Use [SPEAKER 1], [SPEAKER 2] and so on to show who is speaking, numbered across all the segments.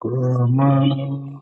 [SPEAKER 1] Familia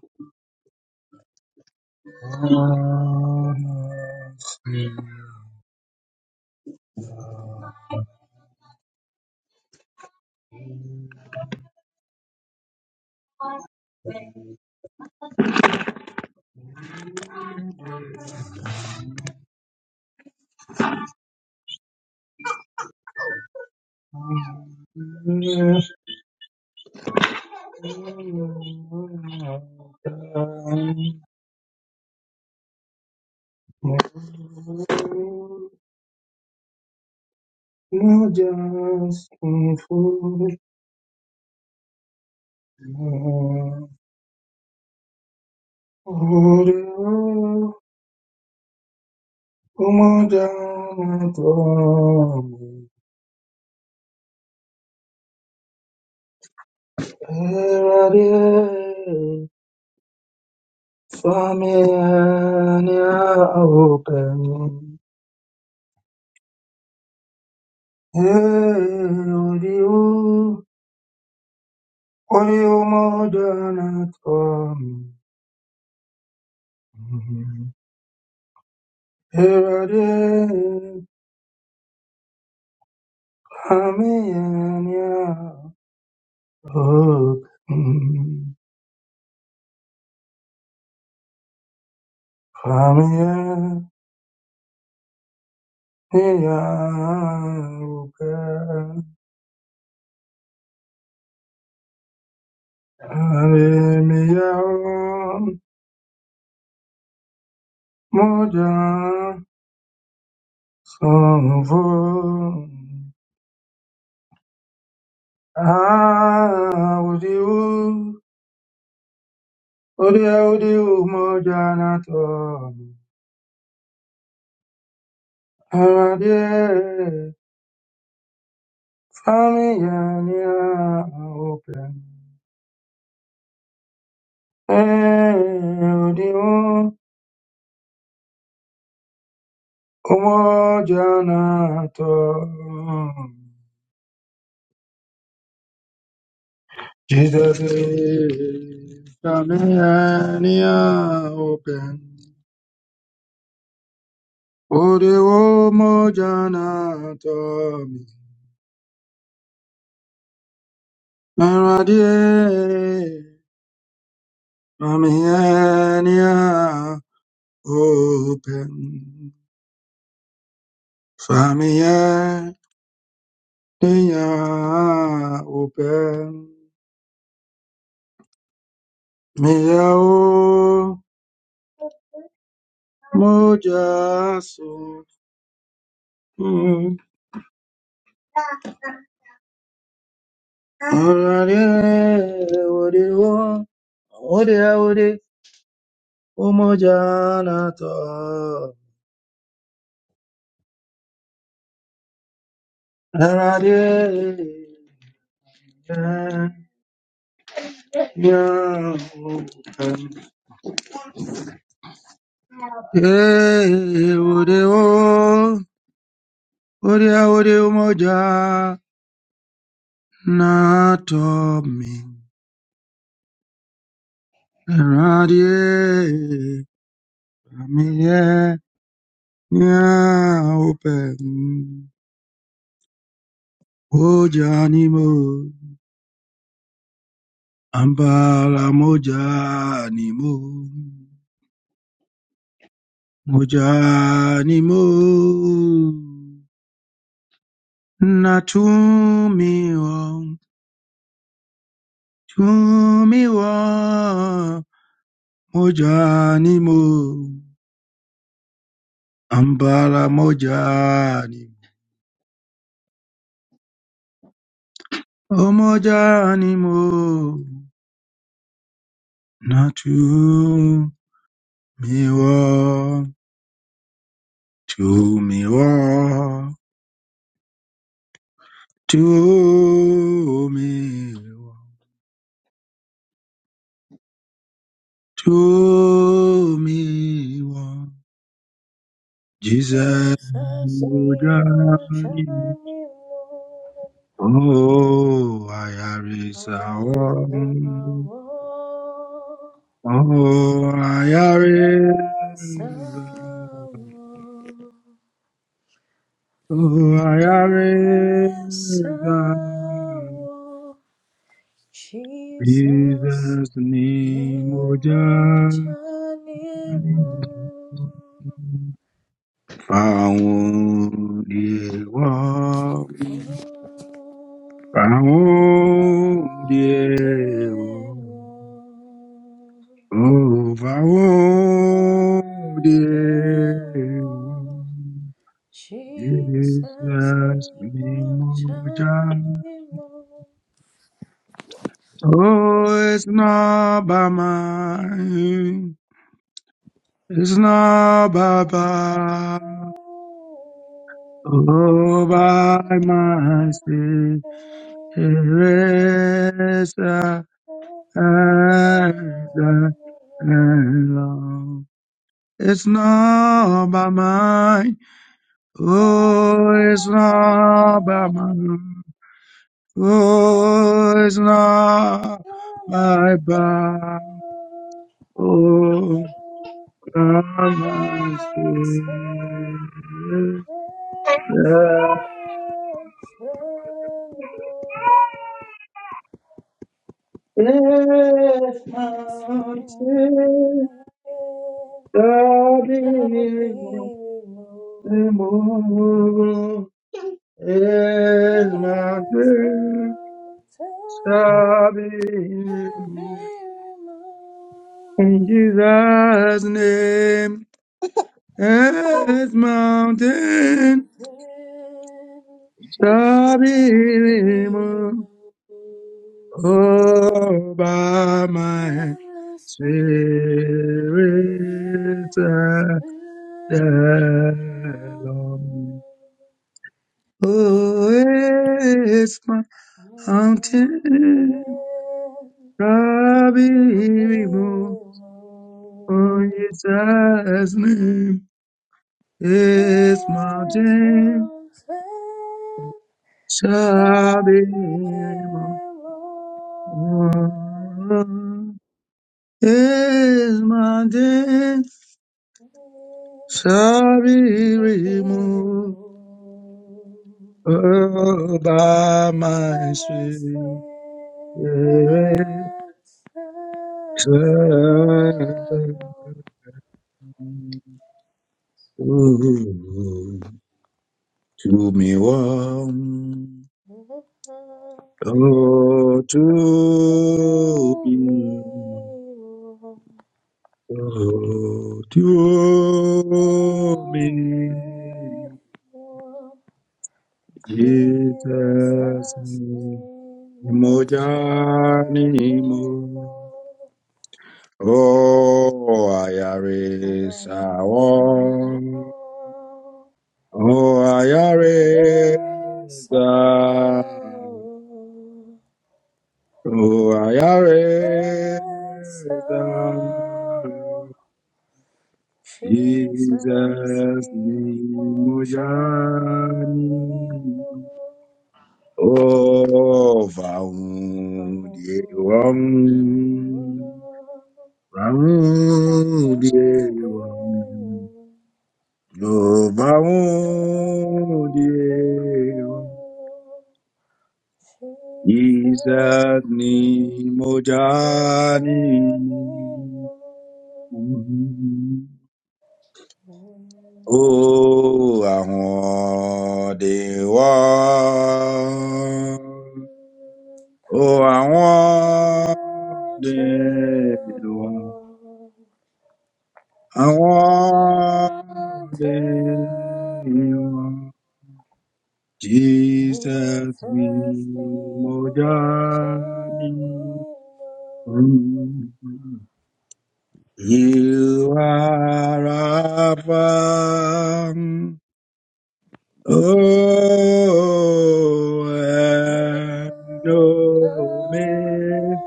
[SPEAKER 1] open. Oriyo, Oriyo Modanatwam. Evade, Pamiyanya, Okum, Pamiyanya, Okum, Avemiya, Modan, Sangvo, Audio. Ode ode umojanato amade familia nina open. Eh ode um- umojanato Jesus is familia nina open. Ode umojanato amade familia nina open. فهمیه دیا اوپن میاو مجاسو Orare, ore, o, ore, ore, o mojanato. Orare, ya, ya, o, em. Eh, ore, o, ore, ore, o mojanato. Radie, Ramie, Nya Open, Mojanimo, Ambala Mojanimo, Mojanimo, Natumiwa, Tumiwa, Mojanimo, Ambala Mojanimo, O Mojanimo, Natumiwa. Miwa, To miwa, tu miwa, tu miwa. Jesus,
[SPEAKER 2] Jesus name of
[SPEAKER 1] Mujani.
[SPEAKER 2] Shanimo.
[SPEAKER 1] oh, I
[SPEAKER 2] I
[SPEAKER 1] ayarisa,
[SPEAKER 2] am Sawa.
[SPEAKER 1] oh, I
[SPEAKER 2] I am
[SPEAKER 1] ayarisa.
[SPEAKER 2] Sawa. I
[SPEAKER 1] Oh, I
[SPEAKER 2] am
[SPEAKER 1] risen.
[SPEAKER 2] Sawa. Jesus
[SPEAKER 1] Jesus' name,
[SPEAKER 2] name of
[SPEAKER 1] oh, Found Found Oh,
[SPEAKER 2] Shanimo.
[SPEAKER 1] found
[SPEAKER 2] Mountain wall, mountain wall. Jesus, ni
[SPEAKER 1] Jesus,
[SPEAKER 2] mo
[SPEAKER 1] me moja.
[SPEAKER 2] chani mo.
[SPEAKER 1] Oh, it's not by mine. It's not by,
[SPEAKER 2] Oh, oh,
[SPEAKER 1] by. Oh, by
[SPEAKER 2] oh,
[SPEAKER 1] myself.
[SPEAKER 2] oh, oh,
[SPEAKER 1] It's a- and- and love. It's
[SPEAKER 2] oh.
[SPEAKER 1] not by mine.
[SPEAKER 2] Yes,
[SPEAKER 1] Oh,
[SPEAKER 2] I
[SPEAKER 1] it's not by
[SPEAKER 2] believe.
[SPEAKER 1] mine. Oh, it's not
[SPEAKER 2] Oh, oh,
[SPEAKER 1] my power.
[SPEAKER 2] oh,
[SPEAKER 1] Oh,
[SPEAKER 2] oh.
[SPEAKER 1] by
[SPEAKER 2] Shall be removed. This mountain
[SPEAKER 1] my
[SPEAKER 2] shall
[SPEAKER 1] spirit. It's not
[SPEAKER 2] be
[SPEAKER 1] God
[SPEAKER 2] removed.
[SPEAKER 1] immovable is my great salvation. In Jesus' name, as mountain
[SPEAKER 2] Mountain
[SPEAKER 1] shall be
[SPEAKER 2] shall be
[SPEAKER 1] removed
[SPEAKER 2] removed.
[SPEAKER 1] Oh, by my
[SPEAKER 2] When The Spirit
[SPEAKER 1] spirit
[SPEAKER 2] gives power and dominion.
[SPEAKER 1] alone. Oh,
[SPEAKER 2] This
[SPEAKER 1] it's my mountain. Rabbimo, on Jesus' name, his mountain
[SPEAKER 2] mountain
[SPEAKER 1] shall
[SPEAKER 2] shall
[SPEAKER 1] be
[SPEAKER 2] be
[SPEAKER 1] removed.
[SPEAKER 2] removed.
[SPEAKER 1] His mountain
[SPEAKER 2] Shall
[SPEAKER 1] shall be
[SPEAKER 2] Be
[SPEAKER 1] removed
[SPEAKER 2] removed.
[SPEAKER 1] oh, by my
[SPEAKER 2] Holy Spirit,
[SPEAKER 1] spirit.
[SPEAKER 2] flow
[SPEAKER 1] To me, one. Oh, to
[SPEAKER 2] through me,
[SPEAKER 1] be, oh, to me,
[SPEAKER 2] Lord.
[SPEAKER 1] Jesus,
[SPEAKER 2] Jesus, we will
[SPEAKER 1] Mojani
[SPEAKER 2] surely
[SPEAKER 1] mo,
[SPEAKER 2] know.
[SPEAKER 1] oh,
[SPEAKER 2] I
[SPEAKER 1] ayare
[SPEAKER 2] am sorrow.
[SPEAKER 1] sawo, oh, ayare
[SPEAKER 2] I am sorrow.
[SPEAKER 1] sa, oh, ayare
[SPEAKER 2] So,
[SPEAKER 1] sa.
[SPEAKER 2] Jesus,
[SPEAKER 1] Jesus ni
[SPEAKER 2] in my
[SPEAKER 1] mujani
[SPEAKER 2] shining room.
[SPEAKER 1] o vaun die wang vaun lo vaun die Jesus ni mojani Oh, O Ahodiwa.
[SPEAKER 2] Jesus,
[SPEAKER 1] O
[SPEAKER 2] Mountain
[SPEAKER 1] Ahodiwa.
[SPEAKER 2] wall, mountain wall,
[SPEAKER 1] Ahodiwa. Jesus
[SPEAKER 2] Jesus
[SPEAKER 1] mi
[SPEAKER 2] name on
[SPEAKER 1] mojani. You are Alpha. Oh,
[SPEAKER 2] and
[SPEAKER 1] and
[SPEAKER 2] Omega,
[SPEAKER 1] Omega.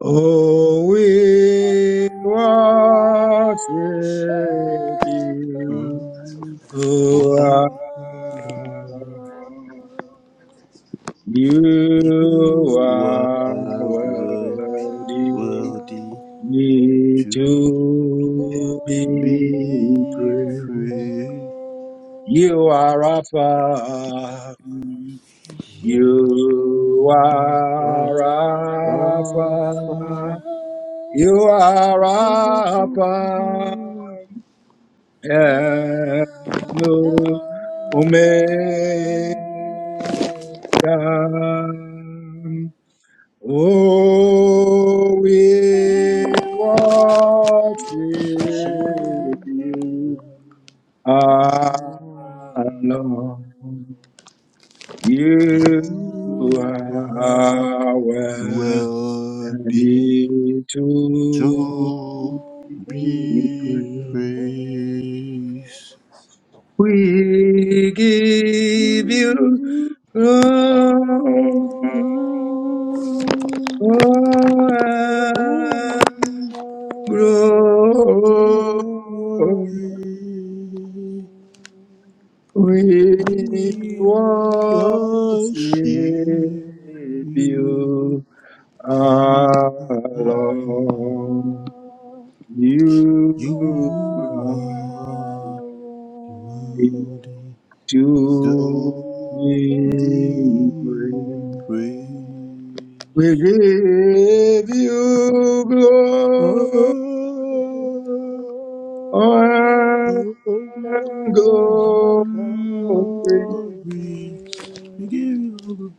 [SPEAKER 1] Oh,
[SPEAKER 2] we
[SPEAKER 1] we worship
[SPEAKER 2] worship you,
[SPEAKER 1] you.
[SPEAKER 3] Mm,
[SPEAKER 1] Oh,
[SPEAKER 3] Wabba,
[SPEAKER 2] our
[SPEAKER 1] Allah.
[SPEAKER 2] Lord.
[SPEAKER 1] You
[SPEAKER 3] you
[SPEAKER 2] You
[SPEAKER 1] are
[SPEAKER 3] are
[SPEAKER 2] are
[SPEAKER 1] worthy
[SPEAKER 3] worthy
[SPEAKER 2] worthy
[SPEAKER 3] to
[SPEAKER 2] to
[SPEAKER 1] to be
[SPEAKER 2] be
[SPEAKER 3] be
[SPEAKER 1] praised.
[SPEAKER 3] praised.
[SPEAKER 1] You
[SPEAKER 2] praised.
[SPEAKER 1] are Alpha. mm,
[SPEAKER 2] You
[SPEAKER 1] You
[SPEAKER 3] You are
[SPEAKER 2] are
[SPEAKER 1] are
[SPEAKER 2] Alpha
[SPEAKER 3] Alpha
[SPEAKER 1] Alpha. You are Alpha.
[SPEAKER 3] Omega.
[SPEAKER 1] And
[SPEAKER 2] and
[SPEAKER 1] Omega.
[SPEAKER 2] Omega.
[SPEAKER 1] Oh,
[SPEAKER 2] We
[SPEAKER 3] We
[SPEAKER 1] we worship
[SPEAKER 2] worship
[SPEAKER 3] you,
[SPEAKER 1] you
[SPEAKER 2] you. You
[SPEAKER 1] alone. You
[SPEAKER 3] You are
[SPEAKER 2] are
[SPEAKER 1] are worthy
[SPEAKER 2] worthy
[SPEAKER 3] worthy
[SPEAKER 2] to
[SPEAKER 1] to
[SPEAKER 3] to
[SPEAKER 2] be
[SPEAKER 1] be
[SPEAKER 3] be
[SPEAKER 1] praised.
[SPEAKER 3] praised.
[SPEAKER 2] praised.
[SPEAKER 1] We give you
[SPEAKER 2] Oh,
[SPEAKER 1] glory.
[SPEAKER 3] Glory,
[SPEAKER 2] the
[SPEAKER 3] we
[SPEAKER 1] glory.
[SPEAKER 2] glory
[SPEAKER 1] We
[SPEAKER 2] we
[SPEAKER 1] worship
[SPEAKER 3] worship you.
[SPEAKER 1] you
[SPEAKER 3] are,
[SPEAKER 1] alone.
[SPEAKER 2] will You
[SPEAKER 3] You
[SPEAKER 1] You are
[SPEAKER 3] are
[SPEAKER 2] are worthy
[SPEAKER 3] worthy.
[SPEAKER 2] to
[SPEAKER 1] to
[SPEAKER 3] to
[SPEAKER 2] be
[SPEAKER 1] be
[SPEAKER 3] thee
[SPEAKER 1] praised.
[SPEAKER 2] praised.
[SPEAKER 3] praise.
[SPEAKER 1] We give you
[SPEAKER 3] of
[SPEAKER 1] glory, and
[SPEAKER 2] You are the
[SPEAKER 1] glory.
[SPEAKER 2] glory.
[SPEAKER 3] Glory. We give you all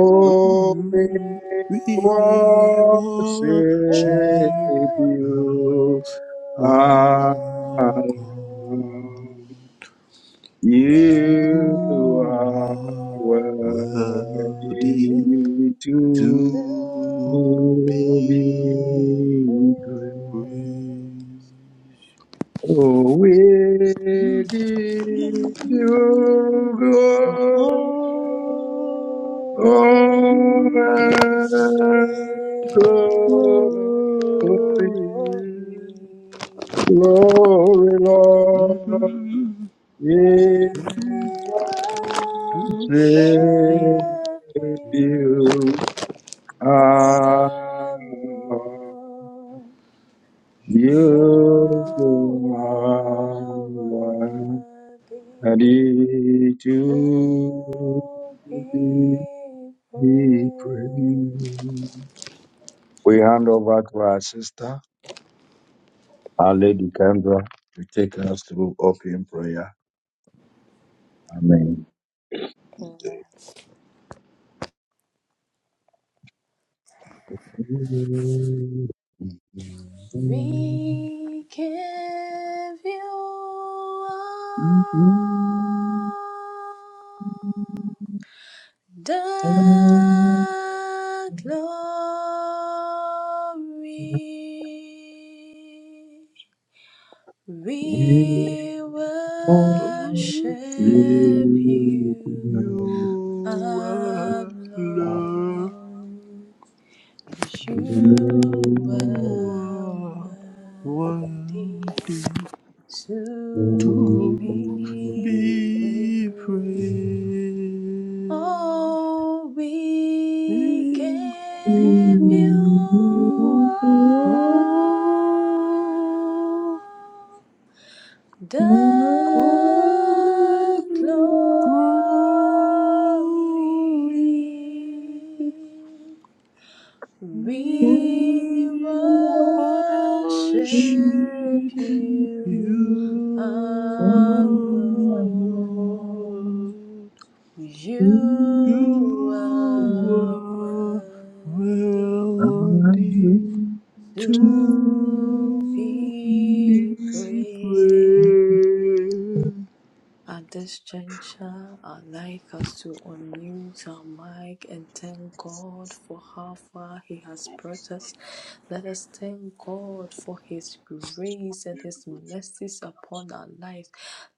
[SPEAKER 2] We
[SPEAKER 3] the
[SPEAKER 2] worship
[SPEAKER 1] we
[SPEAKER 3] glory. We worship
[SPEAKER 1] worship
[SPEAKER 2] you,
[SPEAKER 3] you,
[SPEAKER 1] you.
[SPEAKER 2] O
[SPEAKER 3] our
[SPEAKER 2] Lord.
[SPEAKER 3] God.
[SPEAKER 2] You
[SPEAKER 1] You
[SPEAKER 3] You
[SPEAKER 1] are
[SPEAKER 3] are
[SPEAKER 2] are
[SPEAKER 3] worthy.
[SPEAKER 2] worthy
[SPEAKER 1] worthy to
[SPEAKER 2] to
[SPEAKER 3] to
[SPEAKER 2] be
[SPEAKER 1] be
[SPEAKER 3] be
[SPEAKER 1] praised.
[SPEAKER 3] praised.
[SPEAKER 2] praised.
[SPEAKER 1] Oh, we give you
[SPEAKER 3] Oh,
[SPEAKER 1] glory,
[SPEAKER 2] Oh,
[SPEAKER 1] honor,
[SPEAKER 2] the
[SPEAKER 1] glory,
[SPEAKER 3] glory.
[SPEAKER 2] glory.
[SPEAKER 1] glory, Lord.
[SPEAKER 2] We
[SPEAKER 1] We worship
[SPEAKER 3] To
[SPEAKER 2] worship you,
[SPEAKER 1] you. Ah,
[SPEAKER 2] alone. You
[SPEAKER 1] you are
[SPEAKER 2] are worthy
[SPEAKER 1] worthy
[SPEAKER 2] to
[SPEAKER 1] to
[SPEAKER 2] be
[SPEAKER 1] be
[SPEAKER 2] praised.
[SPEAKER 1] praised. We hand over to our sister, our Lady Kendra, to take us through open prayer. Amen.
[SPEAKER 2] Amen. We give you all
[SPEAKER 1] Thank you.
[SPEAKER 2] the glory. We worship
[SPEAKER 3] oh, see,
[SPEAKER 2] you
[SPEAKER 3] you are love,
[SPEAKER 2] alone. 'cause You
[SPEAKER 3] you
[SPEAKER 2] are
[SPEAKER 3] are
[SPEAKER 2] worthy
[SPEAKER 3] worthy.
[SPEAKER 2] to
[SPEAKER 3] to
[SPEAKER 2] be
[SPEAKER 3] be
[SPEAKER 2] praised.
[SPEAKER 3] free,
[SPEAKER 2] Oh, we
[SPEAKER 3] oh,
[SPEAKER 2] give you all. The
[SPEAKER 3] all
[SPEAKER 2] glory
[SPEAKER 3] glory.
[SPEAKER 2] we
[SPEAKER 3] We
[SPEAKER 2] worship
[SPEAKER 3] worship
[SPEAKER 2] you
[SPEAKER 3] you,
[SPEAKER 2] alone.
[SPEAKER 3] O God.
[SPEAKER 1] Thank you.
[SPEAKER 2] You
[SPEAKER 3] You
[SPEAKER 2] are
[SPEAKER 1] Bless
[SPEAKER 3] were
[SPEAKER 2] worthy
[SPEAKER 3] worthy
[SPEAKER 2] to
[SPEAKER 3] to
[SPEAKER 2] be
[SPEAKER 3] be
[SPEAKER 2] praised.
[SPEAKER 3] praised.
[SPEAKER 2] At this juncture, I'd like us to unmute our mic and thank God for how far He has
[SPEAKER 4] Thank
[SPEAKER 2] brought us. Let us thank God for His grace and His mercies upon our lives.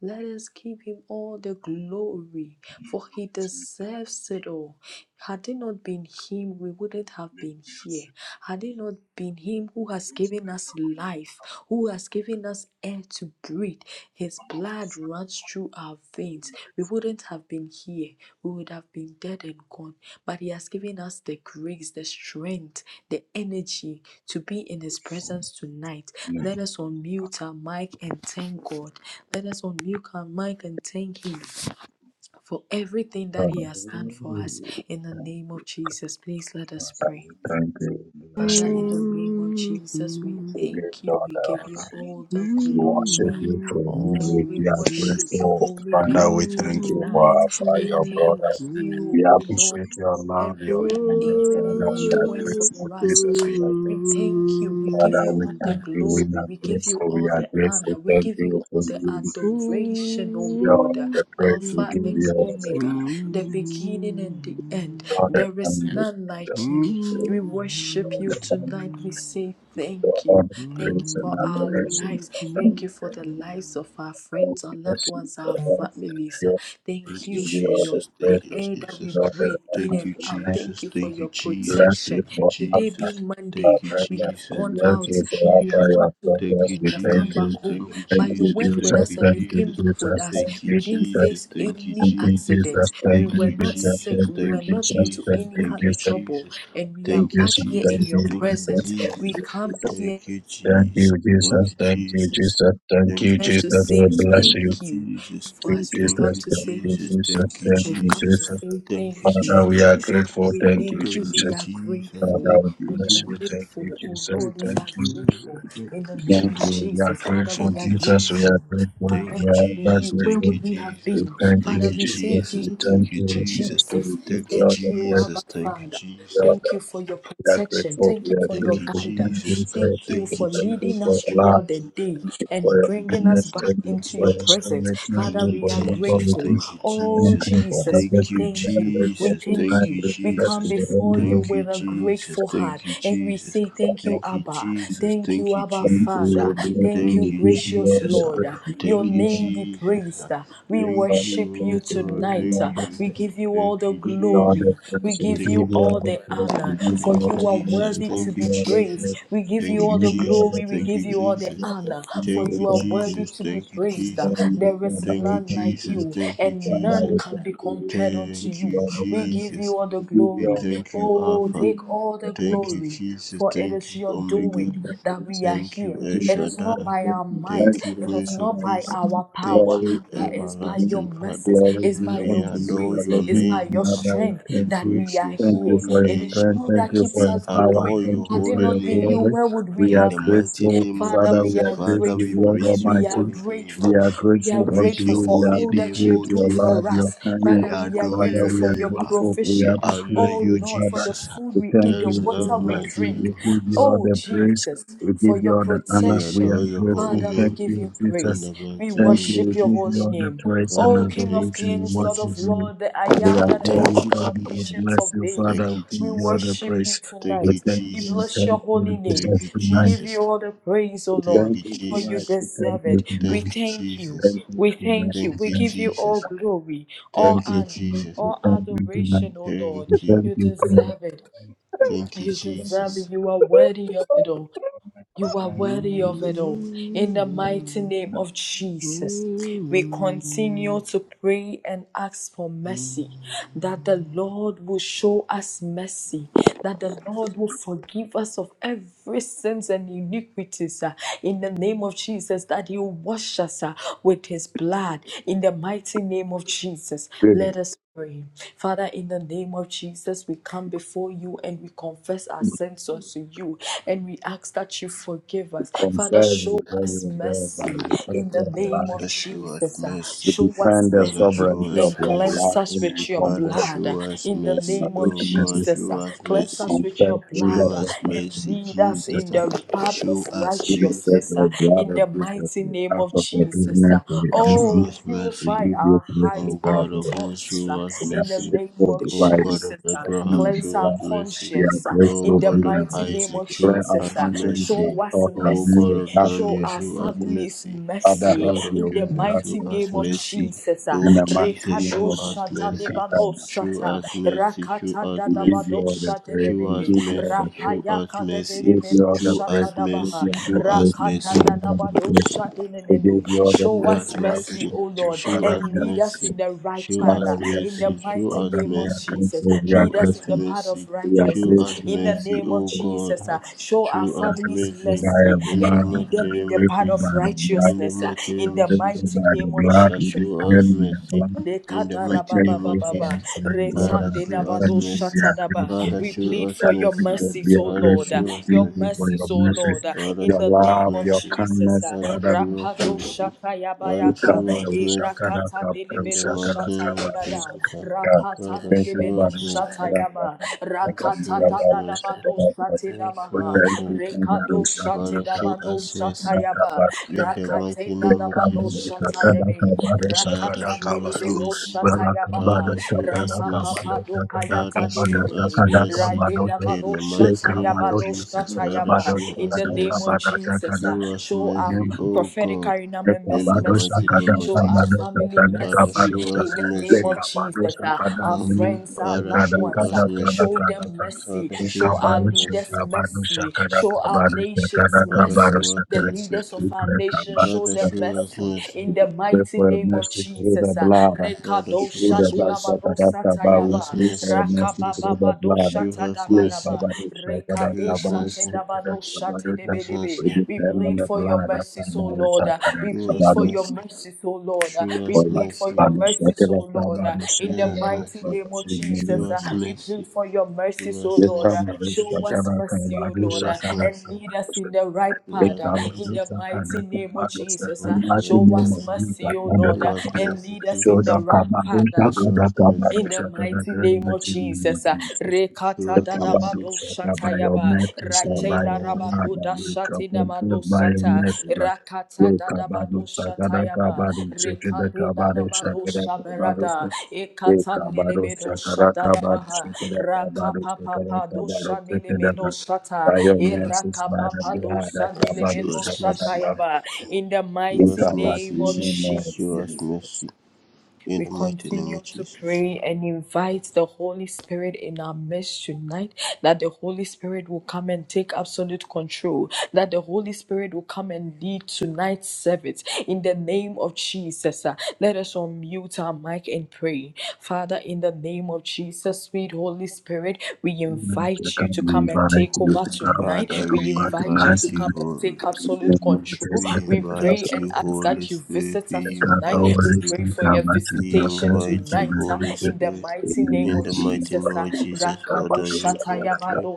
[SPEAKER 2] Let us give Him all the glory, for He deserves it all. Had it not been Him, we wouldn't have been here. Had it not been Him who has given us life, who has given us air to breathe. His blood runs through our veins. We wouldn't have been here, we would have been dead and gone. But He has given us the grace, the strength, the energy to be in His presence tonight. Let us unmute our mic and thank God. Let us unmute our mic and thank Him for everything that He has done for us. In the name of Jesus, please let us pray. Father,
[SPEAKER 1] you.
[SPEAKER 2] in the name of
[SPEAKER 3] To
[SPEAKER 2] Jesus, we
[SPEAKER 1] We give
[SPEAKER 2] thank you.
[SPEAKER 1] God
[SPEAKER 2] We
[SPEAKER 1] the
[SPEAKER 2] give you
[SPEAKER 1] honor.
[SPEAKER 2] all the
[SPEAKER 1] We worship
[SPEAKER 2] glory.
[SPEAKER 1] you tonight
[SPEAKER 2] Oh,
[SPEAKER 1] with
[SPEAKER 2] we
[SPEAKER 1] your
[SPEAKER 2] worship your
[SPEAKER 1] grateful
[SPEAKER 2] holy
[SPEAKER 1] Father.
[SPEAKER 2] name
[SPEAKER 1] We thank you for
[SPEAKER 2] tonight.
[SPEAKER 1] our for
[SPEAKER 2] We
[SPEAKER 1] your
[SPEAKER 2] thank
[SPEAKER 1] brothers.
[SPEAKER 2] you,
[SPEAKER 1] We
[SPEAKER 2] oh Lord,
[SPEAKER 1] appreciate your
[SPEAKER 2] for
[SPEAKER 1] love, your
[SPEAKER 2] everything
[SPEAKER 1] kindness,
[SPEAKER 2] that you
[SPEAKER 1] Father.
[SPEAKER 2] are
[SPEAKER 1] We are
[SPEAKER 2] doing
[SPEAKER 3] be
[SPEAKER 2] for
[SPEAKER 1] grateful,
[SPEAKER 2] us.
[SPEAKER 1] Jesus. We are
[SPEAKER 2] We
[SPEAKER 1] grateful,
[SPEAKER 2] thank you. We give
[SPEAKER 1] Father.
[SPEAKER 2] you
[SPEAKER 3] praised.
[SPEAKER 1] We
[SPEAKER 2] all the
[SPEAKER 1] thank you. We
[SPEAKER 2] glory.
[SPEAKER 1] are
[SPEAKER 2] We give you
[SPEAKER 1] grateful. We
[SPEAKER 2] all
[SPEAKER 1] are
[SPEAKER 2] the
[SPEAKER 1] grateful.
[SPEAKER 2] honor. We
[SPEAKER 1] Thank
[SPEAKER 2] give you
[SPEAKER 1] you
[SPEAKER 2] all
[SPEAKER 1] for
[SPEAKER 2] the
[SPEAKER 1] you.
[SPEAKER 3] Mm-hmm.
[SPEAKER 2] adoration, O
[SPEAKER 1] give you all
[SPEAKER 2] Lord.
[SPEAKER 1] the praise. We
[SPEAKER 2] Alpha
[SPEAKER 1] give
[SPEAKER 2] and
[SPEAKER 1] you all the
[SPEAKER 2] Omega, the
[SPEAKER 4] you.
[SPEAKER 2] beginning and the end.
[SPEAKER 1] all the
[SPEAKER 2] There
[SPEAKER 1] honor.
[SPEAKER 2] is
[SPEAKER 1] We
[SPEAKER 2] none
[SPEAKER 1] give
[SPEAKER 2] like you.
[SPEAKER 1] you
[SPEAKER 2] We worship
[SPEAKER 1] all
[SPEAKER 2] you
[SPEAKER 1] the all the honor,
[SPEAKER 2] tonight. We say
[SPEAKER 1] the
[SPEAKER 2] thank
[SPEAKER 1] all
[SPEAKER 2] you.
[SPEAKER 1] the
[SPEAKER 2] Thank you
[SPEAKER 1] praise and
[SPEAKER 2] for our
[SPEAKER 1] adoration.
[SPEAKER 2] lives.
[SPEAKER 1] Father.
[SPEAKER 2] Thank you for the lives of our friends, our
[SPEAKER 1] We bless
[SPEAKER 2] loved
[SPEAKER 1] you,
[SPEAKER 2] ones, our
[SPEAKER 1] Father.
[SPEAKER 2] families.
[SPEAKER 1] We
[SPEAKER 2] Thank you
[SPEAKER 1] give you
[SPEAKER 2] for
[SPEAKER 1] all
[SPEAKER 2] your
[SPEAKER 1] the
[SPEAKER 2] the
[SPEAKER 1] praise. We
[SPEAKER 2] air that
[SPEAKER 1] give
[SPEAKER 2] we
[SPEAKER 1] you all the
[SPEAKER 2] breathe in
[SPEAKER 1] honor.
[SPEAKER 2] and
[SPEAKER 1] We
[SPEAKER 2] out.
[SPEAKER 1] thank
[SPEAKER 2] Thank you for your
[SPEAKER 1] you. Bless you
[SPEAKER 2] protection.
[SPEAKER 1] for
[SPEAKER 2] Today
[SPEAKER 1] Abba,
[SPEAKER 2] being Monday, we
[SPEAKER 1] Father.
[SPEAKER 2] have
[SPEAKER 1] We
[SPEAKER 2] gone
[SPEAKER 1] bless
[SPEAKER 2] out.
[SPEAKER 1] you for
[SPEAKER 2] We
[SPEAKER 1] Abba,
[SPEAKER 2] have gone
[SPEAKER 1] your
[SPEAKER 2] to
[SPEAKER 1] brothers.
[SPEAKER 2] and
[SPEAKER 1] We
[SPEAKER 2] we have
[SPEAKER 1] thank
[SPEAKER 2] come back
[SPEAKER 1] you.
[SPEAKER 2] home.
[SPEAKER 1] Thank
[SPEAKER 2] But you
[SPEAKER 1] you,
[SPEAKER 2] went
[SPEAKER 1] Jesus.
[SPEAKER 2] with us and you
[SPEAKER 1] Thank you,
[SPEAKER 2] came back with
[SPEAKER 1] Jesus.
[SPEAKER 2] us.
[SPEAKER 1] Thank you,
[SPEAKER 2] We didn't
[SPEAKER 1] Jesus.
[SPEAKER 2] face any
[SPEAKER 1] Thank you,
[SPEAKER 2] accidents.
[SPEAKER 1] Jesus.
[SPEAKER 2] We
[SPEAKER 1] Thank you,
[SPEAKER 2] were not
[SPEAKER 1] Jesus.
[SPEAKER 2] sick.
[SPEAKER 1] Thank
[SPEAKER 2] We were
[SPEAKER 1] you,
[SPEAKER 2] not
[SPEAKER 1] Jesus.
[SPEAKER 2] into
[SPEAKER 1] Thank
[SPEAKER 2] any
[SPEAKER 1] you,
[SPEAKER 2] kind of
[SPEAKER 1] Jesus.
[SPEAKER 2] trouble. And we are
[SPEAKER 1] you,
[SPEAKER 2] back
[SPEAKER 1] Jesus.
[SPEAKER 2] here in
[SPEAKER 1] Thank
[SPEAKER 2] your
[SPEAKER 1] you, Jesus.
[SPEAKER 2] presence.
[SPEAKER 1] Thank
[SPEAKER 2] We
[SPEAKER 1] you,
[SPEAKER 2] come
[SPEAKER 1] Jesus.
[SPEAKER 2] here
[SPEAKER 1] Thank you, Jesus. Thank you, Jesus. Thank you, Jesus.
[SPEAKER 2] to
[SPEAKER 1] We
[SPEAKER 2] say
[SPEAKER 1] bless you,
[SPEAKER 2] thank you for us. We
[SPEAKER 3] Thank
[SPEAKER 2] come
[SPEAKER 1] Jesus.
[SPEAKER 3] you,
[SPEAKER 2] to
[SPEAKER 1] Thank
[SPEAKER 2] say
[SPEAKER 1] you,
[SPEAKER 3] Jesus.
[SPEAKER 1] Jesus.
[SPEAKER 3] Thank you,
[SPEAKER 1] Thank
[SPEAKER 2] We've
[SPEAKER 1] you,
[SPEAKER 2] come
[SPEAKER 3] Jesus.
[SPEAKER 2] to
[SPEAKER 1] Jesus.
[SPEAKER 2] say
[SPEAKER 3] Thank you,
[SPEAKER 2] thank you.
[SPEAKER 1] Father, we are
[SPEAKER 3] Jesus.
[SPEAKER 2] Father,
[SPEAKER 1] grateful.
[SPEAKER 2] We
[SPEAKER 1] Thank you,
[SPEAKER 2] thank
[SPEAKER 3] Thank
[SPEAKER 2] you.
[SPEAKER 3] you,
[SPEAKER 2] We
[SPEAKER 1] Jesus.
[SPEAKER 2] are
[SPEAKER 3] Jesus.
[SPEAKER 2] grateful.
[SPEAKER 1] Father,
[SPEAKER 3] Thank
[SPEAKER 1] we
[SPEAKER 3] you,
[SPEAKER 2] We
[SPEAKER 1] bless
[SPEAKER 2] are
[SPEAKER 1] you.
[SPEAKER 3] Jesus.
[SPEAKER 1] Thank
[SPEAKER 2] grateful.
[SPEAKER 1] you,
[SPEAKER 2] Oh
[SPEAKER 1] Jesus.
[SPEAKER 2] Lord,
[SPEAKER 3] Thank
[SPEAKER 2] we
[SPEAKER 1] Thank
[SPEAKER 3] you,
[SPEAKER 2] are
[SPEAKER 1] you.
[SPEAKER 2] grateful. In the
[SPEAKER 1] Thank
[SPEAKER 2] name of
[SPEAKER 3] Jesus.
[SPEAKER 1] you. We are
[SPEAKER 2] Jesus, Father,
[SPEAKER 1] grateful,
[SPEAKER 2] we
[SPEAKER 3] Thank
[SPEAKER 2] are
[SPEAKER 3] you,
[SPEAKER 1] Jesus. We
[SPEAKER 3] Jesus.
[SPEAKER 1] are
[SPEAKER 2] grateful.
[SPEAKER 1] grateful.
[SPEAKER 2] Father,
[SPEAKER 3] Thank you,
[SPEAKER 1] We
[SPEAKER 2] not
[SPEAKER 1] are
[SPEAKER 2] been
[SPEAKER 1] ever
[SPEAKER 3] Jesus.
[SPEAKER 2] you, where
[SPEAKER 3] Thank
[SPEAKER 1] grateful.
[SPEAKER 3] you,
[SPEAKER 2] would we have
[SPEAKER 1] We
[SPEAKER 3] Jesus.
[SPEAKER 2] been?
[SPEAKER 1] thank
[SPEAKER 2] Father,
[SPEAKER 3] Thank
[SPEAKER 1] you,
[SPEAKER 3] you,
[SPEAKER 2] we say
[SPEAKER 1] Jesus.
[SPEAKER 3] Jesus.
[SPEAKER 1] We
[SPEAKER 2] thank you,
[SPEAKER 1] thank
[SPEAKER 3] Thank you,
[SPEAKER 2] oh
[SPEAKER 1] you. We bless
[SPEAKER 3] Jesus.
[SPEAKER 1] you.
[SPEAKER 2] Jesus.
[SPEAKER 1] We give
[SPEAKER 3] Thank you,
[SPEAKER 1] you all
[SPEAKER 2] Thank
[SPEAKER 1] the
[SPEAKER 2] you,
[SPEAKER 3] Jesus.
[SPEAKER 1] praise.
[SPEAKER 2] Abba
[SPEAKER 3] Thank you,
[SPEAKER 2] Father.
[SPEAKER 3] Jesus.
[SPEAKER 2] Thank you for your
[SPEAKER 1] We are
[SPEAKER 2] protection.
[SPEAKER 1] grateful.
[SPEAKER 2] Thank
[SPEAKER 1] We
[SPEAKER 2] you
[SPEAKER 1] are
[SPEAKER 2] for your
[SPEAKER 3] Thank you,
[SPEAKER 1] grateful.
[SPEAKER 2] guidance.
[SPEAKER 1] Thank you
[SPEAKER 3] Jesus.
[SPEAKER 1] for your
[SPEAKER 2] Thank you
[SPEAKER 3] Thank you, Jesus. Thank you,
[SPEAKER 1] people.
[SPEAKER 2] for
[SPEAKER 1] Thank you
[SPEAKER 2] leading
[SPEAKER 1] for
[SPEAKER 3] Jesus.
[SPEAKER 2] us
[SPEAKER 1] your
[SPEAKER 3] Thank
[SPEAKER 1] love.
[SPEAKER 3] you,
[SPEAKER 2] throughout the
[SPEAKER 3] Jesus.
[SPEAKER 2] day
[SPEAKER 1] Thank you for
[SPEAKER 2] and
[SPEAKER 3] Thank
[SPEAKER 1] your
[SPEAKER 3] you,
[SPEAKER 2] bringing us
[SPEAKER 1] kindness.
[SPEAKER 2] back
[SPEAKER 3] Jesus.
[SPEAKER 1] Thank you
[SPEAKER 3] Thank
[SPEAKER 2] into
[SPEAKER 3] you,
[SPEAKER 1] for
[SPEAKER 2] your
[SPEAKER 1] your
[SPEAKER 3] Jesus.
[SPEAKER 2] presence.
[SPEAKER 1] spirit. Thank
[SPEAKER 2] Father,
[SPEAKER 3] Thank
[SPEAKER 1] you
[SPEAKER 3] you,
[SPEAKER 2] we
[SPEAKER 1] for
[SPEAKER 2] are
[SPEAKER 1] your
[SPEAKER 3] Jesus.
[SPEAKER 1] authority.
[SPEAKER 2] grateful.
[SPEAKER 3] Thank you,
[SPEAKER 2] Oh,
[SPEAKER 1] Thank
[SPEAKER 3] Jesus.
[SPEAKER 1] you for
[SPEAKER 2] Jesus, we
[SPEAKER 3] Thank you,
[SPEAKER 1] everything. We
[SPEAKER 2] thank
[SPEAKER 1] are
[SPEAKER 2] you. We
[SPEAKER 1] grateful
[SPEAKER 3] Jesus.
[SPEAKER 2] thank
[SPEAKER 3] Thank
[SPEAKER 1] tonight.
[SPEAKER 2] you.
[SPEAKER 3] you,
[SPEAKER 1] We
[SPEAKER 2] We
[SPEAKER 1] bless
[SPEAKER 2] come
[SPEAKER 3] Jesus.
[SPEAKER 1] you.
[SPEAKER 2] before you
[SPEAKER 3] Thank
[SPEAKER 1] Amen.
[SPEAKER 3] you,
[SPEAKER 2] with a
[SPEAKER 3] Jesus.
[SPEAKER 2] grateful heart
[SPEAKER 3] Thank you,
[SPEAKER 2] and we
[SPEAKER 3] Jesus.
[SPEAKER 2] say thank you,
[SPEAKER 3] Thank you,
[SPEAKER 2] Abba.
[SPEAKER 3] Jesus.
[SPEAKER 2] Thank
[SPEAKER 3] Thank
[SPEAKER 2] you,
[SPEAKER 3] you,
[SPEAKER 2] Abba,
[SPEAKER 1] Thank
[SPEAKER 3] Jesus. Ah,
[SPEAKER 2] Father.
[SPEAKER 1] you. We bless you.
[SPEAKER 2] Thank
[SPEAKER 3] Thank
[SPEAKER 1] We
[SPEAKER 2] you,
[SPEAKER 3] you,
[SPEAKER 1] give you
[SPEAKER 2] gracious
[SPEAKER 1] all
[SPEAKER 3] Jesus.
[SPEAKER 1] the
[SPEAKER 3] Ah,
[SPEAKER 2] Lord.
[SPEAKER 1] praise. We give
[SPEAKER 2] Your
[SPEAKER 3] Thank you,
[SPEAKER 1] you
[SPEAKER 2] name be
[SPEAKER 3] Jesus.
[SPEAKER 2] praised.
[SPEAKER 3] Ah,
[SPEAKER 2] We
[SPEAKER 3] Thank
[SPEAKER 1] all the
[SPEAKER 2] worship you
[SPEAKER 3] you,
[SPEAKER 1] praise. We
[SPEAKER 3] God.
[SPEAKER 1] give you
[SPEAKER 2] tonight
[SPEAKER 3] Thank
[SPEAKER 2] tonight.
[SPEAKER 1] all
[SPEAKER 2] uh,
[SPEAKER 1] the
[SPEAKER 3] you.
[SPEAKER 2] We
[SPEAKER 1] praise.
[SPEAKER 2] give you
[SPEAKER 3] Thank
[SPEAKER 2] all the
[SPEAKER 3] you,
[SPEAKER 1] We give you all
[SPEAKER 3] Jesus.
[SPEAKER 1] the
[SPEAKER 2] glory. We
[SPEAKER 1] praise. We
[SPEAKER 2] give
[SPEAKER 3] Thank
[SPEAKER 1] give
[SPEAKER 2] you
[SPEAKER 3] you.
[SPEAKER 1] you all
[SPEAKER 2] all
[SPEAKER 1] the
[SPEAKER 2] the
[SPEAKER 1] praise. We give you all the praise. We give you all the praise. We
[SPEAKER 2] honor, for
[SPEAKER 3] Thank
[SPEAKER 2] you are
[SPEAKER 3] you, Jesus.
[SPEAKER 2] worthy to
[SPEAKER 3] Thank
[SPEAKER 1] give
[SPEAKER 3] you,
[SPEAKER 2] be
[SPEAKER 1] you all the
[SPEAKER 2] praised.
[SPEAKER 1] praise.
[SPEAKER 3] Jesus.
[SPEAKER 2] We give you
[SPEAKER 1] We
[SPEAKER 3] Thank you,
[SPEAKER 2] all the
[SPEAKER 1] give you all
[SPEAKER 3] Jesus.
[SPEAKER 1] the
[SPEAKER 2] glory. We
[SPEAKER 1] praise,
[SPEAKER 3] Thank you,
[SPEAKER 2] give
[SPEAKER 1] we
[SPEAKER 2] you all
[SPEAKER 1] give
[SPEAKER 2] the
[SPEAKER 3] Jesus.
[SPEAKER 1] you all the
[SPEAKER 2] honor,
[SPEAKER 1] praise,
[SPEAKER 2] for
[SPEAKER 3] Thank
[SPEAKER 1] we
[SPEAKER 2] you
[SPEAKER 3] you,
[SPEAKER 2] are
[SPEAKER 1] thank you.
[SPEAKER 2] worthy
[SPEAKER 3] Jesus.
[SPEAKER 2] to be
[SPEAKER 3] Thank you,
[SPEAKER 1] For you,
[SPEAKER 2] praised. uh,
[SPEAKER 3] Jesus.
[SPEAKER 1] Father,
[SPEAKER 2] There is
[SPEAKER 3] Thank you,
[SPEAKER 1] we
[SPEAKER 2] none
[SPEAKER 1] thank
[SPEAKER 2] like
[SPEAKER 3] Jesus.
[SPEAKER 1] you.
[SPEAKER 2] you,
[SPEAKER 3] Thank you,
[SPEAKER 2] and
[SPEAKER 1] Father,
[SPEAKER 3] Jesus.
[SPEAKER 2] none
[SPEAKER 1] we
[SPEAKER 2] can
[SPEAKER 1] thank
[SPEAKER 2] be
[SPEAKER 1] you.
[SPEAKER 2] compared
[SPEAKER 1] We
[SPEAKER 2] unto
[SPEAKER 1] give
[SPEAKER 3] Thank
[SPEAKER 1] you
[SPEAKER 3] you,
[SPEAKER 2] you.
[SPEAKER 1] all the
[SPEAKER 2] We
[SPEAKER 1] praise,
[SPEAKER 2] give
[SPEAKER 3] Jesus.
[SPEAKER 2] you all the
[SPEAKER 1] we give
[SPEAKER 3] We
[SPEAKER 1] you
[SPEAKER 2] glory.
[SPEAKER 1] all the
[SPEAKER 3] thank you,
[SPEAKER 1] praise,
[SPEAKER 2] Oh,
[SPEAKER 1] we give
[SPEAKER 3] Alpha.
[SPEAKER 1] you
[SPEAKER 2] take
[SPEAKER 1] all
[SPEAKER 2] all
[SPEAKER 1] the
[SPEAKER 2] the
[SPEAKER 3] Thank
[SPEAKER 1] praise,
[SPEAKER 3] you,
[SPEAKER 2] glory.
[SPEAKER 3] Jesus.
[SPEAKER 2] For it
[SPEAKER 3] Thank
[SPEAKER 2] is
[SPEAKER 3] you,
[SPEAKER 2] your
[SPEAKER 1] we give
[SPEAKER 3] Omega.
[SPEAKER 1] you
[SPEAKER 2] doing
[SPEAKER 1] all the
[SPEAKER 2] that
[SPEAKER 1] praise.
[SPEAKER 2] we are
[SPEAKER 3] Thank you,
[SPEAKER 2] here.
[SPEAKER 1] Glory
[SPEAKER 3] El
[SPEAKER 2] It
[SPEAKER 1] be
[SPEAKER 2] is not
[SPEAKER 3] Shaddai.
[SPEAKER 2] by our might,
[SPEAKER 3] Thank you,
[SPEAKER 2] it is
[SPEAKER 3] Prince of
[SPEAKER 2] not by
[SPEAKER 3] Peace.
[SPEAKER 2] our
[SPEAKER 3] Thank
[SPEAKER 2] power,
[SPEAKER 3] you,
[SPEAKER 2] but it's
[SPEAKER 1] unto
[SPEAKER 2] by
[SPEAKER 1] you.
[SPEAKER 2] your
[SPEAKER 3] Everlasting Father.
[SPEAKER 2] mercies,
[SPEAKER 1] Glory
[SPEAKER 2] it's
[SPEAKER 1] be
[SPEAKER 2] by
[SPEAKER 3] We
[SPEAKER 2] your
[SPEAKER 1] unto you,
[SPEAKER 3] adore
[SPEAKER 2] grace,
[SPEAKER 3] your
[SPEAKER 2] it's
[SPEAKER 1] Elohim.
[SPEAKER 2] by
[SPEAKER 3] name.
[SPEAKER 2] your
[SPEAKER 3] ah.
[SPEAKER 1] Yahweh, we
[SPEAKER 2] strength
[SPEAKER 3] We
[SPEAKER 1] thank
[SPEAKER 2] that
[SPEAKER 1] you.
[SPEAKER 2] we
[SPEAKER 3] praise
[SPEAKER 2] are
[SPEAKER 3] your
[SPEAKER 1] Thank you
[SPEAKER 3] holy
[SPEAKER 2] here.
[SPEAKER 1] for your
[SPEAKER 2] It is
[SPEAKER 3] name.
[SPEAKER 1] strength.
[SPEAKER 2] you
[SPEAKER 3] ah.
[SPEAKER 1] Thank
[SPEAKER 2] that
[SPEAKER 1] you
[SPEAKER 2] keeps
[SPEAKER 1] for
[SPEAKER 3] We
[SPEAKER 1] your
[SPEAKER 2] us
[SPEAKER 1] power.
[SPEAKER 2] going.
[SPEAKER 3] adore your
[SPEAKER 1] Thank you
[SPEAKER 2] Had it
[SPEAKER 1] for
[SPEAKER 3] holy
[SPEAKER 1] your
[SPEAKER 2] not been you,
[SPEAKER 3] name. ah.
[SPEAKER 1] glory.
[SPEAKER 2] where would we
[SPEAKER 1] We
[SPEAKER 3] In
[SPEAKER 1] are
[SPEAKER 3] the
[SPEAKER 2] have been?
[SPEAKER 3] mighty
[SPEAKER 1] grateful,
[SPEAKER 3] name of
[SPEAKER 2] Father,
[SPEAKER 1] Father.
[SPEAKER 2] we
[SPEAKER 1] We
[SPEAKER 3] Jesus,
[SPEAKER 1] are
[SPEAKER 2] are
[SPEAKER 3] Father,
[SPEAKER 1] grateful,
[SPEAKER 3] we
[SPEAKER 2] grateful.
[SPEAKER 1] Lord
[SPEAKER 3] praise your
[SPEAKER 2] We are
[SPEAKER 1] Almighty.
[SPEAKER 3] holy name. ah.
[SPEAKER 1] We
[SPEAKER 2] grateful.
[SPEAKER 1] are
[SPEAKER 2] We are
[SPEAKER 1] grateful unto
[SPEAKER 3] Praise
[SPEAKER 2] grateful
[SPEAKER 1] you.
[SPEAKER 3] your
[SPEAKER 2] for
[SPEAKER 1] We are
[SPEAKER 3] holy
[SPEAKER 2] all
[SPEAKER 3] name,
[SPEAKER 2] that you
[SPEAKER 1] appreciate
[SPEAKER 3] oh
[SPEAKER 2] do
[SPEAKER 1] your
[SPEAKER 3] Jesus.
[SPEAKER 1] love,
[SPEAKER 2] for
[SPEAKER 3] ah.
[SPEAKER 1] your
[SPEAKER 2] us.
[SPEAKER 3] We
[SPEAKER 1] kindness.
[SPEAKER 2] Father, we are
[SPEAKER 3] adore
[SPEAKER 1] Father,
[SPEAKER 2] grateful
[SPEAKER 3] your
[SPEAKER 1] we
[SPEAKER 2] for
[SPEAKER 1] are
[SPEAKER 2] your
[SPEAKER 3] name. ah.
[SPEAKER 1] grateful. We
[SPEAKER 3] We
[SPEAKER 2] provision.
[SPEAKER 3] honor
[SPEAKER 1] appreciate
[SPEAKER 2] Oh
[SPEAKER 1] you,
[SPEAKER 3] you,
[SPEAKER 2] Lord, for
[SPEAKER 1] Father.
[SPEAKER 2] the
[SPEAKER 3] Jesus. ah.
[SPEAKER 2] food
[SPEAKER 1] We
[SPEAKER 2] we eat,
[SPEAKER 1] thank
[SPEAKER 3] There
[SPEAKER 2] the
[SPEAKER 3] is
[SPEAKER 1] you. We
[SPEAKER 2] water
[SPEAKER 3] none
[SPEAKER 2] we
[SPEAKER 1] bless
[SPEAKER 3] like
[SPEAKER 1] you.
[SPEAKER 2] drink.
[SPEAKER 1] We
[SPEAKER 3] you. ah.
[SPEAKER 1] give you all
[SPEAKER 2] Oh,
[SPEAKER 1] the praise.
[SPEAKER 2] Jesus,
[SPEAKER 1] We
[SPEAKER 2] for
[SPEAKER 1] give you
[SPEAKER 2] your
[SPEAKER 1] all the
[SPEAKER 3] We
[SPEAKER 1] honor. We are
[SPEAKER 2] protection.
[SPEAKER 3] adore your holy
[SPEAKER 1] grateful.
[SPEAKER 2] Father, we
[SPEAKER 1] Thank
[SPEAKER 3] name
[SPEAKER 2] give
[SPEAKER 1] you,
[SPEAKER 2] you
[SPEAKER 1] Jesus.
[SPEAKER 3] in
[SPEAKER 2] praise.
[SPEAKER 3] the
[SPEAKER 2] We
[SPEAKER 3] mighty
[SPEAKER 1] Thank
[SPEAKER 3] name of
[SPEAKER 1] you.
[SPEAKER 2] worship your
[SPEAKER 1] We give you
[SPEAKER 2] holy
[SPEAKER 3] Jesus.
[SPEAKER 1] all the
[SPEAKER 2] name.
[SPEAKER 1] praise and
[SPEAKER 2] Oh,
[SPEAKER 3] Father,
[SPEAKER 2] King of
[SPEAKER 3] thank
[SPEAKER 1] adoration.
[SPEAKER 3] you,
[SPEAKER 1] We
[SPEAKER 2] kings, Lord
[SPEAKER 1] worship
[SPEAKER 2] of
[SPEAKER 3] Jesus.
[SPEAKER 1] you.
[SPEAKER 2] lords, the I
[SPEAKER 1] We
[SPEAKER 2] am that I
[SPEAKER 1] adore
[SPEAKER 2] am,
[SPEAKER 3] Thank
[SPEAKER 1] you, Father.
[SPEAKER 3] you,
[SPEAKER 2] God,
[SPEAKER 1] We
[SPEAKER 3] Jesus.
[SPEAKER 2] ancients
[SPEAKER 1] bless
[SPEAKER 2] of
[SPEAKER 1] you,
[SPEAKER 2] days.
[SPEAKER 1] Father.
[SPEAKER 3] Thank
[SPEAKER 1] We
[SPEAKER 3] you,
[SPEAKER 1] give
[SPEAKER 2] We
[SPEAKER 1] you all the
[SPEAKER 3] Jesus.
[SPEAKER 2] worship you
[SPEAKER 1] praise.
[SPEAKER 3] Thank
[SPEAKER 1] We
[SPEAKER 3] you,
[SPEAKER 2] tonight.
[SPEAKER 1] thank
[SPEAKER 2] We
[SPEAKER 1] you. We
[SPEAKER 3] Jesus.
[SPEAKER 2] bless your
[SPEAKER 1] thank
[SPEAKER 2] holy
[SPEAKER 1] you,
[SPEAKER 2] name.
[SPEAKER 3] Thank
[SPEAKER 1] Jesus,
[SPEAKER 3] you, Jesus.
[SPEAKER 2] We
[SPEAKER 1] tonight.
[SPEAKER 2] give you all the praise, O
[SPEAKER 1] We
[SPEAKER 3] Thank
[SPEAKER 2] Lord,
[SPEAKER 1] thank
[SPEAKER 3] you,
[SPEAKER 1] you
[SPEAKER 2] for you
[SPEAKER 1] tonight.
[SPEAKER 3] Jesus.
[SPEAKER 1] We thank
[SPEAKER 2] deserve
[SPEAKER 1] you
[SPEAKER 2] it. We
[SPEAKER 3] Thank
[SPEAKER 1] tonight.
[SPEAKER 3] you,
[SPEAKER 2] thank you.
[SPEAKER 3] Jesus.
[SPEAKER 1] Thank you
[SPEAKER 2] We
[SPEAKER 1] tonight.
[SPEAKER 2] thank you.
[SPEAKER 1] We
[SPEAKER 3] Thank
[SPEAKER 2] We
[SPEAKER 3] you,
[SPEAKER 1] thank
[SPEAKER 2] give you
[SPEAKER 1] you
[SPEAKER 2] all
[SPEAKER 3] Jesus.
[SPEAKER 1] tonight.
[SPEAKER 2] glory, all
[SPEAKER 1] Thank
[SPEAKER 3] Thank you,
[SPEAKER 1] you
[SPEAKER 2] honor
[SPEAKER 1] tonight.
[SPEAKER 3] Jesus.
[SPEAKER 1] We
[SPEAKER 2] all
[SPEAKER 1] thank you tonight.
[SPEAKER 2] adoration, O Lord.
[SPEAKER 1] We
[SPEAKER 3] Thank you.
[SPEAKER 1] thank
[SPEAKER 2] You
[SPEAKER 1] you tonight.
[SPEAKER 2] deserve it.
[SPEAKER 1] We
[SPEAKER 3] Thank you,
[SPEAKER 2] You deserve
[SPEAKER 3] Jesus.
[SPEAKER 2] it. You are worthy of it all. You are
[SPEAKER 1] Thank
[SPEAKER 3] Father,
[SPEAKER 1] you
[SPEAKER 2] worthy of it all. In the mighty name
[SPEAKER 1] tonight.
[SPEAKER 2] of Jesus, we continue to pray and ask for mercy. That the Lord will show us mercy. That the Lord will forgive us of every sins and iniquities. uh, In the name of Jesus, that He will wash us uh, with His blood. In the mighty name of Jesus,
[SPEAKER 1] Thank you
[SPEAKER 2] let us pray. Father, in the name of Jesus, we come before you and we confess our
[SPEAKER 1] tonight.
[SPEAKER 2] sins unto you and we ask that you forgive us.
[SPEAKER 1] Confess
[SPEAKER 2] Father, show
[SPEAKER 1] the glory
[SPEAKER 2] us
[SPEAKER 1] of God by
[SPEAKER 2] mercy
[SPEAKER 1] your
[SPEAKER 2] in the
[SPEAKER 1] precious blood.
[SPEAKER 2] name of
[SPEAKER 3] show us
[SPEAKER 2] Jesus. ah.
[SPEAKER 1] We
[SPEAKER 3] mercy.
[SPEAKER 2] Show us
[SPEAKER 1] defend the
[SPEAKER 3] Father,
[SPEAKER 2] mercy
[SPEAKER 3] show
[SPEAKER 1] sovereignty of
[SPEAKER 2] and
[SPEAKER 3] us
[SPEAKER 1] your
[SPEAKER 2] cleanse
[SPEAKER 3] mercy.
[SPEAKER 1] blood
[SPEAKER 2] us
[SPEAKER 1] in
[SPEAKER 2] with
[SPEAKER 1] the
[SPEAKER 2] your
[SPEAKER 3] Father,
[SPEAKER 1] confess
[SPEAKER 2] blood uh,
[SPEAKER 3] show us
[SPEAKER 2] in the
[SPEAKER 1] and your
[SPEAKER 3] mercy.
[SPEAKER 2] name of
[SPEAKER 3] Oh God,
[SPEAKER 1] witnesses
[SPEAKER 2] Jesus.
[SPEAKER 3] show
[SPEAKER 2] uh,
[SPEAKER 3] us
[SPEAKER 1] to
[SPEAKER 2] Cleanse
[SPEAKER 3] mercy.
[SPEAKER 2] us with
[SPEAKER 1] confess
[SPEAKER 2] your
[SPEAKER 1] through the
[SPEAKER 3] Show
[SPEAKER 2] blood uh,
[SPEAKER 3] us
[SPEAKER 1] process
[SPEAKER 2] and
[SPEAKER 3] mercy,
[SPEAKER 2] lead us
[SPEAKER 3] Jesus.
[SPEAKER 2] in
[SPEAKER 1] through
[SPEAKER 2] the path of
[SPEAKER 3] Show us
[SPEAKER 1] the
[SPEAKER 3] mercy.
[SPEAKER 1] faith
[SPEAKER 2] righteousness
[SPEAKER 1] of
[SPEAKER 2] uh,
[SPEAKER 1] the blood
[SPEAKER 2] in
[SPEAKER 1] of
[SPEAKER 2] the
[SPEAKER 1] Jesus.
[SPEAKER 2] mighty
[SPEAKER 1] We
[SPEAKER 2] name
[SPEAKER 1] ask
[SPEAKER 2] of
[SPEAKER 1] for
[SPEAKER 2] Jesus. uh.
[SPEAKER 1] forgiveness and we ask
[SPEAKER 3] Show
[SPEAKER 1] you
[SPEAKER 2] Oh,
[SPEAKER 3] us
[SPEAKER 1] to
[SPEAKER 3] mercy,
[SPEAKER 2] purify
[SPEAKER 1] give you
[SPEAKER 2] our
[SPEAKER 1] praise to
[SPEAKER 2] heart,
[SPEAKER 3] O
[SPEAKER 1] God.
[SPEAKER 2] our
[SPEAKER 3] God of
[SPEAKER 1] Lord.
[SPEAKER 3] hosts,
[SPEAKER 2] thoughts
[SPEAKER 3] show
[SPEAKER 2] uh,
[SPEAKER 3] us
[SPEAKER 1] We
[SPEAKER 2] in
[SPEAKER 1] are
[SPEAKER 2] the
[SPEAKER 3] mercy.
[SPEAKER 2] name
[SPEAKER 1] grateful
[SPEAKER 2] of
[SPEAKER 3] O
[SPEAKER 1] by the
[SPEAKER 3] God of
[SPEAKER 2] Jesus. uh.
[SPEAKER 1] blessing
[SPEAKER 3] Abraham,
[SPEAKER 1] of
[SPEAKER 2] Cleanse
[SPEAKER 3] show
[SPEAKER 2] our
[SPEAKER 3] us
[SPEAKER 1] God.
[SPEAKER 3] mercy.
[SPEAKER 1] We are
[SPEAKER 2] conscience uh,
[SPEAKER 3] O
[SPEAKER 2] in
[SPEAKER 1] grateful
[SPEAKER 2] the
[SPEAKER 3] God
[SPEAKER 1] we
[SPEAKER 3] of
[SPEAKER 1] are
[SPEAKER 2] mighty name
[SPEAKER 1] mercy.
[SPEAKER 3] Isaac,
[SPEAKER 2] of
[SPEAKER 3] show
[SPEAKER 1] Declare our
[SPEAKER 2] Jesus.
[SPEAKER 3] us
[SPEAKER 2] uh.
[SPEAKER 1] conscience, our
[SPEAKER 3] mercy.
[SPEAKER 2] Show us
[SPEAKER 1] thoughts, our
[SPEAKER 3] O God
[SPEAKER 1] being,
[SPEAKER 2] mercy.
[SPEAKER 1] our
[SPEAKER 3] of
[SPEAKER 2] Show
[SPEAKER 3] Daniel,
[SPEAKER 1] happiness,
[SPEAKER 2] our
[SPEAKER 1] and
[SPEAKER 3] show us
[SPEAKER 1] forgiveness.
[SPEAKER 2] families
[SPEAKER 3] mercy.
[SPEAKER 1] Father,
[SPEAKER 2] mercy
[SPEAKER 1] have
[SPEAKER 3] God of
[SPEAKER 1] your
[SPEAKER 2] in the
[SPEAKER 1] way,
[SPEAKER 3] Joseph,
[SPEAKER 1] have
[SPEAKER 3] show
[SPEAKER 2] mighty
[SPEAKER 1] your way,
[SPEAKER 3] us
[SPEAKER 2] name of
[SPEAKER 1] Holy Spirit.
[SPEAKER 3] mercy.
[SPEAKER 2] Jesus. uh.
[SPEAKER 1] In
[SPEAKER 3] O
[SPEAKER 1] the mighty
[SPEAKER 3] Jesus,
[SPEAKER 1] name
[SPEAKER 3] show
[SPEAKER 1] of Jesus,
[SPEAKER 3] us
[SPEAKER 2] Rekadoshata
[SPEAKER 3] mercy. Show
[SPEAKER 2] devanosata.
[SPEAKER 3] us mercy, show
[SPEAKER 2] Rakata
[SPEAKER 3] us
[SPEAKER 1] We give you
[SPEAKER 3] mercy.
[SPEAKER 1] all the
[SPEAKER 2] dadabadoshata
[SPEAKER 1] praise.
[SPEAKER 3] Show
[SPEAKER 1] We
[SPEAKER 3] us
[SPEAKER 2] nebehe.
[SPEAKER 1] give you all the
[SPEAKER 3] mercy, show
[SPEAKER 1] praise.
[SPEAKER 3] us
[SPEAKER 2] Rapayaka
[SPEAKER 3] mercy.
[SPEAKER 1] We give you all the
[SPEAKER 3] Show
[SPEAKER 1] praise.
[SPEAKER 3] us
[SPEAKER 2] dedemenoshata
[SPEAKER 1] We give
[SPEAKER 2] dabaha.
[SPEAKER 3] mercy,
[SPEAKER 1] you all the
[SPEAKER 3] show
[SPEAKER 1] praise.
[SPEAKER 3] us mercy.
[SPEAKER 2] Rakata
[SPEAKER 1] We give you all the praise.
[SPEAKER 2] dadabadoshata
[SPEAKER 1] We
[SPEAKER 2] nemenu.
[SPEAKER 1] give you all the
[SPEAKER 3] Show
[SPEAKER 2] Show
[SPEAKER 1] praise.
[SPEAKER 2] us
[SPEAKER 3] us
[SPEAKER 1] We
[SPEAKER 2] mercy,
[SPEAKER 3] mercy.
[SPEAKER 2] O
[SPEAKER 1] appreciate you,
[SPEAKER 2] Lord,
[SPEAKER 3] Show
[SPEAKER 1] Father.
[SPEAKER 3] us
[SPEAKER 2] and
[SPEAKER 1] We are
[SPEAKER 2] lead us
[SPEAKER 3] mercy.
[SPEAKER 2] in
[SPEAKER 1] grateful.
[SPEAKER 2] the right
[SPEAKER 3] Show
[SPEAKER 2] path.
[SPEAKER 1] Father,
[SPEAKER 2] ah.
[SPEAKER 3] us
[SPEAKER 1] we are
[SPEAKER 2] In the
[SPEAKER 3] mercy.
[SPEAKER 1] grateful.
[SPEAKER 3] Show
[SPEAKER 2] mighty
[SPEAKER 1] Father,
[SPEAKER 3] us
[SPEAKER 2] name
[SPEAKER 1] we
[SPEAKER 2] of
[SPEAKER 1] are
[SPEAKER 3] mercy.
[SPEAKER 2] Jesus,
[SPEAKER 1] grateful. We are
[SPEAKER 3] Show
[SPEAKER 2] lead us in
[SPEAKER 3] us
[SPEAKER 2] the
[SPEAKER 1] grateful.
[SPEAKER 2] path of
[SPEAKER 3] mercy.
[SPEAKER 1] We are
[SPEAKER 3] Show
[SPEAKER 2] righteousness.
[SPEAKER 1] grateful.
[SPEAKER 3] us
[SPEAKER 1] We
[SPEAKER 2] In the
[SPEAKER 1] are
[SPEAKER 3] mercy,
[SPEAKER 2] name of
[SPEAKER 3] O
[SPEAKER 1] grateful.
[SPEAKER 2] Jesus, ah.
[SPEAKER 3] God.
[SPEAKER 2] show our
[SPEAKER 3] Show
[SPEAKER 1] We are
[SPEAKER 3] us
[SPEAKER 2] families
[SPEAKER 1] grateful
[SPEAKER 3] mercy.
[SPEAKER 1] by
[SPEAKER 2] mercy
[SPEAKER 1] your
[SPEAKER 3] In the
[SPEAKER 2] and
[SPEAKER 1] blood.
[SPEAKER 2] lead
[SPEAKER 1] We
[SPEAKER 3] mighty
[SPEAKER 2] them
[SPEAKER 1] are
[SPEAKER 2] in
[SPEAKER 3] name
[SPEAKER 2] the
[SPEAKER 3] of
[SPEAKER 2] path
[SPEAKER 1] grateful
[SPEAKER 3] Jesus
[SPEAKER 2] of
[SPEAKER 1] by the blood.
[SPEAKER 3] in the
[SPEAKER 2] righteousness. ah.
[SPEAKER 3] mighty
[SPEAKER 1] We
[SPEAKER 2] In
[SPEAKER 1] are
[SPEAKER 3] name
[SPEAKER 2] the
[SPEAKER 3] of
[SPEAKER 1] grateful
[SPEAKER 3] Jesus.
[SPEAKER 2] mighty
[SPEAKER 1] by the
[SPEAKER 2] name of
[SPEAKER 1] blood.
[SPEAKER 3] Father,
[SPEAKER 1] We
[SPEAKER 2] Jesus.
[SPEAKER 3] show
[SPEAKER 2] uh.
[SPEAKER 3] us
[SPEAKER 1] depend on the
[SPEAKER 3] mercy
[SPEAKER 1] blood.
[SPEAKER 3] in the
[SPEAKER 1] We
[SPEAKER 3] mighty
[SPEAKER 1] thank
[SPEAKER 3] name of
[SPEAKER 1] you for
[SPEAKER 2] Lekadarabababa,
[SPEAKER 3] Jesus.
[SPEAKER 1] answering, brother.
[SPEAKER 3] Father, show
[SPEAKER 1] We
[SPEAKER 3] us
[SPEAKER 1] thank you. We
[SPEAKER 3] mercy.
[SPEAKER 1] are
[SPEAKER 2] retandedabadoshatadaba.
[SPEAKER 1] grateful.
[SPEAKER 3] Father,
[SPEAKER 2] We
[SPEAKER 3] show
[SPEAKER 2] plead
[SPEAKER 3] us
[SPEAKER 1] We
[SPEAKER 2] for
[SPEAKER 1] are
[SPEAKER 2] your
[SPEAKER 3] mercy.
[SPEAKER 1] grateful. We
[SPEAKER 2] mercies, O
[SPEAKER 1] are
[SPEAKER 3] Father,
[SPEAKER 2] Lord.
[SPEAKER 1] grateful.
[SPEAKER 3] show us
[SPEAKER 2] Your
[SPEAKER 1] grateful
[SPEAKER 3] mercy.
[SPEAKER 1] for your
[SPEAKER 2] mercies, O
[SPEAKER 1] mercies,
[SPEAKER 2] Lord.
[SPEAKER 3] Father,
[SPEAKER 2] In
[SPEAKER 1] your
[SPEAKER 2] the
[SPEAKER 3] show us
[SPEAKER 2] name
[SPEAKER 1] love,
[SPEAKER 2] of
[SPEAKER 1] your
[SPEAKER 3] mercy.
[SPEAKER 2] Jesus.
[SPEAKER 1] kindness,
[SPEAKER 3] Father,
[SPEAKER 1] Father. We
[SPEAKER 3] show us
[SPEAKER 2] Rapado
[SPEAKER 3] mercy.
[SPEAKER 1] we
[SPEAKER 3] Father,
[SPEAKER 2] Irakata
[SPEAKER 3] show
[SPEAKER 1] cover
[SPEAKER 3] us
[SPEAKER 1] the
[SPEAKER 3] mercy.
[SPEAKER 1] Shakara Kabara
[SPEAKER 3] In the
[SPEAKER 2] delebedo
[SPEAKER 1] Shakara
[SPEAKER 3] mighty name of
[SPEAKER 1] Kabara
[SPEAKER 2] shatayabada.
[SPEAKER 3] Jesus,
[SPEAKER 1] Shakara
[SPEAKER 2] Rapata
[SPEAKER 3] Father,
[SPEAKER 1] Kabara Shakara
[SPEAKER 3] show
[SPEAKER 2] delebeno
[SPEAKER 3] us mercy.
[SPEAKER 1] Kabara
[SPEAKER 2] shatayaba.
[SPEAKER 3] Father,
[SPEAKER 2] Rakata
[SPEAKER 3] show
[SPEAKER 1] Shakara
[SPEAKER 3] us
[SPEAKER 1] Kabara
[SPEAKER 3] mercy.
[SPEAKER 2] dadadabado
[SPEAKER 1] Shakara
[SPEAKER 3] Father,
[SPEAKER 1] Thank
[SPEAKER 3] show
[SPEAKER 2] satinamaha.
[SPEAKER 3] us mercy.
[SPEAKER 2] Rekado shate
[SPEAKER 3] Father, show
[SPEAKER 2] damano
[SPEAKER 3] us mercy.
[SPEAKER 2] shatayaba.
[SPEAKER 3] In the mighty
[SPEAKER 2] Rakate
[SPEAKER 3] name of
[SPEAKER 2] dadabado
[SPEAKER 3] Jesus.
[SPEAKER 2] shatadebe.
[SPEAKER 3] Father,
[SPEAKER 2] Rakata
[SPEAKER 3] show us
[SPEAKER 2] delebe no
[SPEAKER 3] mercy.
[SPEAKER 2] shatayabaha.
[SPEAKER 3] Father, show us mercy.
[SPEAKER 2] Rapapapa do
[SPEAKER 3] Father,
[SPEAKER 2] kayata
[SPEAKER 3] show us
[SPEAKER 2] delebe.
[SPEAKER 3] mercy. In
[SPEAKER 2] Radinamano
[SPEAKER 3] the mighty name of
[SPEAKER 2] shatayaba no
[SPEAKER 3] Jesus, Father,
[SPEAKER 2] shatayaba.
[SPEAKER 3] show
[SPEAKER 2] In
[SPEAKER 3] us
[SPEAKER 2] the name of
[SPEAKER 3] mercy.
[SPEAKER 2] Jesus, ah,
[SPEAKER 3] Show us
[SPEAKER 2] show our
[SPEAKER 3] mercy,
[SPEAKER 1] you.
[SPEAKER 3] O
[SPEAKER 2] prophetic
[SPEAKER 3] God.
[SPEAKER 2] arena
[SPEAKER 3] In
[SPEAKER 2] members
[SPEAKER 3] the
[SPEAKER 1] Lekabadosa
[SPEAKER 3] mighty
[SPEAKER 2] mercy.
[SPEAKER 1] kada
[SPEAKER 3] name of
[SPEAKER 2] Show our
[SPEAKER 3] Jesus,
[SPEAKER 1] kabadosa
[SPEAKER 2] family
[SPEAKER 1] kada
[SPEAKER 3] Father,
[SPEAKER 2] mercy.
[SPEAKER 3] show
[SPEAKER 1] kabadosa
[SPEAKER 2] In
[SPEAKER 3] us
[SPEAKER 2] the name
[SPEAKER 3] mercy.
[SPEAKER 2] of Jesus,
[SPEAKER 1] lekabadosa
[SPEAKER 2] uh,
[SPEAKER 1] kada
[SPEAKER 2] our
[SPEAKER 3] Uh,
[SPEAKER 1] yini
[SPEAKER 2] friends, our
[SPEAKER 1] bosa
[SPEAKER 3] Father,
[SPEAKER 2] loved
[SPEAKER 1] kada
[SPEAKER 3] show
[SPEAKER 2] ones, uh,
[SPEAKER 3] us
[SPEAKER 1] kada kada
[SPEAKER 3] mercy.
[SPEAKER 2] show them
[SPEAKER 1] kada kada
[SPEAKER 2] mercy,
[SPEAKER 3] Father, show
[SPEAKER 2] show our
[SPEAKER 3] us
[SPEAKER 1] lekabadosa
[SPEAKER 2] leaders
[SPEAKER 3] mercy.
[SPEAKER 1] kabadosa
[SPEAKER 2] mercy,
[SPEAKER 1] kada
[SPEAKER 2] show our
[SPEAKER 1] kabadosa kada
[SPEAKER 2] nations
[SPEAKER 3] Father, show
[SPEAKER 2] mercy,
[SPEAKER 3] us
[SPEAKER 1] kabadosa
[SPEAKER 2] the
[SPEAKER 1] kada
[SPEAKER 3] mercy.
[SPEAKER 2] leaders of our nation, show
[SPEAKER 3] Father,
[SPEAKER 2] them
[SPEAKER 1] lekabadosa
[SPEAKER 3] show us
[SPEAKER 1] kada
[SPEAKER 2] mercy
[SPEAKER 3] mercy.
[SPEAKER 2] in the
[SPEAKER 1] pray
[SPEAKER 2] mighty
[SPEAKER 1] for your
[SPEAKER 2] name of
[SPEAKER 1] mercy through the
[SPEAKER 2] Jesus. uh,
[SPEAKER 1] blood
[SPEAKER 3] Father,
[SPEAKER 1] we
[SPEAKER 3] show
[SPEAKER 1] plead
[SPEAKER 2] Rekadosha
[SPEAKER 1] the
[SPEAKER 3] us
[SPEAKER 1] blood
[SPEAKER 3] mercy.
[SPEAKER 1] kada kada
[SPEAKER 2] dedabadosa
[SPEAKER 1] kada
[SPEAKER 3] Show
[SPEAKER 1] we
[SPEAKER 3] us
[SPEAKER 2] tayaba,
[SPEAKER 1] pray for
[SPEAKER 3] mercy,
[SPEAKER 1] your mercy
[SPEAKER 3] Jesus.
[SPEAKER 1] through the blood
[SPEAKER 2] rakabababadosha
[SPEAKER 3] Show us mercy.
[SPEAKER 2] tadabadaba,
[SPEAKER 1] lekabadosa kada
[SPEAKER 3] Yes,
[SPEAKER 2] rekadesha
[SPEAKER 3] mercy.
[SPEAKER 1] kabadosa kada
[SPEAKER 2] tendabadosha
[SPEAKER 3] Yes,
[SPEAKER 1] we
[SPEAKER 3] mercy.
[SPEAKER 2] we
[SPEAKER 1] depend on
[SPEAKER 2] plead
[SPEAKER 1] the
[SPEAKER 2] for
[SPEAKER 1] blood
[SPEAKER 2] your
[SPEAKER 1] of
[SPEAKER 2] mercies, O
[SPEAKER 1] Tabaru
[SPEAKER 2] Lord.
[SPEAKER 1] Sakara,
[SPEAKER 2] We
[SPEAKER 3] Show
[SPEAKER 2] plead
[SPEAKER 3] us
[SPEAKER 2] for
[SPEAKER 1] Tabaru,
[SPEAKER 2] your
[SPEAKER 3] mercy.
[SPEAKER 2] mercies, O Lord.
[SPEAKER 3] Show
[SPEAKER 2] We
[SPEAKER 3] us
[SPEAKER 1] for
[SPEAKER 2] plead for
[SPEAKER 3] mercy.
[SPEAKER 2] your
[SPEAKER 1] Tabaru
[SPEAKER 2] mercies, O
[SPEAKER 1] Sakara,
[SPEAKER 2] Lord.
[SPEAKER 1] Tabaru
[SPEAKER 2] In the
[SPEAKER 3] Yes,
[SPEAKER 1] Sakara,
[SPEAKER 2] mighty
[SPEAKER 3] mercy.
[SPEAKER 1] Tabaru
[SPEAKER 2] name of
[SPEAKER 1] Sakara,
[SPEAKER 3] Show
[SPEAKER 2] Jesus,
[SPEAKER 3] us
[SPEAKER 2] we plead
[SPEAKER 3] mercy.
[SPEAKER 2] for your
[SPEAKER 3] Show
[SPEAKER 2] mercies, O
[SPEAKER 3] us
[SPEAKER 2] Lord.
[SPEAKER 3] mercy,
[SPEAKER 1] Tabaru
[SPEAKER 2] Show
[SPEAKER 3] Jesus.
[SPEAKER 2] us mercy,
[SPEAKER 1] Sakara,
[SPEAKER 2] O
[SPEAKER 1] Tabaru
[SPEAKER 3] Show
[SPEAKER 2] Lord,
[SPEAKER 3] us
[SPEAKER 1] Sakara,
[SPEAKER 2] and
[SPEAKER 3] mercy.
[SPEAKER 2] lead us in the right
[SPEAKER 1] the
[SPEAKER 3] Show
[SPEAKER 2] path.
[SPEAKER 3] us
[SPEAKER 1] God, we
[SPEAKER 2] In
[SPEAKER 1] don't
[SPEAKER 3] mercy.
[SPEAKER 2] the mighty name of Jesus,
[SPEAKER 3] Oh,
[SPEAKER 1] And like
[SPEAKER 3] show us
[SPEAKER 1] the
[SPEAKER 2] show
[SPEAKER 1] name
[SPEAKER 2] us
[SPEAKER 1] of
[SPEAKER 3] mercy.
[SPEAKER 1] Jesus,
[SPEAKER 2] mercy,
[SPEAKER 1] that
[SPEAKER 2] O
[SPEAKER 1] God,
[SPEAKER 5] Lord,
[SPEAKER 1] that
[SPEAKER 2] Lord,
[SPEAKER 3] Show
[SPEAKER 1] God,
[SPEAKER 3] us
[SPEAKER 2] and
[SPEAKER 3] mercy,
[SPEAKER 2] lead us
[SPEAKER 1] So
[SPEAKER 2] in
[SPEAKER 3] Jesus.
[SPEAKER 2] the
[SPEAKER 1] that God,
[SPEAKER 2] right
[SPEAKER 1] God, God, that
[SPEAKER 2] path.
[SPEAKER 3] Show us mercy.
[SPEAKER 2] In the mighty name of
[SPEAKER 1] the name of
[SPEAKER 2] Jesus, uh,
[SPEAKER 1] Jesus.
[SPEAKER 3] Show
[SPEAKER 2] Rekata
[SPEAKER 1] The
[SPEAKER 3] us
[SPEAKER 1] God, God,
[SPEAKER 3] mercy.
[SPEAKER 1] God,
[SPEAKER 2] Dadabado
[SPEAKER 1] sir, that by your
[SPEAKER 2] Shatayaba,
[SPEAKER 1] mercy, sir, by
[SPEAKER 3] Yes,
[SPEAKER 2] Ratena
[SPEAKER 1] your
[SPEAKER 3] mercy.
[SPEAKER 1] blood, that
[SPEAKER 2] Rabakuda
[SPEAKER 1] we can
[SPEAKER 2] Shatina
[SPEAKER 1] fulfill by your
[SPEAKER 2] Manosata,
[SPEAKER 1] mercy, that we
[SPEAKER 2] Rakata
[SPEAKER 1] can, God,
[SPEAKER 2] Dadabado
[SPEAKER 1] God, sir, that God,
[SPEAKER 2] Shatayaba, Rekade Dadabado Shaberada, Ekatan
[SPEAKER 1] Ekabaru
[SPEAKER 2] Nelebedo
[SPEAKER 1] Sakara Kabaru
[SPEAKER 2] Shadarabaha,
[SPEAKER 1] Shakara Kabaru Shakara
[SPEAKER 2] Rakapapa
[SPEAKER 1] Kabaru
[SPEAKER 2] Dosha
[SPEAKER 1] Shakadaka.
[SPEAKER 2] Nelemeno Shata,
[SPEAKER 1] By your mercies, by the
[SPEAKER 2] Erakapapa
[SPEAKER 1] blood of
[SPEAKER 2] Dosha
[SPEAKER 1] Kabaru
[SPEAKER 3] Show
[SPEAKER 2] Nelemeno
[SPEAKER 3] us mercy.
[SPEAKER 1] Shakadaka.
[SPEAKER 2] Shatayaba, in the
[SPEAKER 3] Show
[SPEAKER 2] mighty
[SPEAKER 3] us
[SPEAKER 1] Ekabatu
[SPEAKER 3] mercy,
[SPEAKER 2] name of
[SPEAKER 1] Nemo
[SPEAKER 3] Jesus. Show us
[SPEAKER 2] Jesus.
[SPEAKER 1] Jesus.
[SPEAKER 3] mercy. In
[SPEAKER 2] We
[SPEAKER 3] the mighty name of
[SPEAKER 2] continue to
[SPEAKER 3] Jesus.
[SPEAKER 2] pray and invite the Holy Spirit in our midst tonight that the Holy Spirit will come and take absolute control, that the Holy Spirit will come and lead tonight's service in the name of Jesus. uh, Let us unmute our mic and pray. Father, in the name of Jesus, sweet Holy Spirit, we
[SPEAKER 1] Even if you
[SPEAKER 2] invite you
[SPEAKER 1] come
[SPEAKER 2] to
[SPEAKER 1] we
[SPEAKER 2] come and
[SPEAKER 1] invite
[SPEAKER 2] take
[SPEAKER 1] you
[SPEAKER 2] over
[SPEAKER 1] to come to
[SPEAKER 2] tonight.
[SPEAKER 3] Father,
[SPEAKER 2] We
[SPEAKER 1] come
[SPEAKER 3] we
[SPEAKER 1] back and
[SPEAKER 2] invite you
[SPEAKER 1] recognize
[SPEAKER 2] to
[SPEAKER 3] invite
[SPEAKER 1] in
[SPEAKER 3] you
[SPEAKER 2] come and
[SPEAKER 3] home.
[SPEAKER 2] take
[SPEAKER 1] the
[SPEAKER 2] absolute
[SPEAKER 1] name of
[SPEAKER 2] control.
[SPEAKER 1] Jesus
[SPEAKER 3] We
[SPEAKER 1] and
[SPEAKER 2] We
[SPEAKER 1] cross
[SPEAKER 2] pray
[SPEAKER 3] invite
[SPEAKER 2] and
[SPEAKER 1] our
[SPEAKER 3] you,
[SPEAKER 2] ask
[SPEAKER 1] country.
[SPEAKER 3] Holy
[SPEAKER 2] that you
[SPEAKER 3] Spirit.
[SPEAKER 2] visit
[SPEAKER 3] We
[SPEAKER 2] us tonight. We
[SPEAKER 3] invite
[SPEAKER 1] Ekabawari
[SPEAKER 3] you.
[SPEAKER 2] pray for your
[SPEAKER 1] Shakaba
[SPEAKER 3] We
[SPEAKER 2] visitation
[SPEAKER 1] Shakaka in
[SPEAKER 3] invite
[SPEAKER 1] the
[SPEAKER 3] you,
[SPEAKER 2] tonight
[SPEAKER 1] name
[SPEAKER 2] uh,
[SPEAKER 1] of
[SPEAKER 3] Holy
[SPEAKER 2] in the
[SPEAKER 3] Spirit.
[SPEAKER 2] mighty
[SPEAKER 1] In the
[SPEAKER 2] name
[SPEAKER 3] In
[SPEAKER 2] of
[SPEAKER 3] the
[SPEAKER 1] name
[SPEAKER 3] mighty name
[SPEAKER 2] Jesus.
[SPEAKER 1] of
[SPEAKER 2] uh,
[SPEAKER 3] of
[SPEAKER 1] Jesus,
[SPEAKER 3] Jesus,
[SPEAKER 2] Rakado
[SPEAKER 3] Father,
[SPEAKER 1] Kabaru
[SPEAKER 3] we
[SPEAKER 1] Shakadaka.
[SPEAKER 3] invite you.
[SPEAKER 2] Shatayabado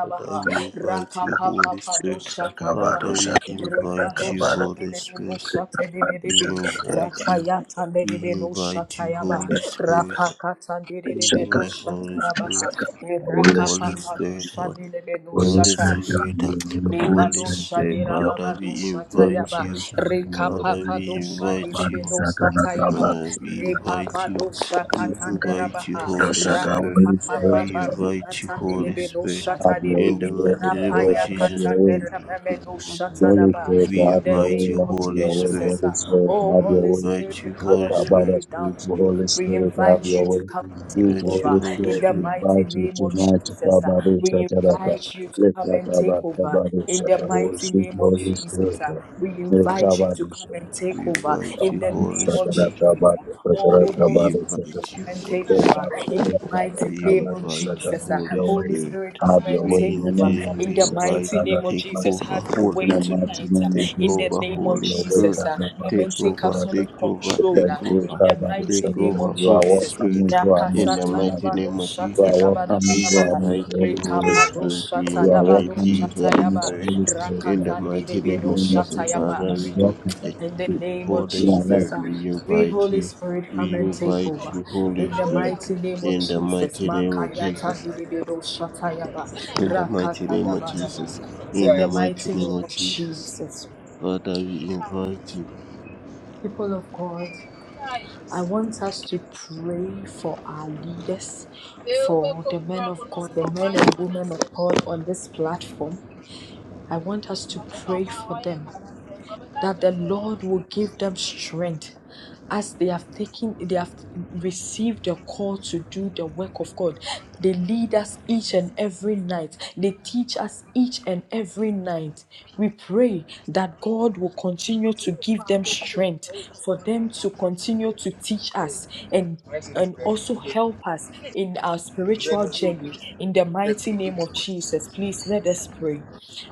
[SPEAKER 3] Father, we invite you, Holy
[SPEAKER 2] Rakapapapado
[SPEAKER 3] Spirit.
[SPEAKER 1] Rakabado
[SPEAKER 3] Father,
[SPEAKER 2] Shatanabaha.
[SPEAKER 3] we
[SPEAKER 1] shaka
[SPEAKER 2] Rebado
[SPEAKER 3] invite you,
[SPEAKER 1] rakabado
[SPEAKER 3] Holy
[SPEAKER 2] Shadinebino
[SPEAKER 3] Spirit.
[SPEAKER 1] rakabado
[SPEAKER 3] We
[SPEAKER 2] Shatenebebe.
[SPEAKER 1] shaka
[SPEAKER 3] invite
[SPEAKER 1] rakabado
[SPEAKER 3] you.
[SPEAKER 2] Rakayata
[SPEAKER 3] We
[SPEAKER 2] Nerebino
[SPEAKER 3] invite you,
[SPEAKER 2] Shatayaba.
[SPEAKER 3] Holy Spirit.
[SPEAKER 2] Rakakata
[SPEAKER 3] We
[SPEAKER 1] shaka
[SPEAKER 2] Nerebino
[SPEAKER 3] invite Holy
[SPEAKER 1] rakabado
[SPEAKER 2] Shatarabaha.
[SPEAKER 3] Spirit.
[SPEAKER 1] shaka. Will this
[SPEAKER 3] Holy
[SPEAKER 1] man tell
[SPEAKER 2] Rakapapado
[SPEAKER 3] Spirit.
[SPEAKER 1] you?
[SPEAKER 2] Shadinebino
[SPEAKER 1] Will
[SPEAKER 3] Holy
[SPEAKER 1] this
[SPEAKER 2] Shata.
[SPEAKER 1] man tell
[SPEAKER 3] Spirit.
[SPEAKER 1] you? Will this
[SPEAKER 3] Holy
[SPEAKER 1] man
[SPEAKER 2] Lebadosa
[SPEAKER 1] tell
[SPEAKER 3] Spirit,
[SPEAKER 2] de
[SPEAKER 1] you?
[SPEAKER 3] Father, we
[SPEAKER 2] Rababadosa
[SPEAKER 1] Will this
[SPEAKER 3] invite
[SPEAKER 2] Tayaba,
[SPEAKER 3] you.
[SPEAKER 1] man tell you? Will
[SPEAKER 3] Father,
[SPEAKER 1] this
[SPEAKER 3] we
[SPEAKER 1] man
[SPEAKER 2] Rekapapadosa de
[SPEAKER 3] invite
[SPEAKER 1] rakabado
[SPEAKER 3] you.
[SPEAKER 1] shaka
[SPEAKER 2] Lemedosa Tayaba,
[SPEAKER 1] rakabado
[SPEAKER 3] Father, we invite you.
[SPEAKER 2] Repabadosa
[SPEAKER 3] We
[SPEAKER 1] shaka
[SPEAKER 3] invite you,
[SPEAKER 2] Katandarabaha,
[SPEAKER 1] rakabado
[SPEAKER 3] Holy
[SPEAKER 1] shaka.
[SPEAKER 3] Spirit.
[SPEAKER 1] Will this
[SPEAKER 6] Yeah,
[SPEAKER 1] man
[SPEAKER 6] I
[SPEAKER 3] We
[SPEAKER 2] Rakapapapa
[SPEAKER 6] just
[SPEAKER 1] tell
[SPEAKER 3] invite you,
[SPEAKER 2] Rukatan de
[SPEAKER 3] Holy
[SPEAKER 1] you?
[SPEAKER 3] Spirit.
[SPEAKER 2] Lemedosa
[SPEAKER 5] have
[SPEAKER 1] Have your
[SPEAKER 3] In
[SPEAKER 2] Tadibi,
[SPEAKER 5] mercy,
[SPEAKER 3] the
[SPEAKER 1] way, Holy
[SPEAKER 3] mighty
[SPEAKER 6] got
[SPEAKER 3] name of
[SPEAKER 1] Spirit.
[SPEAKER 2] Rapaya
[SPEAKER 6] that.
[SPEAKER 1] Have
[SPEAKER 3] Jesus,
[SPEAKER 1] your way.
[SPEAKER 5] have
[SPEAKER 2] Katanderabamenosa
[SPEAKER 1] Holy
[SPEAKER 2] Tadaba,
[SPEAKER 1] Spirit,
[SPEAKER 5] upon
[SPEAKER 2] in
[SPEAKER 3] we
[SPEAKER 1] have
[SPEAKER 2] the
[SPEAKER 1] your
[SPEAKER 3] invite
[SPEAKER 1] way.
[SPEAKER 2] name
[SPEAKER 3] you,
[SPEAKER 1] Have
[SPEAKER 2] of
[SPEAKER 3] Holy
[SPEAKER 1] your way.
[SPEAKER 3] Spirit.
[SPEAKER 2] Jesus.
[SPEAKER 1] Holy Spirit,
[SPEAKER 2] Oh,
[SPEAKER 3] We
[SPEAKER 1] have
[SPEAKER 2] Holy
[SPEAKER 1] your way.
[SPEAKER 2] Spirit,
[SPEAKER 3] invite
[SPEAKER 2] we
[SPEAKER 3] you, Holy
[SPEAKER 2] cannot do it
[SPEAKER 3] Spirit.
[SPEAKER 1] Kabbalah Spirit,
[SPEAKER 2] without you.
[SPEAKER 1] Holy
[SPEAKER 2] We
[SPEAKER 1] Spirit, have
[SPEAKER 2] invite
[SPEAKER 1] your
[SPEAKER 2] you to
[SPEAKER 1] way.
[SPEAKER 2] come.
[SPEAKER 3] We
[SPEAKER 2] and take
[SPEAKER 1] Sweet
[SPEAKER 3] invite you,
[SPEAKER 2] over
[SPEAKER 1] Holy
[SPEAKER 3] Holy
[SPEAKER 2] in
[SPEAKER 1] Spirit,
[SPEAKER 2] the
[SPEAKER 1] we
[SPEAKER 3] Spirit.
[SPEAKER 2] mighty
[SPEAKER 1] invite you
[SPEAKER 2] name of
[SPEAKER 1] tonight to
[SPEAKER 2] Jesus. uh,
[SPEAKER 1] Kabbalah
[SPEAKER 2] We
[SPEAKER 1] Shataraka.
[SPEAKER 2] invite you to
[SPEAKER 1] Let
[SPEAKER 2] come and take
[SPEAKER 1] Kabbalah
[SPEAKER 2] over
[SPEAKER 1] Kabbalah
[SPEAKER 2] in the
[SPEAKER 1] Shataraka,
[SPEAKER 2] mighty
[SPEAKER 1] sweet
[SPEAKER 2] name of
[SPEAKER 1] Holy
[SPEAKER 2] Jesus.
[SPEAKER 1] Spirit,
[SPEAKER 2] uh, We
[SPEAKER 1] let
[SPEAKER 2] invite you
[SPEAKER 1] Kabbalah
[SPEAKER 2] to come and
[SPEAKER 1] Shataraka,
[SPEAKER 3] We
[SPEAKER 2] take over
[SPEAKER 3] invite
[SPEAKER 2] in
[SPEAKER 3] you,
[SPEAKER 2] the
[SPEAKER 1] Kabbalah
[SPEAKER 3] Holy
[SPEAKER 2] name of
[SPEAKER 1] Shataraka,
[SPEAKER 3] Spirit.
[SPEAKER 2] Jesus. uh. Oh,
[SPEAKER 3] We
[SPEAKER 2] Holy
[SPEAKER 1] Kabbalah Shataraka.
[SPEAKER 3] invite
[SPEAKER 2] come
[SPEAKER 3] you,
[SPEAKER 2] and take
[SPEAKER 3] Holy
[SPEAKER 1] Let
[SPEAKER 3] Spirit.
[SPEAKER 2] over
[SPEAKER 1] have your
[SPEAKER 2] in
[SPEAKER 1] way,
[SPEAKER 2] the
[SPEAKER 1] Kabbalah,
[SPEAKER 2] mighty
[SPEAKER 3] We
[SPEAKER 2] name of
[SPEAKER 1] Kabbalah
[SPEAKER 3] invite
[SPEAKER 1] Shataraka,
[SPEAKER 3] you,
[SPEAKER 2] Jesus. Uh,
[SPEAKER 1] have
[SPEAKER 3] Holy
[SPEAKER 1] your way.
[SPEAKER 2] Holy
[SPEAKER 3] Spirit.
[SPEAKER 2] Spirit,
[SPEAKER 1] Have
[SPEAKER 2] come
[SPEAKER 1] your
[SPEAKER 2] and
[SPEAKER 3] We,
[SPEAKER 1] way
[SPEAKER 2] take
[SPEAKER 1] in the
[SPEAKER 2] over
[SPEAKER 1] name
[SPEAKER 3] inte-
[SPEAKER 1] of
[SPEAKER 3] we
[SPEAKER 2] in the
[SPEAKER 1] Jesus,
[SPEAKER 3] invite
[SPEAKER 2] mighty
[SPEAKER 3] you,
[SPEAKER 1] Shataraka.
[SPEAKER 2] name of
[SPEAKER 3] take
[SPEAKER 2] Jesus.
[SPEAKER 3] over,
[SPEAKER 2] Have your
[SPEAKER 3] Holy
[SPEAKER 1] In
[SPEAKER 2] way
[SPEAKER 1] the
[SPEAKER 3] Spirit.
[SPEAKER 1] mighty
[SPEAKER 2] tonight uh,
[SPEAKER 1] name
[SPEAKER 3] Take
[SPEAKER 1] of
[SPEAKER 2] in the
[SPEAKER 1] Jesus,
[SPEAKER 3] over,
[SPEAKER 1] and I
[SPEAKER 2] name of
[SPEAKER 3] Holy
[SPEAKER 1] way,
[SPEAKER 3] Spirit.
[SPEAKER 2] Jesus. Uh, Come
[SPEAKER 1] Kadabado
[SPEAKER 3] Take
[SPEAKER 2] and take
[SPEAKER 3] over,
[SPEAKER 1] Shakaraka.
[SPEAKER 2] absolute
[SPEAKER 3] take over,
[SPEAKER 1] We
[SPEAKER 2] control
[SPEAKER 1] Thank
[SPEAKER 2] uh,
[SPEAKER 3] take
[SPEAKER 1] you,
[SPEAKER 2] in
[SPEAKER 3] over.
[SPEAKER 2] the
[SPEAKER 1] Kabado
[SPEAKER 2] mighty
[SPEAKER 3] Take
[SPEAKER 2] name
[SPEAKER 1] Shakara.
[SPEAKER 3] over,
[SPEAKER 2] of
[SPEAKER 1] You are
[SPEAKER 3] Holy
[SPEAKER 2] Jesus.
[SPEAKER 1] welcome
[SPEAKER 3] Spirit.
[SPEAKER 1] into our
[SPEAKER 3] In
[SPEAKER 1] midst
[SPEAKER 3] the
[SPEAKER 1] tonight.
[SPEAKER 3] mighty
[SPEAKER 1] You
[SPEAKER 3] name of
[SPEAKER 1] are
[SPEAKER 3] Jesus,
[SPEAKER 1] welcome
[SPEAKER 3] we
[SPEAKER 1] into our
[SPEAKER 2] Rakasatadabadoshatedabadabadaba.
[SPEAKER 1] midst,
[SPEAKER 3] invite you,
[SPEAKER 1] Holy
[SPEAKER 3] Holy
[SPEAKER 1] Spirit.
[SPEAKER 3] Spirit. We
[SPEAKER 2] Rekapadoshata
[SPEAKER 1] You are
[SPEAKER 2] dabado
[SPEAKER 3] invite
[SPEAKER 1] welcome
[SPEAKER 3] you,
[SPEAKER 1] into our
[SPEAKER 3] Holy
[SPEAKER 2] shatayaba.
[SPEAKER 1] midst,
[SPEAKER 3] Spirit.
[SPEAKER 1] Holy Spirit.
[SPEAKER 3] In the
[SPEAKER 1] In
[SPEAKER 2] Rakatande
[SPEAKER 3] mighty
[SPEAKER 1] the
[SPEAKER 3] name
[SPEAKER 2] debedo
[SPEAKER 3] of
[SPEAKER 1] name of
[SPEAKER 3] Jesus,
[SPEAKER 1] Jesus,
[SPEAKER 2] shatayaba.
[SPEAKER 1] you
[SPEAKER 3] Father,
[SPEAKER 1] are
[SPEAKER 3] we invite
[SPEAKER 1] welcome.
[SPEAKER 3] you.
[SPEAKER 2] In the
[SPEAKER 1] You
[SPEAKER 2] name of
[SPEAKER 3] Holy
[SPEAKER 1] you are
[SPEAKER 2] Jesus,
[SPEAKER 3] Spirit,
[SPEAKER 2] uh,
[SPEAKER 1] welcome.
[SPEAKER 3] we
[SPEAKER 2] sweet
[SPEAKER 3] invite
[SPEAKER 2] Holy
[SPEAKER 3] you.
[SPEAKER 2] Spirit, come
[SPEAKER 3] We
[SPEAKER 2] and take
[SPEAKER 3] invite
[SPEAKER 2] over.
[SPEAKER 3] you, Holy
[SPEAKER 2] In the
[SPEAKER 3] Spirit,
[SPEAKER 2] mighty name of
[SPEAKER 3] in the
[SPEAKER 2] Jesus,
[SPEAKER 3] mighty name of
[SPEAKER 6] When did I I
[SPEAKER 2] Makayata
[SPEAKER 3] Jesus.
[SPEAKER 2] didibido
[SPEAKER 6] am?
[SPEAKER 2] shatayaba,
[SPEAKER 3] In the mighty
[SPEAKER 2] rakata
[SPEAKER 3] name of
[SPEAKER 2] dabadaba.
[SPEAKER 3] Jesus.
[SPEAKER 6] Say I
[SPEAKER 2] In
[SPEAKER 3] In
[SPEAKER 2] the
[SPEAKER 3] the
[SPEAKER 6] used to be
[SPEAKER 3] mighty
[SPEAKER 2] mighty
[SPEAKER 6] nice.
[SPEAKER 3] name
[SPEAKER 2] name
[SPEAKER 3] of
[SPEAKER 2] of
[SPEAKER 3] Jesus.
[SPEAKER 2] Jesus,
[SPEAKER 3] Father,
[SPEAKER 6] I
[SPEAKER 3] we invite you.
[SPEAKER 2] people of God, I want us to pray for our leaders, for the men of God, the men and women of God on this platform. I want us to pray for them. that the Lord will give them strength as they have taken they have received the call to do the work of God. They lead us each and every night. They teach us each and every night. We pray that God will continue to give them strength for them to continue to teach us and
[SPEAKER 6] said this
[SPEAKER 2] and
[SPEAKER 6] very no,
[SPEAKER 2] also
[SPEAKER 6] but
[SPEAKER 2] help us in our
[SPEAKER 6] the red
[SPEAKER 2] spiritual
[SPEAKER 6] of
[SPEAKER 2] journey. In the mighty name of
[SPEAKER 6] you,
[SPEAKER 2] Jesus, please let us pray.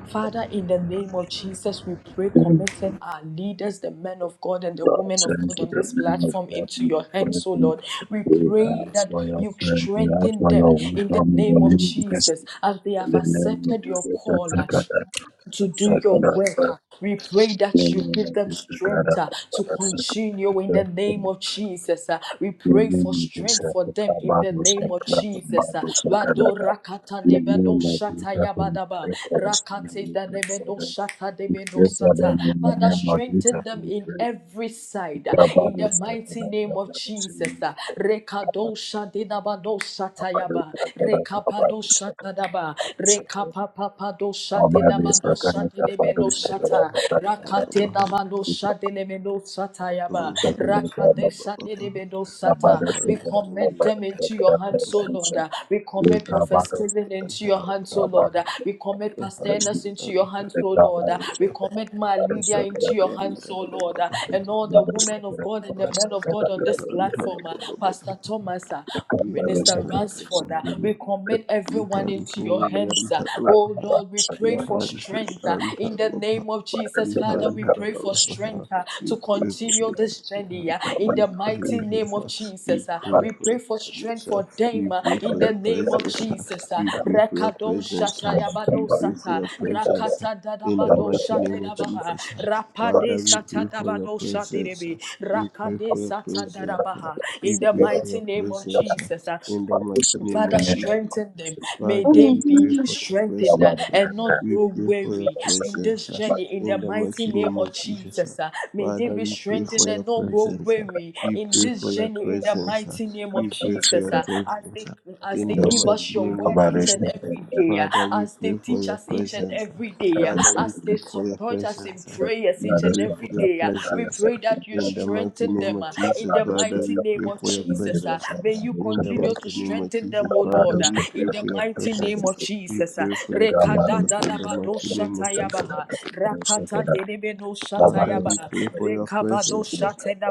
[SPEAKER 2] Father, in the name of Jesus, we pray,
[SPEAKER 1] Thank you,
[SPEAKER 2] committing our leaders, the men of God and the
[SPEAKER 1] God.
[SPEAKER 2] women of
[SPEAKER 1] Thank
[SPEAKER 2] God
[SPEAKER 1] you,
[SPEAKER 2] on
[SPEAKER 1] the
[SPEAKER 2] this
[SPEAKER 1] man of
[SPEAKER 2] platform,
[SPEAKER 1] God.
[SPEAKER 2] into your
[SPEAKER 1] We pray
[SPEAKER 2] hands, O
[SPEAKER 1] for you.
[SPEAKER 2] Lord. We
[SPEAKER 1] We
[SPEAKER 2] pray
[SPEAKER 1] ask
[SPEAKER 2] that
[SPEAKER 1] for your
[SPEAKER 2] you
[SPEAKER 1] strength. We ask
[SPEAKER 2] strengthen
[SPEAKER 1] for
[SPEAKER 2] them
[SPEAKER 1] your
[SPEAKER 2] in the
[SPEAKER 1] wisdom, your
[SPEAKER 2] name of
[SPEAKER 1] leadership.
[SPEAKER 2] Jesus as they have
[SPEAKER 1] the name of
[SPEAKER 2] accepted your
[SPEAKER 1] Jesus,
[SPEAKER 2] call
[SPEAKER 1] Sakada,
[SPEAKER 2] to do your
[SPEAKER 1] Sakada,
[SPEAKER 2] work.
[SPEAKER 1] the
[SPEAKER 2] uh. We pray that you
[SPEAKER 1] name
[SPEAKER 2] give
[SPEAKER 1] of
[SPEAKER 2] them
[SPEAKER 1] Jesus, Sakada,
[SPEAKER 2] strength uh, to continue in the
[SPEAKER 1] Sakada, the
[SPEAKER 2] name of Jesus. uh. We pray for
[SPEAKER 1] name of Jesus,
[SPEAKER 2] strength for them in the
[SPEAKER 1] Kabadu,
[SPEAKER 2] name of
[SPEAKER 1] Sakada,
[SPEAKER 2] Jesus. uh.
[SPEAKER 1] Kabadu,
[SPEAKER 2] Wado
[SPEAKER 1] Sakada,
[SPEAKER 2] rakata de
[SPEAKER 1] the
[SPEAKER 2] beno
[SPEAKER 1] name of
[SPEAKER 2] shata
[SPEAKER 1] Jesus, we
[SPEAKER 2] yabadaba.
[SPEAKER 1] pray for us,
[SPEAKER 2] Rakate
[SPEAKER 1] we
[SPEAKER 2] da de
[SPEAKER 1] pray for
[SPEAKER 2] beno
[SPEAKER 1] them,
[SPEAKER 2] shata de
[SPEAKER 1] we
[SPEAKER 2] beno
[SPEAKER 1] pray for
[SPEAKER 2] sata.
[SPEAKER 1] them in the
[SPEAKER 2] Father,
[SPEAKER 1] name of
[SPEAKER 2] strengthen
[SPEAKER 1] Jesus,
[SPEAKER 2] them
[SPEAKER 1] we
[SPEAKER 2] in
[SPEAKER 1] pray,
[SPEAKER 2] every side uh, in
[SPEAKER 1] Kabadu,
[SPEAKER 2] the mighty
[SPEAKER 1] Sakada,
[SPEAKER 2] name of
[SPEAKER 1] Kabadu, Sakada, Kabadu, Sakada, Kabadu, Sakada,
[SPEAKER 2] Jesus.
[SPEAKER 1] Sakada, Kabadu,
[SPEAKER 2] uh. Rekado shadinabado shata yaba. Rekapado shata daba. Papa, papa, pa do shate na ba do shate
[SPEAKER 1] Sakada,
[SPEAKER 2] de me
[SPEAKER 1] Kabadu,
[SPEAKER 2] no
[SPEAKER 1] Sakada,
[SPEAKER 2] shata.
[SPEAKER 1] Kabadu, Sakada,
[SPEAKER 2] Rakate na ba do
[SPEAKER 1] Thank you.
[SPEAKER 2] shate de me no shata yaba. Rakate shate de me no shata. We commit them into your hands, O Lord. We commit Prophet Stephen into your hands, O Lord. We commit Pastor Ernest into your hands, O Lord. We commit my Lydia into your hands, O Lord. And all the women of God and the men of God on this platform, uh, Pastor Thomas, uh, Minister Ransford,
[SPEAKER 3] We
[SPEAKER 2] uh, we commit everyone into your hands. uh. oh
[SPEAKER 3] Mihanturiyantarabaha
[SPEAKER 2] Lord, we pray for strength uh, in the
[SPEAKER 3] Mihansuriantarabaha
[SPEAKER 2] name of Jesus. Father, we pray for
[SPEAKER 3] Mihantarabaha
[SPEAKER 2] strength uh,
[SPEAKER 3] We
[SPEAKER 2] to
[SPEAKER 3] pray for
[SPEAKER 2] continue this
[SPEAKER 3] protection,
[SPEAKER 2] journey
[SPEAKER 3] Lord.
[SPEAKER 2] uh, in
[SPEAKER 3] we
[SPEAKER 2] the
[SPEAKER 3] pray
[SPEAKER 2] mighty
[SPEAKER 3] for
[SPEAKER 2] name of
[SPEAKER 3] her, we
[SPEAKER 2] Jesus. uh. we pray for strength for them uh,
[SPEAKER 3] pray
[SPEAKER 2] in
[SPEAKER 3] for
[SPEAKER 2] the
[SPEAKER 3] your
[SPEAKER 2] name of
[SPEAKER 3] presence, Lord.
[SPEAKER 2] Jesus. uh,
[SPEAKER 3] we pray for your
[SPEAKER 2] Rakado
[SPEAKER 3] presence,
[SPEAKER 2] shata
[SPEAKER 3] Lord. we
[SPEAKER 2] yabado
[SPEAKER 3] pray for
[SPEAKER 2] sata
[SPEAKER 3] your presence,
[SPEAKER 2] rakata
[SPEAKER 3] Lord. we pray for your presence, Lord. in the
[SPEAKER 2] dadabado
[SPEAKER 3] mighty
[SPEAKER 2] shate
[SPEAKER 3] name of
[SPEAKER 2] dabaha
[SPEAKER 3] Jesus. Lord.
[SPEAKER 2] rapade
[SPEAKER 3] Father, we
[SPEAKER 2] sata
[SPEAKER 3] pray for your
[SPEAKER 2] dabado shate
[SPEAKER 3] presence,
[SPEAKER 2] debe
[SPEAKER 3] Lord. we pray
[SPEAKER 2] rakade
[SPEAKER 3] for your
[SPEAKER 2] sata
[SPEAKER 3] presence, Lord.
[SPEAKER 2] dadabaha in
[SPEAKER 3] we
[SPEAKER 2] the
[SPEAKER 3] pray for
[SPEAKER 2] mighty
[SPEAKER 3] your
[SPEAKER 2] name of
[SPEAKER 3] presence, Lord.
[SPEAKER 2] Jesus. uh,
[SPEAKER 3] in the mighty name
[SPEAKER 2] Father,
[SPEAKER 3] of Jesus.
[SPEAKER 2] strengthen them. May
[SPEAKER 3] Father,
[SPEAKER 2] they
[SPEAKER 3] we
[SPEAKER 2] be
[SPEAKER 3] pray for your
[SPEAKER 2] strengthened uh,
[SPEAKER 3] presence. uh,
[SPEAKER 2] and not
[SPEAKER 3] We
[SPEAKER 2] grow
[SPEAKER 3] pray for your
[SPEAKER 2] weary in
[SPEAKER 3] presence
[SPEAKER 2] this
[SPEAKER 3] uh,
[SPEAKER 2] journey. In the
[SPEAKER 3] in the
[SPEAKER 2] mighty
[SPEAKER 3] mighty
[SPEAKER 2] name
[SPEAKER 3] name
[SPEAKER 2] of
[SPEAKER 3] of Jesus. uh.
[SPEAKER 2] Jesus, uh, may they
[SPEAKER 3] Father,
[SPEAKER 2] be
[SPEAKER 3] we pray for
[SPEAKER 2] strengthened and
[SPEAKER 3] your
[SPEAKER 2] not grow
[SPEAKER 3] presence. uh,
[SPEAKER 2] weary
[SPEAKER 3] We
[SPEAKER 2] in
[SPEAKER 3] pray for
[SPEAKER 2] this
[SPEAKER 3] your
[SPEAKER 2] journey. In the
[SPEAKER 1] Thank
[SPEAKER 3] presence. uh,
[SPEAKER 2] mighty name
[SPEAKER 3] We
[SPEAKER 2] of
[SPEAKER 3] pray for
[SPEAKER 2] Jesus,
[SPEAKER 3] your
[SPEAKER 2] uh, as
[SPEAKER 3] presence
[SPEAKER 2] they
[SPEAKER 3] uh,
[SPEAKER 2] as
[SPEAKER 3] in
[SPEAKER 2] they
[SPEAKER 3] the
[SPEAKER 2] give us
[SPEAKER 3] mighty
[SPEAKER 2] your
[SPEAKER 3] name of
[SPEAKER 2] word each and
[SPEAKER 3] Jesus.
[SPEAKER 2] every
[SPEAKER 3] uh.
[SPEAKER 2] day, uh,
[SPEAKER 3] Father, we
[SPEAKER 2] as they
[SPEAKER 3] pray for
[SPEAKER 2] teach
[SPEAKER 3] your
[SPEAKER 2] us each and
[SPEAKER 3] presence.
[SPEAKER 2] every
[SPEAKER 3] uh,
[SPEAKER 2] day, uh,
[SPEAKER 3] Father, we
[SPEAKER 2] as they
[SPEAKER 3] pray
[SPEAKER 2] they
[SPEAKER 3] for your
[SPEAKER 2] support us in
[SPEAKER 3] presence. uh,
[SPEAKER 2] prayers
[SPEAKER 3] We
[SPEAKER 2] each and
[SPEAKER 3] pray for
[SPEAKER 2] every
[SPEAKER 3] your
[SPEAKER 2] day. ah. We
[SPEAKER 3] presence uh,
[SPEAKER 2] pray that you
[SPEAKER 3] in the mighty
[SPEAKER 2] strengthen
[SPEAKER 3] name
[SPEAKER 2] them
[SPEAKER 3] of
[SPEAKER 2] ah, in
[SPEAKER 3] Jesus.
[SPEAKER 2] the
[SPEAKER 3] Father,
[SPEAKER 2] mighty
[SPEAKER 3] we
[SPEAKER 2] name
[SPEAKER 3] pray
[SPEAKER 2] of
[SPEAKER 3] for your
[SPEAKER 2] Jesus. ah.
[SPEAKER 3] presence. uh,
[SPEAKER 2] May you
[SPEAKER 3] in the
[SPEAKER 2] continue to
[SPEAKER 3] mighty name of
[SPEAKER 2] strengthen them,
[SPEAKER 3] Jesus,
[SPEAKER 2] O
[SPEAKER 3] Father,
[SPEAKER 2] Lord, ah,
[SPEAKER 3] we pray
[SPEAKER 2] in the
[SPEAKER 3] for your
[SPEAKER 2] mighty name of
[SPEAKER 1] you.
[SPEAKER 3] presence. We
[SPEAKER 2] Jesus. ah.
[SPEAKER 3] pray for your presence in the
[SPEAKER 2] Rekadadadabado
[SPEAKER 3] mighty name of Jesus.
[SPEAKER 2] shatayabaha, rakatadelebeno
[SPEAKER 3] Father, we
[SPEAKER 2] shatayabaha,
[SPEAKER 3] pray for your
[SPEAKER 2] rekabado
[SPEAKER 3] presence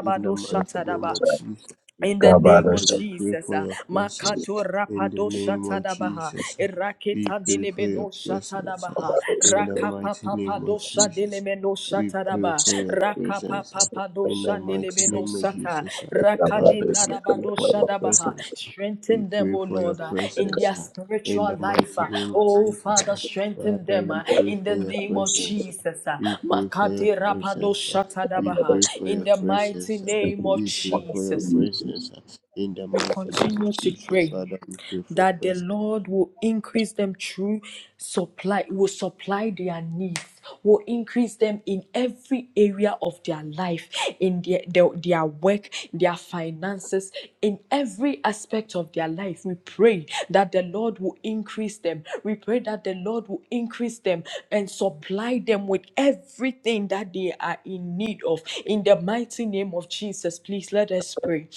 [SPEAKER 3] in the mighty name of
[SPEAKER 2] shatadaba.
[SPEAKER 3] Jesus.
[SPEAKER 2] In the name of
[SPEAKER 3] Father, we pray
[SPEAKER 2] Jesus,
[SPEAKER 3] for
[SPEAKER 2] uh,
[SPEAKER 3] your presence
[SPEAKER 2] Makato
[SPEAKER 3] in the
[SPEAKER 2] Rapado
[SPEAKER 3] name of
[SPEAKER 2] Shatadabaha,
[SPEAKER 3] Jesus. We
[SPEAKER 2] Raketa
[SPEAKER 3] pray for your
[SPEAKER 2] Delebeno
[SPEAKER 3] presence uh,
[SPEAKER 2] Shatadabaha,
[SPEAKER 3] in the
[SPEAKER 2] Rakapa
[SPEAKER 3] mighty name
[SPEAKER 2] Papado
[SPEAKER 3] of Jesus.
[SPEAKER 2] Shadelemeno
[SPEAKER 3] We pray
[SPEAKER 2] Shatadaba,
[SPEAKER 3] for your
[SPEAKER 1] Thank
[SPEAKER 2] Rakapa
[SPEAKER 3] presence uh,
[SPEAKER 2] Papado
[SPEAKER 3] in the mighty
[SPEAKER 2] Shandelebeno
[SPEAKER 3] name of
[SPEAKER 2] Sata,
[SPEAKER 3] Jesus.
[SPEAKER 2] Rakade
[SPEAKER 3] Father, we pray
[SPEAKER 2] Narabado
[SPEAKER 3] for your
[SPEAKER 2] Shadabaha.
[SPEAKER 3] presence. We
[SPEAKER 2] Strengthen them,
[SPEAKER 3] pray
[SPEAKER 2] O
[SPEAKER 3] for your
[SPEAKER 2] Lord, uh, in
[SPEAKER 3] presence
[SPEAKER 2] their
[SPEAKER 3] uh, in
[SPEAKER 2] spiritual
[SPEAKER 3] the
[SPEAKER 2] life.
[SPEAKER 3] mighty
[SPEAKER 2] uh,
[SPEAKER 3] name of
[SPEAKER 2] Oh Father,
[SPEAKER 3] Jesus.
[SPEAKER 2] strengthen
[SPEAKER 3] Father,
[SPEAKER 2] them
[SPEAKER 3] we
[SPEAKER 2] uh,
[SPEAKER 3] pray
[SPEAKER 2] in the
[SPEAKER 3] for your
[SPEAKER 2] name of
[SPEAKER 3] presence. uh,
[SPEAKER 2] Jesus. uh,
[SPEAKER 3] We pray for your
[SPEAKER 2] Makate Rapado
[SPEAKER 3] presence. uh, We
[SPEAKER 2] Shatadabaha,
[SPEAKER 3] pray for
[SPEAKER 2] in
[SPEAKER 3] your
[SPEAKER 2] the mighty
[SPEAKER 3] presence. uh,
[SPEAKER 2] name of
[SPEAKER 3] we pray for your
[SPEAKER 2] Jesus
[SPEAKER 3] presence uh, in the
[SPEAKER 2] we
[SPEAKER 3] mighty name of
[SPEAKER 2] continue to
[SPEAKER 3] Jesus.
[SPEAKER 2] pray
[SPEAKER 3] Father, we pray for your
[SPEAKER 2] that the
[SPEAKER 3] presence. We
[SPEAKER 2] Lord will increase them through supply, will supply their needs, will increase them in every area of their life, in their, their, their work, their finances, in every aspect of their life. We pray that the Lord will increase them. We pray that the Lord will increase them and supply them with everything that they are in need of. In the mighty name of Jesus, please let us pray.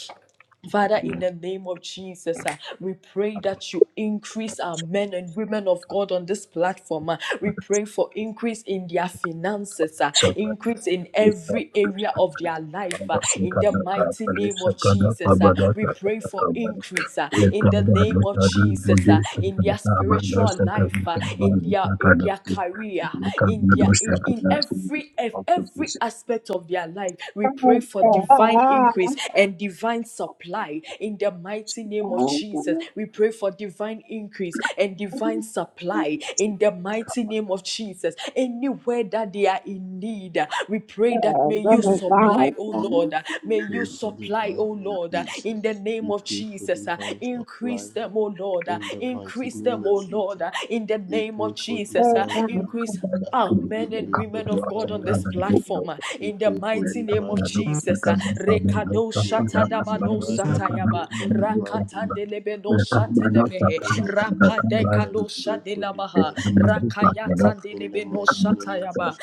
[SPEAKER 2] Father, in the name of Jesus, ah, we pray that you increase our men and women of God on this platform. ah. we pray for increase in their finances, ah,
[SPEAKER 1] you.
[SPEAKER 2] increase in
[SPEAKER 1] Thank
[SPEAKER 2] every area of their life. ah, in the mighty name of Jesus, ah. we pray for increase ah, in the name of Jesus, ah, in their spiritual life, ah, in their in their career, in their in, in every ev- every aspect of their life. We pray for divine increase and divine supply in the mighty name of Jesus. We pray for divine increase and divine supply in the mighty name of Jesus. Anywhere that they are in need, we pray that may you supply, oh Lord. May you
[SPEAKER 3] Pray for
[SPEAKER 2] supply,
[SPEAKER 3] divine
[SPEAKER 2] oh Lord,
[SPEAKER 3] increase. uh,
[SPEAKER 2] in the name
[SPEAKER 3] We
[SPEAKER 2] of
[SPEAKER 3] pray for
[SPEAKER 2] Jesus.
[SPEAKER 3] divine supply
[SPEAKER 2] Increase them, oh Lord.
[SPEAKER 3] in the mighty
[SPEAKER 2] Increase them,
[SPEAKER 3] name of
[SPEAKER 2] oh Lord,
[SPEAKER 3] Jesus.
[SPEAKER 2] in the
[SPEAKER 3] We
[SPEAKER 2] name
[SPEAKER 3] pray
[SPEAKER 2] of
[SPEAKER 3] for
[SPEAKER 2] Jesus.
[SPEAKER 3] divine
[SPEAKER 2] Increase
[SPEAKER 3] increase. uh,
[SPEAKER 2] our
[SPEAKER 3] We
[SPEAKER 2] men and
[SPEAKER 3] pray for
[SPEAKER 2] women of God on this
[SPEAKER 3] divine increase.
[SPEAKER 1] you.
[SPEAKER 2] platform uh,
[SPEAKER 3] We
[SPEAKER 2] in the
[SPEAKER 3] pray for
[SPEAKER 1] Kabados,
[SPEAKER 2] mighty name of
[SPEAKER 3] divine
[SPEAKER 2] Jesus.
[SPEAKER 3] increase
[SPEAKER 2] uh,
[SPEAKER 3] in the
[SPEAKER 2] Rekado
[SPEAKER 3] mighty name of Jesus.
[SPEAKER 2] shatadabado
[SPEAKER 3] Father, we pray
[SPEAKER 2] satayaba
[SPEAKER 3] for divine increase.
[SPEAKER 2] rakatandelebedo
[SPEAKER 3] In the mighty
[SPEAKER 2] shatelemehe
[SPEAKER 3] name of Jesus, Father, we
[SPEAKER 2] rapadekado
[SPEAKER 3] pray for
[SPEAKER 2] shadelabaha
[SPEAKER 3] divine increase. uh, In the
[SPEAKER 2] rakayatandelebedo
[SPEAKER 3] mighty name of Jesus.
[SPEAKER 2] shatayaba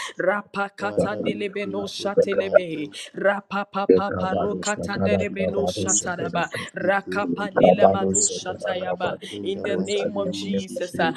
[SPEAKER 3] Father, we pray
[SPEAKER 2] rapakatandelebedo
[SPEAKER 3] for divine
[SPEAKER 2] shatelemehe
[SPEAKER 3] increase.
[SPEAKER 2] Rapapapa
[SPEAKER 3] Father, we pray for
[SPEAKER 2] rokatandere beno
[SPEAKER 3] divine increase.
[SPEAKER 2] shataraba.
[SPEAKER 3] We pray for
[SPEAKER 2] Rakapandela
[SPEAKER 3] divine
[SPEAKER 2] mano
[SPEAKER 3] increase uh,
[SPEAKER 2] shatayaba.
[SPEAKER 3] in
[SPEAKER 2] In
[SPEAKER 3] the
[SPEAKER 2] the
[SPEAKER 3] mighty
[SPEAKER 2] name of
[SPEAKER 3] name of
[SPEAKER 2] Jesus.
[SPEAKER 3] Jesus.
[SPEAKER 2] ah,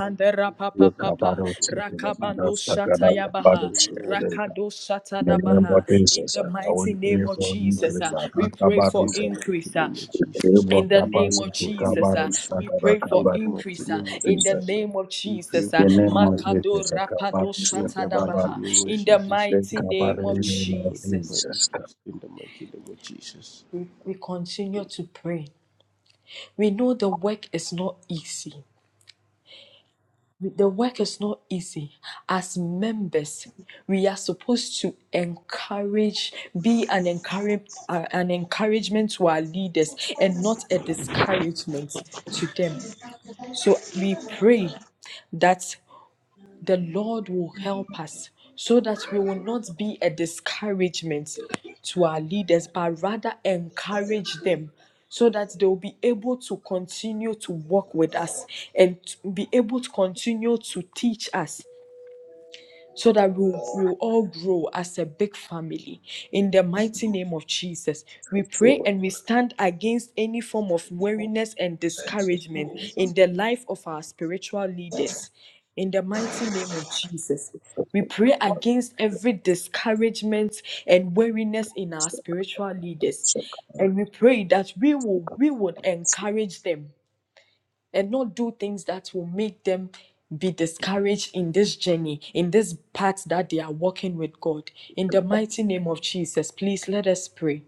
[SPEAKER 3] Father, we pray
[SPEAKER 2] papa
[SPEAKER 3] for
[SPEAKER 2] papa.
[SPEAKER 3] divine
[SPEAKER 2] Rakabano
[SPEAKER 3] increase. We pray
[SPEAKER 2] shatayabaha.
[SPEAKER 3] for divine,
[SPEAKER 2] Rakado shatadabaha. In the mighty
[SPEAKER 3] we pray
[SPEAKER 2] name of
[SPEAKER 3] for divine
[SPEAKER 2] Jesus. ah, We
[SPEAKER 3] increase
[SPEAKER 2] pray for
[SPEAKER 3] in the mighty
[SPEAKER 2] increase. ah.
[SPEAKER 3] name of Jesus.
[SPEAKER 1] Rebel
[SPEAKER 2] In the
[SPEAKER 3] We
[SPEAKER 2] name
[SPEAKER 3] pray
[SPEAKER 2] of
[SPEAKER 1] capacity,
[SPEAKER 3] for
[SPEAKER 2] Jesus,
[SPEAKER 1] Kabaro
[SPEAKER 2] ah,
[SPEAKER 3] increase uh,
[SPEAKER 2] we
[SPEAKER 1] Sakara
[SPEAKER 2] pray for
[SPEAKER 3] in the
[SPEAKER 1] Kabata,
[SPEAKER 3] mighty
[SPEAKER 2] increase. ah,
[SPEAKER 3] name of
[SPEAKER 2] in the
[SPEAKER 3] Jesus. uh.
[SPEAKER 2] name of
[SPEAKER 3] We pray
[SPEAKER 2] Jesus, ah,
[SPEAKER 1] the
[SPEAKER 3] for
[SPEAKER 1] name of
[SPEAKER 3] divine
[SPEAKER 2] Makado
[SPEAKER 1] Jesus,
[SPEAKER 3] increase
[SPEAKER 2] Rapado
[SPEAKER 1] Kabatu
[SPEAKER 3] in the mighty
[SPEAKER 2] Shatadabaha.
[SPEAKER 1] Sakarabatu,
[SPEAKER 3] name of
[SPEAKER 2] In the
[SPEAKER 3] Jesus.
[SPEAKER 1] the
[SPEAKER 2] mighty name
[SPEAKER 3] Father,
[SPEAKER 1] Kabari
[SPEAKER 2] of
[SPEAKER 3] we pray for
[SPEAKER 2] Jesus,
[SPEAKER 3] divine increase in the mighty name of Jesus.
[SPEAKER 2] we, we continue to pray. We know the work is not easy. The work is not easy. As members, we are supposed to encourage, be an encourage, uh, an encouragement to our leaders, and not a discouragement to them. So we pray that the Lord will help us so that we will not be a discouragement to our leaders, but rather encourage them so that they will be able to continue to walk with us and to be able to continue to teach us so that we'll, all grow as a big family. In the mighty name of Jesus, we pray and we stand against any form of weariness and discouragement in the life of our spiritual leaders. In the mighty name of Jesus, we pray against every discouragement and weariness in our spiritual leaders. And we pray that we will we would encourage them and not do things that will make them be discouraged in this journey, in this path that they are walking with God. In the mighty name of Jesus, please let us pray.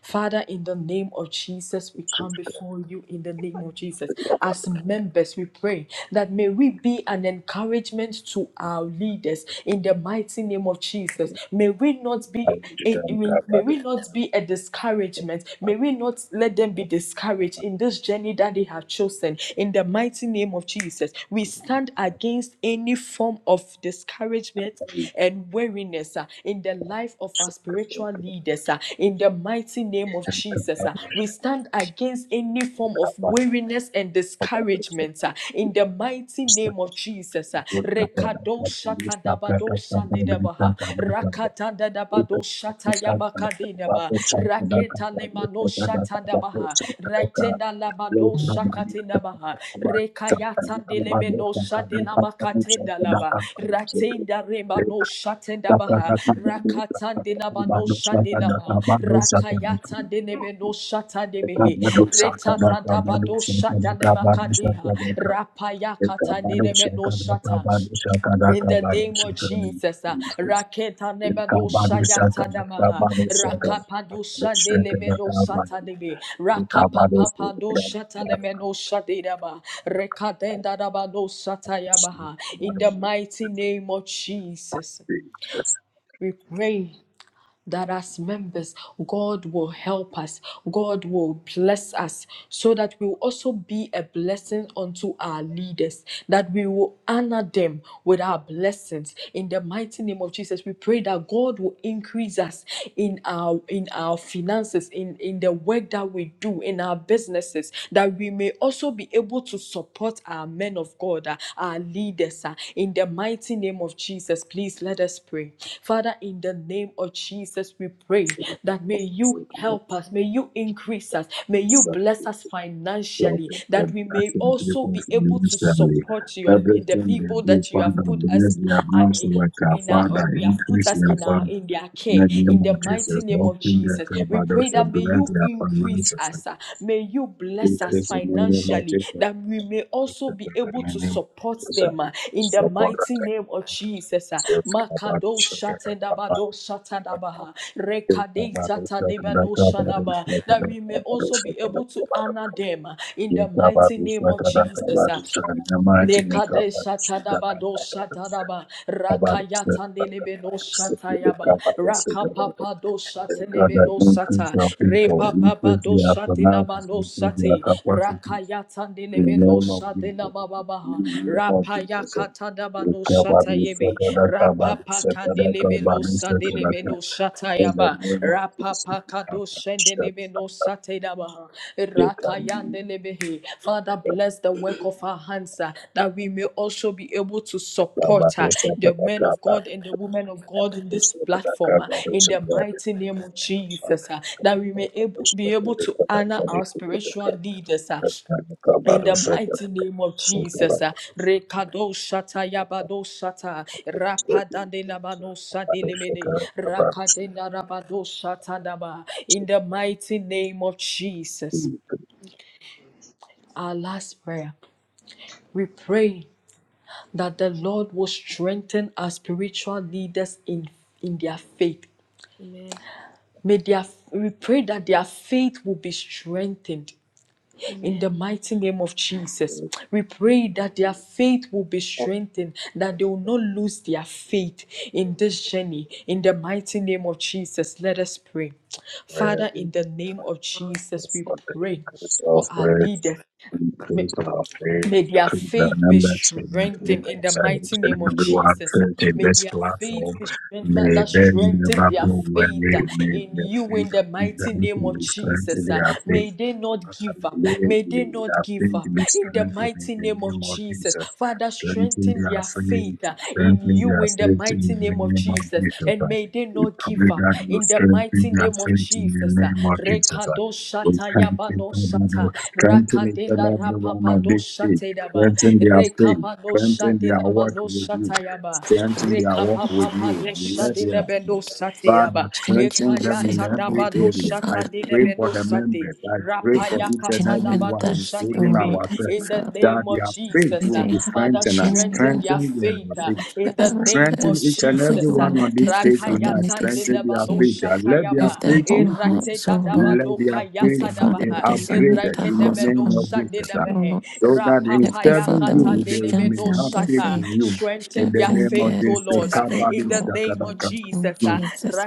[SPEAKER 2] Father, in the name of Jesus, we come before you in the name of Jesus. As members, we pray that may we be an an encouragement to our leaders in the mighty name of Jesus. May we not
[SPEAKER 1] of
[SPEAKER 2] be in,
[SPEAKER 1] Jesus,
[SPEAKER 2] in- may we not be a discouragement. May we not let them be discouraged in this journey that they have chosen. In the mighty name of Jesus, we stand against any form of discouragement and weariness uh, in the life of our spiritual
[SPEAKER 1] Kabatu
[SPEAKER 2] leaders uh, in the mighty name of Jesus. uh, we stand against any form of weariness and discouragement uh, in the mighty name of Jesus. uh, Rekado shakadabado shanidabaha. Rakatanda da
[SPEAKER 1] Thank
[SPEAKER 2] bado
[SPEAKER 1] you.
[SPEAKER 2] shata yabakadina ba. Raketa lema no shata da baha. Retenda la bado shakatina baha. Rekayata de leme no shate la makatenda la ba. Ratenda rema no shatenda baha. Rakatande la ba no ma. Rakayata de leme no shata de mehe. Retata da bado shata le makadeha. Rapayakata de leme no shata. In the name of Jesus, uh, Raketa Nebado
[SPEAKER 1] Jesus.
[SPEAKER 2] Shayata Namaha, Rakapado
[SPEAKER 1] Blessing
[SPEAKER 2] Shandele
[SPEAKER 1] people
[SPEAKER 2] Meno Satadebe,
[SPEAKER 1] the
[SPEAKER 2] Rakapapa do Shatanemeno Shadidaba, Rekadenda Rabado Satayabaha. In the mighty name of Jesus, we pray that as members, God will help us, God will bless us, so that we will also be a blessing unto our leaders, that we will honor them with our blessings. In the mighty name of Jesus, we pray that God will increase us in our in our finances, in, in the work that we do, in our businesses, That that we may also be able to support our men of God, uh, our leaders, uh, in the mighty name of Jesus. Please let us pray. Father, in the name of Jesus, we pray that may you help us, may you increase us, may you bless us financially, that we may also be able to
[SPEAKER 1] news family.
[SPEAKER 2] support your the
[SPEAKER 1] Everything they
[SPEAKER 2] people
[SPEAKER 1] do,
[SPEAKER 2] that you have
[SPEAKER 1] Father,
[SPEAKER 2] put us
[SPEAKER 1] bless their
[SPEAKER 2] uh,
[SPEAKER 1] hands to work. uh,
[SPEAKER 2] in our uh,
[SPEAKER 1] Father,
[SPEAKER 2] we have put
[SPEAKER 1] increase
[SPEAKER 2] us
[SPEAKER 1] their
[SPEAKER 2] in our
[SPEAKER 1] fund.
[SPEAKER 2] in their
[SPEAKER 1] In the
[SPEAKER 2] care in
[SPEAKER 1] name of
[SPEAKER 2] the mighty
[SPEAKER 1] Jesus,
[SPEAKER 2] name of
[SPEAKER 1] open their
[SPEAKER 2] jesus we pray
[SPEAKER 1] cupboards,
[SPEAKER 2] that may
[SPEAKER 1] bless
[SPEAKER 2] you
[SPEAKER 1] their
[SPEAKER 2] increase
[SPEAKER 1] finances, uh,
[SPEAKER 2] us uh, May you bless us
[SPEAKER 1] increase in the name of
[SPEAKER 2] financially
[SPEAKER 1] Jesus.
[SPEAKER 2] that we may
[SPEAKER 1] In
[SPEAKER 2] also be
[SPEAKER 1] the
[SPEAKER 2] able to
[SPEAKER 1] name of
[SPEAKER 2] support
[SPEAKER 1] Jesus, uh,
[SPEAKER 2] them uh, in the
[SPEAKER 1] support
[SPEAKER 2] mighty
[SPEAKER 1] us,
[SPEAKER 2] name of Jesus. uh.
[SPEAKER 1] uh,
[SPEAKER 2] Makado shatendabado
[SPEAKER 1] self-covered,
[SPEAKER 2] shatadabaha.
[SPEAKER 1] God,
[SPEAKER 2] Rekade zatanebado shadaba. That we may also be able to honor them uh, in the mighty name of Jesus. uh. Lekadesha tadaba
[SPEAKER 5] me.
[SPEAKER 2] dosha tadaba rakayata nelebe no shatayaba rakapapa dosha telebe
[SPEAKER 1] that
[SPEAKER 2] no
[SPEAKER 1] increase
[SPEAKER 2] sata
[SPEAKER 1] our people,
[SPEAKER 2] repapapa
[SPEAKER 1] increase their
[SPEAKER 2] dosha tilaba
[SPEAKER 1] finances,
[SPEAKER 2] no
[SPEAKER 1] increase their
[SPEAKER 2] sati
[SPEAKER 1] capacity
[SPEAKER 2] rakayata
[SPEAKER 1] in
[SPEAKER 2] nelebe
[SPEAKER 1] the
[SPEAKER 2] no
[SPEAKER 1] name of Jesus.
[SPEAKER 2] shatilaba
[SPEAKER 1] In
[SPEAKER 2] baba
[SPEAKER 1] the name of Jesus.
[SPEAKER 2] rapayaka tadaba no
[SPEAKER 1] Ekabadu,
[SPEAKER 2] shatayebe
[SPEAKER 1] sekada, kabadu,
[SPEAKER 2] rapapa
[SPEAKER 1] sekada,
[SPEAKER 2] kandelebe no
[SPEAKER 1] kabadu,
[SPEAKER 2] sadelebe
[SPEAKER 1] sekada,
[SPEAKER 2] no
[SPEAKER 1] in the
[SPEAKER 2] shatayaba.
[SPEAKER 1] name of Jesus,
[SPEAKER 2] Rapapa
[SPEAKER 1] we come
[SPEAKER 2] kado
[SPEAKER 1] to shut
[SPEAKER 2] shendelebe
[SPEAKER 1] up
[SPEAKER 2] no
[SPEAKER 1] the
[SPEAKER 2] satedaba.
[SPEAKER 1] gate and
[SPEAKER 2] Rakayandelebehe. Father,
[SPEAKER 1] the
[SPEAKER 2] bless the work of our hands uh, that we may also be able to support uh,
[SPEAKER 1] Kabados and the
[SPEAKER 2] the men of
[SPEAKER 1] Kabados and
[SPEAKER 2] God and the women of God in
[SPEAKER 7] Amen.
[SPEAKER 2] this
[SPEAKER 1] the Kabados and the
[SPEAKER 2] platform uh, in
[SPEAKER 1] Kabados and
[SPEAKER 2] the mighty name of Jesus. uh, That we
[SPEAKER 7] Lord
[SPEAKER 2] may able, be able
[SPEAKER 1] the
[SPEAKER 2] to honor our spiritual leaders uh, in the
[SPEAKER 1] Kabados
[SPEAKER 2] mighty name of Jesus, uh, Rekado Shata Yabado Shata, Rapadande Labano Sadilimene, Rakadena Rabado Shata Daba. In the mighty name of Jesus,
[SPEAKER 7] Jesus.
[SPEAKER 2] our last prayer, we pray that the Lord will strengthen our spiritual leaders in, in their faith.
[SPEAKER 7] Amen.
[SPEAKER 2] May their, we pray that their faith will be strengthened In
[SPEAKER 7] Amen.
[SPEAKER 2] the mighty name of Jesus, we pray that their faith will be strengthened, that they will not lose their faith in this journey. In the mighty name of Jesus, let us pray. Father, in the name of
[SPEAKER 7] Power
[SPEAKER 2] Jesus, we
[SPEAKER 1] and
[SPEAKER 2] pray
[SPEAKER 1] the
[SPEAKER 2] for our
[SPEAKER 1] Kabados
[SPEAKER 2] leaders.
[SPEAKER 1] increase our faith,
[SPEAKER 2] May their
[SPEAKER 1] increase our
[SPEAKER 2] faith be
[SPEAKER 1] numbers, and
[SPEAKER 2] strengthened in
[SPEAKER 1] influence
[SPEAKER 2] the
[SPEAKER 1] and
[SPEAKER 2] mighty
[SPEAKER 1] each
[SPEAKER 2] name
[SPEAKER 1] and
[SPEAKER 2] of
[SPEAKER 1] everyone
[SPEAKER 2] Jesus.
[SPEAKER 1] faith in
[SPEAKER 2] May
[SPEAKER 1] this
[SPEAKER 2] their
[SPEAKER 1] platform.
[SPEAKER 2] faith be strengthened,
[SPEAKER 1] May
[SPEAKER 2] Father.
[SPEAKER 1] they
[SPEAKER 2] Strengthen
[SPEAKER 1] never
[SPEAKER 2] their
[SPEAKER 1] go away.
[SPEAKER 2] faith uh,
[SPEAKER 1] May
[SPEAKER 2] in
[SPEAKER 1] their
[SPEAKER 2] you
[SPEAKER 1] faith
[SPEAKER 2] in the
[SPEAKER 1] be
[SPEAKER 2] mighty
[SPEAKER 1] granted
[SPEAKER 2] name of
[SPEAKER 1] and strengthen
[SPEAKER 2] Jesus. uh.
[SPEAKER 1] their faith
[SPEAKER 2] May they not give up.
[SPEAKER 1] Today,
[SPEAKER 2] May they
[SPEAKER 1] we
[SPEAKER 2] not
[SPEAKER 1] are
[SPEAKER 2] give
[SPEAKER 1] praying to
[SPEAKER 2] up
[SPEAKER 1] be
[SPEAKER 2] in the
[SPEAKER 1] strengthened in
[SPEAKER 2] mighty
[SPEAKER 1] the
[SPEAKER 2] name of
[SPEAKER 1] name of
[SPEAKER 2] Jesus.
[SPEAKER 1] Jesus.
[SPEAKER 2] Father,
[SPEAKER 1] Strengthen
[SPEAKER 2] strengthen
[SPEAKER 1] their
[SPEAKER 2] their
[SPEAKER 1] faith.
[SPEAKER 2] faith uh, in
[SPEAKER 1] Strengthen
[SPEAKER 2] you
[SPEAKER 1] their
[SPEAKER 2] in the
[SPEAKER 1] faith
[SPEAKER 2] mighty
[SPEAKER 1] in the
[SPEAKER 2] name of
[SPEAKER 1] name of
[SPEAKER 2] Jesus.
[SPEAKER 1] Jesus.
[SPEAKER 2] And may they
[SPEAKER 1] We
[SPEAKER 2] not give
[SPEAKER 1] pray
[SPEAKER 2] up
[SPEAKER 1] that you
[SPEAKER 2] in the
[SPEAKER 1] strengthen
[SPEAKER 2] mighty
[SPEAKER 1] their
[SPEAKER 2] name of
[SPEAKER 1] faith in the
[SPEAKER 2] Jesus. uh.
[SPEAKER 1] name of Jesus.
[SPEAKER 2] Rekado
[SPEAKER 1] We
[SPEAKER 2] shata
[SPEAKER 1] thank you
[SPEAKER 2] yabano
[SPEAKER 1] for
[SPEAKER 2] shata.
[SPEAKER 1] that. Strengthen each and
[SPEAKER 2] Rakadina
[SPEAKER 1] every one
[SPEAKER 2] rapapa
[SPEAKER 1] of these
[SPEAKER 2] dosha
[SPEAKER 1] faith.
[SPEAKER 2] tedaba.
[SPEAKER 1] Strengthen their faith.
[SPEAKER 2] Rekapa dosha
[SPEAKER 1] Strengthen their
[SPEAKER 2] dinama
[SPEAKER 1] work with
[SPEAKER 2] dosha
[SPEAKER 1] you.
[SPEAKER 2] tayaba.
[SPEAKER 1] Strengthen their work with
[SPEAKER 2] Rekapapa
[SPEAKER 1] you.
[SPEAKER 2] dosha
[SPEAKER 1] Let their
[SPEAKER 2] dilebe dosha
[SPEAKER 1] Father,
[SPEAKER 8] Strengthen
[SPEAKER 1] strengthen
[SPEAKER 8] the
[SPEAKER 1] them in
[SPEAKER 8] faith
[SPEAKER 2] Ekayata
[SPEAKER 8] of
[SPEAKER 1] every
[SPEAKER 2] daba
[SPEAKER 8] Lord Heavenly
[SPEAKER 1] area.
[SPEAKER 2] dosha
[SPEAKER 1] I
[SPEAKER 8] Father. May
[SPEAKER 1] pray
[SPEAKER 2] tadinebe
[SPEAKER 1] for the
[SPEAKER 2] dosha
[SPEAKER 1] members. I pray
[SPEAKER 8] they have
[SPEAKER 1] for
[SPEAKER 8] a
[SPEAKER 1] each and
[SPEAKER 2] Rapayakata
[SPEAKER 1] every
[SPEAKER 8] genuine
[SPEAKER 2] daba
[SPEAKER 1] one,
[SPEAKER 8] thirst for
[SPEAKER 2] dosha
[SPEAKER 1] including
[SPEAKER 8] you,
[SPEAKER 2] dinebe.
[SPEAKER 8] Lord
[SPEAKER 1] ourselves,
[SPEAKER 8] Heavenly
[SPEAKER 2] In the
[SPEAKER 8] Father.
[SPEAKER 1] that
[SPEAKER 2] name of
[SPEAKER 1] their faith
[SPEAKER 8] May
[SPEAKER 2] Jesus,
[SPEAKER 1] will
[SPEAKER 2] uh,
[SPEAKER 8] they
[SPEAKER 1] be
[SPEAKER 8] have a
[SPEAKER 2] Father,
[SPEAKER 1] strengthened and
[SPEAKER 2] strengthen
[SPEAKER 8] genuine
[SPEAKER 2] their
[SPEAKER 1] strengthen their
[SPEAKER 2] faith. uh,
[SPEAKER 1] faith.
[SPEAKER 2] In the
[SPEAKER 8] um,
[SPEAKER 2] name
[SPEAKER 1] Strengthen
[SPEAKER 2] of
[SPEAKER 8] thirst
[SPEAKER 1] each and
[SPEAKER 8] for you,
[SPEAKER 1] every
[SPEAKER 2] Jesus, uh,
[SPEAKER 1] one
[SPEAKER 8] oh
[SPEAKER 1] on
[SPEAKER 8] Lord
[SPEAKER 1] this
[SPEAKER 8] Heavenly
[SPEAKER 1] page
[SPEAKER 8] Father.
[SPEAKER 1] tonight.
[SPEAKER 8] May
[SPEAKER 2] Rakayata
[SPEAKER 8] they
[SPEAKER 1] Strengthen
[SPEAKER 2] dinaba
[SPEAKER 1] their
[SPEAKER 8] seek you
[SPEAKER 1] faith.
[SPEAKER 2] dosha
[SPEAKER 1] And let their
[SPEAKER 8] with
[SPEAKER 2] tayaba.
[SPEAKER 8] their
[SPEAKER 1] faith
[SPEAKER 8] whole
[SPEAKER 1] increase.
[SPEAKER 2] Erate
[SPEAKER 8] hearts, O
[SPEAKER 2] dadaba
[SPEAKER 8] Lord.
[SPEAKER 1] Let their
[SPEAKER 2] dokayata
[SPEAKER 1] faith
[SPEAKER 8] Heavenly
[SPEAKER 1] be
[SPEAKER 8] Father, may
[SPEAKER 7] in
[SPEAKER 2] Adabaha,
[SPEAKER 1] uh,
[SPEAKER 8] they
[SPEAKER 7] the name of
[SPEAKER 8] submit
[SPEAKER 1] upgraded
[SPEAKER 8] their
[SPEAKER 1] in the
[SPEAKER 8] hearts
[SPEAKER 1] name
[SPEAKER 2] Erekedemeno
[SPEAKER 8] upon
[SPEAKER 1] of Jesus.
[SPEAKER 8] unto you,
[SPEAKER 1] uh,
[SPEAKER 8] O Lord.
[SPEAKER 2] Sandelemehe,
[SPEAKER 1] So that in
[SPEAKER 8] Heavenly
[SPEAKER 1] serving
[SPEAKER 8] Father,
[SPEAKER 1] you,
[SPEAKER 8] may you
[SPEAKER 1] they may
[SPEAKER 2] Rapapayakatandelemeno
[SPEAKER 8] strengthen
[SPEAKER 1] have
[SPEAKER 8] their
[SPEAKER 1] faith
[SPEAKER 2] Sata.
[SPEAKER 8] faith,
[SPEAKER 1] in you. In
[SPEAKER 2] Strengthen
[SPEAKER 1] the
[SPEAKER 2] their
[SPEAKER 8] strengthen
[SPEAKER 1] name of
[SPEAKER 2] faith,
[SPEAKER 8] their,
[SPEAKER 2] O
[SPEAKER 1] Jesus.
[SPEAKER 8] their
[SPEAKER 2] Lord,
[SPEAKER 1] Kabbalah,
[SPEAKER 2] in the
[SPEAKER 8] spiritual
[SPEAKER 2] name of
[SPEAKER 8] walk
[SPEAKER 1] Shakadaka.
[SPEAKER 8] in
[SPEAKER 2] Jesus.
[SPEAKER 8] Jesus.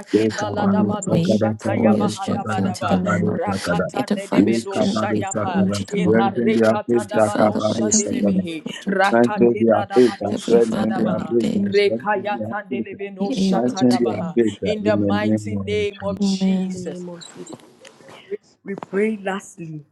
[SPEAKER 8] Oh
[SPEAKER 1] Lekabado
[SPEAKER 8] Lord, may you
[SPEAKER 1] Sakada
[SPEAKER 8] pour your
[SPEAKER 1] Kabado
[SPEAKER 8] strength
[SPEAKER 1] Sakada
[SPEAKER 8] into
[SPEAKER 2] Shatayabahadabadaba,
[SPEAKER 8] them, oh
[SPEAKER 1] Kabado
[SPEAKER 8] Lord.
[SPEAKER 1] Sakada.
[SPEAKER 8] May divine
[SPEAKER 2] Rakatandedemeno
[SPEAKER 8] strength
[SPEAKER 1] Lekabado
[SPEAKER 8] be poured
[SPEAKER 2] Shayapa,
[SPEAKER 1] Sakada.
[SPEAKER 8] into them, oh Lord.
[SPEAKER 7] the
[SPEAKER 1] Strengthen
[SPEAKER 7] Lord.
[SPEAKER 1] their faith,
[SPEAKER 8] Heavenly
[SPEAKER 2] Inarekatandabano
[SPEAKER 8] Father,
[SPEAKER 1] Takabado
[SPEAKER 8] whatever
[SPEAKER 1] Sakada.
[SPEAKER 8] you
[SPEAKER 2] Sandelemehe,
[SPEAKER 8] put them to do, oh
[SPEAKER 1] Strengthen their
[SPEAKER 8] Lord,
[SPEAKER 1] faith,
[SPEAKER 2] Rakatendadabano
[SPEAKER 8] Heavenly
[SPEAKER 1] strengthen
[SPEAKER 8] Father,
[SPEAKER 1] their
[SPEAKER 8] may
[SPEAKER 2] Shatadabaha,
[SPEAKER 1] faith,
[SPEAKER 8] they
[SPEAKER 1] strengthen their faith,
[SPEAKER 2] Rekayatandelemeno
[SPEAKER 8] be able
[SPEAKER 1] strengthen their
[SPEAKER 8] to.
[SPEAKER 2] Shatadabaha.
[SPEAKER 1] faith
[SPEAKER 2] In the
[SPEAKER 1] in the name
[SPEAKER 2] mighty
[SPEAKER 1] of
[SPEAKER 2] name of
[SPEAKER 1] Jesus.
[SPEAKER 7] In the
[SPEAKER 8] Amen.
[SPEAKER 2] Jesus.
[SPEAKER 7] name of Jesus.
[SPEAKER 2] We pray lastly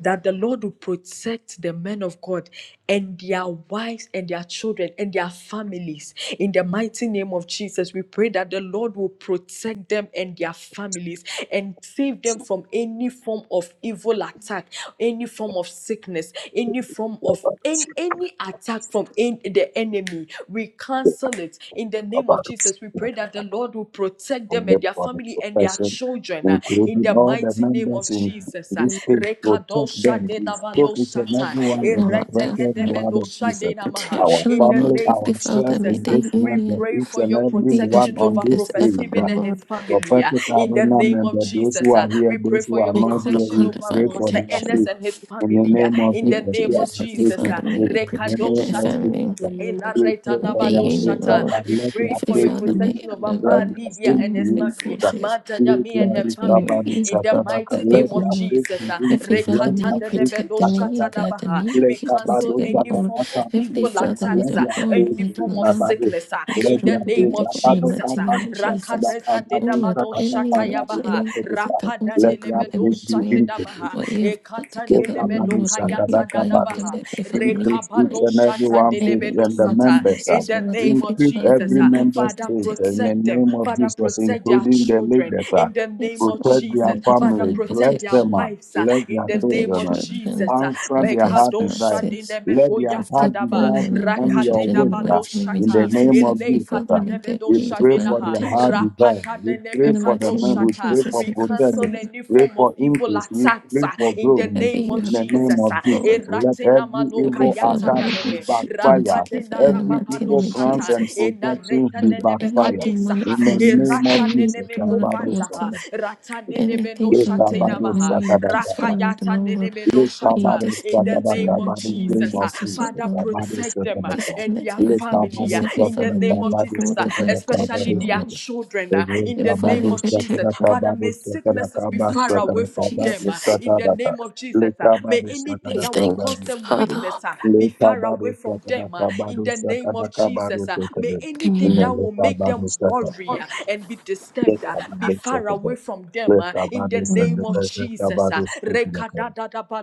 [SPEAKER 2] that the Lord will protect the men of God and their wives and their children and their families. In the mighty name of Jesus, we pray that the Lord will protect them and their families and save them from any form of evil attack, any form of sickness, any form of
[SPEAKER 1] Kabado
[SPEAKER 2] any,
[SPEAKER 1] Sakada,
[SPEAKER 2] any attack from en- the enemy, we cancel it in the name of
[SPEAKER 1] Kabado
[SPEAKER 2] Jesus. We pray
[SPEAKER 1] Sakada.
[SPEAKER 2] that the Lord will protect
[SPEAKER 1] pray
[SPEAKER 2] them and their
[SPEAKER 1] for the
[SPEAKER 2] family and their
[SPEAKER 1] profession,
[SPEAKER 2] children uh, in
[SPEAKER 1] including
[SPEAKER 2] the
[SPEAKER 1] all the
[SPEAKER 2] mighty name of
[SPEAKER 1] members in
[SPEAKER 2] Jesus. uh.
[SPEAKER 1] this
[SPEAKER 7] Amen.
[SPEAKER 1] page, protect
[SPEAKER 2] Rekadosha
[SPEAKER 1] them,
[SPEAKER 2] de
[SPEAKER 1] We soak each and
[SPEAKER 2] labanosata,
[SPEAKER 1] everyone in the
[SPEAKER 8] Lord,
[SPEAKER 2] ereteke
[SPEAKER 1] precious
[SPEAKER 2] de
[SPEAKER 1] blood
[SPEAKER 8] divine
[SPEAKER 1] of
[SPEAKER 2] de
[SPEAKER 1] Jesus,
[SPEAKER 2] namaha.
[SPEAKER 1] our
[SPEAKER 8] protection,
[SPEAKER 2] In
[SPEAKER 8] oh
[SPEAKER 2] the
[SPEAKER 1] family,
[SPEAKER 8] Lord.
[SPEAKER 2] name
[SPEAKER 8] Heavenly
[SPEAKER 2] of
[SPEAKER 8] Father,
[SPEAKER 1] ourselves
[SPEAKER 8] may
[SPEAKER 2] Jesus,
[SPEAKER 1] in
[SPEAKER 8] their
[SPEAKER 2] uh,
[SPEAKER 1] this
[SPEAKER 2] we
[SPEAKER 1] land, that
[SPEAKER 8] union
[SPEAKER 2] pray
[SPEAKER 1] each
[SPEAKER 2] for
[SPEAKER 1] and
[SPEAKER 2] your
[SPEAKER 1] every
[SPEAKER 8] be as
[SPEAKER 1] one
[SPEAKER 2] protection
[SPEAKER 1] on
[SPEAKER 8] strong
[SPEAKER 2] over
[SPEAKER 1] this
[SPEAKER 8] as
[SPEAKER 2] Prophet
[SPEAKER 1] page,
[SPEAKER 8] ever, O
[SPEAKER 2] Stephen
[SPEAKER 1] that
[SPEAKER 2] and
[SPEAKER 8] Lord.
[SPEAKER 2] his family. uh,
[SPEAKER 1] prophetic
[SPEAKER 2] in the
[SPEAKER 1] arena
[SPEAKER 2] name of
[SPEAKER 1] member, those
[SPEAKER 2] Jesus,
[SPEAKER 1] who
[SPEAKER 2] uh,
[SPEAKER 1] are here,
[SPEAKER 2] we pray
[SPEAKER 1] those
[SPEAKER 2] for
[SPEAKER 1] who are
[SPEAKER 2] your
[SPEAKER 8] We
[SPEAKER 1] not
[SPEAKER 8] call
[SPEAKER 1] here,
[SPEAKER 2] protection
[SPEAKER 1] we
[SPEAKER 8] upon
[SPEAKER 2] over
[SPEAKER 1] pray
[SPEAKER 8] divine
[SPEAKER 7] Lord,
[SPEAKER 1] for
[SPEAKER 2] Pastor
[SPEAKER 1] their
[SPEAKER 2] Ernest
[SPEAKER 8] protection
[SPEAKER 1] faith.
[SPEAKER 2] and his
[SPEAKER 1] In the
[SPEAKER 2] family.
[SPEAKER 8] in the
[SPEAKER 2] uh,
[SPEAKER 1] name
[SPEAKER 8] mighty
[SPEAKER 1] of
[SPEAKER 2] in the
[SPEAKER 8] name of
[SPEAKER 1] Jesus,
[SPEAKER 2] name
[SPEAKER 1] yeah,
[SPEAKER 2] of
[SPEAKER 8] Jesus.
[SPEAKER 1] I
[SPEAKER 8] Heavenly
[SPEAKER 1] pray to
[SPEAKER 2] Jesus, uh,
[SPEAKER 8] Father, may
[SPEAKER 1] in
[SPEAKER 8] you
[SPEAKER 1] the
[SPEAKER 2] Rekado
[SPEAKER 8] protect their
[SPEAKER 1] name of
[SPEAKER 2] Shata.
[SPEAKER 8] family
[SPEAKER 1] Jesus.
[SPEAKER 7] in the
[SPEAKER 2] In
[SPEAKER 7] name of Jesus.
[SPEAKER 1] We
[SPEAKER 2] right
[SPEAKER 1] pray
[SPEAKER 8] and
[SPEAKER 1] for
[SPEAKER 8] their
[SPEAKER 1] their
[SPEAKER 2] Nabado
[SPEAKER 1] faith
[SPEAKER 8] union, O
[SPEAKER 1] that
[SPEAKER 2] Shata,
[SPEAKER 8] Lord.
[SPEAKER 1] can
[SPEAKER 2] we
[SPEAKER 1] let their
[SPEAKER 2] pray
[SPEAKER 8] Heavenly
[SPEAKER 2] for
[SPEAKER 7] In the
[SPEAKER 2] your
[SPEAKER 7] name.
[SPEAKER 1] faith be
[SPEAKER 8] Father, may
[SPEAKER 2] protection over
[SPEAKER 1] increased,
[SPEAKER 8] the
[SPEAKER 1] let
[SPEAKER 8] may
[SPEAKER 2] Ma
[SPEAKER 1] their
[SPEAKER 8] no
[SPEAKER 2] Lydia
[SPEAKER 1] faith
[SPEAKER 2] and
[SPEAKER 1] be
[SPEAKER 2] his
[SPEAKER 8] demonic
[SPEAKER 2] family,
[SPEAKER 1] increased.
[SPEAKER 2] Ma
[SPEAKER 8] forces
[SPEAKER 1] Heal
[SPEAKER 2] Tanyami and
[SPEAKER 8] come
[SPEAKER 1] their
[SPEAKER 2] her
[SPEAKER 8] between
[SPEAKER 2] family,
[SPEAKER 1] recovery,
[SPEAKER 8] you
[SPEAKER 2] in
[SPEAKER 8] have
[SPEAKER 2] the
[SPEAKER 8] brought
[SPEAKER 1] Sakadaka.
[SPEAKER 2] mighty
[SPEAKER 8] together,
[SPEAKER 1] Let
[SPEAKER 2] name
[SPEAKER 8] O
[SPEAKER 2] of
[SPEAKER 1] their
[SPEAKER 8] Lord.
[SPEAKER 1] faith
[SPEAKER 2] Jesus.
[SPEAKER 1] be
[SPEAKER 2] uh,
[SPEAKER 8] Heavenly
[SPEAKER 1] increased,
[SPEAKER 8] Father,
[SPEAKER 1] let
[SPEAKER 8] may
[SPEAKER 2] Rekata
[SPEAKER 1] their
[SPEAKER 8] you
[SPEAKER 2] de
[SPEAKER 1] faith be
[SPEAKER 8] protect
[SPEAKER 2] Debedo
[SPEAKER 8] them, may you
[SPEAKER 2] Shata
[SPEAKER 1] Sakadaka.
[SPEAKER 8] guide them,
[SPEAKER 2] Dabaha.
[SPEAKER 8] may you
[SPEAKER 1] Let
[SPEAKER 2] We
[SPEAKER 8] keep them
[SPEAKER 2] cancel
[SPEAKER 1] Abado
[SPEAKER 8] together,
[SPEAKER 2] any
[SPEAKER 8] O Lord.
[SPEAKER 2] form of
[SPEAKER 1] Sakadaka,
[SPEAKER 8] Heavenly
[SPEAKER 1] Abado
[SPEAKER 2] evil
[SPEAKER 8] Father,
[SPEAKER 1] Saka,
[SPEAKER 8] may
[SPEAKER 1] let
[SPEAKER 2] attacks,
[SPEAKER 8] their
[SPEAKER 2] ah,
[SPEAKER 1] their
[SPEAKER 8] bond,
[SPEAKER 1] faith
[SPEAKER 2] any
[SPEAKER 8] may
[SPEAKER 1] be
[SPEAKER 8] their
[SPEAKER 2] form of
[SPEAKER 8] love
[SPEAKER 1] Abado.
[SPEAKER 2] sickness ah,
[SPEAKER 8] be
[SPEAKER 1] Let
[SPEAKER 2] in the
[SPEAKER 1] their
[SPEAKER 8] stronger
[SPEAKER 2] name
[SPEAKER 1] faith,
[SPEAKER 8] than
[SPEAKER 2] of
[SPEAKER 8] ever in the
[SPEAKER 1] Abado
[SPEAKER 2] Jesus.
[SPEAKER 8] mighty
[SPEAKER 2] ah.
[SPEAKER 8] name of
[SPEAKER 1] Kabado
[SPEAKER 8] Jesus.
[SPEAKER 1] Sakadaka,
[SPEAKER 2] Rakadesa de
[SPEAKER 8] O
[SPEAKER 1] Abado
[SPEAKER 8] Lord,
[SPEAKER 2] dabado
[SPEAKER 1] Sakadaka,
[SPEAKER 8] any witch,
[SPEAKER 1] Abado
[SPEAKER 2] shatayabaha,
[SPEAKER 8] any wizard
[SPEAKER 1] Sakadaka.
[SPEAKER 8] that wants
[SPEAKER 2] rapada
[SPEAKER 8] to
[SPEAKER 2] de
[SPEAKER 1] Let their
[SPEAKER 8] come in
[SPEAKER 2] lebedo
[SPEAKER 1] faith be
[SPEAKER 8] between
[SPEAKER 1] increased.
[SPEAKER 2] shatedabaha,
[SPEAKER 8] what you have put
[SPEAKER 2] ekata de
[SPEAKER 1] Increase
[SPEAKER 8] together, O
[SPEAKER 2] lebedo
[SPEAKER 8] Lord, may you
[SPEAKER 2] kayata
[SPEAKER 8] bind them,
[SPEAKER 2] dadabaha,
[SPEAKER 8] Heavenly Father, may you
[SPEAKER 1] each
[SPEAKER 2] rekabano
[SPEAKER 8] break
[SPEAKER 1] and every
[SPEAKER 2] shata
[SPEAKER 1] one
[SPEAKER 2] de
[SPEAKER 1] faith
[SPEAKER 8] any
[SPEAKER 2] lebedo
[SPEAKER 1] and the
[SPEAKER 8] demonic
[SPEAKER 2] sata.
[SPEAKER 1] members. uh,
[SPEAKER 2] In
[SPEAKER 8] forces, O
[SPEAKER 2] the
[SPEAKER 8] Lord.
[SPEAKER 2] name
[SPEAKER 8] Heavenly
[SPEAKER 2] of
[SPEAKER 1] Increase
[SPEAKER 8] Father,
[SPEAKER 2] Jesus,
[SPEAKER 1] every
[SPEAKER 8] may
[SPEAKER 2] ah.
[SPEAKER 8] you
[SPEAKER 1] member's
[SPEAKER 8] keep them
[SPEAKER 2] Father,
[SPEAKER 1] faith in the
[SPEAKER 2] protect
[SPEAKER 8] together.
[SPEAKER 2] them.
[SPEAKER 1] name of
[SPEAKER 2] Father,
[SPEAKER 1] Jesus,
[SPEAKER 2] protect their
[SPEAKER 1] including the
[SPEAKER 2] children.
[SPEAKER 1] leaders. uh,
[SPEAKER 2] In the name
[SPEAKER 8] It's
[SPEAKER 2] of
[SPEAKER 8] not.
[SPEAKER 1] Protect their
[SPEAKER 2] Jesus,
[SPEAKER 8] may we
[SPEAKER 2] Father,
[SPEAKER 1] family.
[SPEAKER 8] divine
[SPEAKER 2] protect
[SPEAKER 1] Bless
[SPEAKER 2] their
[SPEAKER 1] them. uh,
[SPEAKER 8] protection
[SPEAKER 2] wives uh,
[SPEAKER 1] Bless
[SPEAKER 2] in
[SPEAKER 1] their
[SPEAKER 2] the
[SPEAKER 8] of their
[SPEAKER 2] name
[SPEAKER 1] children.
[SPEAKER 2] of
[SPEAKER 8] children,
[SPEAKER 1] uh,
[SPEAKER 2] Jesus. uh,
[SPEAKER 1] Answer
[SPEAKER 8] of
[SPEAKER 1] their
[SPEAKER 8] their
[SPEAKER 1] heart
[SPEAKER 2] Mekadosha
[SPEAKER 1] desire.
[SPEAKER 8] spouses,
[SPEAKER 1] Let their
[SPEAKER 8] of their
[SPEAKER 1] heart
[SPEAKER 2] dinemekoyatadaba,
[SPEAKER 8] born
[SPEAKER 1] desire
[SPEAKER 8] and unborn
[SPEAKER 1] become your
[SPEAKER 8] children in the
[SPEAKER 1] wish uh,
[SPEAKER 8] mighty name of
[SPEAKER 1] in the
[SPEAKER 2] rakatendabanoshata,
[SPEAKER 1] name
[SPEAKER 8] Jesus.
[SPEAKER 1] of
[SPEAKER 8] Heavenly
[SPEAKER 1] Jesus.
[SPEAKER 8] Father,
[SPEAKER 1] uh.
[SPEAKER 8] may there
[SPEAKER 1] We
[SPEAKER 8] be
[SPEAKER 1] pray
[SPEAKER 8] divine
[SPEAKER 1] for their
[SPEAKER 2] eleikatandebenoshaminaha,
[SPEAKER 1] heart
[SPEAKER 8] protection
[SPEAKER 1] desire. We pray
[SPEAKER 8] in the
[SPEAKER 1] for the
[SPEAKER 8] mighty
[SPEAKER 1] men.
[SPEAKER 8] name of
[SPEAKER 1] We
[SPEAKER 2] rapatadenemekadoshata.
[SPEAKER 1] pray
[SPEAKER 8] Jesus.
[SPEAKER 1] for
[SPEAKER 2] We
[SPEAKER 8] Heavenly
[SPEAKER 1] protection.
[SPEAKER 2] cancel
[SPEAKER 8] Father,
[SPEAKER 2] any
[SPEAKER 1] Pray
[SPEAKER 2] form
[SPEAKER 1] for
[SPEAKER 2] of evil
[SPEAKER 1] increase. We pray
[SPEAKER 2] attacks uh,
[SPEAKER 1] for
[SPEAKER 2] in the
[SPEAKER 1] growth.
[SPEAKER 8] whatever
[SPEAKER 2] name
[SPEAKER 8] you
[SPEAKER 2] of
[SPEAKER 1] In
[SPEAKER 8] have
[SPEAKER 1] the
[SPEAKER 8] put to
[SPEAKER 1] name
[SPEAKER 2] Jesus.
[SPEAKER 8] give
[SPEAKER 1] of
[SPEAKER 2] uh,
[SPEAKER 1] Jesus,
[SPEAKER 8] forward,
[SPEAKER 1] let every
[SPEAKER 8] Heavenly
[SPEAKER 1] evil
[SPEAKER 8] Father,
[SPEAKER 1] attack
[SPEAKER 8] may you
[SPEAKER 1] be
[SPEAKER 2] eratenamanokayatadabehe,
[SPEAKER 8] keep them
[SPEAKER 1] backfire.
[SPEAKER 8] together in the
[SPEAKER 1] Every
[SPEAKER 8] mighty name
[SPEAKER 1] evil
[SPEAKER 8] of
[SPEAKER 1] plans
[SPEAKER 2] rapadenarababadoshata,
[SPEAKER 1] and
[SPEAKER 8] Jesus.
[SPEAKER 1] projections be
[SPEAKER 8] From any
[SPEAKER 1] backfire.
[SPEAKER 2] enaretanenebekadesa,
[SPEAKER 8] demonic
[SPEAKER 2] ha
[SPEAKER 1] In the
[SPEAKER 2] e
[SPEAKER 8] forces,
[SPEAKER 1] name of
[SPEAKER 8] any
[SPEAKER 2] ratanene
[SPEAKER 1] Jesus,
[SPEAKER 2] me
[SPEAKER 8] demonic
[SPEAKER 1] Kabado
[SPEAKER 2] kofanda ha
[SPEAKER 1] Saka,
[SPEAKER 8] altars,
[SPEAKER 2] ratanene me no
[SPEAKER 8] Anything from
[SPEAKER 2] shatena
[SPEAKER 8] the
[SPEAKER 1] Ekabado
[SPEAKER 2] maha
[SPEAKER 8] movie that's
[SPEAKER 1] Sakadakaba,
[SPEAKER 8] following the
[SPEAKER 2] rakayata nene
[SPEAKER 8] Mongol,
[SPEAKER 2] me no
[SPEAKER 8] may you
[SPEAKER 2] shata
[SPEAKER 1] Ekabado
[SPEAKER 2] in the
[SPEAKER 8] disconnect in the
[SPEAKER 2] name of
[SPEAKER 1] Sakadakaba,
[SPEAKER 8] mighty
[SPEAKER 1] in
[SPEAKER 8] name
[SPEAKER 1] the
[SPEAKER 8] of
[SPEAKER 1] name
[SPEAKER 2] Jesus ah.
[SPEAKER 1] of
[SPEAKER 8] Jesus,
[SPEAKER 1] Jesus,
[SPEAKER 8] oh
[SPEAKER 2] Father
[SPEAKER 8] Lord.
[SPEAKER 1] Kabado
[SPEAKER 2] protect them ah,
[SPEAKER 1] Sakadaka,
[SPEAKER 2] and
[SPEAKER 8] Disconnect
[SPEAKER 2] their
[SPEAKER 8] in the mighty name of
[SPEAKER 2] family
[SPEAKER 8] Jesus.
[SPEAKER 2] ah,
[SPEAKER 1] Ekabado
[SPEAKER 8] Heavenly
[SPEAKER 2] in the
[SPEAKER 8] Father, may
[SPEAKER 2] name
[SPEAKER 8] you
[SPEAKER 2] of
[SPEAKER 1] Sakadakaba,
[SPEAKER 2] Jesus
[SPEAKER 8] pour
[SPEAKER 2] ah,
[SPEAKER 8] divine
[SPEAKER 2] especially
[SPEAKER 8] protection, oh
[SPEAKER 2] their
[SPEAKER 1] Sakadakaba,
[SPEAKER 8] Lord.
[SPEAKER 2] children ah, in the
[SPEAKER 1] Kabado
[SPEAKER 2] name
[SPEAKER 8] Divine
[SPEAKER 2] of
[SPEAKER 8] protection
[SPEAKER 2] Jesus
[SPEAKER 1] sakara
[SPEAKER 2] Father
[SPEAKER 1] kabado
[SPEAKER 2] may
[SPEAKER 1] sakara
[SPEAKER 2] sicknesses
[SPEAKER 8] in
[SPEAKER 2] be
[SPEAKER 1] kaba
[SPEAKER 8] the
[SPEAKER 2] far
[SPEAKER 8] mighty name
[SPEAKER 2] away
[SPEAKER 1] sakara
[SPEAKER 8] of
[SPEAKER 2] from them
[SPEAKER 1] kabado
[SPEAKER 2] ah,
[SPEAKER 8] Jesus.
[SPEAKER 2] in the
[SPEAKER 1] sakara ka
[SPEAKER 2] name of
[SPEAKER 1] le
[SPEAKER 2] Jesus ah. may
[SPEAKER 1] kabado
[SPEAKER 2] anything
[SPEAKER 8] We
[SPEAKER 1] sakara
[SPEAKER 2] that will
[SPEAKER 8] thank
[SPEAKER 2] cause
[SPEAKER 1] kabado
[SPEAKER 8] you,
[SPEAKER 2] them
[SPEAKER 1] sakara
[SPEAKER 8] Father.
[SPEAKER 2] weakness ah,
[SPEAKER 1] le
[SPEAKER 2] be far
[SPEAKER 1] kabado
[SPEAKER 2] away from
[SPEAKER 1] sakara
[SPEAKER 2] them uh, in
[SPEAKER 1] kabado
[SPEAKER 2] the name
[SPEAKER 1] sakara
[SPEAKER 2] of
[SPEAKER 1] kabado
[SPEAKER 2] Jesus. uh, may
[SPEAKER 1] sakara
[SPEAKER 2] anything
[SPEAKER 1] ina
[SPEAKER 8] Amen.
[SPEAKER 2] that
[SPEAKER 1] le
[SPEAKER 2] will make
[SPEAKER 1] kabado
[SPEAKER 2] them
[SPEAKER 1] sakara
[SPEAKER 2] worry uh, and be
[SPEAKER 1] le
[SPEAKER 2] disturbed uh, be
[SPEAKER 1] kabado
[SPEAKER 2] far
[SPEAKER 1] sakara
[SPEAKER 2] away from them
[SPEAKER 1] Lift
[SPEAKER 2] uh,
[SPEAKER 1] our
[SPEAKER 2] in the
[SPEAKER 1] bodies up
[SPEAKER 2] name
[SPEAKER 1] to
[SPEAKER 2] of
[SPEAKER 8] Amen.
[SPEAKER 1] the lift our
[SPEAKER 2] Jesus. uh,
[SPEAKER 1] bodies up to the Lord.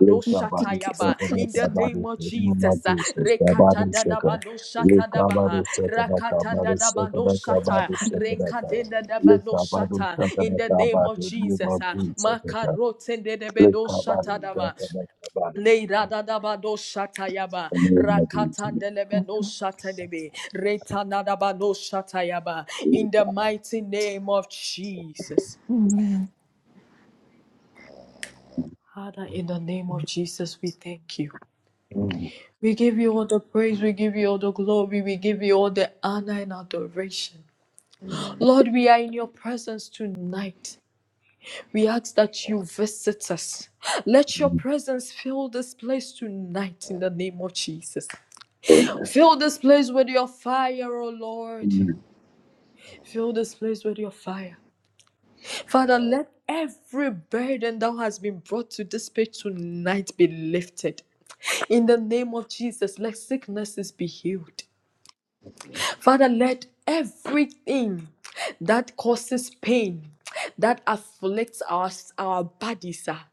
[SPEAKER 1] Lift
[SPEAKER 8] We
[SPEAKER 1] our
[SPEAKER 8] thank
[SPEAKER 1] bodies
[SPEAKER 8] you,
[SPEAKER 1] up to
[SPEAKER 8] Father.
[SPEAKER 2] in
[SPEAKER 1] lift
[SPEAKER 2] the
[SPEAKER 1] our
[SPEAKER 2] name
[SPEAKER 1] bodies
[SPEAKER 2] of
[SPEAKER 1] to the name of
[SPEAKER 2] Jesus. uh,
[SPEAKER 1] Jesus. Our bodies shaken. Lift our
[SPEAKER 2] Rekatandadabadoshatadabaha,
[SPEAKER 1] bodies up to lift our bodies shaken. Lift our
[SPEAKER 2] Rakatandadabadoshata,
[SPEAKER 1] bodies up to the Lord. Lift our bodies
[SPEAKER 2] Rekadendadabadoshata,
[SPEAKER 1] up to
[SPEAKER 2] In
[SPEAKER 1] lift
[SPEAKER 2] the
[SPEAKER 1] our
[SPEAKER 2] name of
[SPEAKER 1] bodies in the name
[SPEAKER 2] Jesus.
[SPEAKER 1] of
[SPEAKER 2] uh,
[SPEAKER 1] Jesus. Lift our bodies up
[SPEAKER 2] Makarotendedebedoshata.
[SPEAKER 1] to lift our bodies
[SPEAKER 2] Leiradadabado shatayaba,
[SPEAKER 1] in the name of Jesus.
[SPEAKER 2] rakatandelebedo shatadebe, retanadabado shatayaba. In the mighty name of Jesus.
[SPEAKER 8] Amen.
[SPEAKER 2] Father, in the name of Jesus, we thank you. We give you all the praise, we give you all the glory, we give you all the honor and adoration. Lord, we are in your presence tonight. We ask that you visit us. Let your presence fill this place tonight in the name of Jesus.
[SPEAKER 7] Amen.
[SPEAKER 2] Fill this place with your fire, O Lord.
[SPEAKER 1] Amen. Amen.
[SPEAKER 2] Fill this place with your fire. Father, let every burden that has been brought to this page tonight be lifted. In the name of Jesus, let sicknesses be healed. Father, let everything that causes pain, that afflicts our, our bodies, ah,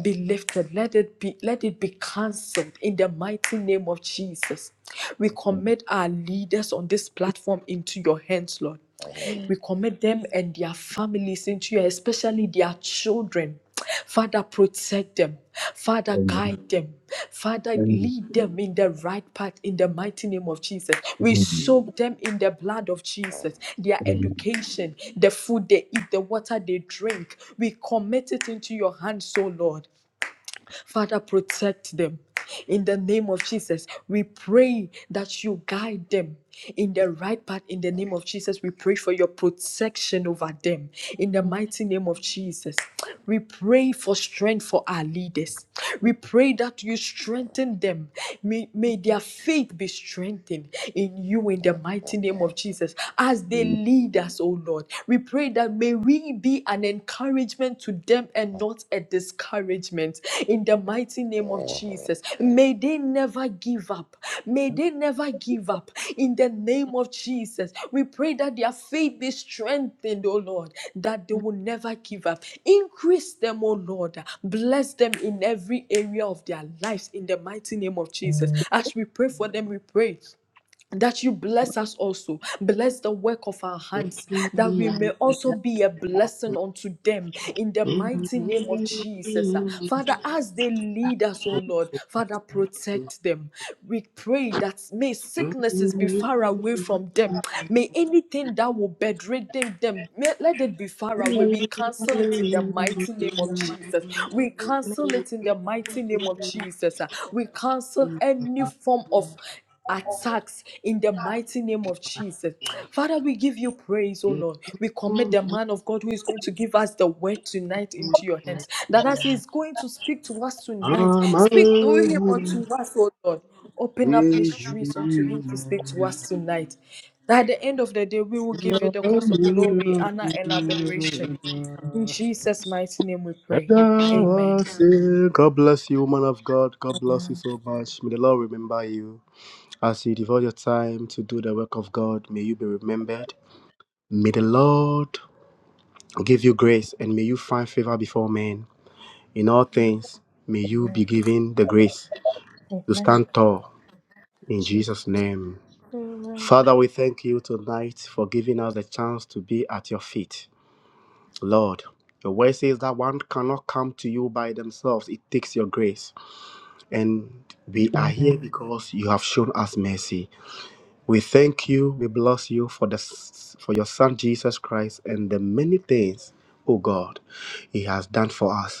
[SPEAKER 2] be lifted. Let it be, let it be cancelled in the mighty name of Jesus. We
[SPEAKER 1] Amen.
[SPEAKER 2] commit our leaders on this platform into your hands, Lord.
[SPEAKER 7] Amen.
[SPEAKER 2] We commit them and their families into your, especially their children. Father, protect them. Father,
[SPEAKER 1] Amen.
[SPEAKER 2] guide them. Father, lead them in the right path in the mighty name of Jesus. We soak them in the blood of Jesus, their education, the food they eat, the water they drink. We commit it into your hands, O Lord. Father, protect them. In the name of Jesus, we pray that you guide them in the right path. In the name of Jesus, we pray for your protection over them. In the
[SPEAKER 7] Amen.
[SPEAKER 2] mighty name of Jesus, we pray for strength for our leaders.
[SPEAKER 7] Amen.
[SPEAKER 2] We pray that you strengthen them. May,
[SPEAKER 7] Amen. Amen.
[SPEAKER 2] may their
[SPEAKER 7] Amen.
[SPEAKER 2] faith be strengthened in you in the mighty name of Jesus as they lead us, oh Lord. We pray that may we be an encouragement to them and not a discouragement in the mighty name of Jesus. May they never give up. May they never give up in the name of Jesus. We pray that their faith be strengthened, O Lord, that they will never give up. Increase them, O Lord. Bless them in every area of their lives in the mighty name of Jesus. As we pray for them, we pray that you bless us also. Bless the work of our hands, that we may also be a blessing unto them in the mighty name of Jesus. Ah, Father, as they lead us, oh Lord, Father, protect them. We pray that may
[SPEAKER 9] God
[SPEAKER 2] sicknesses be far away from them. May anything that will bedridden them, may- let it be far away. We cancel it in the mighty name of Jesus. We cancel it in the mighty name of Jesus. Ah, We cancel any form of attacks in the mighty name of Jesus. Father, we give you praise, O Lord. We commit the man of God who is going to give us the word tonight into your hands. That as he is going to speak to us
[SPEAKER 9] bless
[SPEAKER 2] tonight, speak through him unto us, O Lord. Open up mysteries unto him to speak to us tonight. That at the end of the day, we will give you the cost of glory, honor, and adoration. In Jesus' mighty name we pray. Amen.
[SPEAKER 9] you, man of God. God bless you so much. May the Lord remember you. As you devote your time to do the work of God, may you be remembered. May the Lord give you grace and may you find favor before men. In all
[SPEAKER 7] Amen.
[SPEAKER 9] things, may you be given the grace to
[SPEAKER 2] Amen.
[SPEAKER 9] stand tall in
[SPEAKER 2] Jesus.
[SPEAKER 9] Jesus' name.
[SPEAKER 2] Amen.
[SPEAKER 9] Father, we thank you tonight for giving us the chance to be at your feet. Lord, your word says that one cannot come to you by themselves. It takes your grace. And we are
[SPEAKER 7] Amen. Amen.
[SPEAKER 9] here because you have shown us mercy. We thank you, we bless you for the for your son Jesus Christ and the many things, oh God, he has done for us.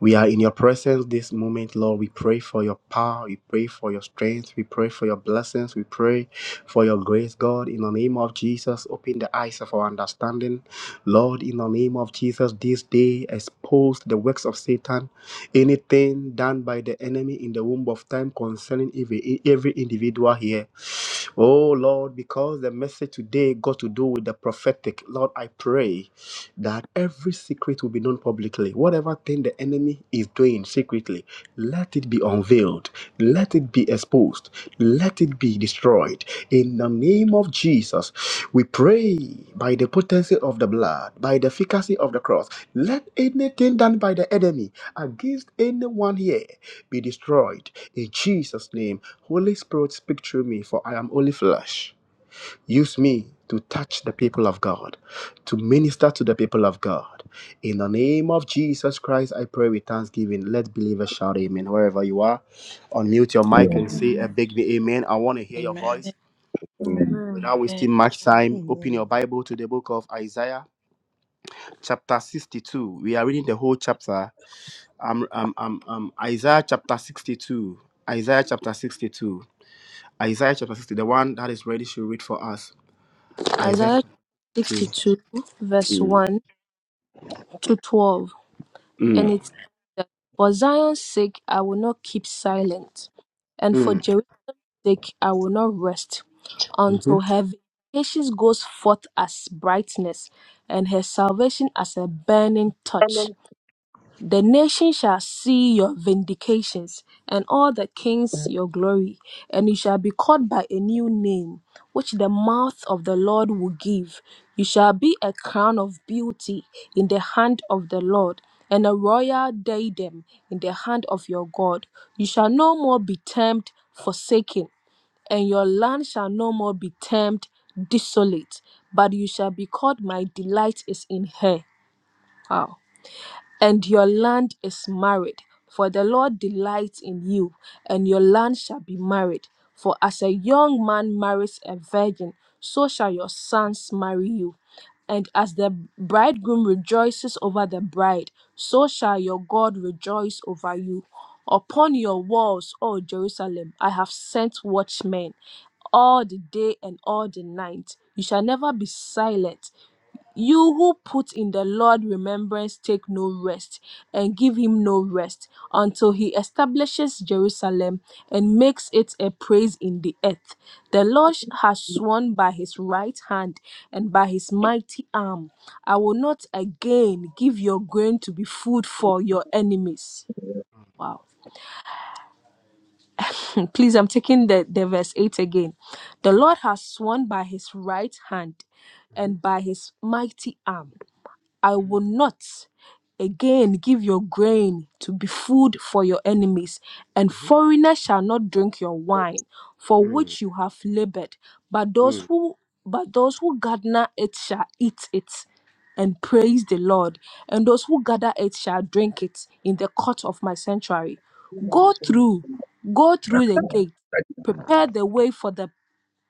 [SPEAKER 9] We are in your presence this moment, Lord. We pray for your power. We pray for your strength. We pray for your blessings. We pray for your grace, God. In the name of Jesus, open the eyes of our understanding. Lord, in the name of Jesus, this day expose the works of Satan. Anything done by the enemy in the womb of time concerning every, every individual here. Oh Lord, because the message today got to do with the prophetic, Lord, I pray pray that every secret will be known publicly. Whatever thing the enemy is doing secretly, let it be unveiled, let it be exposed, let it be destroyed. In the name of Jesus, we pray by the potency of the blood, by the efficacy of the cross, let anything done by the enemy against anyone here be destroyed. In Jesus' name, Holy Spirit, speak through me, for I am only flesh. Use me to touch the people of God, to minister to the people of God. In the name of Jesus Christ, I pray with thanksgiving. Let believers shout amen. Wherever you are, unmute your mic and
[SPEAKER 1] Amen.
[SPEAKER 9] say a
[SPEAKER 2] Amen.
[SPEAKER 9] big amen. I want to hear your
[SPEAKER 10] Amen.
[SPEAKER 9] voice. And
[SPEAKER 1] Amen.
[SPEAKER 2] Amen.
[SPEAKER 9] without
[SPEAKER 7] Amen.
[SPEAKER 9] wasting much time, open
[SPEAKER 11] Amen.
[SPEAKER 9] your Bible to the book of Isaiah, chapter 62. We are reading the whole chapter. Um, um, um, um, Isaiah chapter 62. Isaiah chapter 62. Isaiah chapter 60. The one that is ready should read for us. Isaiah
[SPEAKER 7] Isaiah
[SPEAKER 9] 2.
[SPEAKER 7] 62 verse 1 to 12. And
[SPEAKER 9] Mm,
[SPEAKER 7] it says that for Zion's sake I will not keep silent, and for
[SPEAKER 9] mm,
[SPEAKER 7] Jerusalem's sake I will not rest
[SPEAKER 9] mhm,
[SPEAKER 7] until her vindication goes forth as brightness and her salvation as a burning torch. The nations shall see your vindications, and all the kings your glory, and you shall be called by a new name, which the mouth of the Lord will give. You shall be a crown of beauty in the hand of the Lord, and a royal diadem in the hand of your God. You shall no more be termed forsaken, and your land shall no more be termed desolate, but you shall be called, My delight is in her. Wow and your land is married. For the Lord delights in you, and your land shall be married. For as a young man marries a virgin, so shall your sons marry you. And as the bridegroom rejoices over the bride, so shall your God rejoice over you. Upon your walls, O Jerusalem, I have sent watchmen all the day and all the night. You shall never be silent. You who put in the Lord remembrance take no rest and give him no rest until he establishes Jerusalem and makes it a praise in the earth. The Lord has sworn by his right hand and by his mighty arm, I will not again give your grain to be food for your enemies. Wow. Please, I'm taking the, the verse 8 again. The
[SPEAKER 9] mm,
[SPEAKER 7] Lord has sworn by his right hand
[SPEAKER 9] mhm,
[SPEAKER 7] and by his mighty arm. I will not again give your grain to be food for your enemies,
[SPEAKER 9] mhm,
[SPEAKER 7] and foreigners shall not drink your wine, for
[SPEAKER 9] mhm,
[SPEAKER 7] which you have labored, but
[SPEAKER 9] mm, mm, mm, mhm,
[SPEAKER 7] those who but those who garner it shall eat it and praise the Lord, and those who gather it shall drink it in the court of my sanctuary.
[SPEAKER 1] Amen. Amen.
[SPEAKER 7] Go
[SPEAKER 1] Amen.
[SPEAKER 7] through, go through the gate, prepare the way for the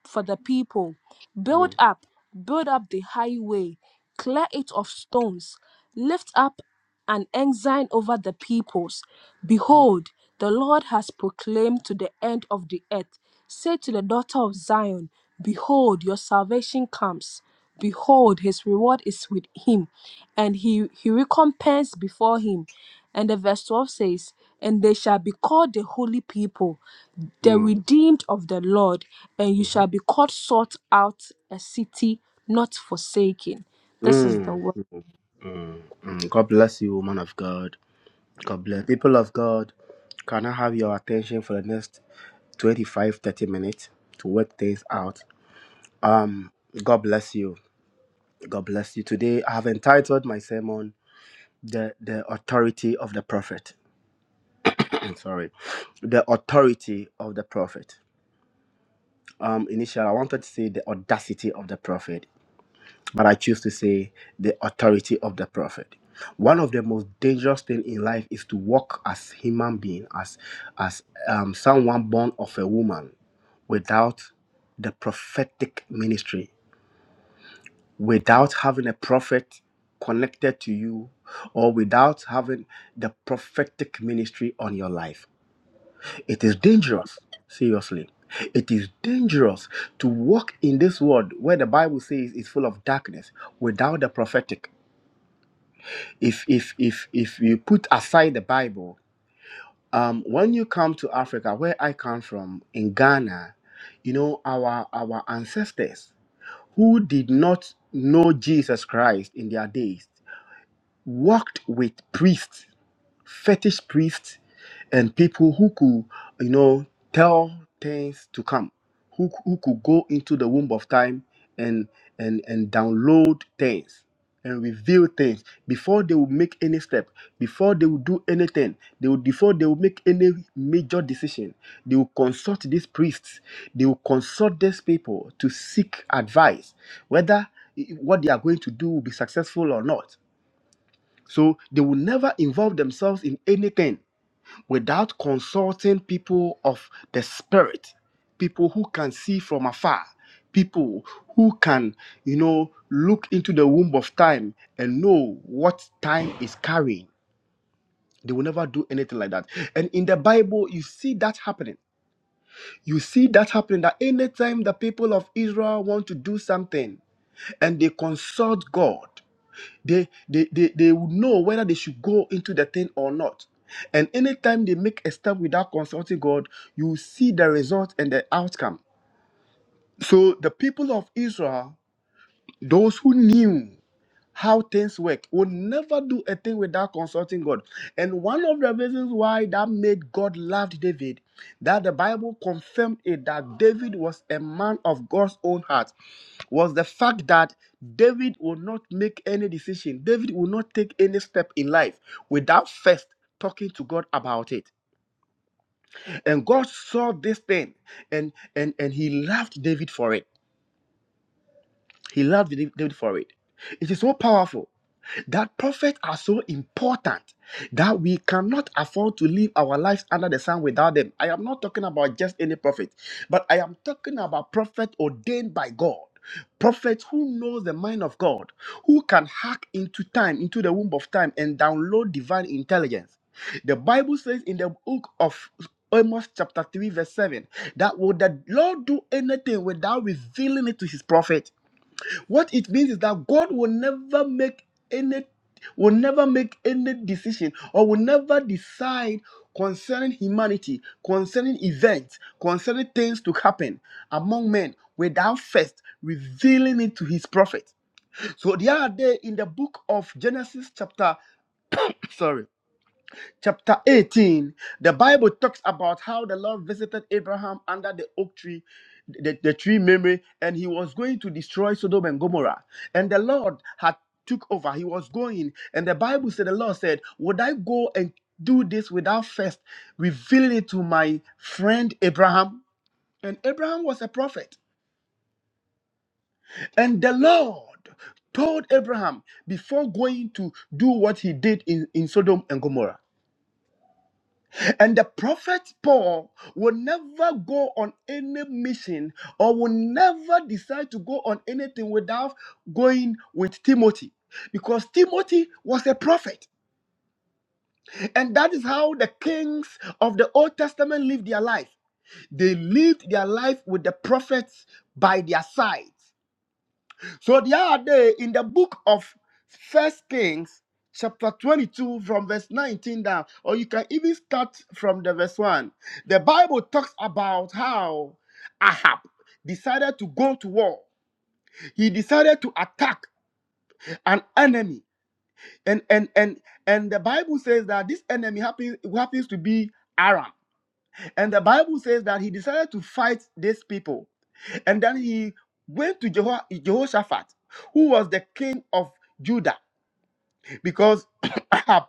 [SPEAKER 7] for the people. Build up, build up the highway, clear it of stones, lift up an ensign over the peoples. Behold, the Lord has proclaimed to the end of the earth. Say to the daughter of Zion, Behold, your salvation comes. Behold, his reward is with him, and he, he recompense before him. And the verse 12 says, And they shall be called the holy people the
[SPEAKER 9] mm,
[SPEAKER 7] redeemed of the Lord, and you
[SPEAKER 9] mhm,
[SPEAKER 7] shall be called sought out a city not forsaken. This is the
[SPEAKER 9] mm,
[SPEAKER 7] word.
[SPEAKER 9] mm, mm. God bless you, woman of God. God bless people of God. Can I have your attention for the next 25, 30 minutes to work things out? Um, God bless you. God bless you. Today I have entitled my sermon The The Authority of the Prophet. I'm sorry. The authority of the prophet. Um, initially I wanted to say the audacity of the prophet but I choose to say the authority of the prophet. One of the most dangerous things in life is to walk as human being, as as um, someone born of a woman, without the prophetic ministry, without having a prophet connected to you, or without having the prophetic ministry on your life. It is dangerous, seriously. It is dangerous to walk in this world where the Bible says it's full of darkness without the prophetic if if if if you put aside the bible um when you come to africa where i come from in ghana you know our our ancestors who did not know jesus christ in their days walked with priests fetish priests and people who could, you know, tell things to come, who, who could go into the womb of time and and and download things and reveal things before they would make any step, before they would do anything, they would before they would make any major decision, they will consult these priests, they will consult these people to seek advice, whether i- what they are going to do will be successful or not. So they will never involve themselves in anything without consulting people of the spirit, people who can see from afar, people who can, you know, look into the womb of time and know what time is carrying. They will never do anything like that. And in the Bible, you see that happening. You see that happening that anytime the people of Israel want to do something and they consult God, they, they, they, they would know whether they should go into the thing or not. And anytime they make a step without consulting God, you see the result and the outcome. So the people of Israel, those who knew how things work. We'll never do a thing without consulting God. And one of the reasons why that made God love David, that the Bible confirmed it that David was a man of God's own heart, was the fact that David would not make any decision, David would not take any step in life without first talking to God about it. And God saw this thing and and and he loved David for it. He loved David for it. It is so powerful that prophets are so important that we cannot afford to live our lives under the sun without them. I am not talking about just any prophet, but I am talking about prophets ordained by God. Prophets who know the mind of God, who can hack into time, into the womb of time, and download divine intelligence. The Bible says in the book of Amos, chapter 3, verse 7, that would the Lord do anything without revealing it to his prophet? What it means is that God will never make any will never make any decision or will never decide concerning humanity, concerning events, concerning things to happen among men without first revealing it to his prophet. So the other day in the book of Genesis chapter, sorry, chapter 18, the Bible talks about how the Lord visited Abraham under the oak tree, the, the tree memory, and he was going to destroy Sodom and Gomorrah. And the Lord had took over. He was going. And the Bible said, the Lord said, Would I go and do this without first revealing it to my friend Abraham? And Abraham was a prophet. And the Lord told Abraham before going to do what he did in, in Sodom and Gomorrah. And the prophet Paul will never go on any mission or will never decide to go on anything without going with Timothy. Because Timothy was a prophet. And that is how the kings of the Old Testament lived their life. They lived their life with the prophets by their sides. So the other day in the book of First Kings, chapter 22, from verse 19 down, or you can even start from the verse 1. The Bible talks about how Ahab decided to go to war. He decided to attack an enemy. And and and and the Bible says that this enemy happens happens to be Aram. And the Bible says that he decided to fight these people. And then he went to Jeho- Jehoshaphat, who was the king of Judah. because Ahab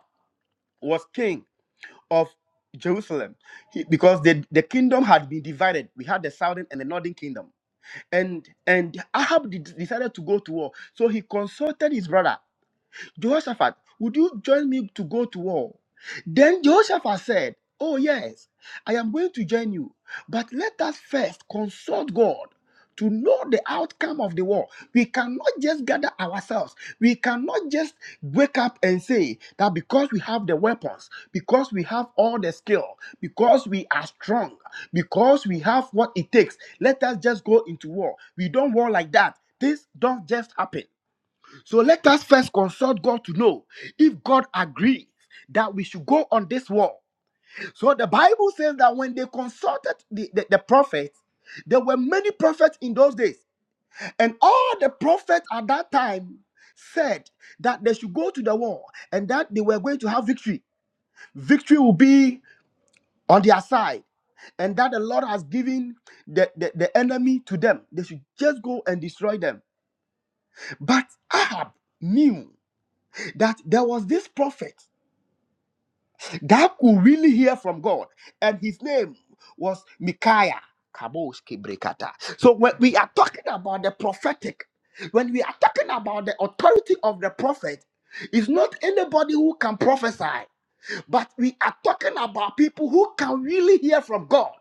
[SPEAKER 9] was king of Jerusalem, He- because the, the kingdom had been divided. We had the southern and the northern kingdom, and and Ahab de- decided to go to war. So he consulted his brother Jehoshaphat, would you join me to go to war? Then Jehoshaphat said, Oh, yes, I am going to join you, but let us first consult God to know the outcome of the war. We cannot just gather ourselves. We cannot just wake up and say that because we have the weapons, because we have all the skill, because we are strong, because we have what it takes, let us just go into war. We don't war like that. This don't just happen. So let us first consult God to know if God agrees that we should go on this war. So the Bible says that when they consulted the, the, the prophets, there were many prophets in those days. And all the prophets at that time said that they should go to the war and that they were going to have victory. Victory will be on their side. And that the Lord has given the, the, the enemy to them. They should just go and destroy them. But Ahab knew that there was this prophet that could really hear from God. And his name was Micaiah. Kabosh Kebrekata. So when we are talking about the prophetic, when we are talking about the authority of the prophet, it's not anybody who can prophesy, but we are talking about people who can really hear from God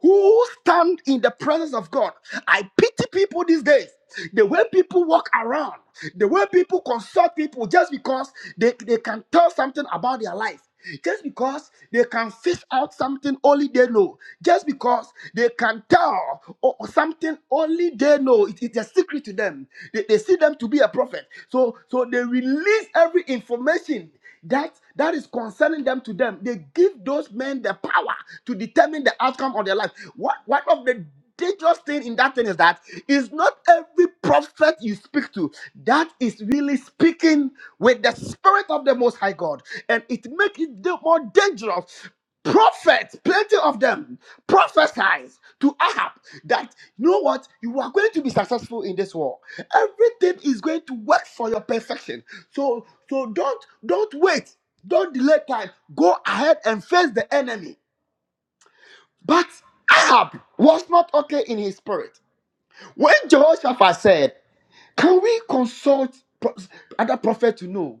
[SPEAKER 9] who stand in the presence of God. I pity people these days. The way people walk around, the way people consult people just because they, they can tell something about their life, just because they can fish out something only they know, just because they can tell o- something only they know. It- it's a secret to them. They, they see them to be a prophet. So, so they release every information that that is concerning them to them they give those men the power to determine the outcome of their life what one of the dangerous thing in that thing is that it's not every prophet you speak to that is really speaking with the spirit of the most high god and it makes it more dangerous prophets, plenty of them, prophesies to Ahab that you know what you are going to be successful in this war. Everything is going to work for your perfection. So so don't don't wait, don't delay time. Go ahead and face the enemy. But Ahab was not okay in his spirit. When Jehoshaphat said, "Can we consult pro- other prophets to know?"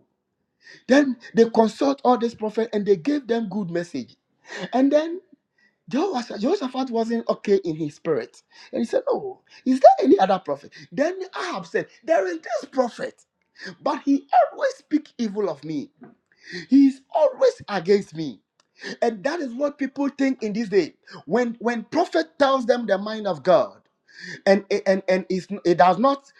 [SPEAKER 9] Then they consult all these prophets and they gave them good message. And then Jehoash- Jehoshaphat wasn't okay in his spirit. And he said, "Oh, is there any other prophet? Then Ahab said, There is this prophet, but he always speaks evil of me. He is always against me. And that is what people think in this day. When when prophet tells them the mind of God and and, and it's, it does not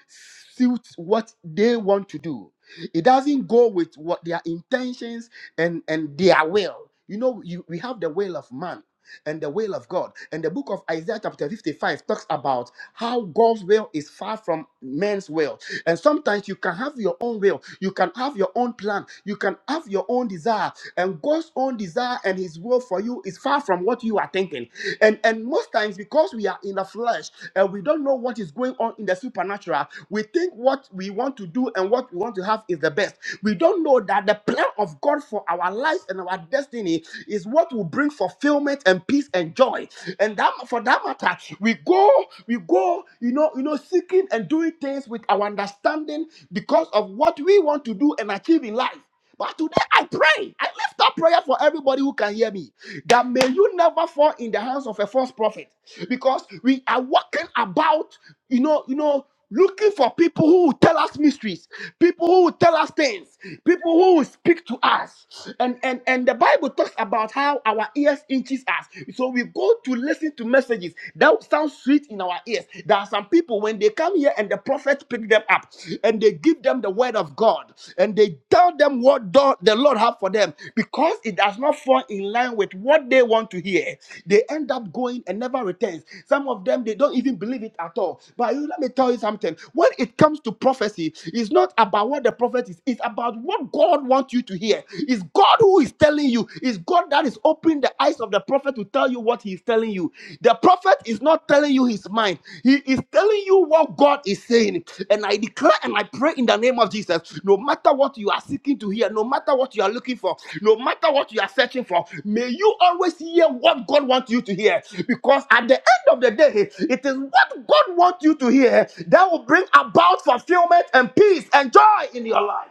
[SPEAKER 9] suit what they want to do, it doesn't go with what their intentions and, and their will. You know, you, we have the will of man and the will of God. And the book of Isaiah, chapter 55, talks about how God's will is far from man's will. And sometimes you can have your own will, you can have your own plan, you can have your own desire. And God's own desire and his will for you is far from what you are thinking. And, and most times, because we are in the flesh and we don't know what is going on in the supernatural, we think what we want to do and what we want to have is the best. We don't know that the plan of God for our lives and our destiny is what what will bring fulfillment and peace and joy. And that for that matter, we go, we go, you know, you know, seeking and doing things with our understanding because of what we want to do and achieve in life. But today I pray, I lift up prayer for everybody who can hear me that may you never fall in the hands of a false prophet because we are walking about, you know, you know looking for people who will tell us mysteries, people who will tell us things, people who will speak to us. And and and the Bible talks about how our ears inches us. So we go to listen to messages that sound sweet in our ears. There are some people when they come here and the prophet pick them up and they give them the word of God and they tell them what do- the Lord have for them them because it does not fall in line with what they want to hear. They end up going and never returns. Some of them they don't even believe it at all. But you, let me tell you something. When it comes to prophecy, it's not about what the prophet is. It's about what God wants you to hear. It's God who is telling you. It's God that is opening the eyes of the prophet to tell you what he is telling you. The prophet is not telling telling you his mind. He is telling you what God is saying. And I declare and I pray in the name of Jesus no matter what you are seeking to hear, no matter what you are looking for, no matter what you are searching for, may you always hear what God wants you to hear. Because at the end of the day, it is what God wants you to hear that will bring about fulfillment and peace and joy in your life.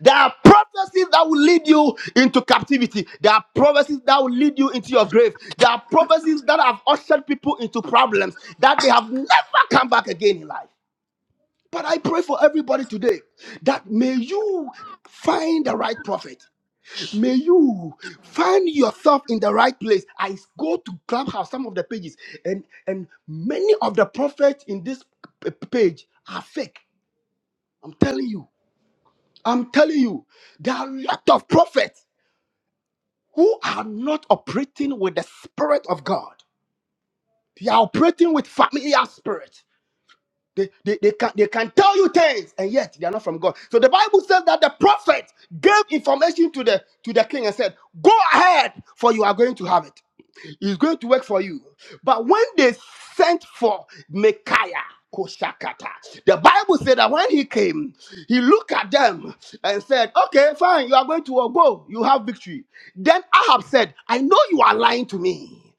[SPEAKER 9] There are prophecies that will lead you into captivity. There are prophecies that will lead you into your grave. There are prophecies that have ushered people into problems that they have never come back again in life. But I pray for everybody today that may you find the right prophet. May you find yourself in the right place. I go to Clubhouse, some of the pages, and, and many of the prophets in this p- page are fake. I'm telling you. I'm telling you. There are a lot of prophets. who are not operating with the Spirit of God. They are operating with familiar spirit. They, they, they, can, they can tell you things and yet they are not from God. So the Bible says that the prophet gave information to the to the king and said, Go ahead, for you are going to have it. It's going to work for you. But when they sent for Micaiah, Koshakata, the Bible said that when he came, he looked at them and said, Okay, fine, you are going to go. You have victory. Then Ahab said, I know you are lying to me.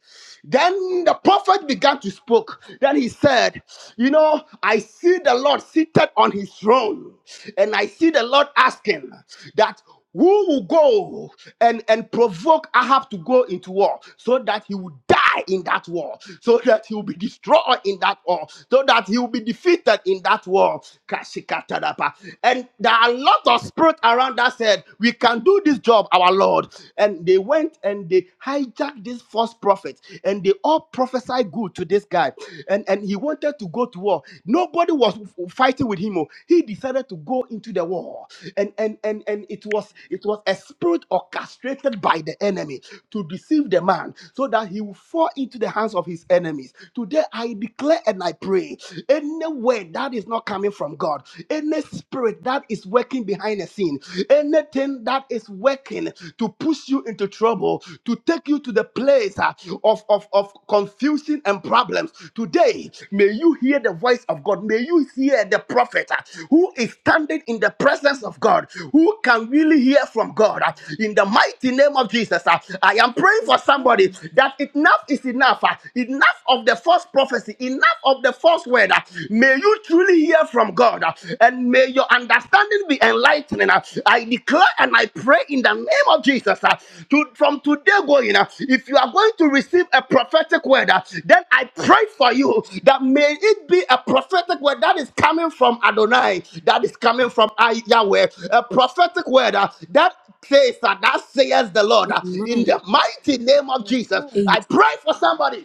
[SPEAKER 9] Then the prophet began to speak. Then he said, You know, I see the Lord seated on his throne, and I see the Lord asking that who will go and, and provoke Ahab to go into war so that he will die in that war, so that he will be destroyed in that war, so that he will be defeated in that war. Kashikatarapa. And there are a lot of spirit around that said, We can do this job, our Lord. And they went and they hijacked this false prophet and they all prophesied good to this guy. And, and he wanted to go to war. Nobody was fighting with him. oh. He decided to go into the war. And and and and it was it was a spirit orchestrated by the enemy to deceive the man so that he will fall into the hands of his enemies. Today I declare and I pray anywhere that is not coming from God, any spirit that is working working behind the scene, anything that is working to push you into trouble, to take you to the place uh, of, of, of confusion and problems. Today, may you hear the voice of God. May you hear the prophet uh, who is standing in the presence of God, who can really hear from God. uh, In the mighty name of Jesus, uh, I am praying for somebody that enough is enough. uh, Enough of the false prophecy, enough of the false word. uh, May you truly hear from God uh, and may your understanding be enlightening. uh. I declare and I pray in the name of Jesus uh, to, from today going, uh, if you are going to receive a prophetic word, uh, then I pray for you that may it be a prophetic word that is coming from Adonai, that is coming from I- Yahweh, a prophetic word uh, that says uh, that says the Lord uh, in
[SPEAKER 7] Amen.
[SPEAKER 9] the mighty name of
[SPEAKER 2] Amen.
[SPEAKER 9] Jesus.
[SPEAKER 7] A-
[SPEAKER 9] I pray for somebody.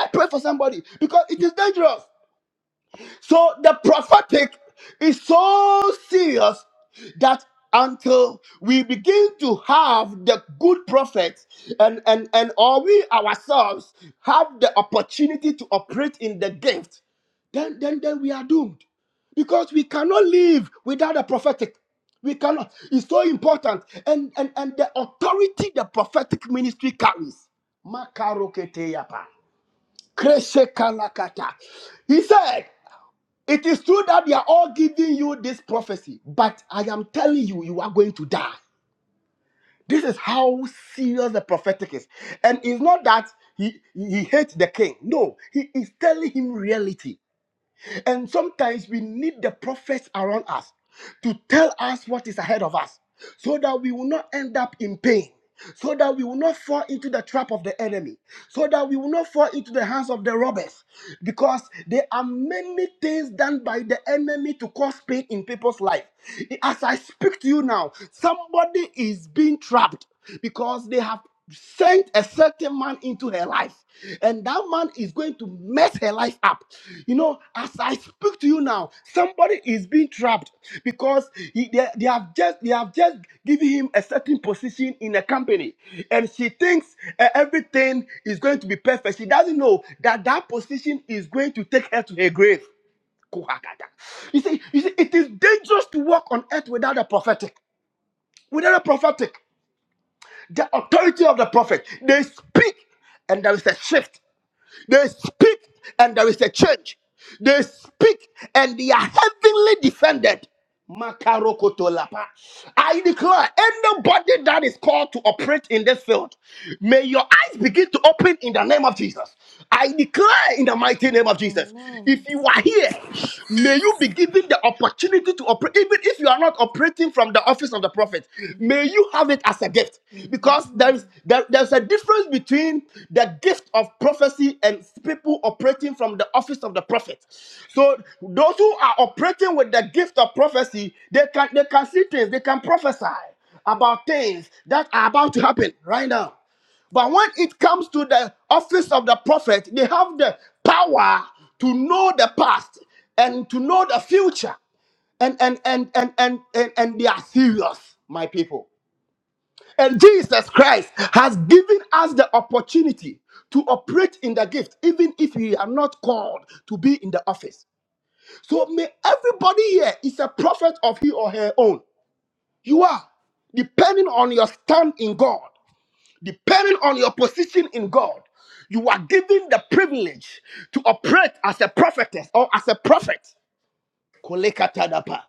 [SPEAKER 9] I pray for somebody because it is dangerous. So the prophetic is so serious that until we begin to have the good prophets and and and or we ourselves have the opportunity to operate in the gift, then then then we are doomed because we cannot live without the prophetic. We cannot. It's so important, and and and the authority the prophetic ministry carries. Makaroketeyapa. kalakata. He said. It is true that they are all giving you this prophecy, but I am telling you, you are going to die. This is how serious the prophetic is. And it's not that he, he hates the king. No, he is telling him reality. And sometimes we need the prophets around us to tell us what is ahead of us so that we will not end up in pain, so that we will not fall into the trap of the enemy, so that we will not fall into the hands of the robbers. Because there are many things done by the enemy to cause pain in people's life. As I speak to you now, somebody is being trapped because they have sent a certain man into her life and that man is going to mess her life up you know as i speak to you now somebody is being trapped because he, they, they have just they have just given him a certain position in a company and she thinks uh, everything is going to be perfect she doesn't know that that position is going to take her to her grave Kohagada. you see, you see, it is dangerous to walk on earth without a prophetic. Without a prophetic the authority of the prophet. They speak and there is a shift. They speak and there is a change. They speak and they are heavenly defended. Makarokotolapa. I declare anybody that is called to operate in this field, may your eyes begin to open in the name of Jesus. I declare in the mighty name of Jesus.
[SPEAKER 2] Amen.
[SPEAKER 9] If you are here May you be given the opportunity to operate, even if you are not operating from the office of the prophet. May you have it as a gift, because there is
[SPEAKER 2] Amen.
[SPEAKER 9] there, there's a difference between the gift of prophecy and people operating from the office of the prophet. So those who are operating with the gift of prophecy, they can they can see things, they can prophesy about things that are about to happen right now. But when it comes to the office of the prophet, they have the power to know the past and to know the future. And and and and and and, and they are serious, my people. And Jesus Christ has given us the opportunity to operate in the gift, even if we are not called to be in the office. So may everybody here is a prophet of he or her own. You are, depending on your stand in God depending on your position in God, you are given the privilege to operate as a prophetess or as a prophet. Kolekatadapa,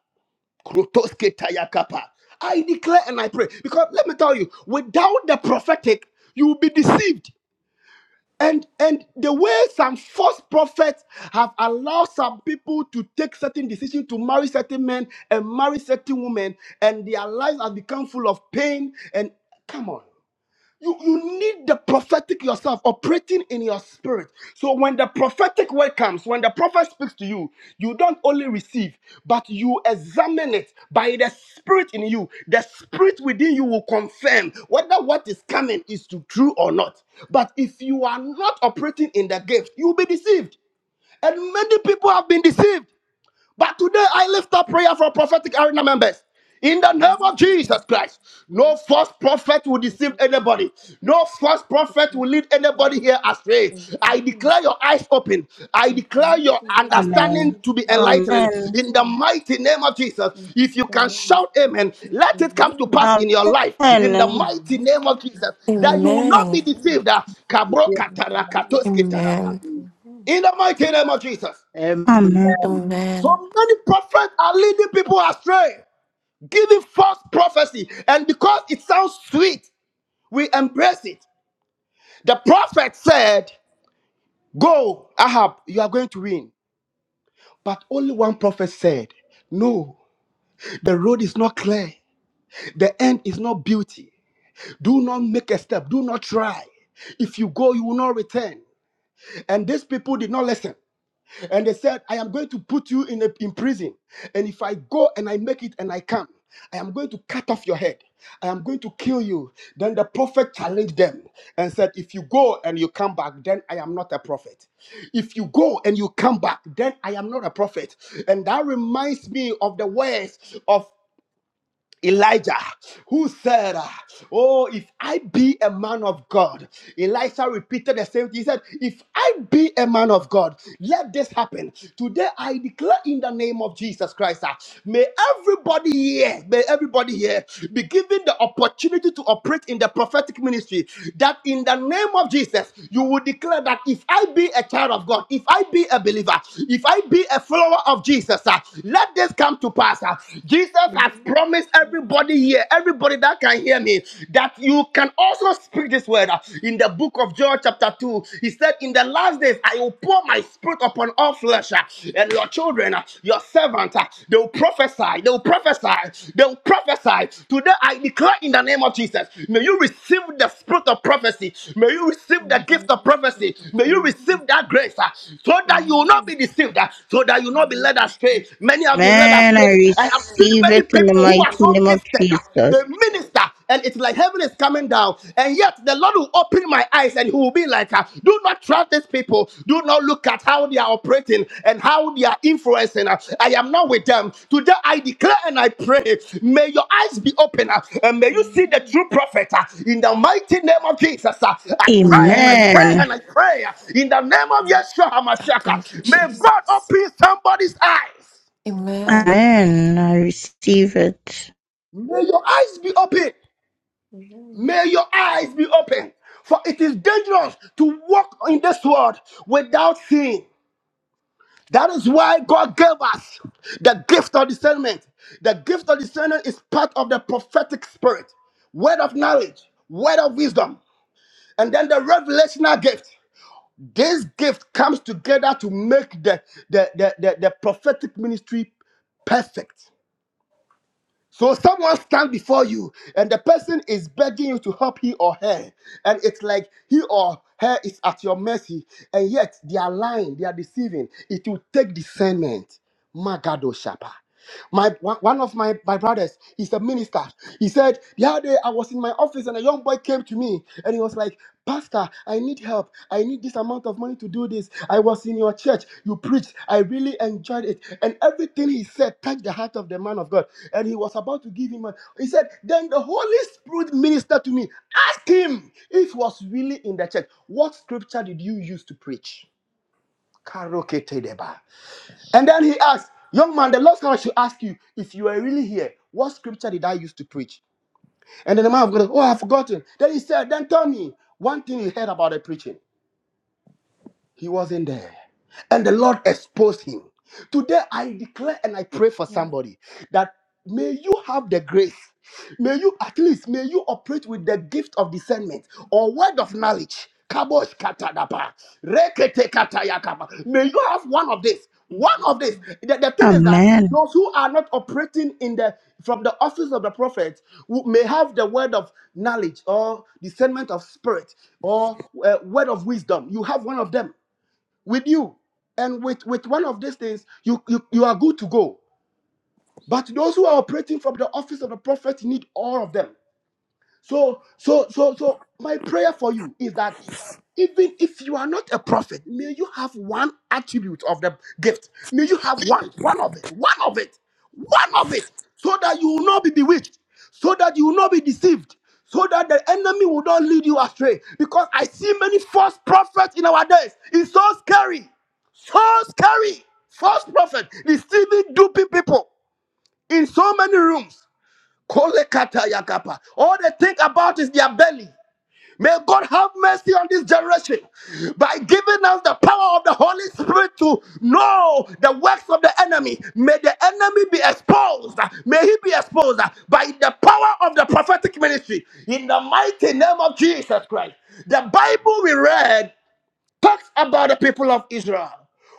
[SPEAKER 9] krotosketayakapa. I declare and I pray because let me tell you, without the prophetic, you will be deceived. And and the way some false prophets have allowed some people to take certain decisions to marry certain men and marry certain women, and their lives have become full of pain. And come on, you, you need the prophetic yourself operating in your spirit. So when the prophetic word comes, when the prophet speaks to you, you don't only receive, but you examine it by the spirit in you. The spirit within you will confirm whether what is coming is to true or not. But if you are not operating in the gift, you'll be deceived. And many people have been deceived. But today I lift up prayer for prophetic arena members. In the name of Jesus Christ, no
[SPEAKER 2] Amen.
[SPEAKER 9] false prophet will deceive anybody. No false prophet will lead anybody
[SPEAKER 2] Amen.
[SPEAKER 9] here astray. I declare your eyes open. I
[SPEAKER 2] In the
[SPEAKER 9] declare your
[SPEAKER 2] mighty name of
[SPEAKER 12] Amen.
[SPEAKER 9] understanding to be
[SPEAKER 2] Jesus.
[SPEAKER 9] enlightened.
[SPEAKER 12] Amen.
[SPEAKER 9] In the
[SPEAKER 2] Amen.
[SPEAKER 9] mighty name of Jesus,
[SPEAKER 2] In the
[SPEAKER 9] if you
[SPEAKER 2] mighty
[SPEAKER 9] can
[SPEAKER 2] name of
[SPEAKER 9] shout amen,
[SPEAKER 2] Jesus.
[SPEAKER 9] let it come to
[SPEAKER 2] Amen.
[SPEAKER 9] pass in your life. In the
[SPEAKER 12] Amen.
[SPEAKER 9] mighty name of
[SPEAKER 2] Amen.
[SPEAKER 9] Jesus, that you will not
[SPEAKER 8] Amen.
[SPEAKER 9] be
[SPEAKER 2] Amen.
[SPEAKER 9] deceived. Ah, kabro
[SPEAKER 13] Yeah.
[SPEAKER 2] In the
[SPEAKER 9] katara
[SPEAKER 2] name of
[SPEAKER 9] katoski
[SPEAKER 2] Jesus.
[SPEAKER 8] Amen.
[SPEAKER 2] Amen.
[SPEAKER 9] In the mighty name of Jesus.
[SPEAKER 13] Um,
[SPEAKER 12] Amen.
[SPEAKER 2] Amen.
[SPEAKER 8] Amen.
[SPEAKER 9] So many prophets are leading people astray, giving false prophecy. And because it sounds sweet, we embrace it. The prophet said, Go, Ahab, you are going to win. But only one prophet said, No, the road is not clear. The end is not beauty. Do not make a step. Do not try. If you go, you will not return. And these people did not listen. And they said, I am going to put you in, a, in prison. And if I go and I make it and I come, I am going to cut off your head. I am going to kill you. Then the prophet challenged them and said, If you go and you come back, then I am not a prophet. If you go and you come back, then I am not a prophet. And that reminds me of the words of Elijah, who said, uh, Oh, if I be a man of God, Elijah repeated the same thing. He said, If I be a man of God, let this happen. Today I declare in the name of Jesus Christ, ah, may everybody here, may everybody here be given the opportunity to operate in the prophetic ministry. That in the name of Jesus, you will declare that if I be a child of God, if I be a believer, if I be a follower of Jesus, ah, let this come to pass. ah. Jesus
[SPEAKER 2] Amen. Amen.
[SPEAKER 9] Jesus
[SPEAKER 2] Amen. Amen. Amen.
[SPEAKER 9] has promised everybody here, everybody that can hear me, that you can also speak this word. In the book of Joel, chapter 2, he said, In the last days, I will pour my spirit upon all flesh, uh, and your children, uh, your servants, uh, they will prophesy, they will prophesy, they will prophesy. Today, I declare in the name of Jesus, may you receive the spirit of prophecy, may you receive the gift of prophecy, may you receive that grace, uh, so
[SPEAKER 2] In
[SPEAKER 9] that you will not be deceived, uh, so that you will
[SPEAKER 2] the
[SPEAKER 9] not be led
[SPEAKER 2] name of
[SPEAKER 9] astray.
[SPEAKER 2] Jesus.
[SPEAKER 9] Many have been led
[SPEAKER 12] Amen.
[SPEAKER 9] astray
[SPEAKER 12] I
[SPEAKER 9] say, I have seen
[SPEAKER 12] receive
[SPEAKER 9] many
[SPEAKER 12] it in the
[SPEAKER 9] people who are
[SPEAKER 12] mighty
[SPEAKER 9] so
[SPEAKER 12] name of
[SPEAKER 9] gifted, uh, they
[SPEAKER 12] Jesus.
[SPEAKER 9] minister, and it's like heaven is coming down. And yet the Lord will open my eyes and He will be like, uh, Do not trust these people. Do not look at how they are operating and how they are influencing. uh, I am not with them. Today I declare and I pray, May your eyes be open uh, and may you see the
[SPEAKER 2] Amen.
[SPEAKER 9] true prophet uh, in the mighty name of Jesus. uh, I pray and I
[SPEAKER 8] Amen.
[SPEAKER 9] pray
[SPEAKER 12] Amen.
[SPEAKER 9] and I pray uh, in the name of Yeshua HaMashiach. uh,
[SPEAKER 8] Thank you,
[SPEAKER 9] May God
[SPEAKER 8] Jesus.
[SPEAKER 9] open somebody's eyes.
[SPEAKER 8] Amen.
[SPEAKER 12] Amen. I receive it.
[SPEAKER 9] May your eyes be open. May your eyes be open. For it is dangerous to walk in this world without seeing. That is why God gave us the gift of discernment. The gift of discernment is part of the prophetic spirit, word of knowledge, word of wisdom, and then the revelational gift. This gift comes together to make the, the, the, the the prophetic ministry perfect. So someone stand before you, and the person is begging you to help he or her, and it's like he or her is at your mercy, and yet they are lying, they are deceiving. It will take discernment. Magado Shapa. My one one of my, my brothers, he's a minister. He said the other day I was in my office and a young boy came to me me and he was like pastor i need help i need this amount of money to do this i was in your church you preached i really enjoyed it and everything he said touched the heart of the man of god and he was about to give him money. he said then the holy spirit ministered to me ask him if he was really in the church what scripture did you use to preach Karoketedeba. and then he asked young man the lord said i should ask you if you are really here what scripture did i use to preach and then the man of God, oh, I've forgotten. Then he said, then tell me one thing you heard about the preaching. He wasn't there. And the Lord exposed him. Today, I declare and I pray for somebody that may you have the grace. May you, at least, may you operate with the gift of discernment or word of knowledge. Kabosh katadapa. Rekete katayakaba. May you have one of this. One of this. The, the thing is that
[SPEAKER 12] Amen.
[SPEAKER 9] those who are not operating in the from the office of the prophet who may have the word of knowledge or discernment of spirit or uh, word of wisdom. You have one of them with you and with with one of these things you you, you are good to go but those who are operating from the office of the prophet need all of them so, so, so, so, my prayer for you is that even if you are not a prophet, may you have one attribute of the gift. May you have one, one of it, one of it, one of it, so that you will not be bewitched, so that you will not be deceived, so that the enemy will not lead you astray. Because I see many false prophets in our days. It's so scary, so scary. False prophet deceiving, duping people in so many rooms. Kolekata yakapa. All they think about is their belly. May God have mercy on this generation by giving us the power of the Holy Spirit to know the works of the enemy. May the enemy be exposed. May he be exposed by the power of the prophetic ministry in the mighty name of Jesus Christ. The Bible we read talks about the people of Israel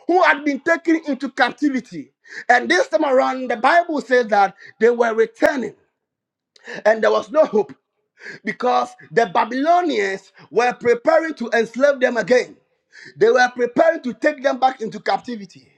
[SPEAKER 9] who had been taken into captivity. And this time around, the Bible says that they were returning and there was no hope because the Babylonians were preparing to enslave them again. They were preparing to take them back into captivity.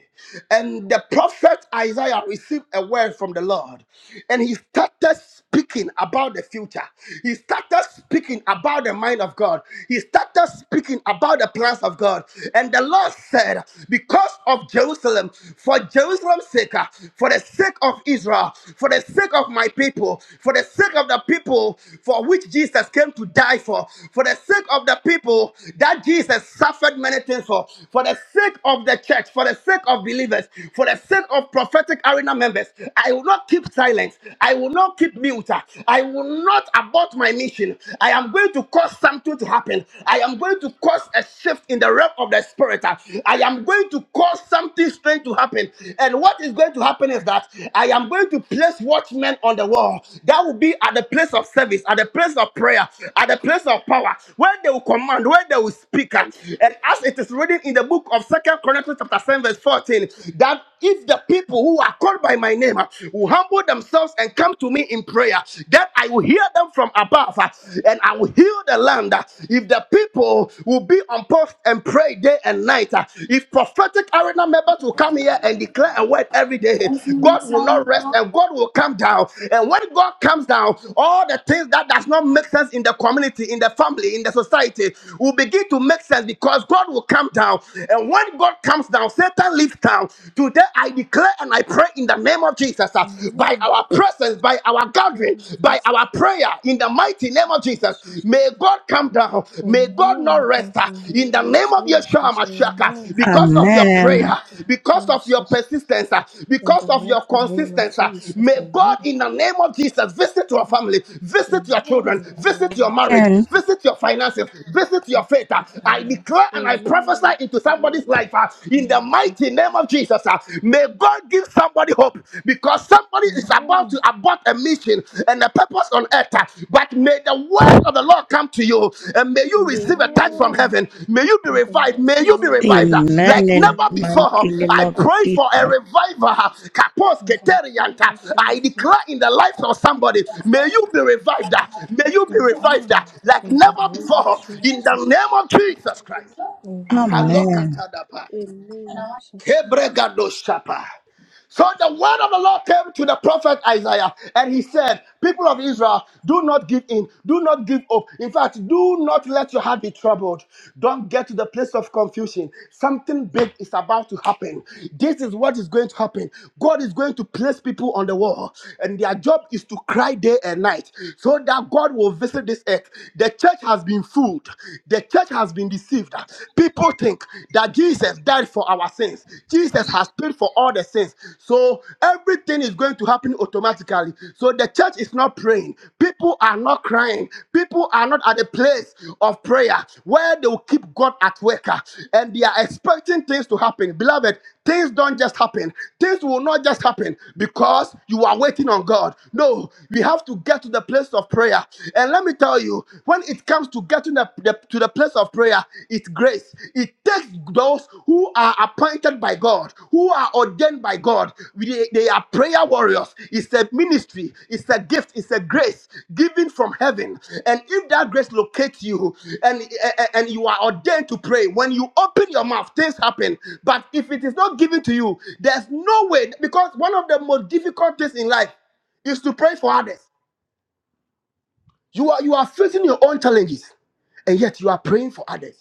[SPEAKER 9] And the prophet Isaiah received a word from the Lord and he started speaking about the future. He started speaking about the mind of God. He started speaking about the plans of God. And the Lord said, Because of Jerusalem, for Jerusalem's sake, uh, for the sake of Israel, for the sake of my people, for the sake of the people for which Jesus came to die for, for the sake of the people that Jesus suffered many many things for. For the sake of the church, for the sake of believers, for the sake of prophetic arena members, I will not keep silence. I will not keep mute. I will not abort my mission. I am going to cause something to happen. I am going to cause a shift in the realm of the spirit. I am going to cause something strange to happen. And what is going to happen is that I am going to place watchmen on the wall. That will be at the place of service, at the place of prayer, at the place of power, where they will command, where they will speak. And
[SPEAKER 14] probably
[SPEAKER 9] as as it is written in the book of Second Chronicles chapter 7, verse 14, that if the people who are called by my name uh, will humble themselves and come to me in prayer, then I will hear them from above uh, and I will heal the land. Uh, If the people will be on post and pray day and night, uh, if prophetic arena members will come here and declare a word every day,
[SPEAKER 15] As you
[SPEAKER 9] God will not
[SPEAKER 15] silent,
[SPEAKER 9] rest and God will come down. And when God comes down, all the things that does not make sense in the community, in the family, in the society will begin to make sense because God God will come down. And when God comes down, Satan leaves town. Today I declare and I pray in the name of Jesus uh,
[SPEAKER 2] Amen.
[SPEAKER 9] by
[SPEAKER 2] Amen. Amen.
[SPEAKER 9] our presence, by our gathering,
[SPEAKER 2] Amen.
[SPEAKER 9] by our prayer in the mighty name of
[SPEAKER 2] Amen.
[SPEAKER 9] Jesus. May God come down. May God not
[SPEAKER 2] Amen. In
[SPEAKER 9] rest uh,
[SPEAKER 2] the
[SPEAKER 9] in the
[SPEAKER 2] name of
[SPEAKER 9] name of Yeshua
[SPEAKER 2] Jesus,
[SPEAKER 9] Mashiach uh,
[SPEAKER 2] amen.
[SPEAKER 9] because of your
[SPEAKER 12] Amen.
[SPEAKER 9] prayer, because of your
[SPEAKER 2] Jesus,
[SPEAKER 9] persistence, uh,
[SPEAKER 2] in
[SPEAKER 9] because
[SPEAKER 2] the
[SPEAKER 9] of your
[SPEAKER 2] mighty name of
[SPEAKER 9] consistency. uh,
[SPEAKER 2] Jesus,
[SPEAKER 9] May
[SPEAKER 2] amen.
[SPEAKER 9] God, in the name of Jesus, visit your family,
[SPEAKER 2] Amen.
[SPEAKER 9] visit
[SPEAKER 2] In
[SPEAKER 9] your children,
[SPEAKER 2] the
[SPEAKER 9] visit
[SPEAKER 2] name
[SPEAKER 9] your
[SPEAKER 2] of
[SPEAKER 9] marriage,
[SPEAKER 12] And
[SPEAKER 2] Jesus,
[SPEAKER 9] visit your finances, visit your
[SPEAKER 2] amen.
[SPEAKER 9] faith. uh,
[SPEAKER 2] In the
[SPEAKER 9] I
[SPEAKER 2] name
[SPEAKER 9] declare and I prophesy
[SPEAKER 16] Amen.
[SPEAKER 9] into somebody's
[SPEAKER 16] Amen.
[SPEAKER 9] life uh, in the
[SPEAKER 2] of Jesus,
[SPEAKER 9] mighty name of Jesus. uh, may God give somebody hope because somebody is about
[SPEAKER 2] amen.
[SPEAKER 9] to abort a mission and a purpose on earth. uh, but may the word of the Lord come to you and may you receive a touch from
[SPEAKER 16] Amen.
[SPEAKER 2] Amen.
[SPEAKER 9] heaven. May you be
[SPEAKER 2] In the
[SPEAKER 9] revived. May
[SPEAKER 2] mighty
[SPEAKER 9] you be
[SPEAKER 2] name of
[SPEAKER 9] revived uh,
[SPEAKER 12] amen
[SPEAKER 9] like
[SPEAKER 2] Jesus,
[SPEAKER 12] in the
[SPEAKER 9] never
[SPEAKER 16] Amen.
[SPEAKER 9] before.
[SPEAKER 12] mighty name
[SPEAKER 9] I
[SPEAKER 12] of
[SPEAKER 9] pray for a
[SPEAKER 12] Jesus.
[SPEAKER 9] revival. uh, Kapos
[SPEAKER 2] in the name
[SPEAKER 9] keterianta.
[SPEAKER 2] of
[SPEAKER 9] I
[SPEAKER 2] Jesus,
[SPEAKER 9] declare
[SPEAKER 2] amen.
[SPEAKER 9] in the life of somebody, may you be revived. uh, May you be revived uh, like
[SPEAKER 2] In the
[SPEAKER 9] never
[SPEAKER 2] name of
[SPEAKER 9] before in the
[SPEAKER 2] Jesus,
[SPEAKER 9] name of Jesus Christ.
[SPEAKER 2] amen.
[SPEAKER 12] Amen.
[SPEAKER 9] Kalokatadapa.
[SPEAKER 16] Amen.
[SPEAKER 2] Jesus,
[SPEAKER 9] Kebregadoshapa. So the word of the Lord came to the prophet Isaiah, and he said, People of Israel, do not give in, do not give up. In fact, do not let your heart be troubled. Don't get to the place of confusion. Something big is about to happen. This is what is going to happen. God is going to place people on the wall, and their job is to cry day and night so that God will visit this earth. The church has been fooled, the church has been deceived. People think that that Jesus died for our sins. Jesus has paid for all the sins. So everything is going to happen automatically. So the church is not praying. People are not crying. People are not at a place of prayer where they will keep God at work uh, and they are expecting things to happen. Beloved, things don't just happen. Things will not just happen because you are waiting on God. No, we have to get to the place of prayer. And let me tell you, when it comes to to get to the, the- to the place of prayer is grace. It takes those who are appointed by God, who are ordained by God. They, they are prayer warriors. It's a ministry, it's a gift, it's a grace given from heaven. And if that grace locates you and, and and you are ordained to pray, when you open your mouth, things happen. But if it is not given to you, there's no way because one of the most difficult things in life is to pray for others. You are you are facing your own challenges, and yet you are praying for others.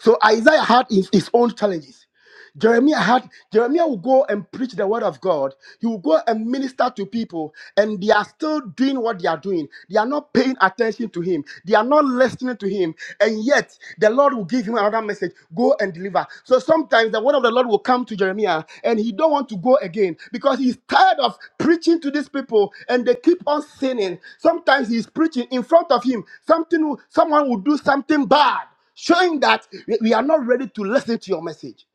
[SPEAKER 9] So Isaiah had his, his own challenges. Jeremiah had Jeremiah will go and preach the word of God. He will go and minister to people, and they are still doing what they are doing. They are not paying attention to him. They are not listening to him, and yet the Lord will give him another message: go and deliver. So sometimes the word of the Lord will come to Jeremiah, and he don't want to go again because he's tired of preaching to these people, and they keep on sinning. Sometimes he's preaching in front of him. Something will- someone will do something bad showing that we we are not ready to listen to your message.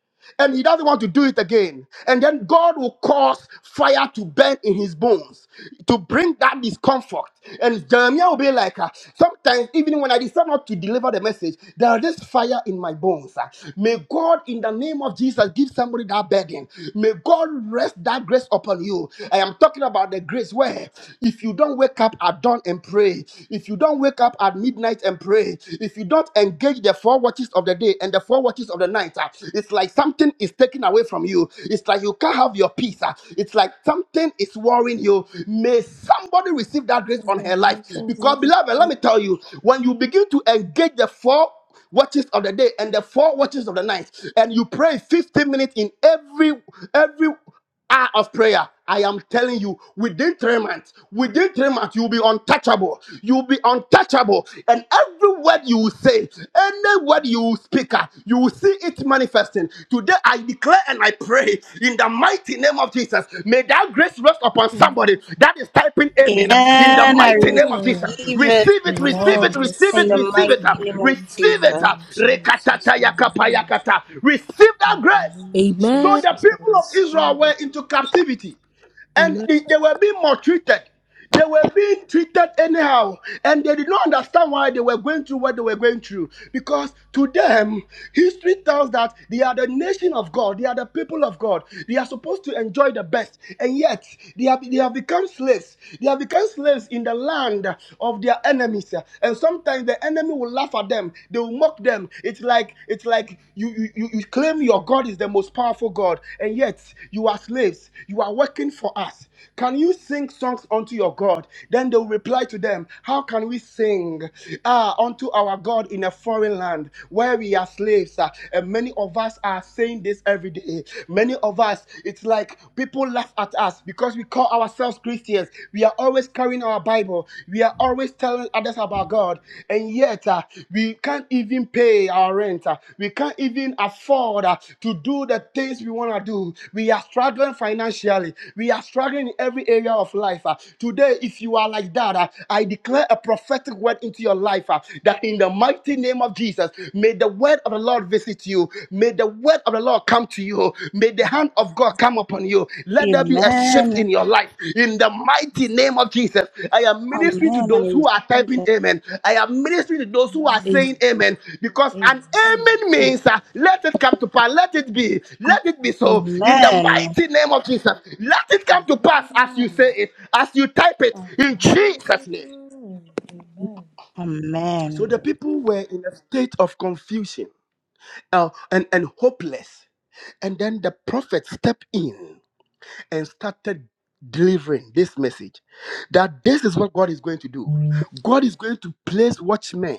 [SPEAKER 9] And he doesn't want to do it again. And then God will cause fire to burn in his bones to bring that discomfort. And Jeremiah will be like, ah, sometimes even when I decide not to deliver the message, there is this fire in my bones. ah. May God, in the name of Jesus, give somebody that burden. May God rest that grace upon you. I am talking about the grace where if you don't wake up at dawn and pray, if you don't wake up at midnight and pray, if you don't don't engage the four watches of the day and the four watches of the night, ah, it's like something is taken away from you. It's like you can't have your peace. ah. It's like something is worrying you. May somebody receive that
[SPEAKER 2] in
[SPEAKER 9] grace on
[SPEAKER 2] the
[SPEAKER 9] her life.
[SPEAKER 2] mighty
[SPEAKER 9] Because,
[SPEAKER 2] name
[SPEAKER 9] beloved, let me tell
[SPEAKER 2] of
[SPEAKER 9] you, when you begin to engage the four watches of the day and the four watches of the night and you pray 15 minutes in every every hour of prayer, I am telling you, within three months, within three months, you'll be untouchable. You'll be untouchable. And every word you will say, any word you will speak, uh, you will see it manifesting. Today, I declare and I pray in the mighty name of Jesus. May that grace rest upon
[SPEAKER 2] Jesus.
[SPEAKER 9] somebody that is typing amen. In the
[SPEAKER 12] Amen. I
[SPEAKER 9] mighty name of Jesus.
[SPEAKER 2] Amen.
[SPEAKER 12] receive it
[SPEAKER 9] Receive it,
[SPEAKER 2] I
[SPEAKER 9] receive
[SPEAKER 8] Amen.
[SPEAKER 9] it, receive
[SPEAKER 12] in
[SPEAKER 9] it,
[SPEAKER 12] the
[SPEAKER 2] receive
[SPEAKER 9] receive
[SPEAKER 2] it
[SPEAKER 9] it,
[SPEAKER 2] in
[SPEAKER 9] uh,
[SPEAKER 12] mighty
[SPEAKER 2] the
[SPEAKER 12] name of
[SPEAKER 2] mighty
[SPEAKER 9] receive it.
[SPEAKER 10] Amen.
[SPEAKER 12] Jesus.
[SPEAKER 9] uh,
[SPEAKER 2] name of Jesus.
[SPEAKER 9] Rekatata yakapa
[SPEAKER 2] Amen.
[SPEAKER 9] yakata. Receive that
[SPEAKER 2] In the
[SPEAKER 9] grace.
[SPEAKER 2] name of
[SPEAKER 9] So
[SPEAKER 7] Amen.
[SPEAKER 9] the
[SPEAKER 2] Jesus, I
[SPEAKER 9] people of Israel
[SPEAKER 2] receive
[SPEAKER 9] were
[SPEAKER 2] it.
[SPEAKER 9] into captivity and
[SPEAKER 7] Amen.
[SPEAKER 9] they, they were being maltreated. They were being treated anyhow, and they did not understand why they were going through what they were going through. Because to them, history tells that they are the nation of God, they are the people of God, they are supposed to enjoy the best, and yet they have they have become slaves. They have become slaves in the land of their enemies, and sometimes times the enemy will laugh at them. They will mock them. It's like it's like you you you you claim your God is the most powerful God, and yet you are slaves. You are working for us. Can you sing songs unto your God? Then they will reply to them, How can we sing ah unto our God in a foreign land where we are slaves? ah?" And many of us are saying this every day. Many of us, it's like people laugh at us because because we call ourselves Christians, we are always carrying our Bible, we are always telling others about God, and yet uh, we can't even pay our rent, uh, we can't even afford uh, to do the things we want to do. We are struggling financially, we are struggling in every area of life. uh. Today, if you are like that, uh, I declare a prophetic word into your life uh, that in the mighty name of Jesus, may the word of the Lord visit you. May the word of the Lord come to you. May the hand of God come upon you. Let there be a shift
[SPEAKER 12] Amen.
[SPEAKER 9] in your life. In the mighty name of Jesus, I am ministering to
[SPEAKER 12] Amen. I
[SPEAKER 9] those who are
[SPEAKER 12] receive
[SPEAKER 9] typing amen. I am ministering to those who are
[SPEAKER 7] Amen.
[SPEAKER 9] saying amen because an
[SPEAKER 2] Amen.
[SPEAKER 9] amen means uh, let it come to pass. Let it be.
[SPEAKER 12] it.
[SPEAKER 9] Let it be so. In the
[SPEAKER 12] Amen.
[SPEAKER 9] mighty name of Jesus, let it come to pass as you say it, as you type it in
[SPEAKER 2] Amen.
[SPEAKER 9] Jesus' name.
[SPEAKER 2] Amen. Amen.
[SPEAKER 9] So
[SPEAKER 12] Amen.
[SPEAKER 9] the people were in a state of confusion uh, and, and hopeless. And then the prophet stepped in and started delivering this message that this is what God is going to do. God is going to place watchmen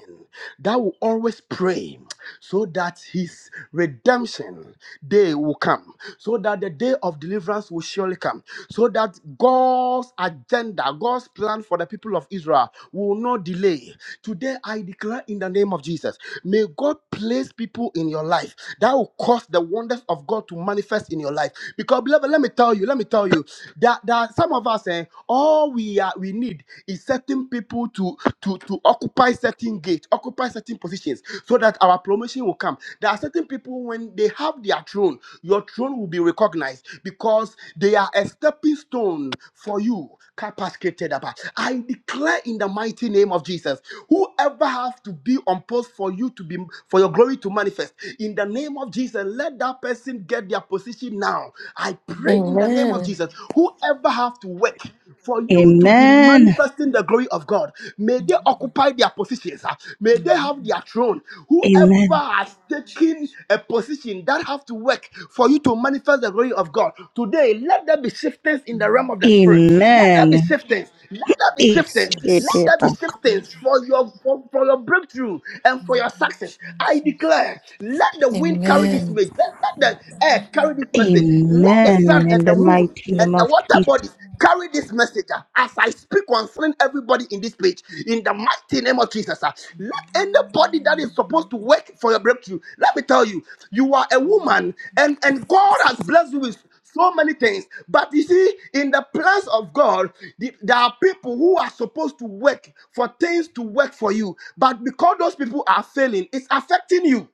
[SPEAKER 9] that will always pray so that his redemption day will come, so that the day of deliverance will surely come, so that God's agenda, God's plan for the people of Israel will not delay. Today, I declare in the name of Jesus, may God place people in your life that will cause the wonders of God to manifest in your life. Because beloved, let me tell you, let me tell you that, that some of us eh, all we are we need is certain people to to to occupy certain gates, occupy certain positions so that our promotion will come. There are certain people when they have their throne, your throne will be recognized because they are a stepping stone for you. Capacitated about. I declare in the mighty name of Jesus, whoever has to be on post for you to be for your glory to manifest in the name of Jesus, let that person person get their position now. I pray in the name of
[SPEAKER 8] Amen.
[SPEAKER 2] Amen.
[SPEAKER 9] Jesus, whoever have to work for you to be
[SPEAKER 12] Amen.
[SPEAKER 9] manifesting the glory of God, may they occupy their positions. ah. May they have their throne.
[SPEAKER 12] Amen.
[SPEAKER 9] Whoever has taken a position that have to work for you to manifest the glory of God, today let there be shiftings in the realm of the spirit. Let there be
[SPEAKER 12] Amen.
[SPEAKER 9] shiftings. Let there be
[SPEAKER 12] Eh,
[SPEAKER 9] shiftings.
[SPEAKER 12] eh,
[SPEAKER 9] Let
[SPEAKER 8] Jesus.
[SPEAKER 12] eh,
[SPEAKER 9] there
[SPEAKER 12] but
[SPEAKER 9] be shiftings for your for, for your breakthrough and for your success. I
[SPEAKER 2] Jesus.
[SPEAKER 9] declare, let the wind carry carry this
[SPEAKER 8] Amen.
[SPEAKER 9] message. Let, let the earth carry this message. Let the
[SPEAKER 12] Amen.
[SPEAKER 9] sun
[SPEAKER 12] In
[SPEAKER 9] and the
[SPEAKER 12] the
[SPEAKER 9] moon
[SPEAKER 12] mighty
[SPEAKER 9] and
[SPEAKER 12] name
[SPEAKER 9] the
[SPEAKER 12] of
[SPEAKER 9] water
[SPEAKER 12] Jesus.
[SPEAKER 9] bodies carry this message ah, as I speak concerning everybody in this page. In the mighty name of Jesus. ah. Let anybody that is supposed to work for your breakthrough, let me tell you, you are a woman and, and God has blessed you with so many things. But you see, in the plans of God, the- there are people who are supposed to work for things to work for you. But because those people are failing, it's affecting you.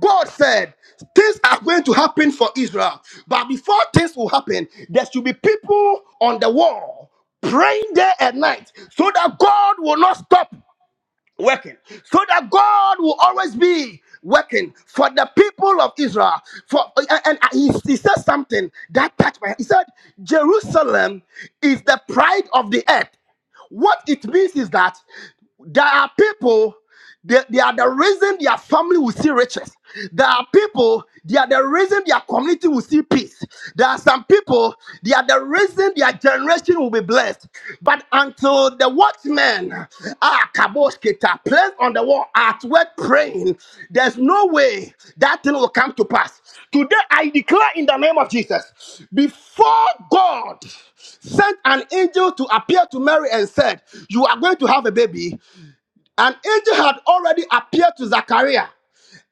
[SPEAKER 9] God said things are going to happen for Israel, but before things will happen, there should be people on the wall praying day and night so that God will not stop working, so that God will always be working for the people of Israel. For and and he, he said something that touched my. heart. He said, "Jerusalem is the pride of the earth." What it means is that there are people. They, they are the reason their family will see riches. There are people, they are the reason their community will see peace. There are some people, they are the reason their generation will be blessed. But until the watchmen are kaboshketa, placed on the wall at work praying, there's no way that thing will come to pass. Today I declare in the name of Jesus, before God sent an angel to appear to Mary and said, You are going to have a baby. An angel had already appeared to Zachariah,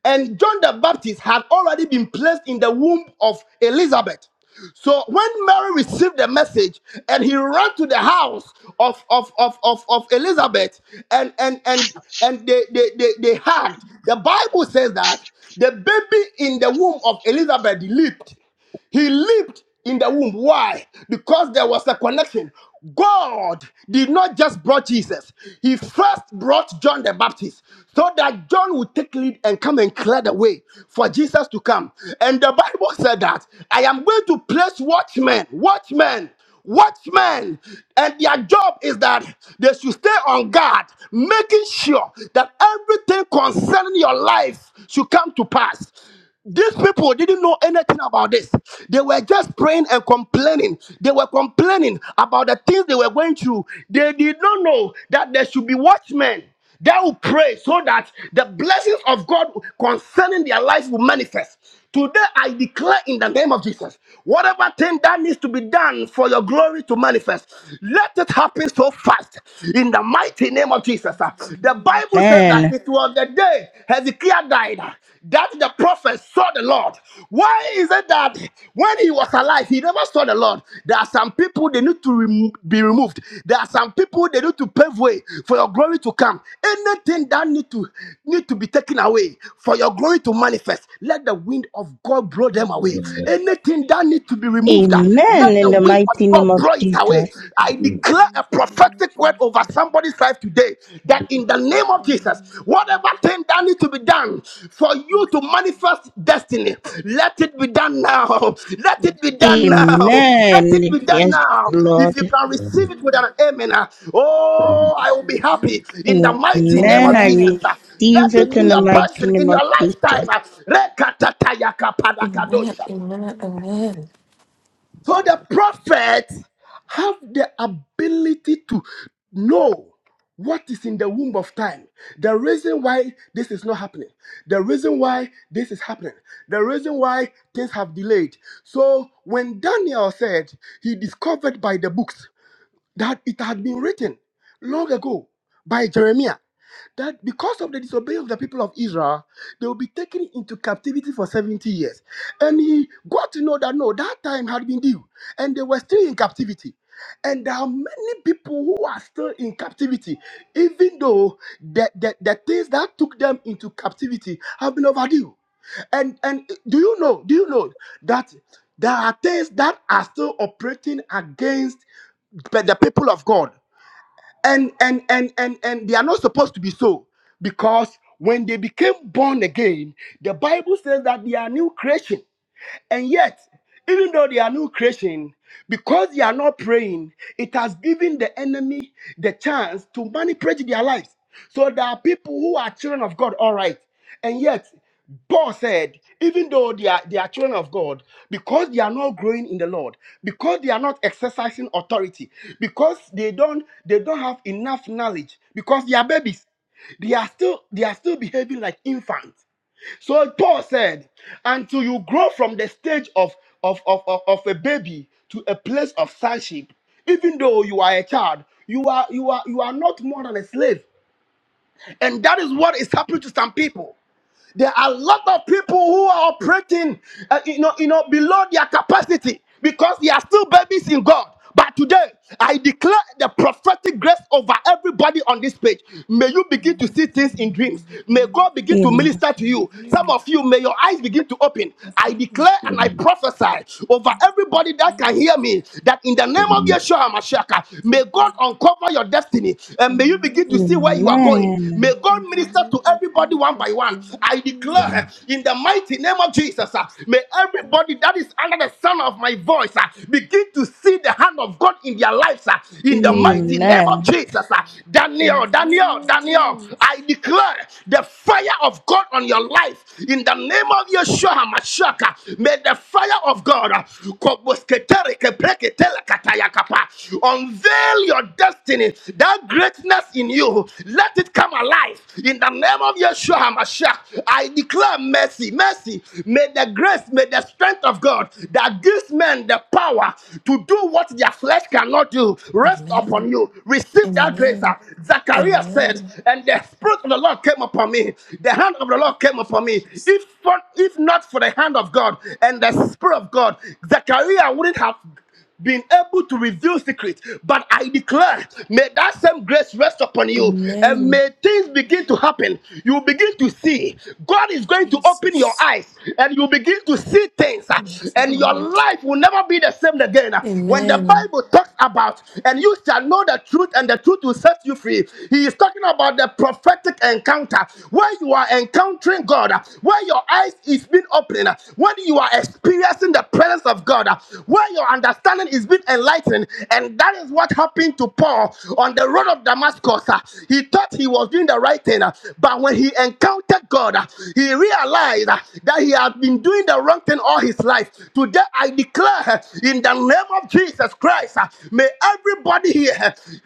[SPEAKER 9] and John the Baptist had already been placed in the womb of Elizabeth. So when Mary received the message and he ran to the house of, of, of, of, of Elizabeth and and and and they, they, they, they hugged, the Bible says that the baby in the womb of Elizabeth leaped. He lived in the womb. Why? Because there was a connection. God did not just brought Jesus, He first brought John the Baptist so that John would take lead and come and clear the way for Jesus to come. And the Bible said that I am going to place watchmen, watchmen, watchmen and their job is that they should stay on guard making sure that everything concerning your life should come to pass these people didn't know anything about this. They were just praying and complaining. They were complaining about the things they were going through. They did not know that there should be watchmen that will pray so that the blessings of God concerning their life will manifest. Today I declare in the name of Jesus, whatever thing that needs to be done for your glory to manifest, let it happen so fast in the mighty name of Jesus. Uh,
[SPEAKER 2] In the
[SPEAKER 9] The
[SPEAKER 2] name of
[SPEAKER 9] Bible says
[SPEAKER 2] Jesus.
[SPEAKER 9] that
[SPEAKER 12] Amen.
[SPEAKER 9] it was the day Hezekiah died uh, that the prophet saw the Lord. Why is it that when he was alive, he never saw the Lord? There are some people they need to rem- be removed. There are some people they need to pave way for your glory to come. Anything that need to need to be taken away for your glory to manifest, let the wind of God blow them away.
[SPEAKER 1] Amen.
[SPEAKER 2] Amen.
[SPEAKER 9] Anything that need to be removed, uh,
[SPEAKER 12] Amen.
[SPEAKER 9] let
[SPEAKER 12] In
[SPEAKER 9] the
[SPEAKER 12] the
[SPEAKER 9] wind
[SPEAKER 12] mighty
[SPEAKER 9] of
[SPEAKER 12] name
[SPEAKER 9] God
[SPEAKER 12] of
[SPEAKER 9] blow it away.
[SPEAKER 12] Jesus.
[SPEAKER 2] In
[SPEAKER 9] I
[SPEAKER 2] the
[SPEAKER 9] declare
[SPEAKER 2] name
[SPEAKER 9] a prophetic word over
[SPEAKER 2] Jesus.
[SPEAKER 9] somebody's life today that
[SPEAKER 2] In
[SPEAKER 9] in the
[SPEAKER 2] the
[SPEAKER 9] name of Jesus,
[SPEAKER 2] name of Jesus.
[SPEAKER 9] Whatever thing that needs to be done for
[SPEAKER 2] In
[SPEAKER 9] you to manifest destiny, let it be done now. Let it be
[SPEAKER 2] the
[SPEAKER 9] done
[SPEAKER 2] name
[SPEAKER 9] now.
[SPEAKER 2] of Jesus.
[SPEAKER 12] Amen.
[SPEAKER 9] Let it be done
[SPEAKER 12] Yes,
[SPEAKER 2] Amen.
[SPEAKER 9] now. If
[SPEAKER 12] Lord.
[SPEAKER 9] you can receive
[SPEAKER 1] Amen.
[SPEAKER 9] it with
[SPEAKER 2] Amen.
[SPEAKER 9] an amen, ah, oh, I
[SPEAKER 2] Jesus.
[SPEAKER 9] will be
[SPEAKER 2] Amen.
[SPEAKER 9] happy in the mighty name
[SPEAKER 12] Amen.
[SPEAKER 9] of
[SPEAKER 12] I
[SPEAKER 9] Jesus.
[SPEAKER 8] Amen.
[SPEAKER 9] ah. Let
[SPEAKER 12] receive it
[SPEAKER 9] it be
[SPEAKER 12] in the
[SPEAKER 9] your
[SPEAKER 2] Amen.
[SPEAKER 12] mighty
[SPEAKER 9] passion in
[SPEAKER 12] name of
[SPEAKER 9] your lifetime.
[SPEAKER 12] Jesus.
[SPEAKER 9] ah.
[SPEAKER 8] Amen.
[SPEAKER 9] Rekatatakayakapadakadoshata.
[SPEAKER 8] Amen.
[SPEAKER 2] Amen.
[SPEAKER 8] Amen.
[SPEAKER 9] So the prophets have the ability to know what is in the womb of time. The reason why this is not happening. The reason why this is happening. The reason why things have delayed. So when Daniel said he discovered by the books, that it had been written long ago by Jeremiah that because of the disobedience of the people of Israel, they will be taken into captivity for 70 years. And he got to know that no, that time had been due, and they were still in captivity. And there are many people who are still in captivity, even though the, the, the things that took them into captivity have been overdue. And and do you know? Do you know that there are things that are still operating against but the people of God. And and and and and they are not supposed to be so because when they became born again, the Bible says that they are new creation. And yet, even though they are new creation, because they are not praying, it has given the enemy the chance to manipulate their lives. So there are people who are children of God, all right. And yet, Paul said, even though they are, they are children of God, because they are not growing in the Lord, because they are not exercising authority, because they don't they don't have enough knowledge, because they are babies, they are still they are still behaving like infants. So Paul said, until you grow from the stage of, of, of, of, of a baby to a place of sonship, even though you are a child, you are you are you are not more than a slave. And that is what is happening to some people. There are a lot of people who are operating, uh, you know, you know, below their capacity because they are still babies in God. But today, I declare the prophetic grace over everybody on this page. May you begin to
[SPEAKER 2] Amen.
[SPEAKER 9] see things in dreams. May
[SPEAKER 2] Amen.
[SPEAKER 9] God begin to
[SPEAKER 12] Amen.
[SPEAKER 2] Jesus.
[SPEAKER 9] minister to you. Some
[SPEAKER 2] Amen.
[SPEAKER 9] of you, may your eyes begin to open. I
[SPEAKER 2] Amen.
[SPEAKER 9] declare and I prophesy over everybody that can
[SPEAKER 2] Amen.
[SPEAKER 9] hear me that in the name of Yeshua Mashiach, may
[SPEAKER 2] Amen.
[SPEAKER 9] God uncover your destiny and may you begin to
[SPEAKER 2] Amen.
[SPEAKER 9] see where you are going.
[SPEAKER 12] Amen.
[SPEAKER 9] May God
[SPEAKER 2] In the
[SPEAKER 9] minister minister
[SPEAKER 2] name
[SPEAKER 9] to
[SPEAKER 2] of
[SPEAKER 9] everybody one
[SPEAKER 2] Jesus.
[SPEAKER 9] by one. I declare
[SPEAKER 2] Amen.
[SPEAKER 9] in the mighty name of Jesus, uh, may
[SPEAKER 2] Amen.
[SPEAKER 9] everybody that is under the sound of my voice uh, begin to see the hand of God in their lives. uh, In the mighty name
[SPEAKER 2] Amen.
[SPEAKER 12] Amen.
[SPEAKER 9] of Jesus, uh,
[SPEAKER 2] Amen. In
[SPEAKER 9] Daniel,
[SPEAKER 2] the name
[SPEAKER 9] Daniel,
[SPEAKER 2] of
[SPEAKER 9] Daniel,
[SPEAKER 2] Jesus. Amen.
[SPEAKER 9] I declare the fire of God on your life. In the name of Yeshua HaMashiach, uh, may the fire of God uh, unveil your destiny, that greatness in you you. Let it come alive in the name of Yeshua HaMashiach. I declare mercy, mercy. May the grace, may the strength of God that gives men the power to do what their flesh cannot do rest
[SPEAKER 8] Amen.
[SPEAKER 9] upon you. Receive that grace.
[SPEAKER 8] Amen.
[SPEAKER 9] ah. Zachariah said,
[SPEAKER 8] Amen.
[SPEAKER 9] and the spirit of the Lord came upon me. The hand of the Lord came upon me.
[SPEAKER 8] Jesus.
[SPEAKER 9] If for, if not for the hand of God and the spirit of God, Zachariah wouldn't have been able to reveal secrets, but I declare, may that same grace rest upon you and
[SPEAKER 8] Amen.
[SPEAKER 9] may things begin to happen. You begin to see. God is going to open your
[SPEAKER 8] Jesus.
[SPEAKER 9] eyes and you begin to see things, uh,
[SPEAKER 8] Thank you,
[SPEAKER 9] and your
[SPEAKER 8] Lord.
[SPEAKER 9] life will never be the same again. Uh, When the
[SPEAKER 8] Amen.
[SPEAKER 9] Bible talks about, and you shall know the truth, and the truth will set you free, he is talking about the prophetic encounter where you are encountering God, uh, where your eyes is being opened, uh, when you are experiencing the presence of God, uh, where your understanding understanding is being enlightened. And that is what happened to Paul on the road of Damascus. Uh, He thought he was doing the right thing, uh, but when he encountered God, uh, he realized uh, that he had been doing the wrong thing all his life. Today, I declare uh, in the name of Jesus Christ, uh, may everybody here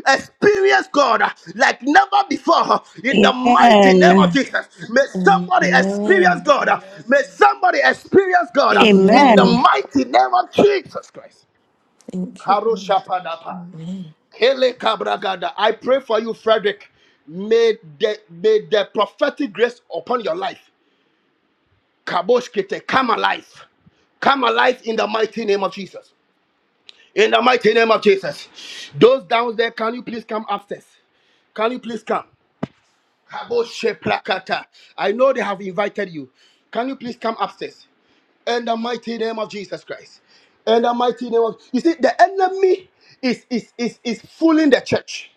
[SPEAKER 9] uh, experience God uh, like never before uh, in the mighty name of
[SPEAKER 12] Amen.
[SPEAKER 9] Jesus. May somebody experience
[SPEAKER 8] Amen.
[SPEAKER 9] God. uh, May somebody experience God uh, in
[SPEAKER 12] Amen.
[SPEAKER 9] the
[SPEAKER 8] Amen.
[SPEAKER 9] mighty name of Jesus Christ.
[SPEAKER 8] Thank you,
[SPEAKER 9] Karo
[SPEAKER 8] Lord.
[SPEAKER 9] Shapadapa.
[SPEAKER 8] Amen.
[SPEAKER 9] Kele Kabragada. I pray for you, Frederick. May the, may the prophetic grace upon your life, Kabosh Kete, come alive. Come alive in the mighty name of Jesus. In the mighty name of Jesus. Those down there, can you please come upstairs? Can you please come? Kaboshe Plakata. I know they have invited you. Can you please come upstairs? In the mighty name of Jesus Christ. In the mighty name of you see, the enemy is is is is fooling the church.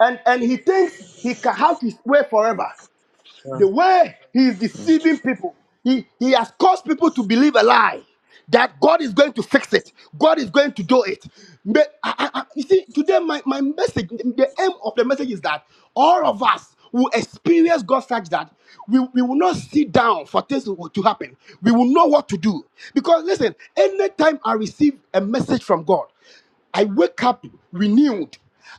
[SPEAKER 9] And and he thinks he can have his way forever.
[SPEAKER 17] Yeah.
[SPEAKER 9] The way he is deceiving people, he, he has caused people to believe a lie that God is going to fix it, God is going to do it. But I, I- I- you see, today, my, my message, the aim of the message is that all of us will experience God such that we, we will not sit down for things to to happen. We will know what to do. Because listen, anytime I receive a message from God, I wake up renewed.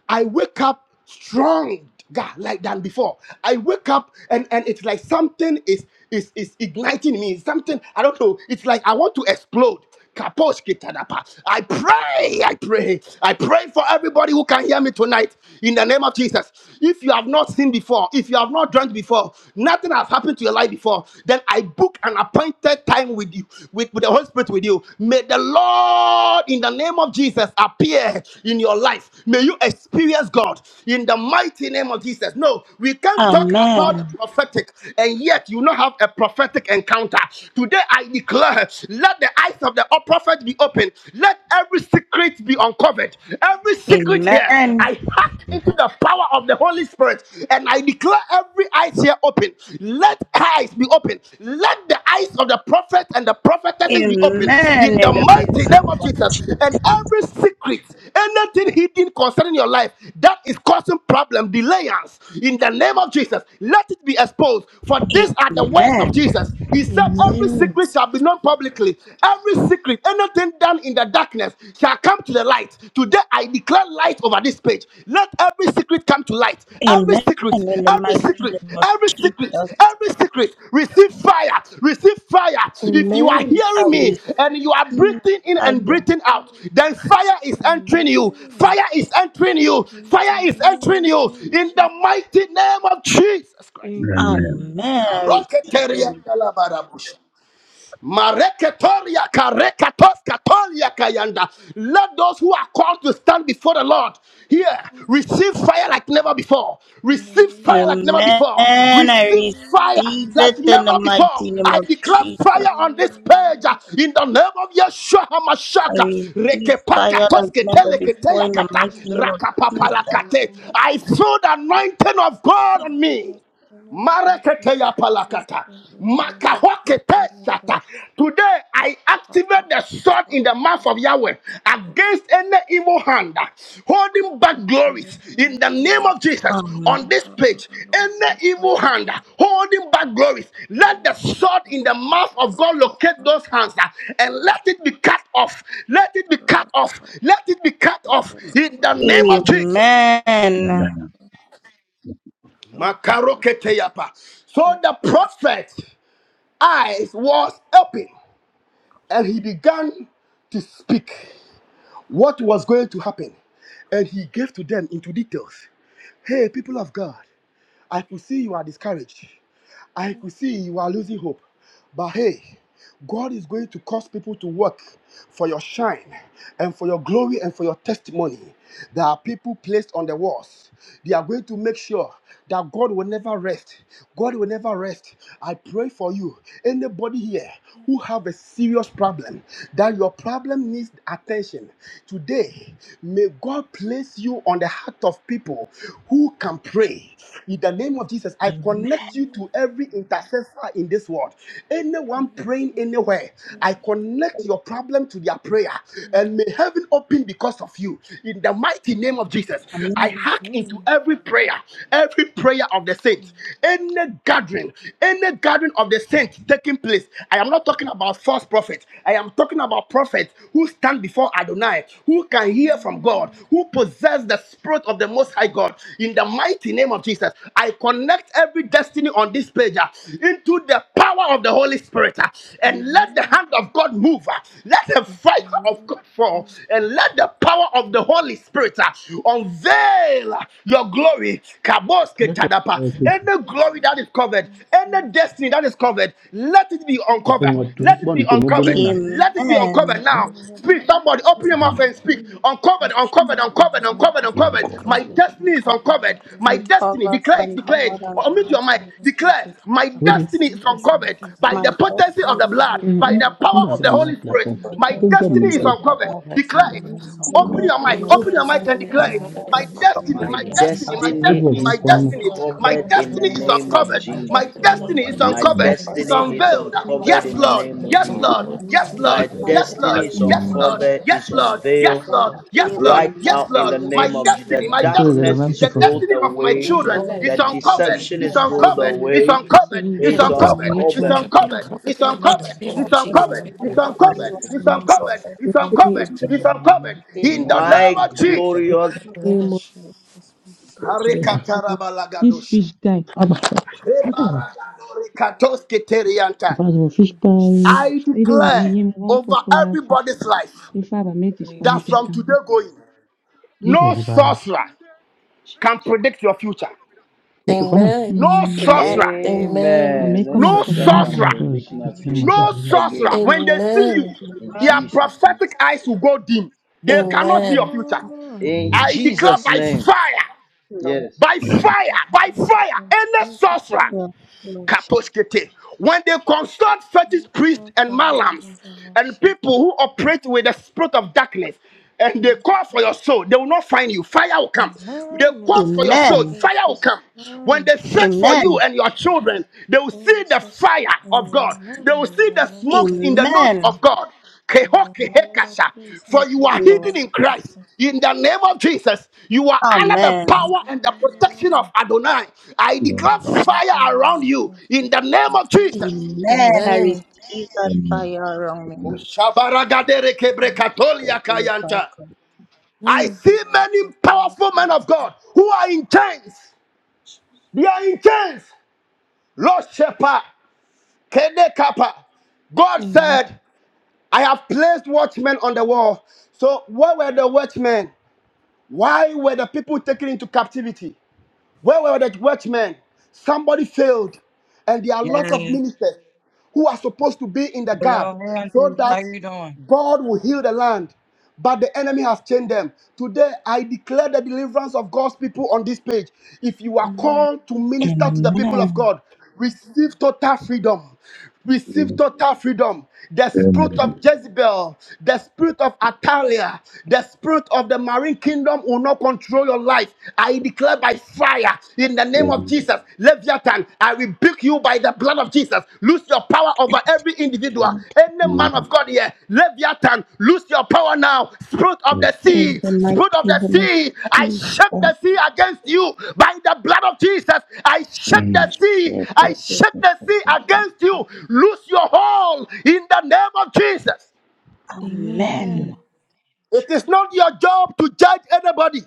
[SPEAKER 9] I wake up strong. God, like than before. I wake up and and it's like something is is is igniting me. Something I don't know. It's like I want to explode. Kaposh kitadapa. I pray, I pray, I pray for everybody who can hear me tonight in the name of Jesus. If you have not seen before, if you have not drunk before, nothing has happened to your life before, then I book an appointed time with you, with, with the Holy Spirit with you. May the Lord, in the name of Jesus, appear in your life. May you experience God in the mighty name of Jesus. No, we can't talk about
[SPEAKER 12] Amen.
[SPEAKER 9] the prophetic and yet you not have a prophetic encounter. Today I declare, let the eyes of the prophet be open. Let every secret be uncovered. Every secret here,
[SPEAKER 12] Amen.
[SPEAKER 9] I hack into the power of the Holy Spirit and I declare every eyes here open. Let eyes be open. Let the the eyes of the prophet and the prophetesses be opened
[SPEAKER 12] Amen in
[SPEAKER 9] in the
[SPEAKER 12] the
[SPEAKER 9] mighty
[SPEAKER 12] mighty name
[SPEAKER 9] name of
[SPEAKER 12] of
[SPEAKER 9] Jesus. And every secret, anything hidden concerning your life that is causing problem, delayance, in the name of Jesus, let it be exposed. For these are the words
[SPEAKER 12] Amen.
[SPEAKER 9] of Jesus. He said, Every
[SPEAKER 8] Amen.
[SPEAKER 9] secret shall be known publicly. Every secret, anything done in the darkness, shall come to the light Today I declare light over this page. Let every secret come to light. Every
[SPEAKER 12] Amen
[SPEAKER 9] secret,
[SPEAKER 12] in the
[SPEAKER 9] every
[SPEAKER 12] mighty
[SPEAKER 9] secret,
[SPEAKER 12] name of
[SPEAKER 9] every secret,
[SPEAKER 12] Jesus.
[SPEAKER 9] every secret. Receive fire, receive fire. If you are
[SPEAKER 8] Amen.
[SPEAKER 12] I
[SPEAKER 9] hearing me
[SPEAKER 12] receive
[SPEAKER 9] and you are breathing in and
[SPEAKER 12] fire.
[SPEAKER 9] breathing out, then fire is entering you. Fire is entering you.
[SPEAKER 2] In the
[SPEAKER 9] Fire is
[SPEAKER 2] name
[SPEAKER 9] entering
[SPEAKER 2] of
[SPEAKER 9] you. In
[SPEAKER 2] Jesus.
[SPEAKER 9] the mighty name of Jesus Christ.
[SPEAKER 2] Amen.
[SPEAKER 12] Amen. I re-
[SPEAKER 9] Mareketoria karekatos katolia kayanda. Let those who are called to stand before the Lord here receive fire like never before. Receive fire like never
[SPEAKER 12] Amen.
[SPEAKER 9] before.
[SPEAKER 12] I
[SPEAKER 9] Receive fire
[SPEAKER 12] receive it
[SPEAKER 9] like
[SPEAKER 12] in the
[SPEAKER 9] never before.
[SPEAKER 12] mighty name
[SPEAKER 9] I
[SPEAKER 12] of
[SPEAKER 9] declare
[SPEAKER 12] Jesus.
[SPEAKER 9] fire on this page uh, in the name of Yeshua
[SPEAKER 12] I
[SPEAKER 9] Hamashaka.
[SPEAKER 12] receive
[SPEAKER 2] Amen.
[SPEAKER 12] fire like
[SPEAKER 9] Rekepakatos
[SPEAKER 12] never before
[SPEAKER 9] keteleketeya
[SPEAKER 12] in
[SPEAKER 2] Amen.
[SPEAKER 12] the
[SPEAKER 9] kata.
[SPEAKER 12] mighty
[SPEAKER 2] Amen.
[SPEAKER 12] name of Jesus.
[SPEAKER 9] Rakapapalakate. I feel the
[SPEAKER 2] Amen.
[SPEAKER 9] anointing of God on me. Maraketeya palakata. Makahokete shata. Today I activate the sword in the mouth of Yahweh against any evil hand uh, holding back glories in the name of Jesus on
[SPEAKER 12] Amen.
[SPEAKER 9] this page. Any evil hand uh, holding back glories, let the sword in the mouth of God locate those hands uh, and let it be cut off. Let it be cut off. Let it be cut off in the name of Jesus.
[SPEAKER 12] Amen. Amen.
[SPEAKER 9] Makarokete yapa. So the prophet eyes was open and he began to speak what was going to happen. And he gave to them into details. Hey, people of God, I could see you are discouraged. I could see you are losing hope. But hey, God is going to cause people to work for your shine and for your glory and for your testimony. There are people placed on the walls. They are going to make sure that God will never rest. God will never rest. I pray for you. Anybody here who have a serious problem, that your problem needs attention. Today, may God place you on the heart of people who can pray. In the name of Jesus, I connect you to every intercessor in this world.
[SPEAKER 2] Amen.
[SPEAKER 9] Anyone
[SPEAKER 2] Amen.
[SPEAKER 9] praying anywhere, I connect your problem to their prayer. And may heaven open because of you. In the mighty name of Jesus, I
[SPEAKER 12] Amen.
[SPEAKER 9] hack into every prayer, every prayer of the saints, any gathering, any gathering foreshadowing of the saint taking place. I am not talking about false prophets. I am talking about prophets who stand before Adonai, who can hear from God, who possess the spirit of the Most High God. In the mighty name of Jesus, I connect every destiny on this page uh, into the power of the Holy Spirit uh, and let the hand of God move. uh, Let the fire of God fall and let the power of the Holy Spirit uh, unveil uh, your glory. Kabos
[SPEAKER 18] Network
[SPEAKER 9] ketadapa. Any glory
[SPEAKER 2] Amen.
[SPEAKER 9] that is covered,
[SPEAKER 2] And the mind
[SPEAKER 9] any destiny that is covered, let it be
[SPEAKER 18] appoñ
[SPEAKER 9] uncovered.
[SPEAKER 18] ŋot tu
[SPEAKER 9] Let it
[SPEAKER 18] bon
[SPEAKER 9] be
[SPEAKER 18] tu mo bunu
[SPEAKER 9] uncovered.
[SPEAKER 18] na.
[SPEAKER 9] Let it be uncovered
[SPEAKER 12] Amen.
[SPEAKER 9] now. Speak, somebody, open your mouth and speak. Uncovered, uncovered, uncovered, uncovered,
[SPEAKER 2] that
[SPEAKER 9] uncovered. My
[SPEAKER 2] uncovered,
[SPEAKER 9] destiny is
[SPEAKER 2] uncovered in
[SPEAKER 9] uncovered.
[SPEAKER 2] the
[SPEAKER 9] My
[SPEAKER 2] light.
[SPEAKER 9] destiny,
[SPEAKER 2] Destiny
[SPEAKER 12] Father,
[SPEAKER 2] is
[SPEAKER 9] declare it,
[SPEAKER 12] and
[SPEAKER 2] uncovered
[SPEAKER 9] declare it.
[SPEAKER 2] in
[SPEAKER 12] Father, and
[SPEAKER 9] Or
[SPEAKER 2] the
[SPEAKER 9] unmute your
[SPEAKER 2] mighty
[SPEAKER 12] Father.
[SPEAKER 9] mic,
[SPEAKER 2] name of
[SPEAKER 9] declare,
[SPEAKER 2] Jesus.
[SPEAKER 9] my
[SPEAKER 2] My
[SPEAKER 18] Wuji
[SPEAKER 9] destiny is
[SPEAKER 2] destiny is
[SPEAKER 9] uncovered
[SPEAKER 2] uncovered
[SPEAKER 9] by
[SPEAKER 12] My
[SPEAKER 9] the
[SPEAKER 2] in the
[SPEAKER 9] potency of
[SPEAKER 2] mighty
[SPEAKER 9] the
[SPEAKER 12] destiny
[SPEAKER 9] blood,
[SPEAKER 12] and
[SPEAKER 9] by
[SPEAKER 18] Mm-mm.
[SPEAKER 2] name
[SPEAKER 9] the
[SPEAKER 2] of
[SPEAKER 12] purpose
[SPEAKER 9] power
[SPEAKER 18] mba
[SPEAKER 9] of
[SPEAKER 18] ga
[SPEAKER 9] the
[SPEAKER 2] Jesus.
[SPEAKER 18] na
[SPEAKER 2] My
[SPEAKER 9] Holy
[SPEAKER 12] are
[SPEAKER 9] Spirit.
[SPEAKER 18] platform.
[SPEAKER 9] My
[SPEAKER 12] important
[SPEAKER 18] Tupin
[SPEAKER 12] to
[SPEAKER 18] bom
[SPEAKER 2] destiny is
[SPEAKER 18] nim
[SPEAKER 9] destiny is
[SPEAKER 18] ko.
[SPEAKER 12] fulfill.
[SPEAKER 2] forever. My
[SPEAKER 9] uncovered.
[SPEAKER 19] God has
[SPEAKER 9] Declare it.
[SPEAKER 2] destiny is
[SPEAKER 12] My
[SPEAKER 9] Open your
[SPEAKER 2] uncovered.
[SPEAKER 9] mic,
[SPEAKER 12] destiny
[SPEAKER 2] My
[SPEAKER 9] open
[SPEAKER 12] is
[SPEAKER 9] your mic
[SPEAKER 12] an
[SPEAKER 9] and declare
[SPEAKER 12] offer
[SPEAKER 2] spirit of
[SPEAKER 19] mercy.
[SPEAKER 9] it.
[SPEAKER 2] the
[SPEAKER 9] My
[SPEAKER 2] Holy
[SPEAKER 9] destiny,
[SPEAKER 2] Spirit.
[SPEAKER 20] My
[SPEAKER 9] my
[SPEAKER 8] Amen.
[SPEAKER 9] destiny, my
[SPEAKER 12] to
[SPEAKER 20] destiny
[SPEAKER 18] Network
[SPEAKER 9] destiny,
[SPEAKER 18] yi
[SPEAKER 20] is
[SPEAKER 9] my
[SPEAKER 2] Destiny
[SPEAKER 18] fom no.
[SPEAKER 2] is
[SPEAKER 9] destiny,
[SPEAKER 12] fulfill.
[SPEAKER 9] my
[SPEAKER 20] uncovered
[SPEAKER 2] uncovered
[SPEAKER 12] My
[SPEAKER 2] in
[SPEAKER 20] in
[SPEAKER 8] I
[SPEAKER 20] the
[SPEAKER 9] destiny
[SPEAKER 2] the
[SPEAKER 8] don't
[SPEAKER 9] is
[SPEAKER 8] know
[SPEAKER 2] mighty
[SPEAKER 20] name of
[SPEAKER 9] uncovered.
[SPEAKER 2] name of Jesus.
[SPEAKER 8] if
[SPEAKER 9] My
[SPEAKER 20] Jesus.
[SPEAKER 8] there's
[SPEAKER 12] destiny
[SPEAKER 8] no
[SPEAKER 9] destiny
[SPEAKER 12] is
[SPEAKER 9] is
[SPEAKER 2] My
[SPEAKER 12] an
[SPEAKER 20] My
[SPEAKER 8] penalty.
[SPEAKER 9] uncovered.
[SPEAKER 8] And
[SPEAKER 12] offer
[SPEAKER 2] destiny
[SPEAKER 8] he
[SPEAKER 12] in
[SPEAKER 9] It's
[SPEAKER 20] destiny
[SPEAKER 2] is
[SPEAKER 12] the
[SPEAKER 2] covered
[SPEAKER 20] is
[SPEAKER 9] unveiled.
[SPEAKER 12] mighty name
[SPEAKER 8] and I
[SPEAKER 12] of
[SPEAKER 2] are
[SPEAKER 20] uncovered
[SPEAKER 9] Yes,
[SPEAKER 20] in
[SPEAKER 8] think
[SPEAKER 20] the
[SPEAKER 8] it's
[SPEAKER 12] Jesus.
[SPEAKER 9] Lord.
[SPEAKER 20] name
[SPEAKER 2] covered.
[SPEAKER 8] taken me
[SPEAKER 20] of
[SPEAKER 9] Yes,
[SPEAKER 8] to it,
[SPEAKER 2] It's
[SPEAKER 20] Jesus.
[SPEAKER 8] and
[SPEAKER 9] Lord.
[SPEAKER 8] we
[SPEAKER 2] been
[SPEAKER 8] need
[SPEAKER 9] Yes,
[SPEAKER 8] to be
[SPEAKER 2] covered
[SPEAKER 9] Lord.
[SPEAKER 20] My
[SPEAKER 2] by
[SPEAKER 8] open,
[SPEAKER 12] My
[SPEAKER 2] the
[SPEAKER 9] Yes,
[SPEAKER 8] but
[SPEAKER 2] blood
[SPEAKER 20] destiny
[SPEAKER 9] Lord.
[SPEAKER 8] then,
[SPEAKER 12] destiny
[SPEAKER 20] is
[SPEAKER 2] of
[SPEAKER 12] is
[SPEAKER 8] you
[SPEAKER 9] Yes,
[SPEAKER 12] an
[SPEAKER 8] know,
[SPEAKER 2] Jesus.
[SPEAKER 9] Lord.
[SPEAKER 2] My
[SPEAKER 20] uncovered,
[SPEAKER 9] Yes,
[SPEAKER 20] is
[SPEAKER 2] history
[SPEAKER 8] Jesus.
[SPEAKER 9] Lord.
[SPEAKER 2] is
[SPEAKER 12] offer
[SPEAKER 9] Yes,
[SPEAKER 20] unveiled
[SPEAKER 12] on
[SPEAKER 9] Lord.
[SPEAKER 2] uncovered.
[SPEAKER 12] feel
[SPEAKER 9] Yes,
[SPEAKER 12] in
[SPEAKER 9] Lord.
[SPEAKER 20] right
[SPEAKER 12] the
[SPEAKER 2] Nika
[SPEAKER 12] mighty
[SPEAKER 9] Yes,
[SPEAKER 20] now in
[SPEAKER 9] Lord.
[SPEAKER 2] yaba
[SPEAKER 20] the
[SPEAKER 12] name
[SPEAKER 9] My
[SPEAKER 12] of
[SPEAKER 20] name of Jesus.
[SPEAKER 2] yushaba
[SPEAKER 9] destiny,
[SPEAKER 20] The
[SPEAKER 9] my
[SPEAKER 12] Jesus.
[SPEAKER 18] Ntu
[SPEAKER 2] yaba
[SPEAKER 18] ga na
[SPEAKER 9] destiny,
[SPEAKER 20] darkness
[SPEAKER 2] yushaba
[SPEAKER 18] mam si
[SPEAKER 20] is
[SPEAKER 9] the
[SPEAKER 18] fon fi.
[SPEAKER 2] yaba
[SPEAKER 20] rolled
[SPEAKER 9] destiny of my
[SPEAKER 20] away.
[SPEAKER 8] um,
[SPEAKER 2] Rati
[SPEAKER 9] children
[SPEAKER 2] yaba
[SPEAKER 12] Lord,
[SPEAKER 9] is
[SPEAKER 20] The
[SPEAKER 2] yaba
[SPEAKER 9] uncovered.
[SPEAKER 20] deception
[SPEAKER 9] It's
[SPEAKER 2] shaka
[SPEAKER 20] is
[SPEAKER 12] my
[SPEAKER 2] yaba
[SPEAKER 20] rolled
[SPEAKER 9] uncovered. It's
[SPEAKER 12] destiny
[SPEAKER 20] away.
[SPEAKER 12] is
[SPEAKER 2] Rima
[SPEAKER 9] uncovered. It's
[SPEAKER 8] That
[SPEAKER 20] It's
[SPEAKER 8] it
[SPEAKER 2] hoshata
[SPEAKER 8] does
[SPEAKER 12] an
[SPEAKER 8] get
[SPEAKER 9] uncovered.
[SPEAKER 18] Mais
[SPEAKER 2] yaba
[SPEAKER 8] much for
[SPEAKER 9] It's
[SPEAKER 18] toi,
[SPEAKER 20] uncovered.
[SPEAKER 8] jumping
[SPEAKER 9] uncovered.
[SPEAKER 8] off
[SPEAKER 2] yushata.
[SPEAKER 8] of it
[SPEAKER 9] It's
[SPEAKER 8] in the
[SPEAKER 2] My
[SPEAKER 12] is an
[SPEAKER 9] uncovered.
[SPEAKER 8] mighty name
[SPEAKER 2] destiny
[SPEAKER 12] offer
[SPEAKER 8] of
[SPEAKER 9] It's
[SPEAKER 2] is
[SPEAKER 12] in
[SPEAKER 8] Jesus.
[SPEAKER 9] uncovered.
[SPEAKER 12] the
[SPEAKER 8] We do
[SPEAKER 2] uncovered
[SPEAKER 9] It's
[SPEAKER 12] mighty
[SPEAKER 2] in the
[SPEAKER 8] help it
[SPEAKER 12] name
[SPEAKER 9] uncovered.
[SPEAKER 2] mighty
[SPEAKER 12] of
[SPEAKER 9] It's
[SPEAKER 2] name
[SPEAKER 8] Mm.
[SPEAKER 2] of
[SPEAKER 9] uncovered.
[SPEAKER 2] Jesus.
[SPEAKER 12] Jesus.
[SPEAKER 9] It's
[SPEAKER 2] My
[SPEAKER 8] all.
[SPEAKER 7] Destiny is
[SPEAKER 9] uncovered.
[SPEAKER 2] career,
[SPEAKER 8] things
[SPEAKER 9] It's
[SPEAKER 2] Father,
[SPEAKER 9] uncovered.
[SPEAKER 2] we can
[SPEAKER 12] This
[SPEAKER 2] do
[SPEAKER 9] In
[SPEAKER 2] our
[SPEAKER 12] is
[SPEAKER 9] the
[SPEAKER 2] most
[SPEAKER 12] the
[SPEAKER 9] name
[SPEAKER 2] to
[SPEAKER 20] My
[SPEAKER 9] of
[SPEAKER 2] come down
[SPEAKER 9] Jesus.
[SPEAKER 2] with
[SPEAKER 20] glorious
[SPEAKER 12] covenant.
[SPEAKER 8] are
[SPEAKER 7] the
[SPEAKER 2] my
[SPEAKER 7] name
[SPEAKER 8] Amen.
[SPEAKER 7] of
[SPEAKER 2] strength. That's my strength.
[SPEAKER 7] the name of
[SPEAKER 18] this
[SPEAKER 9] Harekatarabalagadosh.
[SPEAKER 18] fish guy, Aba.
[SPEAKER 9] Rebaragadorikatosketerianta.
[SPEAKER 18] Impossible
[SPEAKER 2] That's
[SPEAKER 18] fish
[SPEAKER 2] my
[SPEAKER 18] pie.
[SPEAKER 9] I
[SPEAKER 2] strength. In
[SPEAKER 18] Either way, you
[SPEAKER 9] declare
[SPEAKER 18] give me one
[SPEAKER 9] over
[SPEAKER 18] popular fish.
[SPEAKER 9] everybody's life
[SPEAKER 18] If I make
[SPEAKER 2] the Name
[SPEAKER 9] that
[SPEAKER 2] of
[SPEAKER 18] disconnected,
[SPEAKER 2] Jesus.
[SPEAKER 9] from today
[SPEAKER 18] tango.
[SPEAKER 9] going,
[SPEAKER 18] You go
[SPEAKER 9] no
[SPEAKER 18] give by.
[SPEAKER 9] sorcerer can predict your future.
[SPEAKER 18] Go for now.
[SPEAKER 8] Amen.
[SPEAKER 9] No
[SPEAKER 18] Mm,
[SPEAKER 12] Amen.
[SPEAKER 9] sorcerer,
[SPEAKER 18] I may
[SPEAKER 20] Amen.
[SPEAKER 8] Amen.
[SPEAKER 20] No
[SPEAKER 18] come
[SPEAKER 9] no
[SPEAKER 18] across a
[SPEAKER 20] sorcerer
[SPEAKER 18] Mm, We
[SPEAKER 2] In
[SPEAKER 18] yoga.
[SPEAKER 20] can
[SPEAKER 2] the
[SPEAKER 18] come
[SPEAKER 9] sorcerer,
[SPEAKER 20] predict
[SPEAKER 18] across
[SPEAKER 20] my
[SPEAKER 2] name of
[SPEAKER 18] 59 matches.
[SPEAKER 20] future
[SPEAKER 9] no
[SPEAKER 2] Jesus.
[SPEAKER 9] sorcerer.
[SPEAKER 20] again.
[SPEAKER 9] When they see you,
[SPEAKER 8] Amen.
[SPEAKER 20] In
[SPEAKER 9] their
[SPEAKER 12] Amen.
[SPEAKER 20] Jesus' name.
[SPEAKER 9] prophetic eyes will go dim. They cannot see your
[SPEAKER 8] Amen.
[SPEAKER 9] future.
[SPEAKER 2] Oh,
[SPEAKER 20] In
[SPEAKER 2] in
[SPEAKER 9] I declare
[SPEAKER 20] Jesus'
[SPEAKER 2] Jesus'
[SPEAKER 9] by
[SPEAKER 20] name.
[SPEAKER 2] name.
[SPEAKER 9] fire,
[SPEAKER 12] Lord.
[SPEAKER 20] Yes.
[SPEAKER 9] by fire, by fire,
[SPEAKER 2] In
[SPEAKER 9] any
[SPEAKER 2] Jesus'
[SPEAKER 9] sorcerer.
[SPEAKER 2] name.
[SPEAKER 12] Yes, Lord.
[SPEAKER 9] Kaposkete. When they consult fetish priests
[SPEAKER 2] Oh
[SPEAKER 9] and
[SPEAKER 2] God, in
[SPEAKER 9] malams
[SPEAKER 2] the
[SPEAKER 9] and
[SPEAKER 2] most
[SPEAKER 9] people
[SPEAKER 2] servant
[SPEAKER 9] who operate with the spirit of darkness, and they call for
[SPEAKER 2] Jesus.
[SPEAKER 9] your soul, they will not find you. Fire will come.
[SPEAKER 2] Amen.
[SPEAKER 9] They
[SPEAKER 2] In
[SPEAKER 9] call for
[SPEAKER 2] the
[SPEAKER 9] your
[SPEAKER 2] name of
[SPEAKER 12] Amen.
[SPEAKER 9] soul, fire will
[SPEAKER 2] Jesus.
[SPEAKER 9] come. When
[SPEAKER 2] Amen.
[SPEAKER 9] they search for you
[SPEAKER 12] Amen.
[SPEAKER 9] and your children, they will see the
[SPEAKER 2] Jesus.
[SPEAKER 9] fire of God.
[SPEAKER 2] Amen.
[SPEAKER 9] They will
[SPEAKER 2] In
[SPEAKER 9] see
[SPEAKER 2] the
[SPEAKER 9] the
[SPEAKER 2] mighty
[SPEAKER 9] smokes
[SPEAKER 2] name
[SPEAKER 9] in
[SPEAKER 2] of
[SPEAKER 9] the nose
[SPEAKER 12] Amen.
[SPEAKER 2] Jesus.
[SPEAKER 9] of God.
[SPEAKER 2] In the
[SPEAKER 9] Kehoke
[SPEAKER 2] name of
[SPEAKER 9] hekasha. For
[SPEAKER 2] Jesus,
[SPEAKER 9] you
[SPEAKER 2] we
[SPEAKER 9] are
[SPEAKER 2] come
[SPEAKER 12] Lord.
[SPEAKER 9] hidden
[SPEAKER 2] in
[SPEAKER 9] in
[SPEAKER 2] the
[SPEAKER 9] Christ.
[SPEAKER 2] portion.
[SPEAKER 9] In the name of Jesus, you are
[SPEAKER 2] Amen.
[SPEAKER 9] under
[SPEAKER 2] In
[SPEAKER 9] the
[SPEAKER 12] Amen.
[SPEAKER 9] power and the protection of Adonai. I declare
[SPEAKER 2] the mighty
[SPEAKER 9] fire around
[SPEAKER 2] name
[SPEAKER 9] you
[SPEAKER 2] of
[SPEAKER 9] in the name
[SPEAKER 2] Jesus.
[SPEAKER 9] of Jesus.
[SPEAKER 12] Amen.
[SPEAKER 2] Amen.
[SPEAKER 12] I
[SPEAKER 8] Amen.
[SPEAKER 12] receive that fire around me. So
[SPEAKER 2] Amen.
[SPEAKER 12] it back,
[SPEAKER 9] Kushabaragaderekebrekatoliakayanta.
[SPEAKER 12] Lord.
[SPEAKER 9] I
[SPEAKER 7] Amen.
[SPEAKER 9] see many powerful men of God who are in chains. They are in chains. Lord Shepherd, Kede Kappa. God
[SPEAKER 7] Amen.
[SPEAKER 9] said, I have placed watchmen on the wall. So, where were the watchmen? Why were the people taken into captivity? Where were the watchmen? Somebody failed, and there are a lot of
[SPEAKER 21] Yeah.
[SPEAKER 9] ministers who are supposed to be in the gap
[SPEAKER 21] Hello,
[SPEAKER 9] so
[SPEAKER 21] Andrew. How
[SPEAKER 9] that
[SPEAKER 21] you doing?
[SPEAKER 9] God will heal the land. But the enemy has chained them. Today, I declare the deliverance of God's people on this page. If you are
[SPEAKER 7] Amen.
[SPEAKER 9] called to minister to the people of
[SPEAKER 12] Amen.
[SPEAKER 9] God, receive total freedom. Receive total freedom. The spirit of Jezebel, the spirit of Atalia, the spirit of the marine kingdom will not control your life. I declare by fire in the name of Jesus. Leviathan, I rebuke you by the blood of Jesus. Lose your power of over every individual.
[SPEAKER 12] And
[SPEAKER 9] Any man of God here, Leviathan, lose your power now. Spirit of the
[SPEAKER 12] in
[SPEAKER 9] sea,
[SPEAKER 12] the mighty
[SPEAKER 9] spirit of the
[SPEAKER 12] name of
[SPEAKER 9] sea, I shake
[SPEAKER 12] Jesus.
[SPEAKER 9] the sea against you by the blood of Jesus. I shake the
[SPEAKER 12] we
[SPEAKER 9] sea,
[SPEAKER 12] share
[SPEAKER 9] I
[SPEAKER 12] this with
[SPEAKER 9] shake the
[SPEAKER 12] the
[SPEAKER 9] sea
[SPEAKER 12] people.
[SPEAKER 9] against you. Lose your hold in the name of Jesus.
[SPEAKER 7] Amen.
[SPEAKER 12] Amen.
[SPEAKER 2] Amen.
[SPEAKER 9] It is not your job to judge anybody,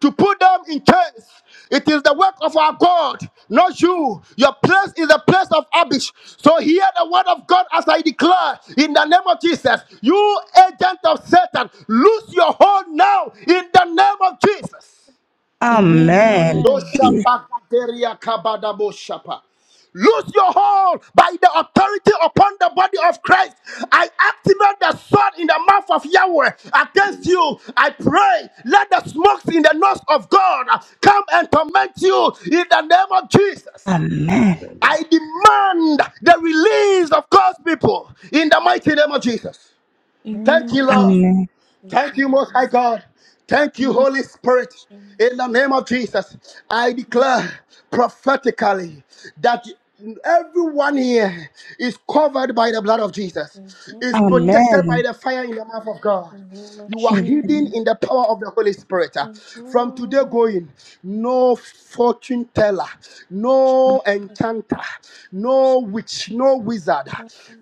[SPEAKER 9] to put them in chains. It is the work of our God, not you. Your place is a place of abyss. So hear the word of God as I declare in the name of Jesus. You agent of Satan, lose your hold now in the name of Jesus.
[SPEAKER 7] Amen.
[SPEAKER 12] Amen.
[SPEAKER 9] Landosha bakateria kabadabo shapa. Lose your hold by the authority upon the body of Christ. I activate the sword in the mouth of Yahweh against you. I pray, let the smokes in the nose of God come and torment you in the name of Jesus.
[SPEAKER 1] Amen.
[SPEAKER 12] Amen.
[SPEAKER 9] I demand the release of God's people in the mighty name of Jesus. Thank
[SPEAKER 7] Amen.
[SPEAKER 9] you,
[SPEAKER 2] Amen.
[SPEAKER 9] Lord.
[SPEAKER 12] Amen.
[SPEAKER 2] Thank
[SPEAKER 9] Thank
[SPEAKER 2] you,
[SPEAKER 9] you, Most High
[SPEAKER 2] Jesus.
[SPEAKER 9] God. Thank you,
[SPEAKER 7] Amen.
[SPEAKER 9] Holy Spirit. In the name of Jesus, I
[SPEAKER 7] Amen.
[SPEAKER 9] declare prophetically that everyone here is covered by the blood of Jesus, is
[SPEAKER 2] Amen.
[SPEAKER 7] Amen.
[SPEAKER 9] protected by
[SPEAKER 12] Amen.
[SPEAKER 9] the fire in the mouth of
[SPEAKER 2] In
[SPEAKER 9] God.
[SPEAKER 2] the name of
[SPEAKER 9] You are
[SPEAKER 2] Jesus.
[SPEAKER 7] Amen.
[SPEAKER 9] hidden
[SPEAKER 12] Amen.
[SPEAKER 9] in the power of the Holy Spirit. From today
[SPEAKER 2] Amen.
[SPEAKER 9] going, no fortune teller,
[SPEAKER 7] Uh,
[SPEAKER 9] no
[SPEAKER 2] Jesus.
[SPEAKER 9] enchanter, no witch, no wizard,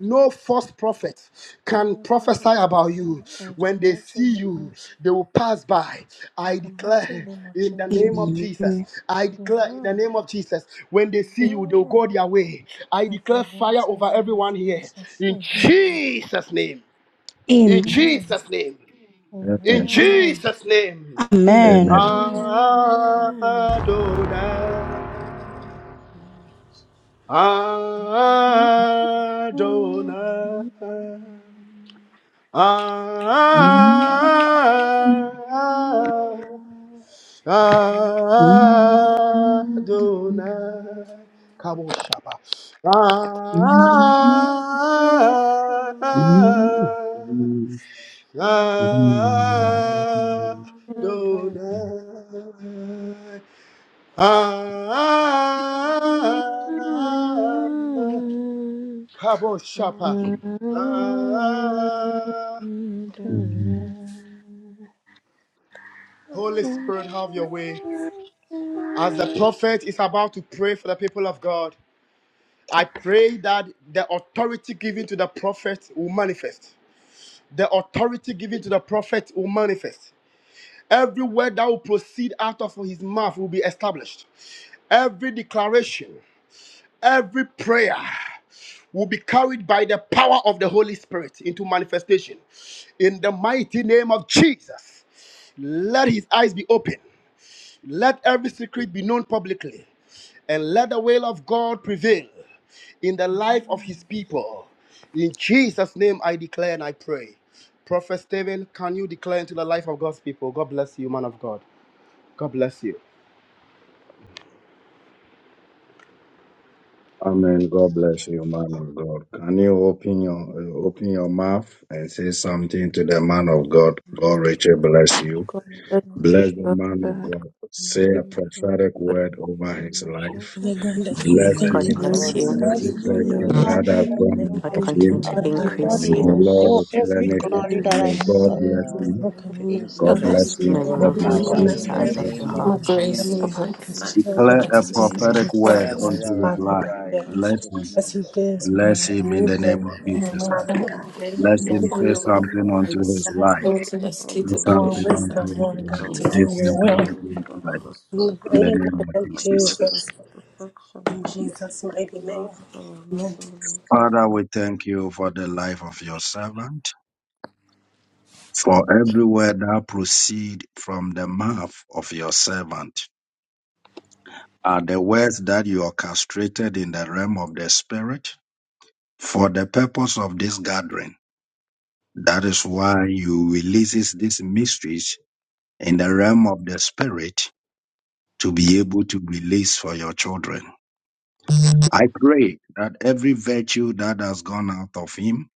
[SPEAKER 9] no false prophet can
[SPEAKER 2] Amen.
[SPEAKER 9] prophesy about you.
[SPEAKER 2] In the
[SPEAKER 9] When they
[SPEAKER 2] mighty
[SPEAKER 9] see
[SPEAKER 2] name
[SPEAKER 9] you,
[SPEAKER 2] of Je-
[SPEAKER 9] they will pass by.
[SPEAKER 2] in
[SPEAKER 9] I
[SPEAKER 2] the mighty
[SPEAKER 9] declare
[SPEAKER 2] name of
[SPEAKER 9] in the
[SPEAKER 7] Amen.
[SPEAKER 9] name
[SPEAKER 2] Jesus.
[SPEAKER 9] of Jesus.
[SPEAKER 12] Amen.
[SPEAKER 9] I declare in the
[SPEAKER 2] Amen.
[SPEAKER 9] name of Jesus. When they see you, they will
[SPEAKER 2] Amen.
[SPEAKER 9] go their way. I
[SPEAKER 2] At the
[SPEAKER 9] declare fire
[SPEAKER 2] mighty
[SPEAKER 9] over
[SPEAKER 2] name of
[SPEAKER 9] everyone here.
[SPEAKER 2] Jesus.
[SPEAKER 9] In
[SPEAKER 7] Amen.
[SPEAKER 2] Amen.
[SPEAKER 9] Jesus' name. In
[SPEAKER 12] Amen.
[SPEAKER 7] Amen.
[SPEAKER 2] Amen.
[SPEAKER 9] Jesus' name. In
[SPEAKER 1] Amen.
[SPEAKER 2] Amen.
[SPEAKER 7] Amen.
[SPEAKER 9] Jesus' name.
[SPEAKER 2] Amen.
[SPEAKER 12] Amen.
[SPEAKER 1] Amen.
[SPEAKER 9] Adonai. Adonai. Adonai. Kabo Shaba. Adonai. Kabo Shapa.
[SPEAKER 7] Amen.
[SPEAKER 9] Ah,
[SPEAKER 2] Jesus, we thank you
[SPEAKER 9] Holy Spirit, have your way. As the prophet is about to pray for the people of God, I pray that the authority given to the prophet will manifest. The authority given to the prophet will manifest. Every word that will proceed out of his mouth will be established. Every declaration, every prayer. will be carried by the power of the Holy Spirit into manifestation. In the mighty name of Jesus, let his eyes be open. Let every secret be known publicly, and let the will of God prevail in the life of his people. In Jesus' name, I declare and I pray. Prophet Stephen, can you declare into the life of God's people? God bless you, man of God. God bless you.
[SPEAKER 1] Amen. God bless you, man of God. Can you open your uh, open your mouth and say something to the man of God? God, Richard, bless you.
[SPEAKER 7] God bless you,
[SPEAKER 1] Bless the man of
[SPEAKER 7] Prophet.
[SPEAKER 1] God. Say a
[SPEAKER 7] Keep
[SPEAKER 1] prophetic
[SPEAKER 7] God
[SPEAKER 1] word over his life.
[SPEAKER 22] Father God, we
[SPEAKER 1] Bless
[SPEAKER 2] for
[SPEAKER 23] God
[SPEAKER 22] thank you
[SPEAKER 20] The
[SPEAKER 1] him
[SPEAKER 2] your
[SPEAKER 22] for
[SPEAKER 23] bless
[SPEAKER 20] Lord
[SPEAKER 1] with
[SPEAKER 22] his
[SPEAKER 23] you.
[SPEAKER 22] life.
[SPEAKER 1] every
[SPEAKER 2] anointing,
[SPEAKER 20] increase
[SPEAKER 2] all
[SPEAKER 20] and
[SPEAKER 1] virtue
[SPEAKER 7] anointed.
[SPEAKER 20] bless
[SPEAKER 2] grace,
[SPEAKER 12] God
[SPEAKER 1] that
[SPEAKER 20] you.
[SPEAKER 22] Father
[SPEAKER 12] bless
[SPEAKER 1] I've
[SPEAKER 2] all
[SPEAKER 22] God, we
[SPEAKER 1] done
[SPEAKER 23] God
[SPEAKER 1] of
[SPEAKER 22] thank
[SPEAKER 23] continue
[SPEAKER 2] mystery,
[SPEAKER 1] him.
[SPEAKER 22] you,
[SPEAKER 23] to
[SPEAKER 12] Uh,
[SPEAKER 22] Lord
[SPEAKER 20] The
[SPEAKER 12] may
[SPEAKER 22] God,
[SPEAKER 2] and
[SPEAKER 22] for
[SPEAKER 12] God
[SPEAKER 22] his
[SPEAKER 20] Lord
[SPEAKER 1] May
[SPEAKER 23] increase
[SPEAKER 2] Lord, in
[SPEAKER 1] the
[SPEAKER 2] the
[SPEAKER 23] you.
[SPEAKER 22] commitment
[SPEAKER 1] Lord
[SPEAKER 2] name
[SPEAKER 12] restore
[SPEAKER 20] cause
[SPEAKER 2] of Jesus,
[SPEAKER 12] every
[SPEAKER 22] to
[SPEAKER 2] we
[SPEAKER 1] replenish
[SPEAKER 22] your
[SPEAKER 1] it
[SPEAKER 20] you
[SPEAKER 2] pray.
[SPEAKER 12] glory that
[SPEAKER 1] and
[SPEAKER 20] to
[SPEAKER 1] may
[SPEAKER 12] has
[SPEAKER 22] kingdom,
[SPEAKER 1] God
[SPEAKER 12] lost.
[SPEAKER 2] And
[SPEAKER 22] which
[SPEAKER 1] bless
[SPEAKER 22] was
[SPEAKER 2] Lord,
[SPEAKER 20] excel
[SPEAKER 1] him.
[SPEAKER 2] we
[SPEAKER 22] spoken in
[SPEAKER 2] open
[SPEAKER 22] your
[SPEAKER 20] in
[SPEAKER 2] your
[SPEAKER 1] God
[SPEAKER 8] God
[SPEAKER 22] blood,
[SPEAKER 2] eyes
[SPEAKER 1] bless
[SPEAKER 22] and
[SPEAKER 2] to
[SPEAKER 8] bless
[SPEAKER 20] strength
[SPEAKER 8] you
[SPEAKER 23] May
[SPEAKER 1] him.
[SPEAKER 20] and
[SPEAKER 23] the
[SPEAKER 22] all
[SPEAKER 20] in
[SPEAKER 8] for
[SPEAKER 1] God
[SPEAKER 23] Lord
[SPEAKER 12] May
[SPEAKER 22] that
[SPEAKER 8] more
[SPEAKER 1] bless
[SPEAKER 23] fulfill the
[SPEAKER 20] power
[SPEAKER 12] He
[SPEAKER 2] deep
[SPEAKER 1] him.
[SPEAKER 20] in
[SPEAKER 22] around
[SPEAKER 20] the
[SPEAKER 1] God
[SPEAKER 22] him,
[SPEAKER 23] desires
[SPEAKER 12] increase.
[SPEAKER 23] of
[SPEAKER 1] bless
[SPEAKER 23] your
[SPEAKER 20] name
[SPEAKER 1] him.
[SPEAKER 20] of
[SPEAKER 8] more
[SPEAKER 23] heart.
[SPEAKER 22] his
[SPEAKER 8] grace
[SPEAKER 22] family,
[SPEAKER 2] things
[SPEAKER 8] upon
[SPEAKER 2] and
[SPEAKER 20] Jesus.
[SPEAKER 8] your
[SPEAKER 2] we,
[SPEAKER 22] his
[SPEAKER 2] in
[SPEAKER 8] life.
[SPEAKER 23] In
[SPEAKER 1] Declare
[SPEAKER 22] children,
[SPEAKER 2] the
[SPEAKER 1] a
[SPEAKER 2] name
[SPEAKER 8] Mighty God,
[SPEAKER 23] Jesus'
[SPEAKER 20] May
[SPEAKER 2] of
[SPEAKER 23] name.
[SPEAKER 2] Jesus,
[SPEAKER 20] your
[SPEAKER 22] his
[SPEAKER 1] prophetic
[SPEAKER 2] we
[SPEAKER 1] word
[SPEAKER 20] oil
[SPEAKER 22] loved
[SPEAKER 2] can
[SPEAKER 8] Jesus.
[SPEAKER 1] unto
[SPEAKER 22] ones,
[SPEAKER 20] never
[SPEAKER 1] his
[SPEAKER 22] Father
[SPEAKER 20] run
[SPEAKER 2] pray
[SPEAKER 22] God,
[SPEAKER 1] life.
[SPEAKER 2] for
[SPEAKER 20] dry in
[SPEAKER 22] Daddy.
[SPEAKER 2] God's
[SPEAKER 1] Bless
[SPEAKER 20] Jesus'
[SPEAKER 1] him.
[SPEAKER 20] name.
[SPEAKER 22] As he
[SPEAKER 2] presence.
[SPEAKER 22] gives, may you
[SPEAKER 1] Bless him in
[SPEAKER 22] renew
[SPEAKER 1] the
[SPEAKER 22] him,
[SPEAKER 1] name of
[SPEAKER 2] favor in
[SPEAKER 8] In the
[SPEAKER 2] the
[SPEAKER 8] name
[SPEAKER 1] Jesus.
[SPEAKER 8] of
[SPEAKER 2] name
[SPEAKER 1] sir.
[SPEAKER 8] Jesus.
[SPEAKER 2] of
[SPEAKER 22] Father God, Daddy,
[SPEAKER 2] Jesus for
[SPEAKER 1] Bless
[SPEAKER 22] you
[SPEAKER 8] And
[SPEAKER 1] him.
[SPEAKER 2] you
[SPEAKER 22] give
[SPEAKER 8] for
[SPEAKER 1] Say
[SPEAKER 22] him
[SPEAKER 2] to
[SPEAKER 8] your own
[SPEAKER 1] something
[SPEAKER 22] increase,
[SPEAKER 1] unto
[SPEAKER 22] Lord
[SPEAKER 2] understand.
[SPEAKER 1] his
[SPEAKER 8] Christ,
[SPEAKER 22] God,
[SPEAKER 2] and
[SPEAKER 1] life.
[SPEAKER 8] and
[SPEAKER 22] Daddy.
[SPEAKER 8] to the
[SPEAKER 2] pray
[SPEAKER 1] Say
[SPEAKER 8] state
[SPEAKER 2] for
[SPEAKER 8] of
[SPEAKER 2] more
[SPEAKER 22] More
[SPEAKER 1] something
[SPEAKER 8] fish, Lord,
[SPEAKER 22] wisdom,
[SPEAKER 1] unto
[SPEAKER 2] insight.
[SPEAKER 1] his
[SPEAKER 8] thank
[SPEAKER 22] Lord
[SPEAKER 8] you,
[SPEAKER 22] God,
[SPEAKER 1] life.
[SPEAKER 2] Oh
[SPEAKER 22] to
[SPEAKER 1] Say
[SPEAKER 22] do
[SPEAKER 2] Lord,
[SPEAKER 22] your
[SPEAKER 8] Jesus.
[SPEAKER 1] something
[SPEAKER 2] we
[SPEAKER 22] will.
[SPEAKER 2] pray
[SPEAKER 1] unto
[SPEAKER 2] that
[SPEAKER 1] his life.
[SPEAKER 2] our soul
[SPEAKER 1] In
[SPEAKER 22] Lady,
[SPEAKER 1] the
[SPEAKER 22] we
[SPEAKER 2] Kayaba
[SPEAKER 1] name of
[SPEAKER 22] thank
[SPEAKER 2] our
[SPEAKER 1] Jesus.
[SPEAKER 22] you
[SPEAKER 2] blessings to protection.
[SPEAKER 22] in Jesus' mighty name.
[SPEAKER 2] Lord, by your might
[SPEAKER 22] Amen.
[SPEAKER 2] in the mighty
[SPEAKER 1] Father,
[SPEAKER 2] name of
[SPEAKER 1] we
[SPEAKER 2] Jesus.
[SPEAKER 1] thank you for the life of your servant, for every word that proceed from the mouth of your servant. are the words that you orchestrated in the realm of the spirit for the purpose of this gathering. That is why you releases these mysteries in the realm of the spirit to be able to release for your children. I pray that every virtue that has gone out of him,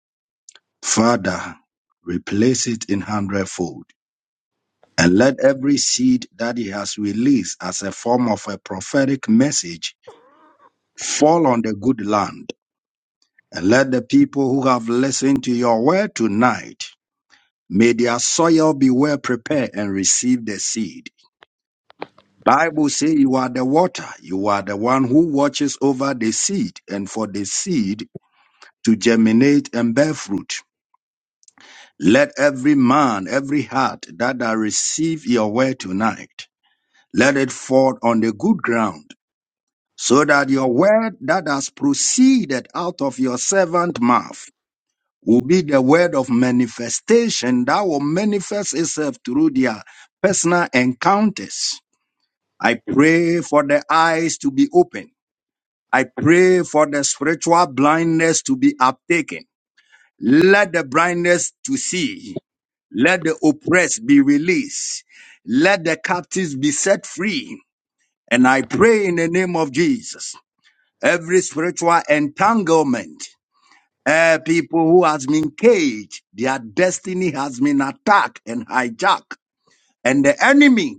[SPEAKER 1] Father, replace it in hundredfold. And let every seed that he has released as a form of a prophetic message fall on the good land And let the people who have listened to your word tonight, may their soil be well prepared and receive the seed. Bible says you are the water. You are the one who watches over the seed and for the seed to germinate and bear fruit. Let every man, every heart that I receive your word tonight, let it fall on the good ground so that your word that has proceeded out of your servant mouth will be the word of manifestation that will manifest itself through their personal encounters. I pray for the eyes to be open. I pray for the spiritual blindness to be uptaken. Let the blindness to see. Let the oppressed be released. Let the captives be set free. And I pray in the name of Jesus, every spiritual entanglement uh, people who has been caged, their destiny has been attacked and hijacked. And the enemy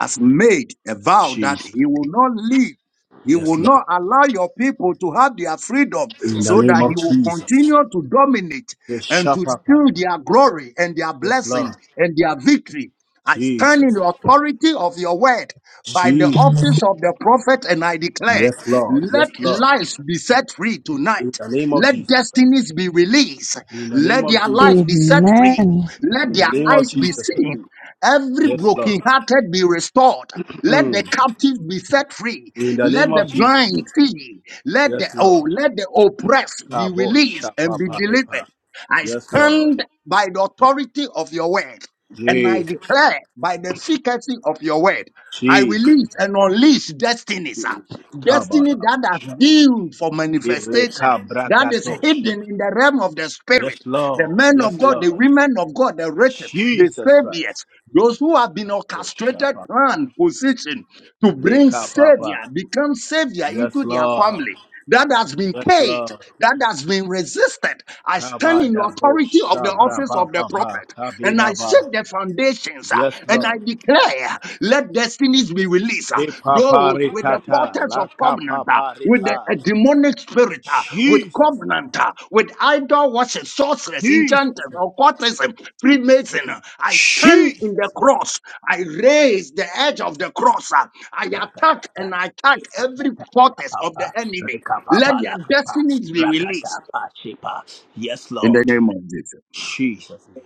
[SPEAKER 1] has made a vow that
[SPEAKER 9] Jesus.
[SPEAKER 1] he will not leave. He
[SPEAKER 9] Yes.
[SPEAKER 1] will not allow your people to have their freedom
[SPEAKER 9] In the
[SPEAKER 1] so
[SPEAKER 9] name
[SPEAKER 1] that
[SPEAKER 9] of
[SPEAKER 1] he will
[SPEAKER 9] Jesus.
[SPEAKER 1] continue to dominate
[SPEAKER 9] Yes,
[SPEAKER 1] and to steal
[SPEAKER 9] Lord.
[SPEAKER 1] their glory and their
[SPEAKER 9] Yes, Lord.
[SPEAKER 1] blessings and their victory. I
[SPEAKER 9] Jesus.
[SPEAKER 1] stand in the authority of your word by the office of the prophet, and I declare,
[SPEAKER 9] Yes, Lord.
[SPEAKER 1] let
[SPEAKER 9] Yes, Lord.
[SPEAKER 1] lives be set free
[SPEAKER 9] In
[SPEAKER 1] tonight.
[SPEAKER 9] the name of
[SPEAKER 1] Let
[SPEAKER 9] Jesus Christ.
[SPEAKER 1] destinies be released.
[SPEAKER 9] In the name
[SPEAKER 1] Let
[SPEAKER 9] of
[SPEAKER 1] their life
[SPEAKER 9] Jesus Christ.
[SPEAKER 1] be set free.
[SPEAKER 12] Amen.
[SPEAKER 1] Let
[SPEAKER 9] In the
[SPEAKER 1] their
[SPEAKER 9] name of
[SPEAKER 1] eyes be
[SPEAKER 9] Jesus Christ.
[SPEAKER 1] seen. Every
[SPEAKER 9] Yes, Lord.
[SPEAKER 1] brokenhearted be restored. Let the
[SPEAKER 9] Mm.
[SPEAKER 1] captives be set free.
[SPEAKER 9] In the
[SPEAKER 1] Let
[SPEAKER 9] name
[SPEAKER 1] the
[SPEAKER 9] of Jesus.
[SPEAKER 1] blind see. Let
[SPEAKER 9] Yes,
[SPEAKER 1] the oh,
[SPEAKER 9] Lord.
[SPEAKER 1] let the oppressed be released and be delivered.
[SPEAKER 9] Kaboshapaparepa.
[SPEAKER 1] I
[SPEAKER 9] Yes, Lord.
[SPEAKER 1] stand by the authority of your word, and I
[SPEAKER 9] Jesus.
[SPEAKER 1] declare by the efficacy of your word. I
[SPEAKER 9] Jesus.
[SPEAKER 1] release and unleash destinies, ah, destiny that has
[SPEAKER 9] Kabarabosha.
[SPEAKER 1] due for manifestation, that is
[SPEAKER 9] Kirekabragadosha.
[SPEAKER 1] hidden in the realm of the
[SPEAKER 9] Yes,
[SPEAKER 1] spirit. The
[SPEAKER 9] Lord.
[SPEAKER 1] men of
[SPEAKER 9] Yes,
[SPEAKER 1] God, the
[SPEAKER 9] Lord.
[SPEAKER 1] women of God, the riches, the
[SPEAKER 9] Jesus
[SPEAKER 1] saviors,
[SPEAKER 9] Christ.
[SPEAKER 1] those who have been
[SPEAKER 9] Rosha
[SPEAKER 1] orchestrated
[SPEAKER 9] papa.
[SPEAKER 1] plan position to bring
[SPEAKER 9] Roshapapa.
[SPEAKER 1] savior,
[SPEAKER 9] papa.
[SPEAKER 1] become savior
[SPEAKER 9] Yes,
[SPEAKER 1] into their
[SPEAKER 9] Lord.
[SPEAKER 1] family. That has been
[SPEAKER 9] Yes,
[SPEAKER 1] paid,
[SPEAKER 9] Lord.
[SPEAKER 1] that has been resisted. I stand in the
[SPEAKER 9] Kabadabo
[SPEAKER 1] authority of the
[SPEAKER 9] shabra
[SPEAKER 1] office
[SPEAKER 9] ba
[SPEAKER 1] of the
[SPEAKER 9] ba ba
[SPEAKER 1] prophet and I
[SPEAKER 9] kabida ba
[SPEAKER 1] shake the foundations ah,
[SPEAKER 9] Yes,
[SPEAKER 1] and I
[SPEAKER 9] Lord.
[SPEAKER 1] declare, let destinies be released. ah. Those with the
[SPEAKER 9] Ipaparikata,
[SPEAKER 1] portals of covenant, ah, with the
[SPEAKER 9] lakapaparita.
[SPEAKER 1] a demonic spirit, ah, with
[SPEAKER 9] Jesus,
[SPEAKER 1] covenant, ah, with idol worship, sorceress,
[SPEAKER 9] Jesus,
[SPEAKER 1] enchanters, occultism, Freemason. I stand in the
[SPEAKER 9] Jesus.
[SPEAKER 1] cross. I raise the edge of the cross. I attack
[SPEAKER 9] Rakatata,
[SPEAKER 1] and I attack every
[SPEAKER 9] isikata,
[SPEAKER 1] fortress of the
[SPEAKER 9] rapapa,
[SPEAKER 1] enemy. Let
[SPEAKER 9] rikapapa,
[SPEAKER 1] their
[SPEAKER 9] lakapa,
[SPEAKER 1] destinies be released.
[SPEAKER 9] rakatapa, shipa. Yes,
[SPEAKER 1] In the
[SPEAKER 9] Lord.
[SPEAKER 1] name of Jesus.
[SPEAKER 9] Jesus' name.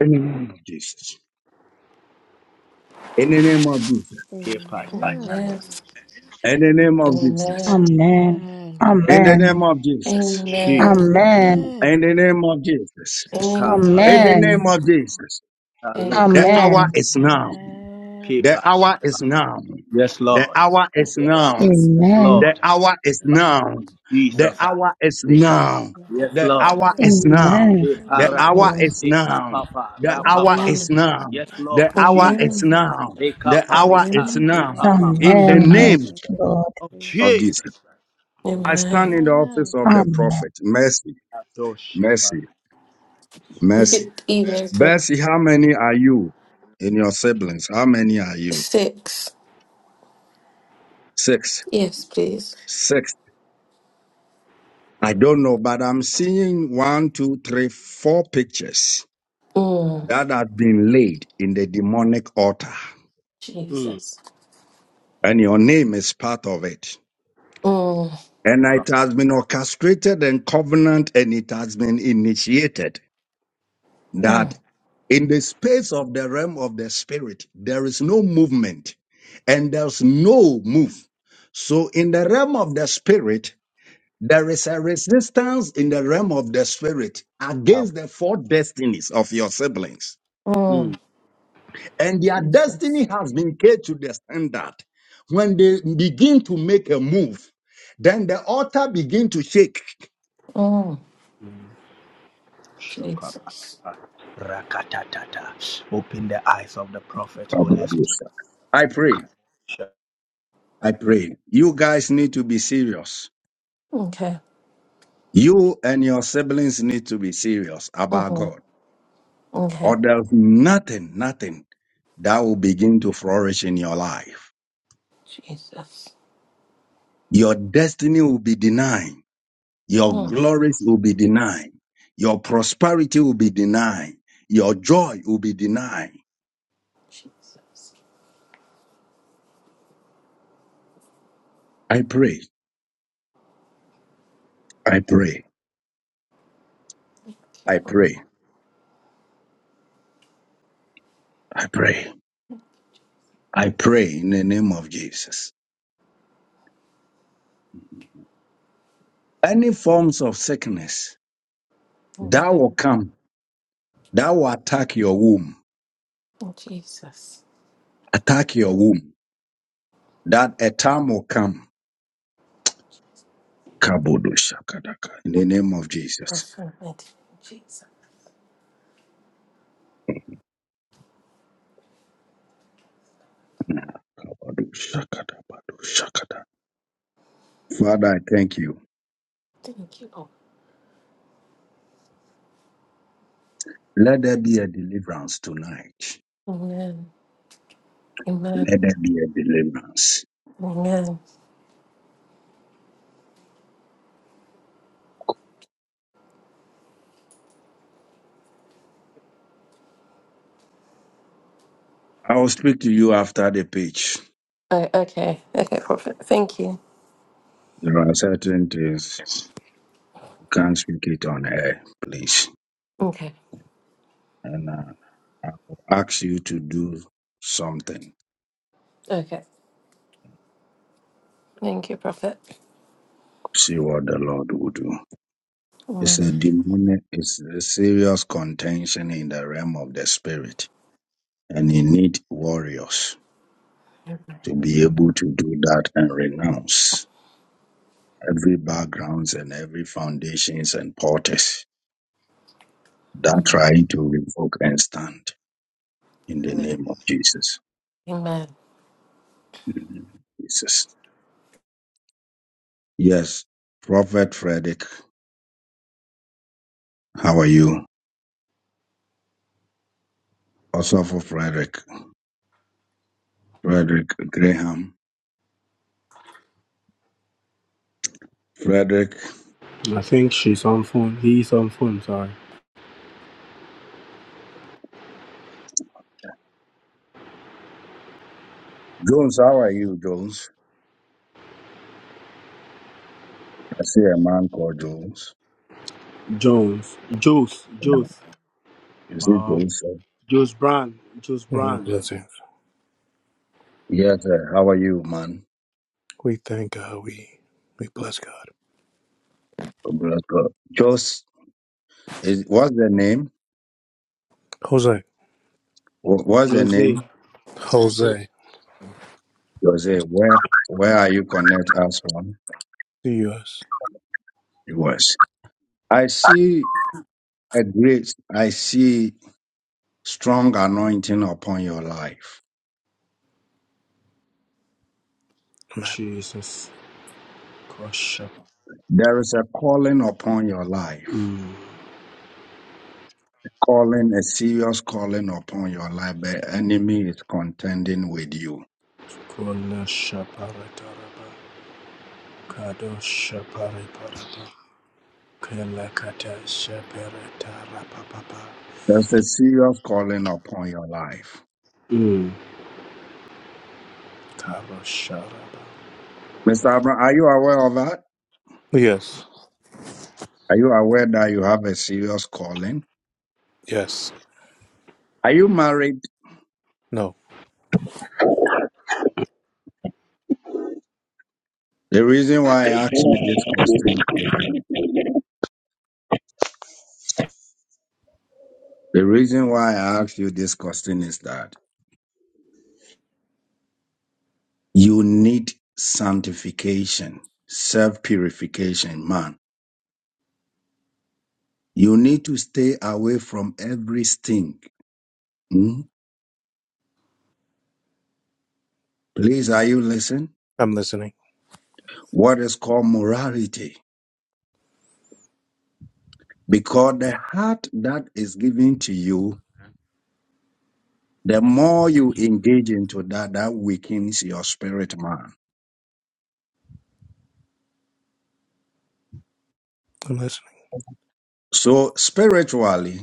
[SPEAKER 1] In the name of Jesus. In the name of Jesus.
[SPEAKER 9] Kepa, shata.
[SPEAKER 2] Amen.
[SPEAKER 8] Amen.
[SPEAKER 1] In the name of Jesus.
[SPEAKER 8] Amen.
[SPEAKER 12] Amen.
[SPEAKER 2] Amen.
[SPEAKER 1] In the
[SPEAKER 12] Amen.
[SPEAKER 1] name of Jesus.
[SPEAKER 9] Jesus.
[SPEAKER 8] Amen.
[SPEAKER 12] Amen.
[SPEAKER 2] Amen.
[SPEAKER 1] In the name of Jesus.
[SPEAKER 9] Kapa,
[SPEAKER 1] In
[SPEAKER 9] shita,
[SPEAKER 1] the
[SPEAKER 2] Amen.
[SPEAKER 8] Amen.
[SPEAKER 12] Amen.
[SPEAKER 1] name of Jesus.
[SPEAKER 2] Amen.
[SPEAKER 1] The
[SPEAKER 9] lokata.
[SPEAKER 1] hour
[SPEAKER 12] Amen.
[SPEAKER 8] Amen.
[SPEAKER 1] is now. The hour is now.
[SPEAKER 9] Yes,
[SPEAKER 1] The
[SPEAKER 9] Lord.
[SPEAKER 2] Yes,
[SPEAKER 1] hour is now.
[SPEAKER 8] Jesus.
[SPEAKER 9] Yes,
[SPEAKER 12] Amen.
[SPEAKER 2] my
[SPEAKER 1] The
[SPEAKER 9] Lord.
[SPEAKER 2] God.
[SPEAKER 1] hour is now. The
[SPEAKER 9] Jesus. uh,
[SPEAKER 1] hour is
[SPEAKER 9] Lika Papa.
[SPEAKER 1] now.
[SPEAKER 9] Yes,
[SPEAKER 1] The
[SPEAKER 8] Amen.
[SPEAKER 9] Lord.
[SPEAKER 2] Amen.
[SPEAKER 1] hour is
[SPEAKER 2] Amen.
[SPEAKER 1] now.
[SPEAKER 12] Amen.
[SPEAKER 1] The
[SPEAKER 2] Amen. Amen.
[SPEAKER 1] hour
[SPEAKER 9] Eparato.
[SPEAKER 8] Amen.
[SPEAKER 1] is
[SPEAKER 9] Lika
[SPEAKER 1] now.
[SPEAKER 9] Papa.
[SPEAKER 1] The hour
[SPEAKER 9] Rapapa.
[SPEAKER 1] is
[SPEAKER 8] Amen.
[SPEAKER 1] now.
[SPEAKER 9] Yes,
[SPEAKER 2] Amen.
[SPEAKER 1] The
[SPEAKER 9] Lord.
[SPEAKER 1] hour is
[SPEAKER 9] Jesus.
[SPEAKER 8] Amen.
[SPEAKER 2] Okay, I
[SPEAKER 1] now.
[SPEAKER 2] got the
[SPEAKER 9] Lika
[SPEAKER 1] The hour
[SPEAKER 9] Parita.
[SPEAKER 1] is
[SPEAKER 8] Amen.
[SPEAKER 1] now.
[SPEAKER 2] ground
[SPEAKER 9] Lika
[SPEAKER 2] on your
[SPEAKER 9] Papa
[SPEAKER 1] In the
[SPEAKER 12] Amen.
[SPEAKER 2] shoulder
[SPEAKER 9] Kata.
[SPEAKER 2] in the
[SPEAKER 12] Yes,
[SPEAKER 1] name
[SPEAKER 2] name of
[SPEAKER 12] Lord.
[SPEAKER 9] Oh,
[SPEAKER 2] Jesus.
[SPEAKER 1] of Jesus.
[SPEAKER 9] Jesus.
[SPEAKER 1] I stand
[SPEAKER 8] Amen.
[SPEAKER 1] in the office
[SPEAKER 2] Amen.
[SPEAKER 1] of the
[SPEAKER 12] Amen.
[SPEAKER 1] prophet. Mercy,
[SPEAKER 9] Doshipa.
[SPEAKER 1] mercy, mercy.
[SPEAKER 8] Even for
[SPEAKER 1] Mercy, how many are you in your siblings? How many are you?
[SPEAKER 8] six.
[SPEAKER 1] Six.
[SPEAKER 8] Yes, please.
[SPEAKER 1] Six. I don't know, but I'm seeing one, two, three, four pictures
[SPEAKER 8] Mm.
[SPEAKER 1] that have been laid in the demonic altar,
[SPEAKER 9] Mm,
[SPEAKER 8] Jesus.
[SPEAKER 1] and your name is part of it.
[SPEAKER 8] Mm.
[SPEAKER 1] And it has been orchestrated and covenant, and it has been initiated
[SPEAKER 8] Mm.
[SPEAKER 1] that in the space of the realm of the spirit, there is no movement and there's no move. So in the realm of the spirit, there is a resistance in the realm of the spirit against the four destinies of your siblings.
[SPEAKER 9] mm,
[SPEAKER 8] Mm.
[SPEAKER 1] and their
[SPEAKER 8] Jesus.
[SPEAKER 1] destiny has been kept to the standard. When they begin to make a move, then the altar begin to shake.
[SPEAKER 8] Mm.
[SPEAKER 9] mm. Shokapa.
[SPEAKER 8] Jesus.
[SPEAKER 9] Rakatatata. Open the eyes of the prophet, Holy Spirit.
[SPEAKER 1] I pray. I pray. You guys need to be serious.
[SPEAKER 8] Okay.
[SPEAKER 1] You and your siblings need to be serious about
[SPEAKER 8] hmm
[SPEAKER 1] God.
[SPEAKER 8] Okay.
[SPEAKER 1] Or there's nothing, nothing that will begin to flourish in your life.
[SPEAKER 8] Jesus.
[SPEAKER 1] Your destiny will be denied. Your
[SPEAKER 8] Mm.
[SPEAKER 1] glories will be denied. Your prosperity will be denied. Your joy will be denied
[SPEAKER 8] Jesus.
[SPEAKER 1] I pray, I pray,
[SPEAKER 8] Okay.
[SPEAKER 1] I
[SPEAKER 8] Oh,
[SPEAKER 1] pray, I pray, I pray in the name of Jesus. Any forms of sickness that
[SPEAKER 8] okay.
[SPEAKER 1] will come, that will attack your womb,
[SPEAKER 8] Oh, Jesus.
[SPEAKER 1] attack your womb, that a time will come. Kabodo shakadaka. In the name of Jesus.
[SPEAKER 8] Perfect. Jesus.
[SPEAKER 1] Kabodo shakada, bado shakada. Father, I thank you.
[SPEAKER 8] Thank you. Lord.
[SPEAKER 1] Let there be a deliverance tonight.
[SPEAKER 8] Amen. Amen.
[SPEAKER 1] Let there be a deliverance.
[SPEAKER 8] Amen.
[SPEAKER 1] I will speak to you after the pitch.
[SPEAKER 8] Oh, okay. Okay, Prophet. Thank you.
[SPEAKER 1] There are certain things Can't speak it on air, please.
[SPEAKER 8] Okay.
[SPEAKER 1] And uh, I will ask you to do something.
[SPEAKER 8] Okay. Thank you, Prophet.
[SPEAKER 1] See what the Lord will do. It's a
[SPEAKER 8] Amen.
[SPEAKER 1] demonic, it's a serious contention in the realm of the spirit. And you need warriors to be able to do that and renounce every backgrounds and every foundations and porters that
[SPEAKER 8] Amen.
[SPEAKER 1] trying to revoke and stand in the
[SPEAKER 8] Amen.
[SPEAKER 1] name of Jesus.
[SPEAKER 8] Amen.
[SPEAKER 1] In the name of Jesus. Yes. Prophet Frederick, how are you? also for Frederick, Frederick Graham, Frederick
[SPEAKER 9] I think she's on phone. He,
[SPEAKER 1] Francis,
[SPEAKER 9] Jones. Jose. Jose.
[SPEAKER 1] Ezekiel,
[SPEAKER 9] Jos Brand, Jos
[SPEAKER 24] Uh,
[SPEAKER 9] Brand,
[SPEAKER 24] blessings.
[SPEAKER 1] Ian,
[SPEAKER 24] We thank God. We we bless God.
[SPEAKER 1] Jos, is, what's the name?
[SPEAKER 24] Jose.
[SPEAKER 1] Wh- What's the
[SPEAKER 9] Jose.
[SPEAKER 1] name?
[SPEAKER 24] Jose.
[SPEAKER 1] Jose, where, where are you connect us from?
[SPEAKER 24] The U.S.
[SPEAKER 1] It was. I see a great, I see strong anointing upon your life.
[SPEAKER 24] Amen.
[SPEAKER 9] Jesus.
[SPEAKER 1] There is a calling upon your life. Calling, a serious calling upon your life. The enemy is contending with you
[SPEAKER 9] Kola Shaparataraba. Kado Shapariparaba. Kela Kata Shaparatarababa.
[SPEAKER 1] There's a serious calling upon your life.
[SPEAKER 9] Mm. Karo Shara.
[SPEAKER 1] Mr. Abraham, are you aware of that?
[SPEAKER 24] Yes.
[SPEAKER 1] Are you aware that you have a serious calling?
[SPEAKER 24] Yes.
[SPEAKER 1] Are you married?
[SPEAKER 24] No.
[SPEAKER 1] The reason why I asked you this question is that
[SPEAKER 25] Amen.
[SPEAKER 1] the reason why I asked you this question is that you need sanctification, self purification, man. You need to stay away from every stink. Hmm? Please, are you listening?
[SPEAKER 24] I'm listening.
[SPEAKER 1] What is called morality? Because the heart that is given to you The more you engage into that, that weakens your spirit man.
[SPEAKER 24] I'm listening.
[SPEAKER 1] So spiritually,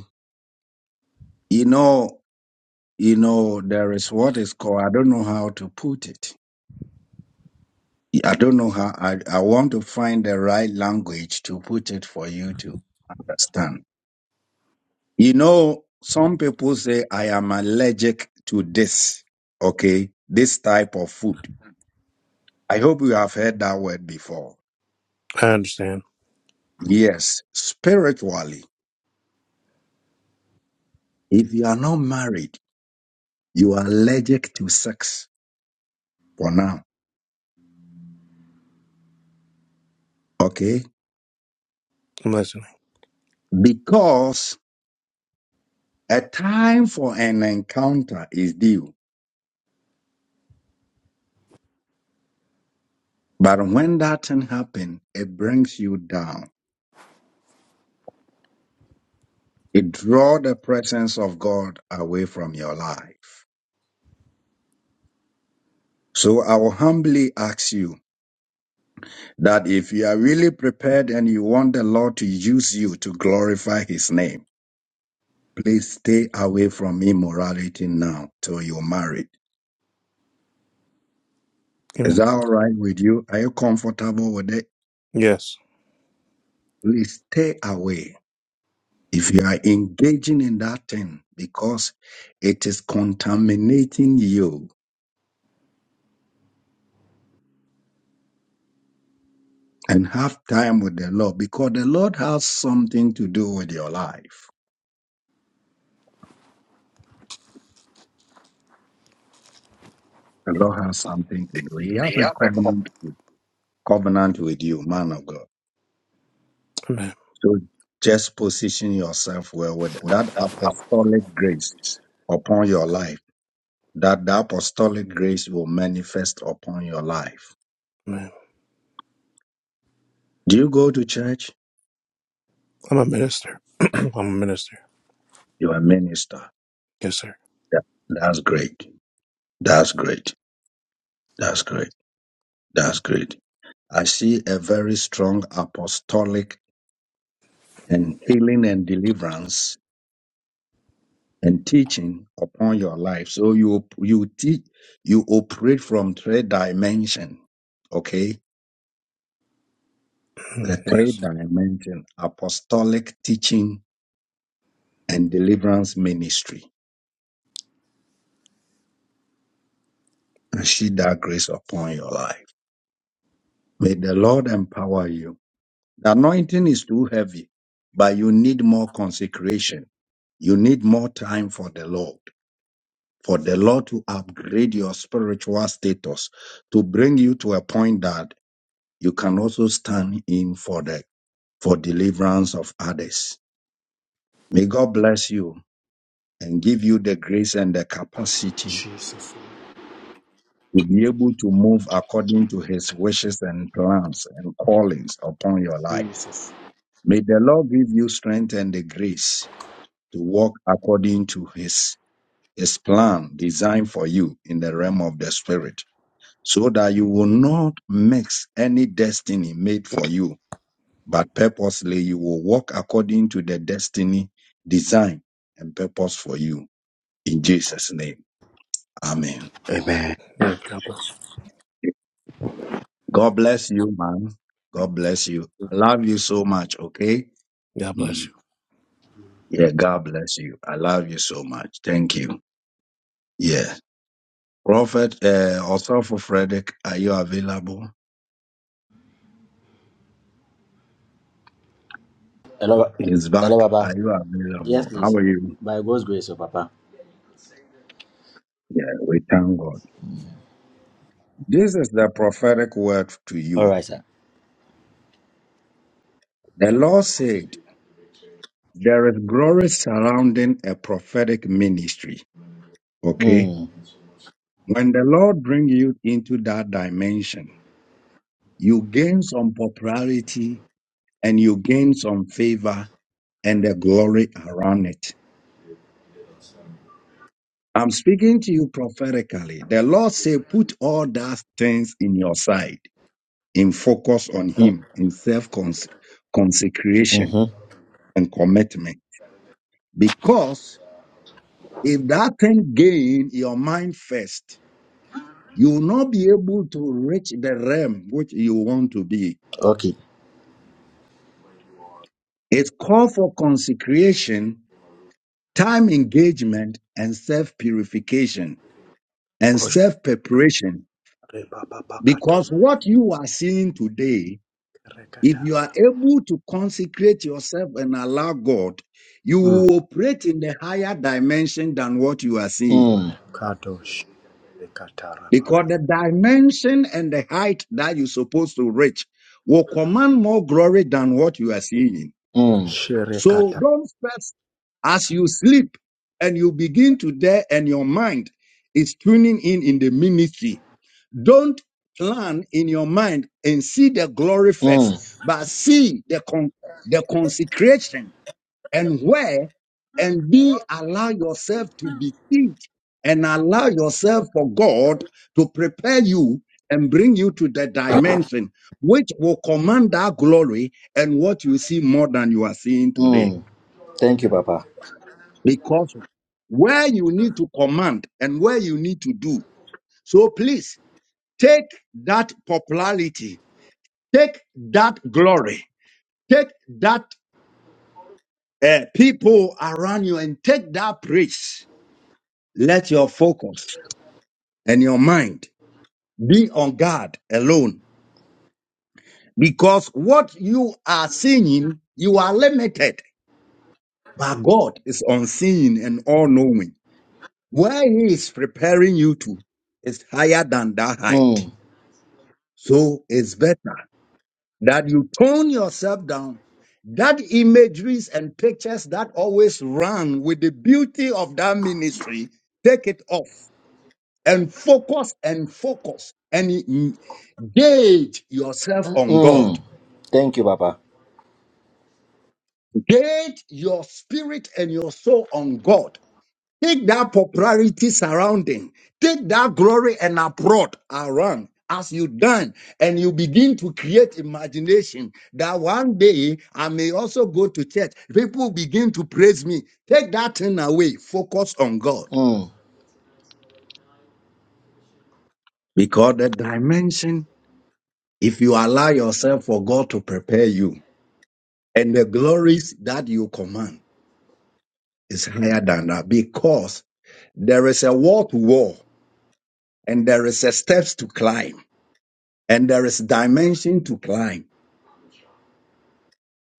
[SPEAKER 1] you know, you know, there is what is called, I don't know how to put it. I don't know how, I, I want to find the right language to put it for you to understand. You know, some people say, I am allergic to this, okay, this type of food. I hope you have heard that word before.
[SPEAKER 24] I understand.
[SPEAKER 1] Yes, spiritually, if you are not married, You are allergic to sex for now. Okay?
[SPEAKER 24] I'm listening.
[SPEAKER 1] Because a time for an encounter is due. But when that thing happens, it brings you down. It draws the presence of God away from your life. So I will humbly ask you that if you are really prepared and you want the Lord to use you to glorify his name, please stay away from immorality now till you're married. Is
[SPEAKER 24] Amen.
[SPEAKER 1] that all right with you? Are you comfortable with it?
[SPEAKER 24] Yes.
[SPEAKER 1] Please stay away if you are engaging in that thing because it is contaminating you and have time with the Lord because the Lord has something to do with your life. The Lord has something to do. He has a covenant covenant with you, man of God.
[SPEAKER 24] Amen.
[SPEAKER 1] So just position yourself well with that apostolic grace upon your life. That the apostolic grace will manifest upon your life.
[SPEAKER 24] Amen.
[SPEAKER 1] Do you go to church?
[SPEAKER 24] I'm a minister. I'm a minister.
[SPEAKER 1] You are a minister.
[SPEAKER 24] Yes, sir.
[SPEAKER 1] Yeah, that's great. That's great. That's great. That's great. I see a very strong apostolic and healing and deliverance and teaching upon your life. So you you teach you operate from three dimension. Okay, the three
[SPEAKER 24] Yes.
[SPEAKER 1] dimension apostolic teaching and deliverance ministry. I see that grace upon your life. May the Lord empower you. The anointing is too heavy, but you need more consecration You need more time for the Lord, for the Lord to upgrade your spiritual status, to bring you to a point that you can also stand in for the for deliverance of others. May God bless you and give you the grace and the capacity
[SPEAKER 9] Jesus.
[SPEAKER 1] to be able to move according to his wishes and plans and callings upon your life. May the Lord give you strength and the grace to walk according to his his plan designed for you in the realm of the spirit. so that you will not mix any destiny made for you, but purposely you will walk according to the destiny, design, and purpose for you. In Jesus' name, Amen.
[SPEAKER 9] Amen.
[SPEAKER 24] Mm, God bless.
[SPEAKER 1] God bless you, man. God bless you.
[SPEAKER 24] you.
[SPEAKER 1] I love you so much, okay?
[SPEAKER 24] God bless. you.
[SPEAKER 1] Mm. Yeah, God bless you. I love you so much. Thank you. Yeah. Prophet, uh, also for Frederick, are you available?
[SPEAKER 26] Hello, Pa-
[SPEAKER 1] He's
[SPEAKER 26] hello,
[SPEAKER 1] back.
[SPEAKER 26] Papa.
[SPEAKER 1] Are you
[SPEAKER 26] Yes,
[SPEAKER 1] available? How
[SPEAKER 26] please.
[SPEAKER 1] are you?
[SPEAKER 26] By God's grace, oh, Papa.
[SPEAKER 1] Yeah, we thank God. This is the prophetic word to
[SPEAKER 26] All
[SPEAKER 1] you.
[SPEAKER 26] right, sir.
[SPEAKER 1] The Lord said, There is glory surrounding a prophetic ministry. Okay?
[SPEAKER 26] Mm.
[SPEAKER 1] When the Lord brings you into that dimension, you gain some popularity and you gain some favor and the glory around it. I'm speaking to you prophetically. The Lord said, Put all those things in your side, in focus on
[SPEAKER 26] Mm.
[SPEAKER 1] Him, in self consecration
[SPEAKER 26] Mm-hmm.
[SPEAKER 1] and commitment. Because If that thing gain your mind first, you will not be able to reach the realm which you want to be.
[SPEAKER 26] Okay.
[SPEAKER 1] It's call for consecration, time engagement, and self purification and self preparation. Because what you are seeing today, if you are able to consecrate yourself and allow God, you will operate in the higher dimension than what you are seeing.
[SPEAKER 26] Mm.
[SPEAKER 1] because the dimension and the height that you're supposed to reach will command more glory than what you are seeing.
[SPEAKER 26] Mm.
[SPEAKER 1] So don't stress as you sleep and you begin to dare and your mind is tuning in in the ministry. Don't plan in your mind and see the glory first,
[SPEAKER 26] Mm.
[SPEAKER 1] but see the, con- the consecration and where and be allow yourself to be teach and allow yourself for God to prepare you and bring you to the dimension which will command that glory and what you see more than you are seeing today.
[SPEAKER 26] Mm. Thank you, Papa.
[SPEAKER 1] Because where you need to command and where you need to do. So please take that popularity, take that glory, take that uh, people around you and take that praise let your focus and your mind be on God alone because what you are seeing, you are limited, but God is unseen and all knowing. Where He is preparing you to is higher than that height.
[SPEAKER 26] Mm.
[SPEAKER 1] So it's better that you tone yourself down. That imageries and pictures that always run with the beauty of that ministry, take it off and focus and focus and mm, gauge yourself on God.
[SPEAKER 26] Mm. Thank you, Papa.
[SPEAKER 1] Gauge your spirit and your soul on God. Take that popularity surrounding, take that glory and abroad around as you done, and you begin to create imagination that one day I may also go to church. People begin to praise me. Take that thing away, focus on God.
[SPEAKER 26] Mm.
[SPEAKER 1] Because the dimension, if you allow yourself for God to prepare you, And the glories that you command is higher than that because there is a wall to wall and there is a steps to climb and there is dimension to climb.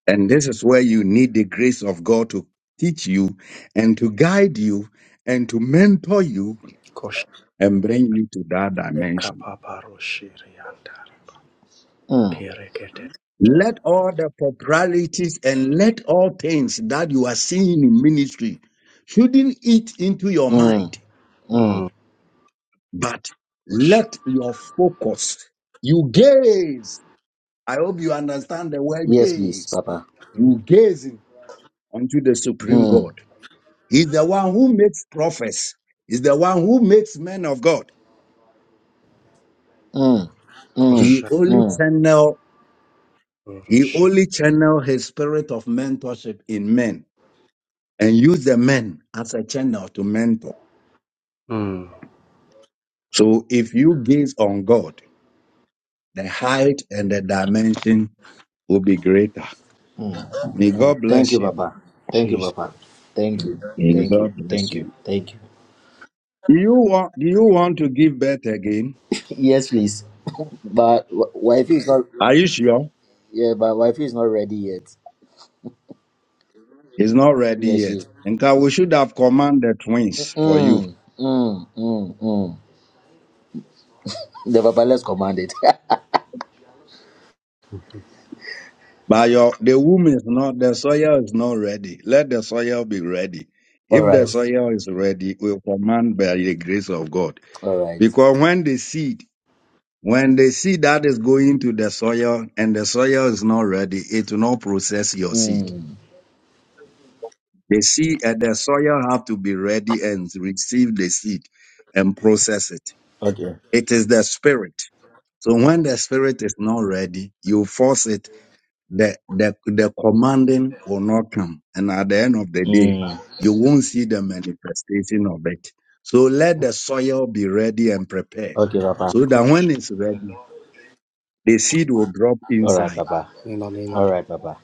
[SPEAKER 1] And this is where you need the grace of God to teach you and to guide you and to mentor you
[SPEAKER 9] Kosha
[SPEAKER 1] and bring you to that dimension.
[SPEAKER 9] Kapaparo Shirianda.
[SPEAKER 26] Mm.
[SPEAKER 9] Ere.
[SPEAKER 1] Let all the popularities and let all things that you are seeing in ministry shouldn't eat into your
[SPEAKER 26] Mm.
[SPEAKER 1] mind
[SPEAKER 26] Mm.
[SPEAKER 9] Mm.
[SPEAKER 1] But let your focus, you gaze. I hope you understand the word
[SPEAKER 26] Yes, please,
[SPEAKER 1] gaze.
[SPEAKER 26] Papa.
[SPEAKER 9] Mm.
[SPEAKER 1] You gazing unto the supreme
[SPEAKER 26] Mm.
[SPEAKER 1] God. He's the one who makes prophets. He's the one who makes men of God.
[SPEAKER 26] Mm. Mm.
[SPEAKER 1] He
[SPEAKER 9] Kosha
[SPEAKER 1] only
[SPEAKER 26] Mm.
[SPEAKER 1] channel, he
[SPEAKER 9] Roshi.
[SPEAKER 1] only channel his spirit of mentorship in men and use the men as a channel to mentor.
[SPEAKER 9] Mm.
[SPEAKER 1] So if you gaze on God, the height and the dimension will be greater. May
[SPEAKER 9] Mm.
[SPEAKER 1] God
[SPEAKER 26] Thank you,
[SPEAKER 1] bless you.
[SPEAKER 26] Papa. Thank you,
[SPEAKER 9] Jesus.
[SPEAKER 26] Papa. Thank you. Thank you. Thank you. Thank you.
[SPEAKER 1] Do you want do you want to give birth again?
[SPEAKER 26] Yes, please. But wi- wife is not.
[SPEAKER 1] Are you sure?
[SPEAKER 26] Yeah, but wifey is not ready yet.
[SPEAKER 1] He's not ready
[SPEAKER 26] Where
[SPEAKER 1] yet.
[SPEAKER 26] she's
[SPEAKER 1] In fact, we should have commanded twins for you.
[SPEAKER 26] mm, mm, mm, mm. The papa let's command it.
[SPEAKER 1] But your the womb is not the soil is not ready. Let the soil be ready.
[SPEAKER 26] all
[SPEAKER 1] If the
[SPEAKER 26] right.
[SPEAKER 9] Mm-hmm.
[SPEAKER 1] soil is ready, we'll command by the grace of God.
[SPEAKER 26] All right.
[SPEAKER 1] Because when the seed, when the seed that is going to the soil and the soil is not ready, it will not process your seed.
[SPEAKER 26] Mm.
[SPEAKER 1] The seed and the soil have to be ready and receive the seed and process it.
[SPEAKER 26] Okay.
[SPEAKER 1] It is the spirit. So when the spirit is not ready, you force it. The, the, the commanding will not come. And at the end of the day,
[SPEAKER 26] Mm.
[SPEAKER 1] you won't see the manifestation of it. So let the soil be ready and prepared
[SPEAKER 26] Okay, Papa.
[SPEAKER 1] so that
[SPEAKER 9] Kosha.
[SPEAKER 1] when it's ready, the seed will drop
[SPEAKER 26] All right,
[SPEAKER 1] inside.
[SPEAKER 26] Papa.
[SPEAKER 9] In the name
[SPEAKER 26] All
[SPEAKER 9] of
[SPEAKER 26] right, Papa.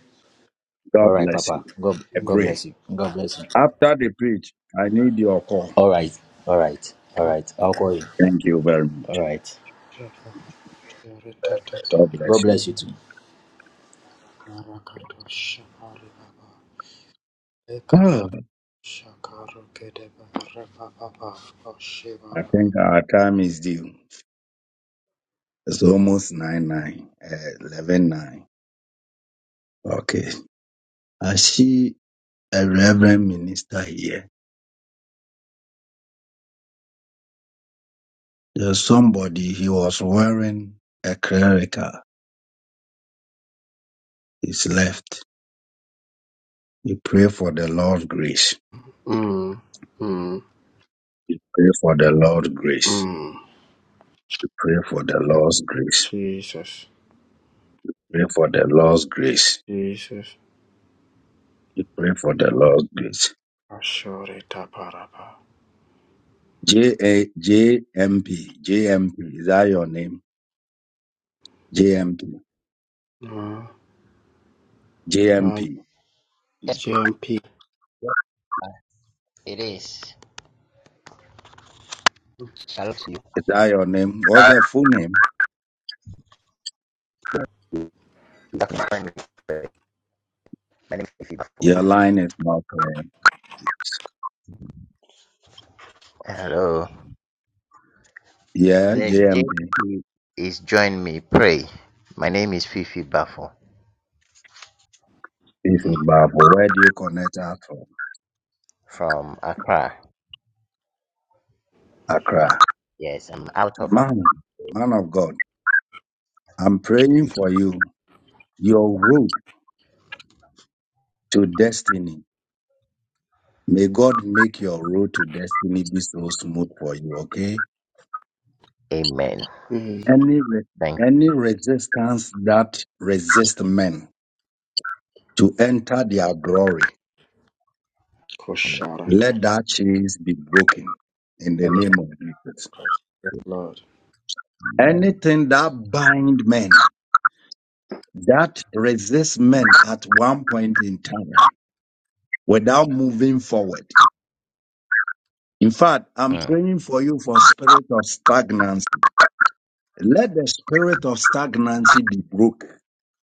[SPEAKER 1] God
[SPEAKER 26] All right,
[SPEAKER 1] bless you.
[SPEAKER 26] Papa. God
[SPEAKER 1] I
[SPEAKER 9] in the
[SPEAKER 26] God
[SPEAKER 9] name
[SPEAKER 1] pray.
[SPEAKER 26] bless you. God bless you.
[SPEAKER 1] After the preach, I need your call.
[SPEAKER 26] All right. All right. All
[SPEAKER 9] of
[SPEAKER 26] right. I'll call you.
[SPEAKER 1] Thank you very
[SPEAKER 26] All
[SPEAKER 1] much.
[SPEAKER 26] right.
[SPEAKER 9] Kosha.
[SPEAKER 1] God
[SPEAKER 9] Shaka.
[SPEAKER 26] God
[SPEAKER 1] bless you.
[SPEAKER 26] bless you too.
[SPEAKER 9] Marakato Shapari Baba Ekaba Shakaru Kedeba Rebaba
[SPEAKER 1] I
[SPEAKER 9] Oshibaraba
[SPEAKER 1] think our time is due. It's almost 9 9, uh, 11 nine. Okay. I see a reverend minister here. There's somebody, he was wearing a clerical. He's left. You pray for the Lord's grace.
[SPEAKER 9] Mm Mm
[SPEAKER 1] Pray for the Lord's grace.
[SPEAKER 9] Mm
[SPEAKER 1] You pray for the Lord's grace.
[SPEAKER 9] Jesus
[SPEAKER 1] Pray for the Lord's grace.
[SPEAKER 9] Jesus
[SPEAKER 1] You pray for the Lord's grace.
[SPEAKER 9] Ashore Taparaba
[SPEAKER 1] J A J M name. J
[SPEAKER 9] Mm
[SPEAKER 1] J M
[SPEAKER 9] Ah,
[SPEAKER 1] P.
[SPEAKER 27] Yes,
[SPEAKER 9] JMP
[SPEAKER 27] it is. Shalom to you.
[SPEAKER 1] Is that your name? What's the full name?
[SPEAKER 27] Good afternoon. My name is Ifibafo.
[SPEAKER 1] Your line is not clear.
[SPEAKER 27] Hello.
[SPEAKER 1] Yeah,
[SPEAKER 27] The
[SPEAKER 1] J M P.
[SPEAKER 27] JP is join me. Pray. My name is Fifi Bafo
[SPEAKER 1] This is Babu. Where do you connect us from?
[SPEAKER 27] from Accra.
[SPEAKER 1] Accra.
[SPEAKER 27] But yes, I'm out of Accra.
[SPEAKER 1] Man, man of God, I'm praying for you. Your road to destiny. May God make your road to destiny be so smooth for you, okay?
[SPEAKER 27] Amen.
[SPEAKER 9] Mm
[SPEAKER 1] Any re-
[SPEAKER 27] Thank you.
[SPEAKER 1] any resistance that resists men to enter their glory, let
[SPEAKER 9] Kosharatale
[SPEAKER 1] that chains be broken in the
[SPEAKER 9] The name of
[SPEAKER 1] name of Jesus.
[SPEAKER 9] the Lord
[SPEAKER 27] Amen.
[SPEAKER 1] Anything that bind men, that resists men at one point in time without moving forward. In fact, I'm
[SPEAKER 27] Mhm.
[SPEAKER 1] praying for you for spirit of stagnancy. Let the spirit of stagnancy be broken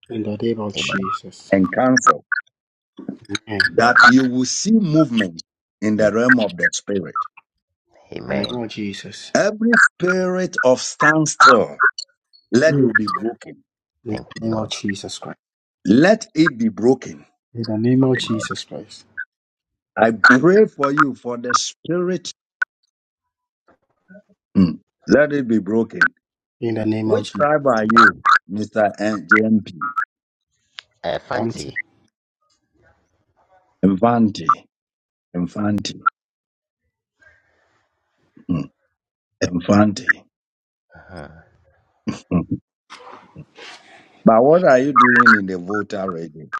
[SPEAKER 9] In the name of
[SPEAKER 27] Amen.
[SPEAKER 9] Jesus
[SPEAKER 1] and cancelled,
[SPEAKER 9] Amen.
[SPEAKER 27] Amen.
[SPEAKER 1] that you will see movement in the realm of the spirit.
[SPEAKER 9] In the
[SPEAKER 27] Amen.
[SPEAKER 9] name of Jesus
[SPEAKER 1] Every spirit of standstill, let
[SPEAKER 9] Mm
[SPEAKER 1] it be broken.
[SPEAKER 9] In
[SPEAKER 27] Thank
[SPEAKER 9] the
[SPEAKER 27] you,
[SPEAKER 9] name of
[SPEAKER 27] Lord.
[SPEAKER 9] Jesus Christ
[SPEAKER 1] Let it be broken.
[SPEAKER 9] In the name of Jesus Christ
[SPEAKER 1] I pray for you for the spirit. Hmm. Let it be broken.
[SPEAKER 9] In the name of
[SPEAKER 1] Which
[SPEAKER 9] Jesus
[SPEAKER 1] tribe are you, Mr. N J JMP?
[SPEAKER 27] Uh, Fanti.
[SPEAKER 9] Auntie
[SPEAKER 1] Infante. Infante. Hmm. Infante.
[SPEAKER 27] Mhm.
[SPEAKER 1] Hmm. But what are you doing in the voter already?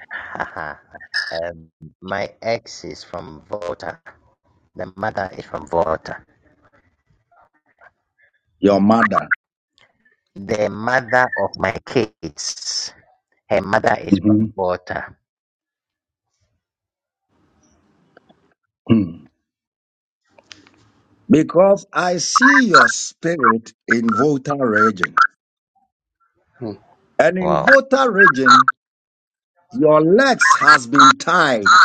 [SPEAKER 27] um, my ex is from Volta. The mother is from Volta.
[SPEAKER 1] Your mother.
[SPEAKER 27] The mother of my kids. Her mother is
[SPEAKER 1] hmm
[SPEAKER 27] from Volta.
[SPEAKER 1] Hmm. Because I see your spirit in voter region.
[SPEAKER 9] Mm.
[SPEAKER 1] And in
[SPEAKER 27] Wow,
[SPEAKER 1] voter region, your legs has been tied.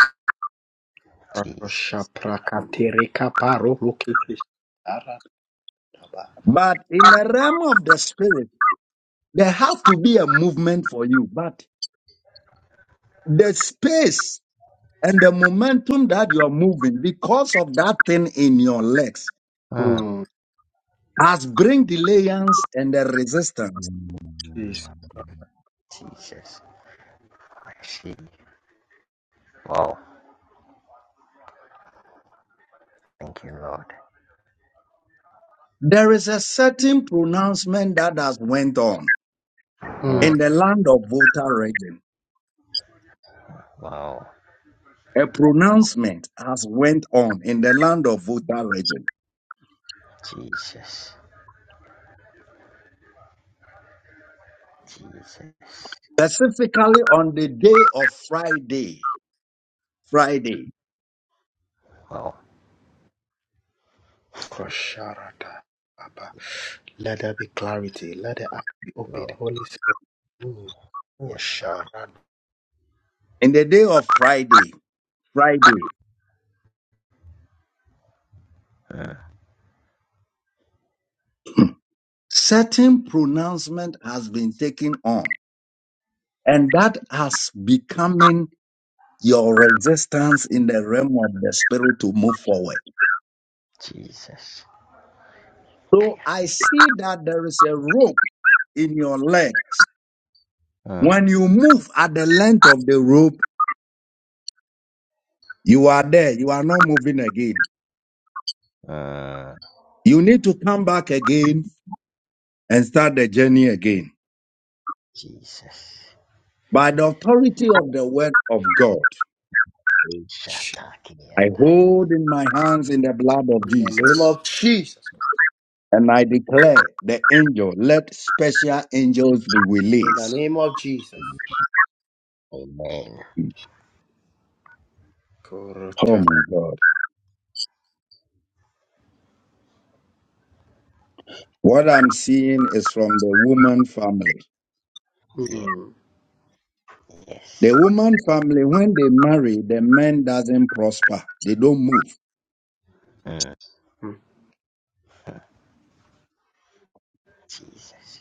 [SPEAKER 27] Jesus.
[SPEAKER 9] Shaprakatereka paro lokete.
[SPEAKER 1] But in the realm of the spirit, there has to be a movement for you. But the space and the momentum that you are moving because of that thing in your legs
[SPEAKER 27] Mm.
[SPEAKER 9] Mm,
[SPEAKER 1] has bring delayance and the resistance.
[SPEAKER 27] Mm,
[SPEAKER 9] Jesus.
[SPEAKER 27] Jesus. I see. Wow. Thank you, Lord.
[SPEAKER 1] There is a certain pronouncement that has went on
[SPEAKER 9] Mm.
[SPEAKER 27] Mm.
[SPEAKER 1] in the land of Volta region.
[SPEAKER 27] Wow.
[SPEAKER 1] A pronouncement has went on in the land of Volta region,
[SPEAKER 27] Jesus. Jesus.
[SPEAKER 1] specifically on the day of Friday. Friday.
[SPEAKER 27] Wow.
[SPEAKER 9] Kosharata. Abba. Let there be clarity. Let the eyes be opened.
[SPEAKER 27] Lord.
[SPEAKER 9] Holy Spirit. Mm. Oh,
[SPEAKER 27] Yes,
[SPEAKER 9] Sharada.
[SPEAKER 1] In the day of Friday, Friday,
[SPEAKER 27] Lord. Mm.
[SPEAKER 1] certain pronouncement has been taken on, and that has becoming your resistance in the realm of the spirit to move forward.
[SPEAKER 27] Jesus.
[SPEAKER 1] So I
[SPEAKER 27] Kayade.
[SPEAKER 1] see that there is a rope in your legs.
[SPEAKER 27] Mm.
[SPEAKER 1] When you move at the length of the rope, you are there. You are not moving again.
[SPEAKER 27] Mm.
[SPEAKER 1] You need to come back again and start the journey again.
[SPEAKER 27] Jesus.
[SPEAKER 1] By the authority of the word of God, I
[SPEAKER 27] Shatakiyadaya.
[SPEAKER 1] hold in my hands in the blood of
[SPEAKER 9] In the name
[SPEAKER 1] Jesus
[SPEAKER 9] of Jesus.
[SPEAKER 1] and I declare the angel, let special angels be
[SPEAKER 9] In the
[SPEAKER 1] released.
[SPEAKER 9] name of Jesus.
[SPEAKER 27] Amen.
[SPEAKER 1] Oh
[SPEAKER 9] Korota.
[SPEAKER 1] my God. What I'm seeing is from the woman family.
[SPEAKER 27] Yeah.
[SPEAKER 9] Mm.
[SPEAKER 27] Yes.
[SPEAKER 1] The woman family, when they marry, the man doesn't prosper. They don't move.
[SPEAKER 27] Mm. Jesus.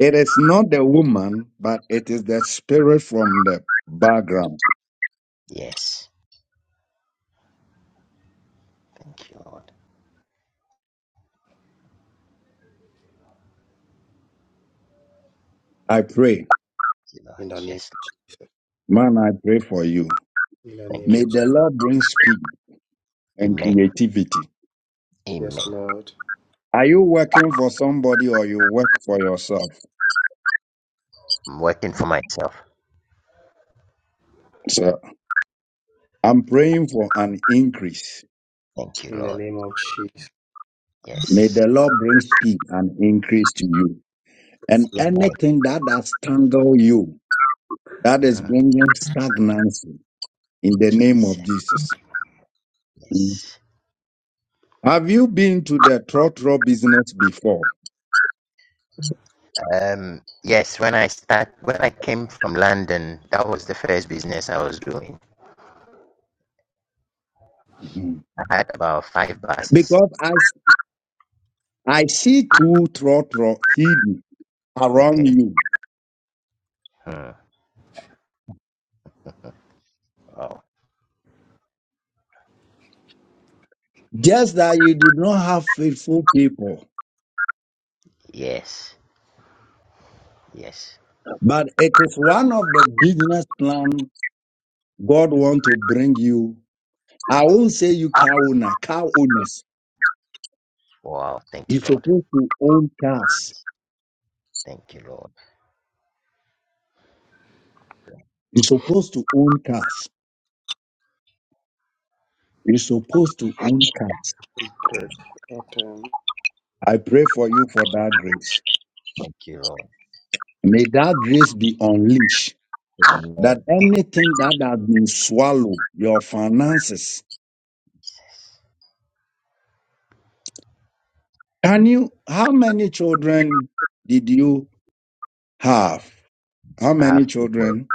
[SPEAKER 1] It is not the woman, but it is the spirit from the background.
[SPEAKER 27] Yes. Thank you, Lord.
[SPEAKER 1] I pray,
[SPEAKER 27] Thank you, Lord.
[SPEAKER 9] In the name.
[SPEAKER 27] Yes.
[SPEAKER 1] man, I pray for you.
[SPEAKER 9] In the name
[SPEAKER 27] Thank you,
[SPEAKER 1] May
[SPEAKER 9] of Jesus.
[SPEAKER 1] the
[SPEAKER 27] Lord.
[SPEAKER 1] Lord bring speed and
[SPEAKER 27] Amen.
[SPEAKER 1] creativity.
[SPEAKER 9] Yes,
[SPEAKER 27] Amen.
[SPEAKER 9] Lord.
[SPEAKER 1] Are you working for somebody or you work for yourself?
[SPEAKER 27] I'm working for myself.
[SPEAKER 1] So I'm praying for an increase.
[SPEAKER 27] Thank you,
[SPEAKER 9] In the
[SPEAKER 27] Lord.
[SPEAKER 9] name of Jesus,
[SPEAKER 1] May
[SPEAKER 27] Yes.
[SPEAKER 1] the Lord bring speed and increase to you.
[SPEAKER 9] Yes,
[SPEAKER 1] And
[SPEAKER 9] Lord.
[SPEAKER 27] Amen.
[SPEAKER 1] anything that has tangled you, that is
[SPEAKER 27] hmm
[SPEAKER 1] bringing stagnancy in the name
[SPEAKER 27] Jesus.
[SPEAKER 1] of Jesus. Mm.
[SPEAKER 27] Yes.
[SPEAKER 1] Have you been to the trotro business before?
[SPEAKER 27] Um. Yes. When I start, when I came from London, that was the first business I was doing.
[SPEAKER 1] Mhm.
[SPEAKER 27] I had about five buses.
[SPEAKER 1] Because I, s- I see two trotro hidden around
[SPEAKER 27] Okay.
[SPEAKER 1] you.
[SPEAKER 27] Hmm. Wow.
[SPEAKER 1] Just that you did not have faithful people.
[SPEAKER 27] Yes. Yes.
[SPEAKER 1] But it is one of the business plan God want to bring you. I won't say you car owner, car owners.
[SPEAKER 27] Wow. Thank
[SPEAKER 1] You're
[SPEAKER 27] you, Lord.
[SPEAKER 1] supposed to own
[SPEAKER 27] Yeah,
[SPEAKER 1] cars.
[SPEAKER 27] Thank you, Lord.
[SPEAKER 1] You're supposed to own cars. You're supposed to own cars.
[SPEAKER 9] Break. Open.
[SPEAKER 1] I pray for you for that grace.
[SPEAKER 27] Thank you, Lord.
[SPEAKER 1] May that grace be unleashed that
[SPEAKER 27] Amen.
[SPEAKER 1] anything that has been swallowed, your finances.
[SPEAKER 27] Jesus.
[SPEAKER 1] Can you, how many children did you have? How
[SPEAKER 27] I
[SPEAKER 1] many
[SPEAKER 27] have two boys.
[SPEAKER 1] children?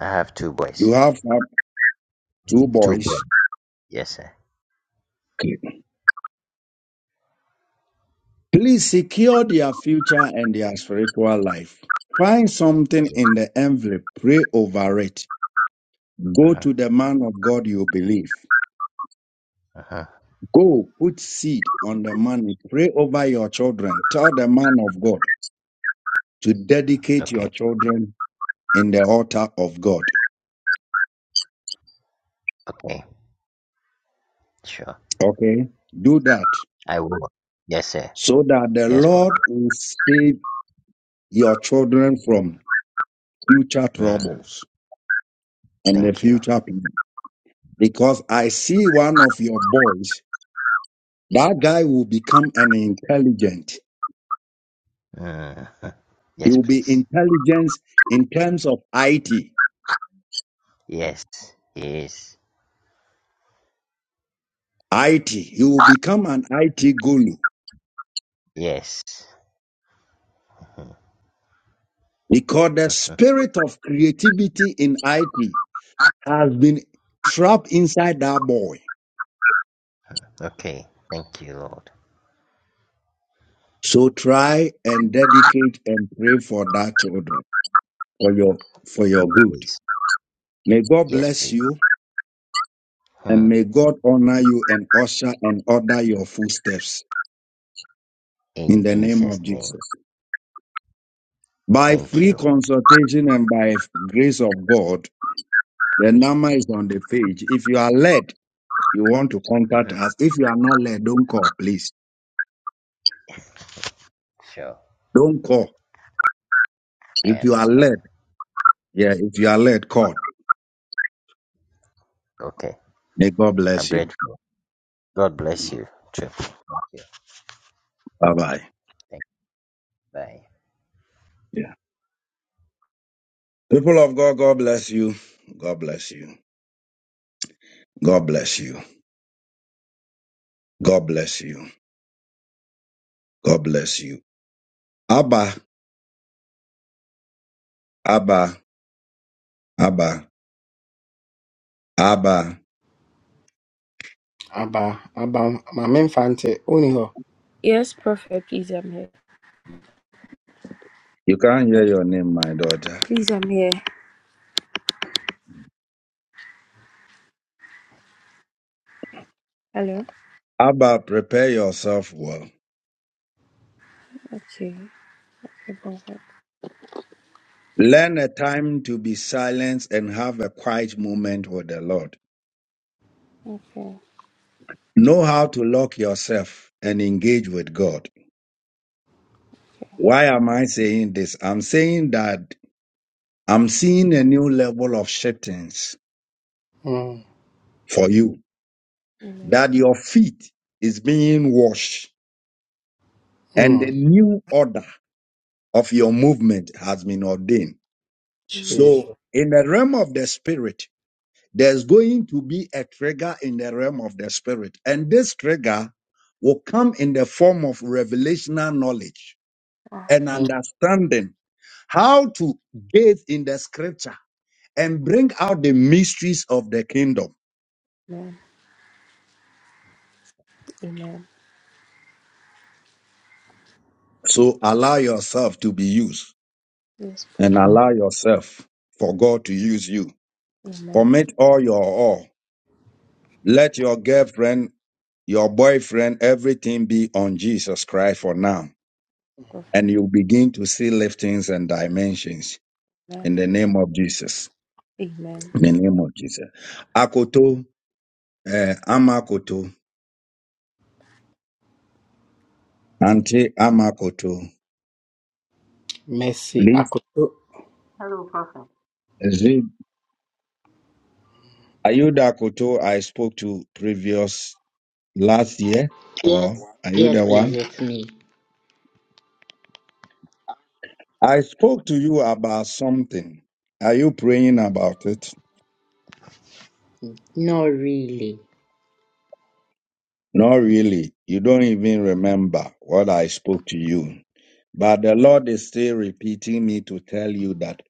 [SPEAKER 27] I have two
[SPEAKER 1] You
[SPEAKER 27] boys.
[SPEAKER 1] have uh, two
[SPEAKER 27] Two boys.
[SPEAKER 1] boys.
[SPEAKER 27] Yes, sir.
[SPEAKER 1] Please secure their future and their spiritual life. Find something
[SPEAKER 27] Yeah.
[SPEAKER 1] in the envelope, pray over it. Go
[SPEAKER 27] Uh-huh.
[SPEAKER 1] to the man of God you believe.
[SPEAKER 27] Uh-huh.
[SPEAKER 1] Go put seed on the money, pray over your children. Tell the man of God. to dedicate your
[SPEAKER 27] Okay.
[SPEAKER 1] children in the altar of God.
[SPEAKER 27] Okay. Sure.
[SPEAKER 1] Okay? Do that
[SPEAKER 27] I will. Yes, sir.
[SPEAKER 1] so that the
[SPEAKER 27] Yes, bro.
[SPEAKER 1] Lord will save your children from future
[SPEAKER 27] Mm.
[SPEAKER 1] troubles and the
[SPEAKER 27] Thank you.
[SPEAKER 1] future pain. Because I see one of your boys, that guy will become an intelligent.
[SPEAKER 27] Mm.
[SPEAKER 1] He
[SPEAKER 27] Yes,
[SPEAKER 1] will be
[SPEAKER 27] please.
[SPEAKER 1] intelligence in terms of IT.
[SPEAKER 27] Yes. Yes.
[SPEAKER 1] IT. He will become an IT guru
[SPEAKER 27] Yes. Mm.
[SPEAKER 1] because the spirit of creativity in IT has been trapped inside that boy.
[SPEAKER 27] Okay. Thank you, Lord.
[SPEAKER 1] So try and dedicate and pray for that children for your for your good.
[SPEAKER 27] Please.
[SPEAKER 1] May God
[SPEAKER 27] Yes,
[SPEAKER 1] bless
[SPEAKER 27] please.
[SPEAKER 1] you
[SPEAKER 27] Mm.
[SPEAKER 1] and may God honor you and usher and order your footsteps in
[SPEAKER 27] In
[SPEAKER 1] the name of
[SPEAKER 27] Jesus' name.
[SPEAKER 1] Jesus. By
[SPEAKER 27] Thank
[SPEAKER 1] free
[SPEAKER 27] you.
[SPEAKER 1] consultation and by grace of God, the number is on the page. If you are led, you want to
[SPEAKER 27] hmm
[SPEAKER 1] contact us. If you are not led, don't call, please.
[SPEAKER 27] Sure.
[SPEAKER 1] Don't call.
[SPEAKER 27] I
[SPEAKER 1] If you are
[SPEAKER 27] understand.
[SPEAKER 1] led, yeah, if you are led, call.
[SPEAKER 27] Okay.
[SPEAKER 1] May God
[SPEAKER 27] I'm
[SPEAKER 1] bless you.
[SPEAKER 27] grateful. God bless you. Too. Thank you.
[SPEAKER 1] Bye bye.
[SPEAKER 27] Thank you. Bye.
[SPEAKER 1] Yeah. People of God, God bless you. God bless you. God bless you. God bless you. God bless you. Abba, Abba, Abba, Abba.
[SPEAKER 9] Abba. Abba. Mama Infante. Uniho.
[SPEAKER 7] Yes, Prophet, please, I'm here.
[SPEAKER 1] You can't hear your name, my daughter.
[SPEAKER 7] Please, I'm here. Hello.
[SPEAKER 1] Abba, prepare yourself well.
[SPEAKER 7] Okay, Father,
[SPEAKER 1] Learn a time to be silent and have a quiet moment with the Lord.
[SPEAKER 7] okay,
[SPEAKER 1] Know how to lock yourself and engage with God. Why am I saying this? I'm saying that I'm seeing a new level of shiftings
[SPEAKER 9] Mm.
[SPEAKER 1] for you
[SPEAKER 7] amen,
[SPEAKER 1] that your feet is being washed and the
[SPEAKER 9] Mm.
[SPEAKER 1] new order of your movement has been ordained.
[SPEAKER 7] amen,
[SPEAKER 1] So
[SPEAKER 9] Jesus.
[SPEAKER 1] in the realm of the spirit, there's going to be a trigger in the realm of the spirit. And this trigger will come in the form of revelational knowledge and understanding how to gaze in the scripture and bring out the mysteries of the kingdom.
[SPEAKER 7] amen, amen,
[SPEAKER 1] So allow yourself to be used
[SPEAKER 7] yes,
[SPEAKER 1] and
[SPEAKER 7] prophet,
[SPEAKER 1] allow yourself for God to use you
[SPEAKER 7] amen,
[SPEAKER 1] Commit all your all. Let your girlfriend, your boyfriend, everything be on Jesus Christ for now.
[SPEAKER 7] prophet,
[SPEAKER 1] And you begin to see liftings and dimensions
[SPEAKER 7] amen,
[SPEAKER 1] in the name of Jesus.
[SPEAKER 7] amen.
[SPEAKER 1] In the name of Jesus. Akoto, eh, Amakoto, Auntie Amakoto,
[SPEAKER 9] mercy,
[SPEAKER 1] please,
[SPEAKER 9] akutu,
[SPEAKER 28] Hello, Prophet.
[SPEAKER 1] Zid, are you the Akoto I spoke to previous last year?
[SPEAKER 28] Yes,
[SPEAKER 1] Or are you
[SPEAKER 28] yes,
[SPEAKER 1] the
[SPEAKER 28] please,
[SPEAKER 1] one?
[SPEAKER 28] it's me.
[SPEAKER 1] I spoke to you about something. Are you praying about it?
[SPEAKER 28] No, really.
[SPEAKER 1] Not really. You don't even remember what I spoke to you. But the Lord is still repeating me to tell you that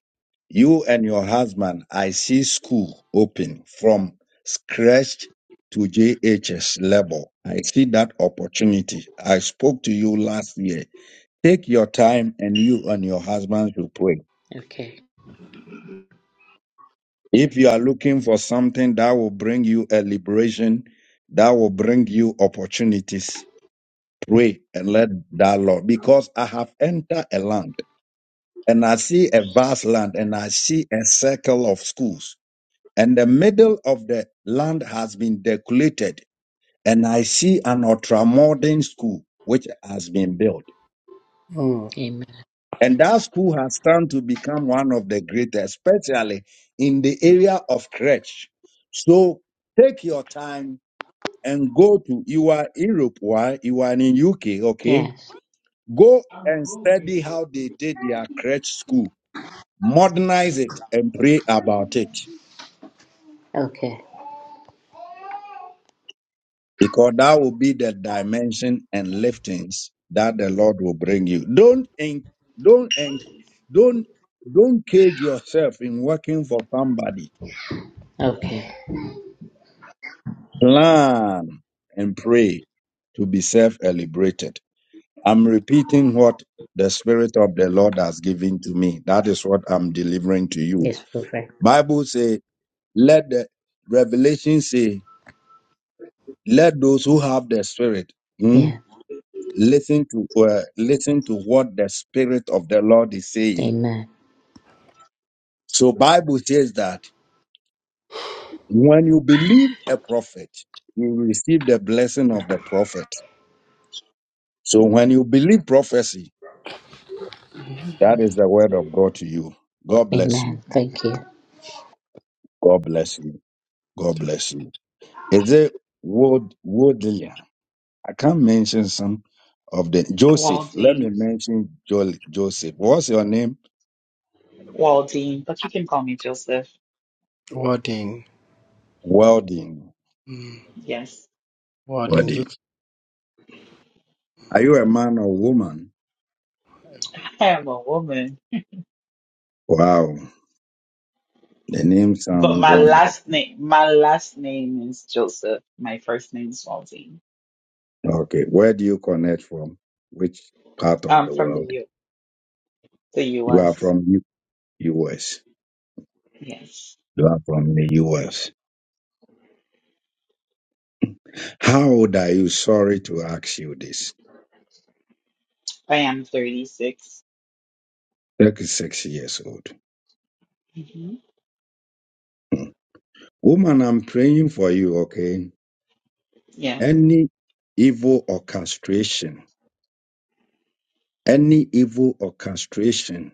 [SPEAKER 1] you and your husband, I see school open from scratch to JHS level. I see that opportunity. I spoke to you last year. Take your time and you and your husband should pray.
[SPEAKER 28] Okay,
[SPEAKER 1] If you are looking for something that will bring you a liberation, that will bring you opportunities, pray and let that Lord, because I have entered a land and I see a vast land and I see a circle of schools and the middle of the land has been decorated and I see an ultramodern school which has been built.
[SPEAKER 9] mm,
[SPEAKER 28] amen.
[SPEAKER 1] And that school has come to become one of the greatest, especially in the area of crèche. So take your time and go to, you are Europe, why? You are in UK, okay?
[SPEAKER 28] Yes,
[SPEAKER 1] Go and study how they did their crutch school. Modernize it and pray about it.
[SPEAKER 28] okay,
[SPEAKER 1] Because that will be the dimension and liftings that the Lord will bring you. Don't en- don't en- don't don't cage yourself in working for somebody.
[SPEAKER 28] okay.
[SPEAKER 1] Plan and pray to be self-liberated. I'm repeating what the Spirit of the Lord has given to me. That is what I'm delivering to you.
[SPEAKER 28] Yes, perfect.
[SPEAKER 1] Bible says Let the revelation say, let those who have the spirit hmm,
[SPEAKER 28] Yeah,
[SPEAKER 1] listen to uh, listen to what the spirit of the Lord is saying.
[SPEAKER 28] amen,
[SPEAKER 1] So Bible says that when you believe a prophet, you receive the blessing of the prophet. So when you believe prophecy, that is the word of God to you. God bless
[SPEAKER 28] amen.
[SPEAKER 1] you.
[SPEAKER 28] Thank you.
[SPEAKER 1] God bless you. God bless you. Is it Wood Woodley? I can't mention some of the Joseph. Let me
[SPEAKER 29] Waldine,
[SPEAKER 1] mention jo- Joseph. What's your name?
[SPEAKER 29] Waldine, but you can call me Joseph.
[SPEAKER 9] warden,
[SPEAKER 1] Welding.
[SPEAKER 29] Yes,
[SPEAKER 9] warden,
[SPEAKER 1] Welding.
[SPEAKER 9] just
[SPEAKER 1] Are you a man or woman?
[SPEAKER 29] I am a woman,
[SPEAKER 1] Wow. The name sounds
[SPEAKER 29] but my last
[SPEAKER 1] wonderful.
[SPEAKER 29] name, my last name is Joseph. My first name is Waldine.
[SPEAKER 1] Okay. Where do you connect from? Which part of
[SPEAKER 29] I'm
[SPEAKER 1] the
[SPEAKER 29] from the
[SPEAKER 1] world?
[SPEAKER 29] U, the
[SPEAKER 1] You are
[SPEAKER 29] U.S.
[SPEAKER 1] from U- US.
[SPEAKER 29] Yes,
[SPEAKER 1] You are from the US. How old are you? Sorry to ask you this.
[SPEAKER 29] I am 36.
[SPEAKER 1] 36 years old.
[SPEAKER 29] hmm
[SPEAKER 1] Hmm. Woman, I'm praying for you, okay?
[SPEAKER 29] Yes.
[SPEAKER 1] Any evil orchestration Any evil orchestration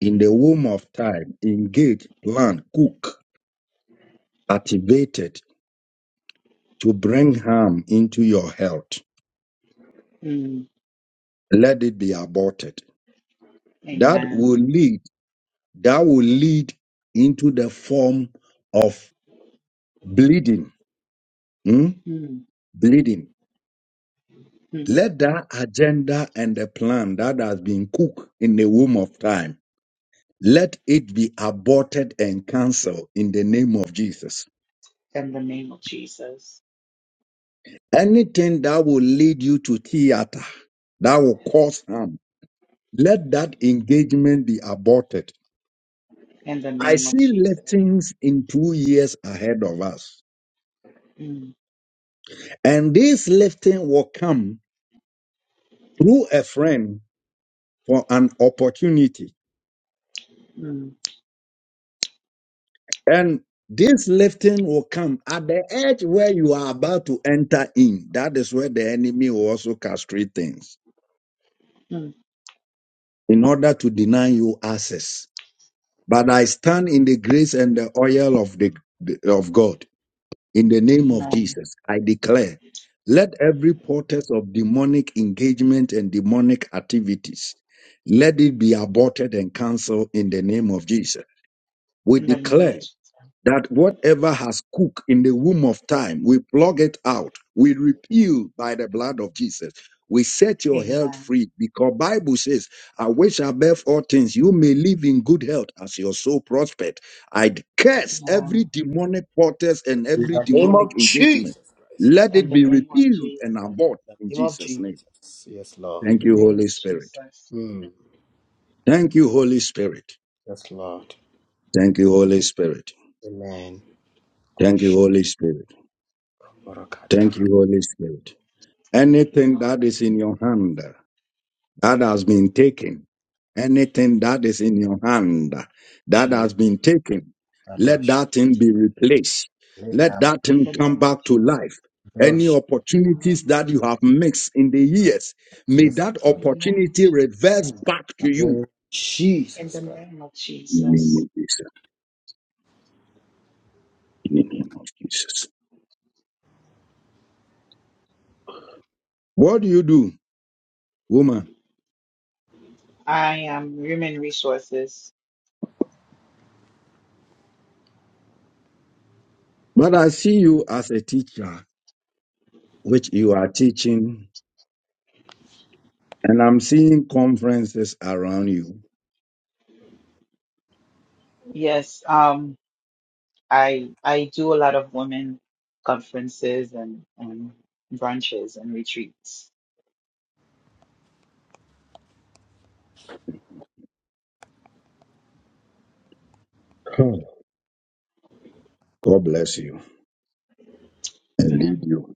[SPEAKER 1] in the womb of time, engaged, planned, cook, activated to bring harm into your health,
[SPEAKER 29] Mm.
[SPEAKER 1] let it be aborted. That
[SPEAKER 29] Amen.
[SPEAKER 1] will lead, that will lead into the form of bleeding. hmm?
[SPEAKER 29] Mm.
[SPEAKER 1] Bleeding.
[SPEAKER 29] Mm.
[SPEAKER 1] Let that agenda and the plan that has been cooked in the womb of time, let it be aborted and cancelled in the name of Jesus.
[SPEAKER 29] In the name of Jesus.
[SPEAKER 1] Anything that will lead you to theater, that will cause harm, let that engagement be aborted.
[SPEAKER 29] In the
[SPEAKER 1] I
[SPEAKER 29] name of
[SPEAKER 1] see
[SPEAKER 29] Jesus.
[SPEAKER 1] liftings in two years ahead of us.
[SPEAKER 29] Mm.
[SPEAKER 1] And this lifting will come through a friend for an opportunity.
[SPEAKER 29] Mm.
[SPEAKER 1] And this lifting will come at the edge where you are about to enter in. That is where the enemy will also castrate things
[SPEAKER 29] Mm.
[SPEAKER 1] in order to deny you access. But I stand in the grace and the oil of the of God. In the name of
[SPEAKER 29] Amen.
[SPEAKER 1] Jesus, I declare, let every portent of demonic engagement and demonic activities, let it be aborted and cancelled in the name of Jesus. We
[SPEAKER 29] In the name of
[SPEAKER 1] declare
[SPEAKER 29] Jesus.
[SPEAKER 1] that whatever has cooked in the womb of time, we plug it out. We repeal by the blood of Jesus. We set your health
[SPEAKER 29] Amen.
[SPEAKER 1] free because Bible says, I wish above all things you may live in good health as your soul prospered. I curse
[SPEAKER 29] Amen.
[SPEAKER 1] every demonic portals and
[SPEAKER 9] in
[SPEAKER 1] every
[SPEAKER 9] the name
[SPEAKER 1] demonic
[SPEAKER 9] of
[SPEAKER 1] engagement.
[SPEAKER 9] Jesus Christ,
[SPEAKER 1] Let
[SPEAKER 9] God,
[SPEAKER 29] In
[SPEAKER 1] it
[SPEAKER 29] the
[SPEAKER 1] be
[SPEAKER 29] name of
[SPEAKER 1] repealed and
[SPEAKER 29] Jesus.
[SPEAKER 1] abort
[SPEAKER 9] in
[SPEAKER 1] in
[SPEAKER 9] the name of
[SPEAKER 1] Jesus' name.
[SPEAKER 9] Jesus, yes, Lord,
[SPEAKER 29] In
[SPEAKER 1] Thank
[SPEAKER 29] the
[SPEAKER 1] you,
[SPEAKER 29] name
[SPEAKER 1] Holy
[SPEAKER 29] of
[SPEAKER 1] Spirit.
[SPEAKER 29] Jesus.
[SPEAKER 9] mm,
[SPEAKER 1] Thank you, Holy Spirit.
[SPEAKER 9] yes, Lord,
[SPEAKER 1] Thank you, Holy Spirit.
[SPEAKER 9] Amen.
[SPEAKER 1] Thank you,
[SPEAKER 9] Kosh,
[SPEAKER 1] Holy Spirit. Thank
[SPEAKER 9] barakadara,
[SPEAKER 1] you, Holy Spirit. Anything
[SPEAKER 29] Lord.
[SPEAKER 1] that is in your hand that has been taken, anything that is in your hand that has been taken, let
[SPEAKER 9] adosh,
[SPEAKER 1] that thing be replaced. Let
[SPEAKER 9] leka,
[SPEAKER 1] that
[SPEAKER 29] In
[SPEAKER 1] thing
[SPEAKER 29] the
[SPEAKER 1] come
[SPEAKER 29] name of
[SPEAKER 1] back to
[SPEAKER 29] Jesus.
[SPEAKER 1] life. Any
[SPEAKER 9] adosh,
[SPEAKER 29] In the
[SPEAKER 1] opportunities
[SPEAKER 29] name of
[SPEAKER 1] that you have
[SPEAKER 29] Jesus.
[SPEAKER 1] missed in the years, may
[SPEAKER 9] yes,
[SPEAKER 1] that
[SPEAKER 29] In
[SPEAKER 9] Lord,
[SPEAKER 29] the name of
[SPEAKER 1] opportunity reverse
[SPEAKER 29] Jesus.
[SPEAKER 1] back to you.
[SPEAKER 9] Hallelujah.
[SPEAKER 29] In
[SPEAKER 9] Jesus
[SPEAKER 29] the
[SPEAKER 9] Christ,
[SPEAKER 29] name of
[SPEAKER 1] In the name
[SPEAKER 29] Jesus.
[SPEAKER 1] of Jesus. In the name of Jesus. What do you do, woman?
[SPEAKER 29] I am human resources.
[SPEAKER 1] But I see you as a teacher, which you are teaching And I'm seeing conferences around you.
[SPEAKER 29] Yes, um, I I do a lot of women conferences and and brunches and retreats.
[SPEAKER 1] Hmm. God bless you and lead
[SPEAKER 29] Man,
[SPEAKER 1] you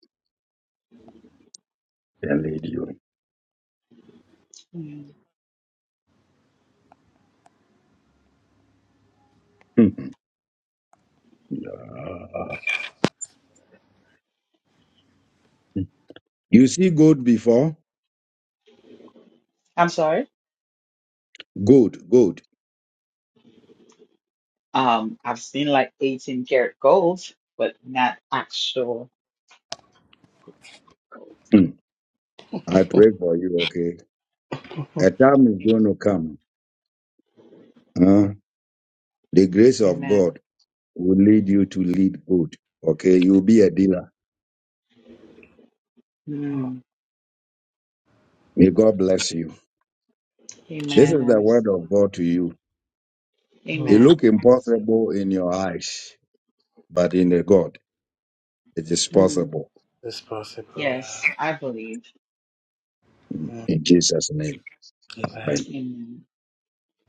[SPEAKER 1] and lead you.
[SPEAKER 29] Mm.
[SPEAKER 1] Mhm. You see gold before?
[SPEAKER 29] I'm sorry.
[SPEAKER 1] Gold, gold.
[SPEAKER 29] Um, I've seen like 18 karat gold, but not actual gold.
[SPEAKER 1] Mm. I pray for you, okay? A time is going to
[SPEAKER 29] Amen.
[SPEAKER 1] come. Huh? The grace of
[SPEAKER 29] Amen.
[SPEAKER 1] God will lead you to lead good. Okay, you'll be a dealer.
[SPEAKER 29] Mm.
[SPEAKER 1] May God bless you. This
[SPEAKER 9] Jesus.
[SPEAKER 29] Amen.
[SPEAKER 1] is
[SPEAKER 29] I
[SPEAKER 1] the word
[SPEAKER 29] receive.
[SPEAKER 1] of God to you. It
[SPEAKER 9] Mm.
[SPEAKER 29] Amen.
[SPEAKER 1] look
[SPEAKER 29] I receive.
[SPEAKER 1] impossible in your eyes, but in the God, it is
[SPEAKER 29] Mm.
[SPEAKER 1] possible.
[SPEAKER 9] It's possible, yeah,
[SPEAKER 29] Yes, I believe.
[SPEAKER 1] In Jesus' name.
[SPEAKER 9] Amen.
[SPEAKER 1] Amen.
[SPEAKER 29] Amen.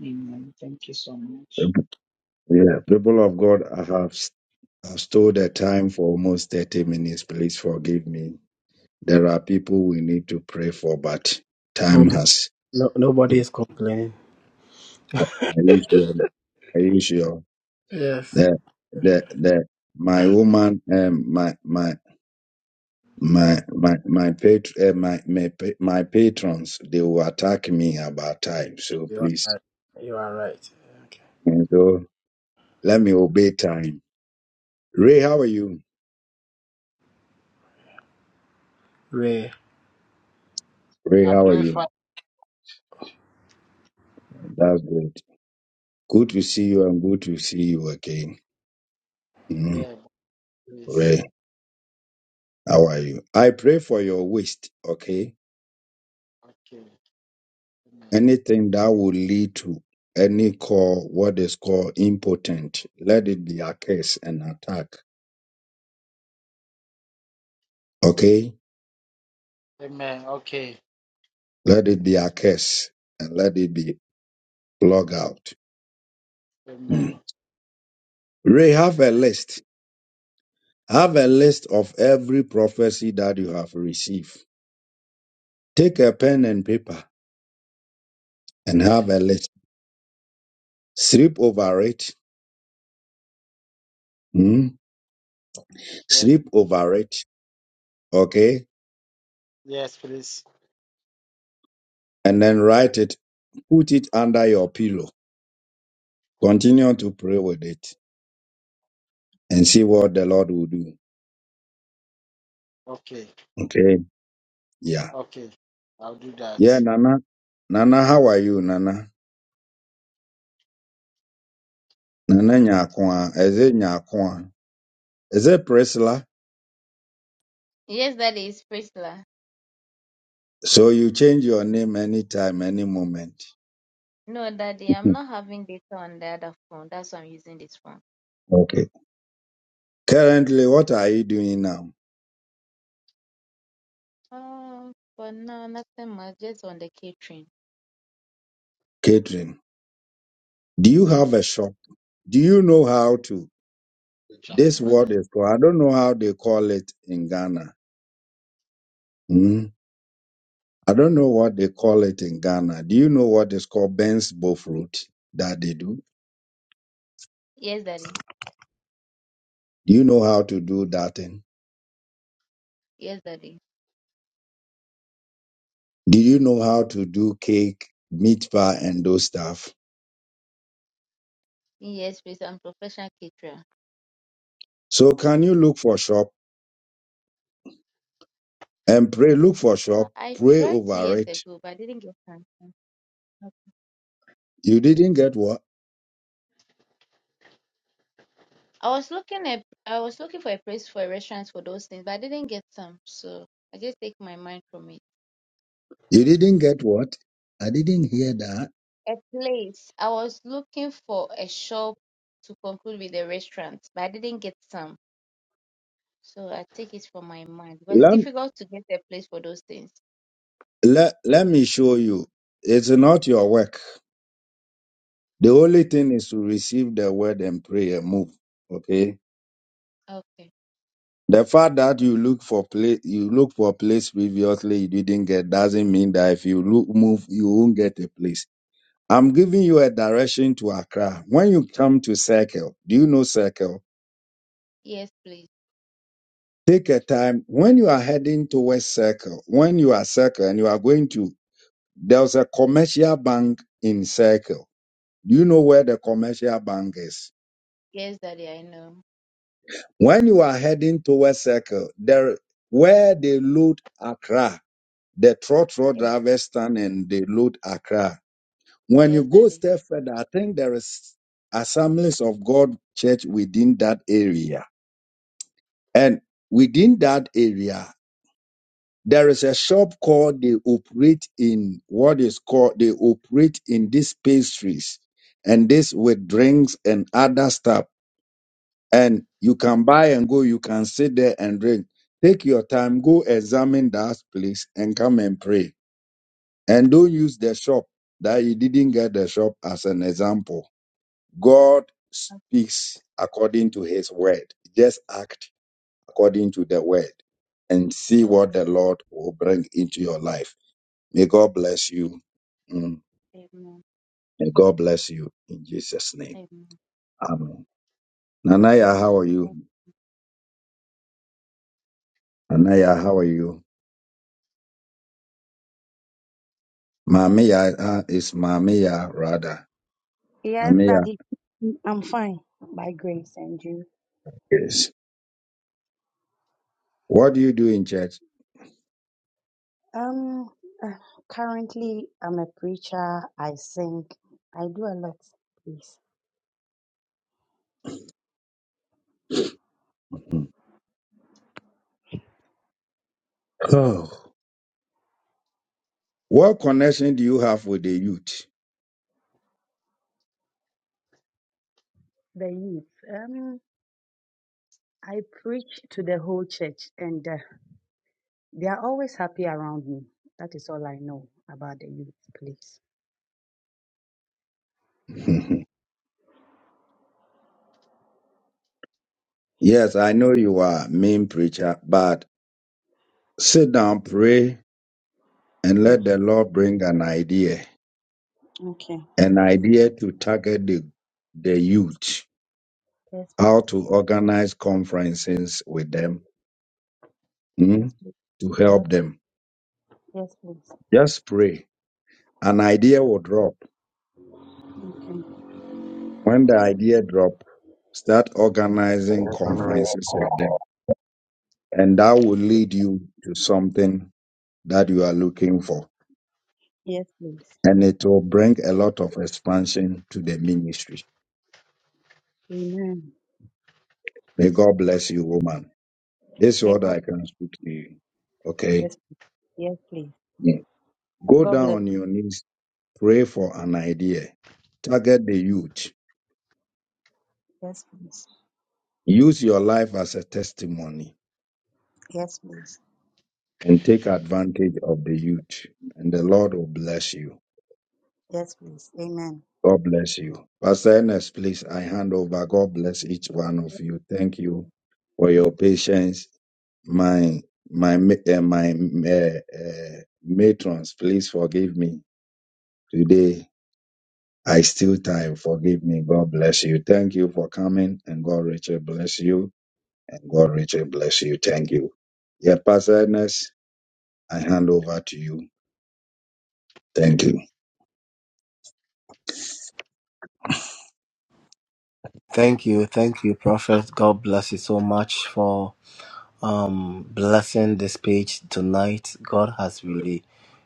[SPEAKER 29] Amen. Thank you so much.
[SPEAKER 1] Yeah, people of God, I have s- I've stole the time for almost 30 minutes. Please forgive me. There are people we need to pray for, but time
[SPEAKER 9] Nobody,
[SPEAKER 1] has.
[SPEAKER 9] no, nobody is complaining.
[SPEAKER 1] Are you sure? Are you sure?
[SPEAKER 9] Yes.
[SPEAKER 1] The, the, the, my woman, um, my, my, my, my, my, pat, uh, my, my, pa- my patrons, they will attack me about time. So please, and so let me obey time. Ray, how are you? Ray,
[SPEAKER 13] I'm
[SPEAKER 1] how are
[SPEAKER 13] doing
[SPEAKER 1] you?
[SPEAKER 13] fine.
[SPEAKER 1] That's good. Good to see you and good to see you again. Mm,
[SPEAKER 13] Yeah, please.
[SPEAKER 1] Ray, how are you? I pray for your waist, okay?
[SPEAKER 13] Okay. Amen.
[SPEAKER 1] Anything that will lead to any call, what is called impotent, let it be a curse and attack, okay?
[SPEAKER 13] Amen. Okay.
[SPEAKER 1] Let it be a curse and let it be plug out.
[SPEAKER 13] Amen.
[SPEAKER 1] Mm. Ray, have a
[SPEAKER 13] Amen.
[SPEAKER 1] list. Have a list of every prophecy that you have received. Take a pen and paper and
[SPEAKER 13] Yeah.
[SPEAKER 1] have a list. Sleep over it. Mm.
[SPEAKER 13] Yes.
[SPEAKER 1] sleep over it, okay?
[SPEAKER 13] Yes, please.
[SPEAKER 1] And then write it, put it under your pillow. Continue to pray with it and see what the Lord will do.
[SPEAKER 13] Okay.
[SPEAKER 1] Okay. Yeah.
[SPEAKER 13] Okay. I'll do
[SPEAKER 1] Yeah,
[SPEAKER 13] that.
[SPEAKER 1] Nana. Nana, how are you, Nana? Nana Nyakwa. Is it Nyakwa? Is it Priscilla?
[SPEAKER 30] Yes, Daddy, it's Priscilla.
[SPEAKER 1] So you change your name anytime, any moment.
[SPEAKER 30] No, Daddy, I'm not having data on the other phone. That's why I'm using this phone.
[SPEAKER 1] Okay. Currently, what are you doing now?
[SPEAKER 30] Um, but no, nothing much. Just on the catering.
[SPEAKER 1] Catering. Do you
[SPEAKER 30] Yes,
[SPEAKER 1] have a
[SPEAKER 30] Daddy.
[SPEAKER 1] shop? Do you know how to?
[SPEAKER 13] Jump
[SPEAKER 1] This
[SPEAKER 13] in my
[SPEAKER 1] word is
[SPEAKER 13] leg.
[SPEAKER 1] called, I don't know how they call it in Ghana. Mm. I don't know what they call it in Ghana. Do you know what is called Ben's fruit that they do?
[SPEAKER 30] Yes, Daddy.
[SPEAKER 1] Do you know how to do that thing?
[SPEAKER 30] Yes, Daddy.
[SPEAKER 1] Do you know how to do cake, meat pie, and those stuff?
[SPEAKER 30] Yes, please. I'm professional caterer.
[SPEAKER 1] So can you look for shop and pray? Look for
[SPEAKER 30] Uh,
[SPEAKER 1] shop,
[SPEAKER 30] I
[SPEAKER 1] pray
[SPEAKER 30] tried two
[SPEAKER 1] over
[SPEAKER 30] years
[SPEAKER 1] it.
[SPEAKER 30] ago, but I didn't get some.
[SPEAKER 1] You didn't get what?
[SPEAKER 30] I was looking at I was looking for a place for a restaurant for those things, but I didn't get some. So I just take my mind from it.
[SPEAKER 1] You didn't get what? I didn't hear that.
[SPEAKER 30] A place. I was looking for a shop to conclude with a restaurant, but I didn't get some. So I take it from my mind. But it's
[SPEAKER 1] Let,
[SPEAKER 30] difficult to get a place for those things.
[SPEAKER 1] let, let me show you. It's not your work. The
[SPEAKER 30] Okay.
[SPEAKER 1] only thing is to receive the word and pray and move. Okay?
[SPEAKER 30] Okay.
[SPEAKER 1] The fact that you look for place, you look for a place previously you didn't get doesn't mean that if you look move you won't get a place. I'm giving you a direction to Accra. When you come to Circle, do you know Circle?
[SPEAKER 30] Yes, please.
[SPEAKER 1] Take a time when you are heading towards Circle. When you are Circle and you are going to, there's a commercial bank in Circle. Do you know where the commercial bank is?
[SPEAKER 30] Yes, Daddy, I know.
[SPEAKER 1] When you are heading towards Circle, there where they load Accra the trot road
[SPEAKER 30] Yes,
[SPEAKER 1] drivers stand and they load Accra. When you
[SPEAKER 30] yes
[SPEAKER 1] go
[SPEAKER 30] Daddy.
[SPEAKER 1] step further, I think there is assemblies of God church within that area. And within that area, there is a shop called they operate in what is called they operate in these pastries and this with drinks and other stuff. And you can buy and go, you can sit there and drink. Take your time, go examine that place and come and pray And don't use the shop that you didn't get the shop as an example. God
[SPEAKER 30] Okay.
[SPEAKER 1] speaks according to his word. Just act according to the word and see what the Lord will bring into your life. May God bless you. Mm.
[SPEAKER 30] okay. Amen.
[SPEAKER 1] May God bless you in Jesus' name.
[SPEAKER 30] Amen.
[SPEAKER 1] Amen. Nanaya, how are
[SPEAKER 30] Amen.
[SPEAKER 1] you? Nanaya, how are you? Mamiya uh, is Mamiya rather.
[SPEAKER 31] Yes,
[SPEAKER 1] Mamiya
[SPEAKER 31] Daddy, I'm fine by grace and you.
[SPEAKER 1] is. What do you do in church?
[SPEAKER 31] Um, uh, currently I'm a preacher. I sing. I do a lot. Please,
[SPEAKER 1] Oh. What connection do you have with the youth?
[SPEAKER 31] the youth. Um, I preach to the whole church, and uh, they are always happy around me. That is all I know about the youth. Please.
[SPEAKER 1] yes, I know you are a mean preacher, but sit down, pray, and
[SPEAKER 31] Hmm,
[SPEAKER 1] let the Lord bring an idea,
[SPEAKER 31] okay.
[SPEAKER 1] an idea to target the, the youth,
[SPEAKER 31] Yes, please.
[SPEAKER 1] how to organize conferences with them
[SPEAKER 31] Yes,
[SPEAKER 1] hmm,
[SPEAKER 31] please.
[SPEAKER 1] to
[SPEAKER 31] Yes,
[SPEAKER 1] help them.
[SPEAKER 31] yes, please.
[SPEAKER 1] Just pray. An idea will drop.
[SPEAKER 31] Okay.
[SPEAKER 1] When the idea drop, start organizing conferences with them, and that will lead you to something that you are looking for.
[SPEAKER 31] Yes, please.
[SPEAKER 1] and it will bring a lot of expansion to the ministry.
[SPEAKER 31] Amen.
[SPEAKER 1] May God bless you, woman. This is
[SPEAKER 31] May
[SPEAKER 1] what
[SPEAKER 31] God.
[SPEAKER 1] I can speak to you. Okay.
[SPEAKER 31] Yes, yes, please.
[SPEAKER 1] Yeah. Go
[SPEAKER 31] God
[SPEAKER 1] down
[SPEAKER 31] bless.
[SPEAKER 1] on your knees, pray for an idea, target the youth,
[SPEAKER 31] Yes, please.
[SPEAKER 1] use your life as a testimony,
[SPEAKER 31] Yes, please.
[SPEAKER 1] and take advantage of the youth. And the Lord will bless you.
[SPEAKER 31] Yes, please. Amen.
[SPEAKER 1] God bless you. Pastor Ernest, please, I hand over. God bless each one of you. Thank you for your patience. my my ma- uh, my uh, uh, matrons, please forgive me. Today I still time. Forgive me. God bless you. Thank you for coming, and God richly bless you, and God richly bless you. Thank you. Yeah, Pastor Ernest, I hand over to you. Thank you.
[SPEAKER 9] Thank you, thank you, Prophet. God bless you so much for. um blessing this page tonight. God has really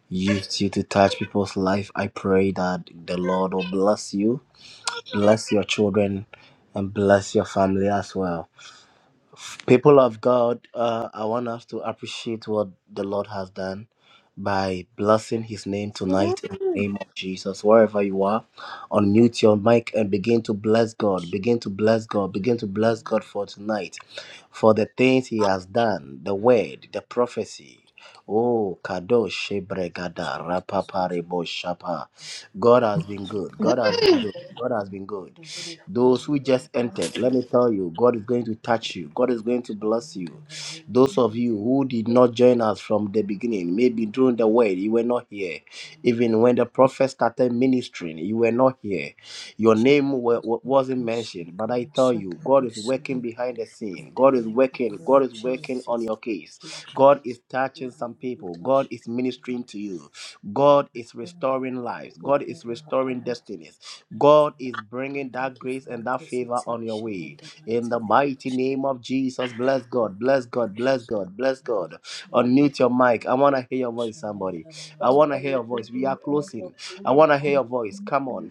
[SPEAKER 9] used you to touch people's life. I pray that the Lord will bless you, bless your children, and bless your family as well. People of God, uh, I want us to appreciate what the Lord has done by blessing His name tonight.
[SPEAKER 32] Mm.
[SPEAKER 9] Jesus, wherever you are, unmute your mic and begin to bless God. Begin to bless God. Begin to bless God for tonight for the things he has done, the word, the prophecy. Oh, Kadosh Shebregada Rapaparebo Shapa. God has been good. God has been
[SPEAKER 32] Mm.
[SPEAKER 9] good. God has been good.
[SPEAKER 2] Thank you for
[SPEAKER 9] Those
[SPEAKER 2] your
[SPEAKER 9] who just
[SPEAKER 2] word.
[SPEAKER 33] Thank
[SPEAKER 9] entered, let
[SPEAKER 33] you,
[SPEAKER 9] me
[SPEAKER 2] Thank
[SPEAKER 9] tell
[SPEAKER 2] you
[SPEAKER 9] you, God is going to touch you.
[SPEAKER 2] for your
[SPEAKER 9] God is going to
[SPEAKER 2] grace, O
[SPEAKER 9] bless
[SPEAKER 2] Lord,
[SPEAKER 9] you.
[SPEAKER 2] in the name of
[SPEAKER 9] Those of
[SPEAKER 2] Jesus.
[SPEAKER 9] you who did not join us from the beginning, maybe during the word, you were not here. Even when the prophet started ministering, you were not here. Your name
[SPEAKER 2] Jesus,
[SPEAKER 9] wa- wa-
[SPEAKER 2] we
[SPEAKER 9] wasn't
[SPEAKER 2] can
[SPEAKER 9] mentioned,
[SPEAKER 2] suck
[SPEAKER 9] but I
[SPEAKER 2] and
[SPEAKER 9] tell
[SPEAKER 2] suck
[SPEAKER 9] you,
[SPEAKER 2] and
[SPEAKER 9] God
[SPEAKER 2] they
[SPEAKER 9] is working
[SPEAKER 2] surrender
[SPEAKER 9] behind the
[SPEAKER 2] in
[SPEAKER 9] scene.
[SPEAKER 2] the
[SPEAKER 9] God is
[SPEAKER 2] mighty
[SPEAKER 9] working.
[SPEAKER 2] name
[SPEAKER 9] God
[SPEAKER 2] of
[SPEAKER 9] is working on
[SPEAKER 2] Jesus.
[SPEAKER 9] your case.
[SPEAKER 2] Thank you,
[SPEAKER 9] God
[SPEAKER 2] Jesus.
[SPEAKER 9] is
[SPEAKER 2] Lord,
[SPEAKER 9] touching some
[SPEAKER 2] we
[SPEAKER 9] people. God
[SPEAKER 2] bless you.
[SPEAKER 9] is
[SPEAKER 2] Amen.
[SPEAKER 9] ministering to you. God is
[SPEAKER 2] Amen.
[SPEAKER 9] restoring
[SPEAKER 2] For
[SPEAKER 9] lives. God
[SPEAKER 2] opening
[SPEAKER 9] is
[SPEAKER 2] our
[SPEAKER 9] restoring
[SPEAKER 2] eyes,
[SPEAKER 9] destinies.
[SPEAKER 2] eyes
[SPEAKER 9] God
[SPEAKER 2] and
[SPEAKER 9] is
[SPEAKER 2] and
[SPEAKER 9] bringing that
[SPEAKER 2] thank you
[SPEAKER 9] grace
[SPEAKER 2] for
[SPEAKER 9] and
[SPEAKER 2] your
[SPEAKER 9] that favor on your
[SPEAKER 2] visitation in
[SPEAKER 9] way.
[SPEAKER 2] the
[SPEAKER 9] In
[SPEAKER 2] mighty
[SPEAKER 9] the
[SPEAKER 2] name of
[SPEAKER 9] mighty
[SPEAKER 2] Jesus.
[SPEAKER 9] name of Jesus, bless God,
[SPEAKER 2] Thank you,
[SPEAKER 9] bless God, bless
[SPEAKER 2] precious Lord,
[SPEAKER 9] God, bless
[SPEAKER 2] in the name
[SPEAKER 9] God.
[SPEAKER 2] of
[SPEAKER 33] dear
[SPEAKER 9] Unmute
[SPEAKER 2] Jesus.
[SPEAKER 9] your
[SPEAKER 33] Lord
[SPEAKER 9] mic. I want
[SPEAKER 33] God.
[SPEAKER 9] to hear your voice, somebody.
[SPEAKER 2] Surrender our
[SPEAKER 9] I want
[SPEAKER 33] Father,
[SPEAKER 9] to hear
[SPEAKER 33] we
[SPEAKER 9] your voice.
[SPEAKER 33] give
[SPEAKER 9] We are
[SPEAKER 33] you all the
[SPEAKER 9] closing. I
[SPEAKER 33] glory
[SPEAKER 9] want to hear
[SPEAKER 33] and
[SPEAKER 9] your
[SPEAKER 33] the
[SPEAKER 9] voice. Come
[SPEAKER 33] glory
[SPEAKER 9] on.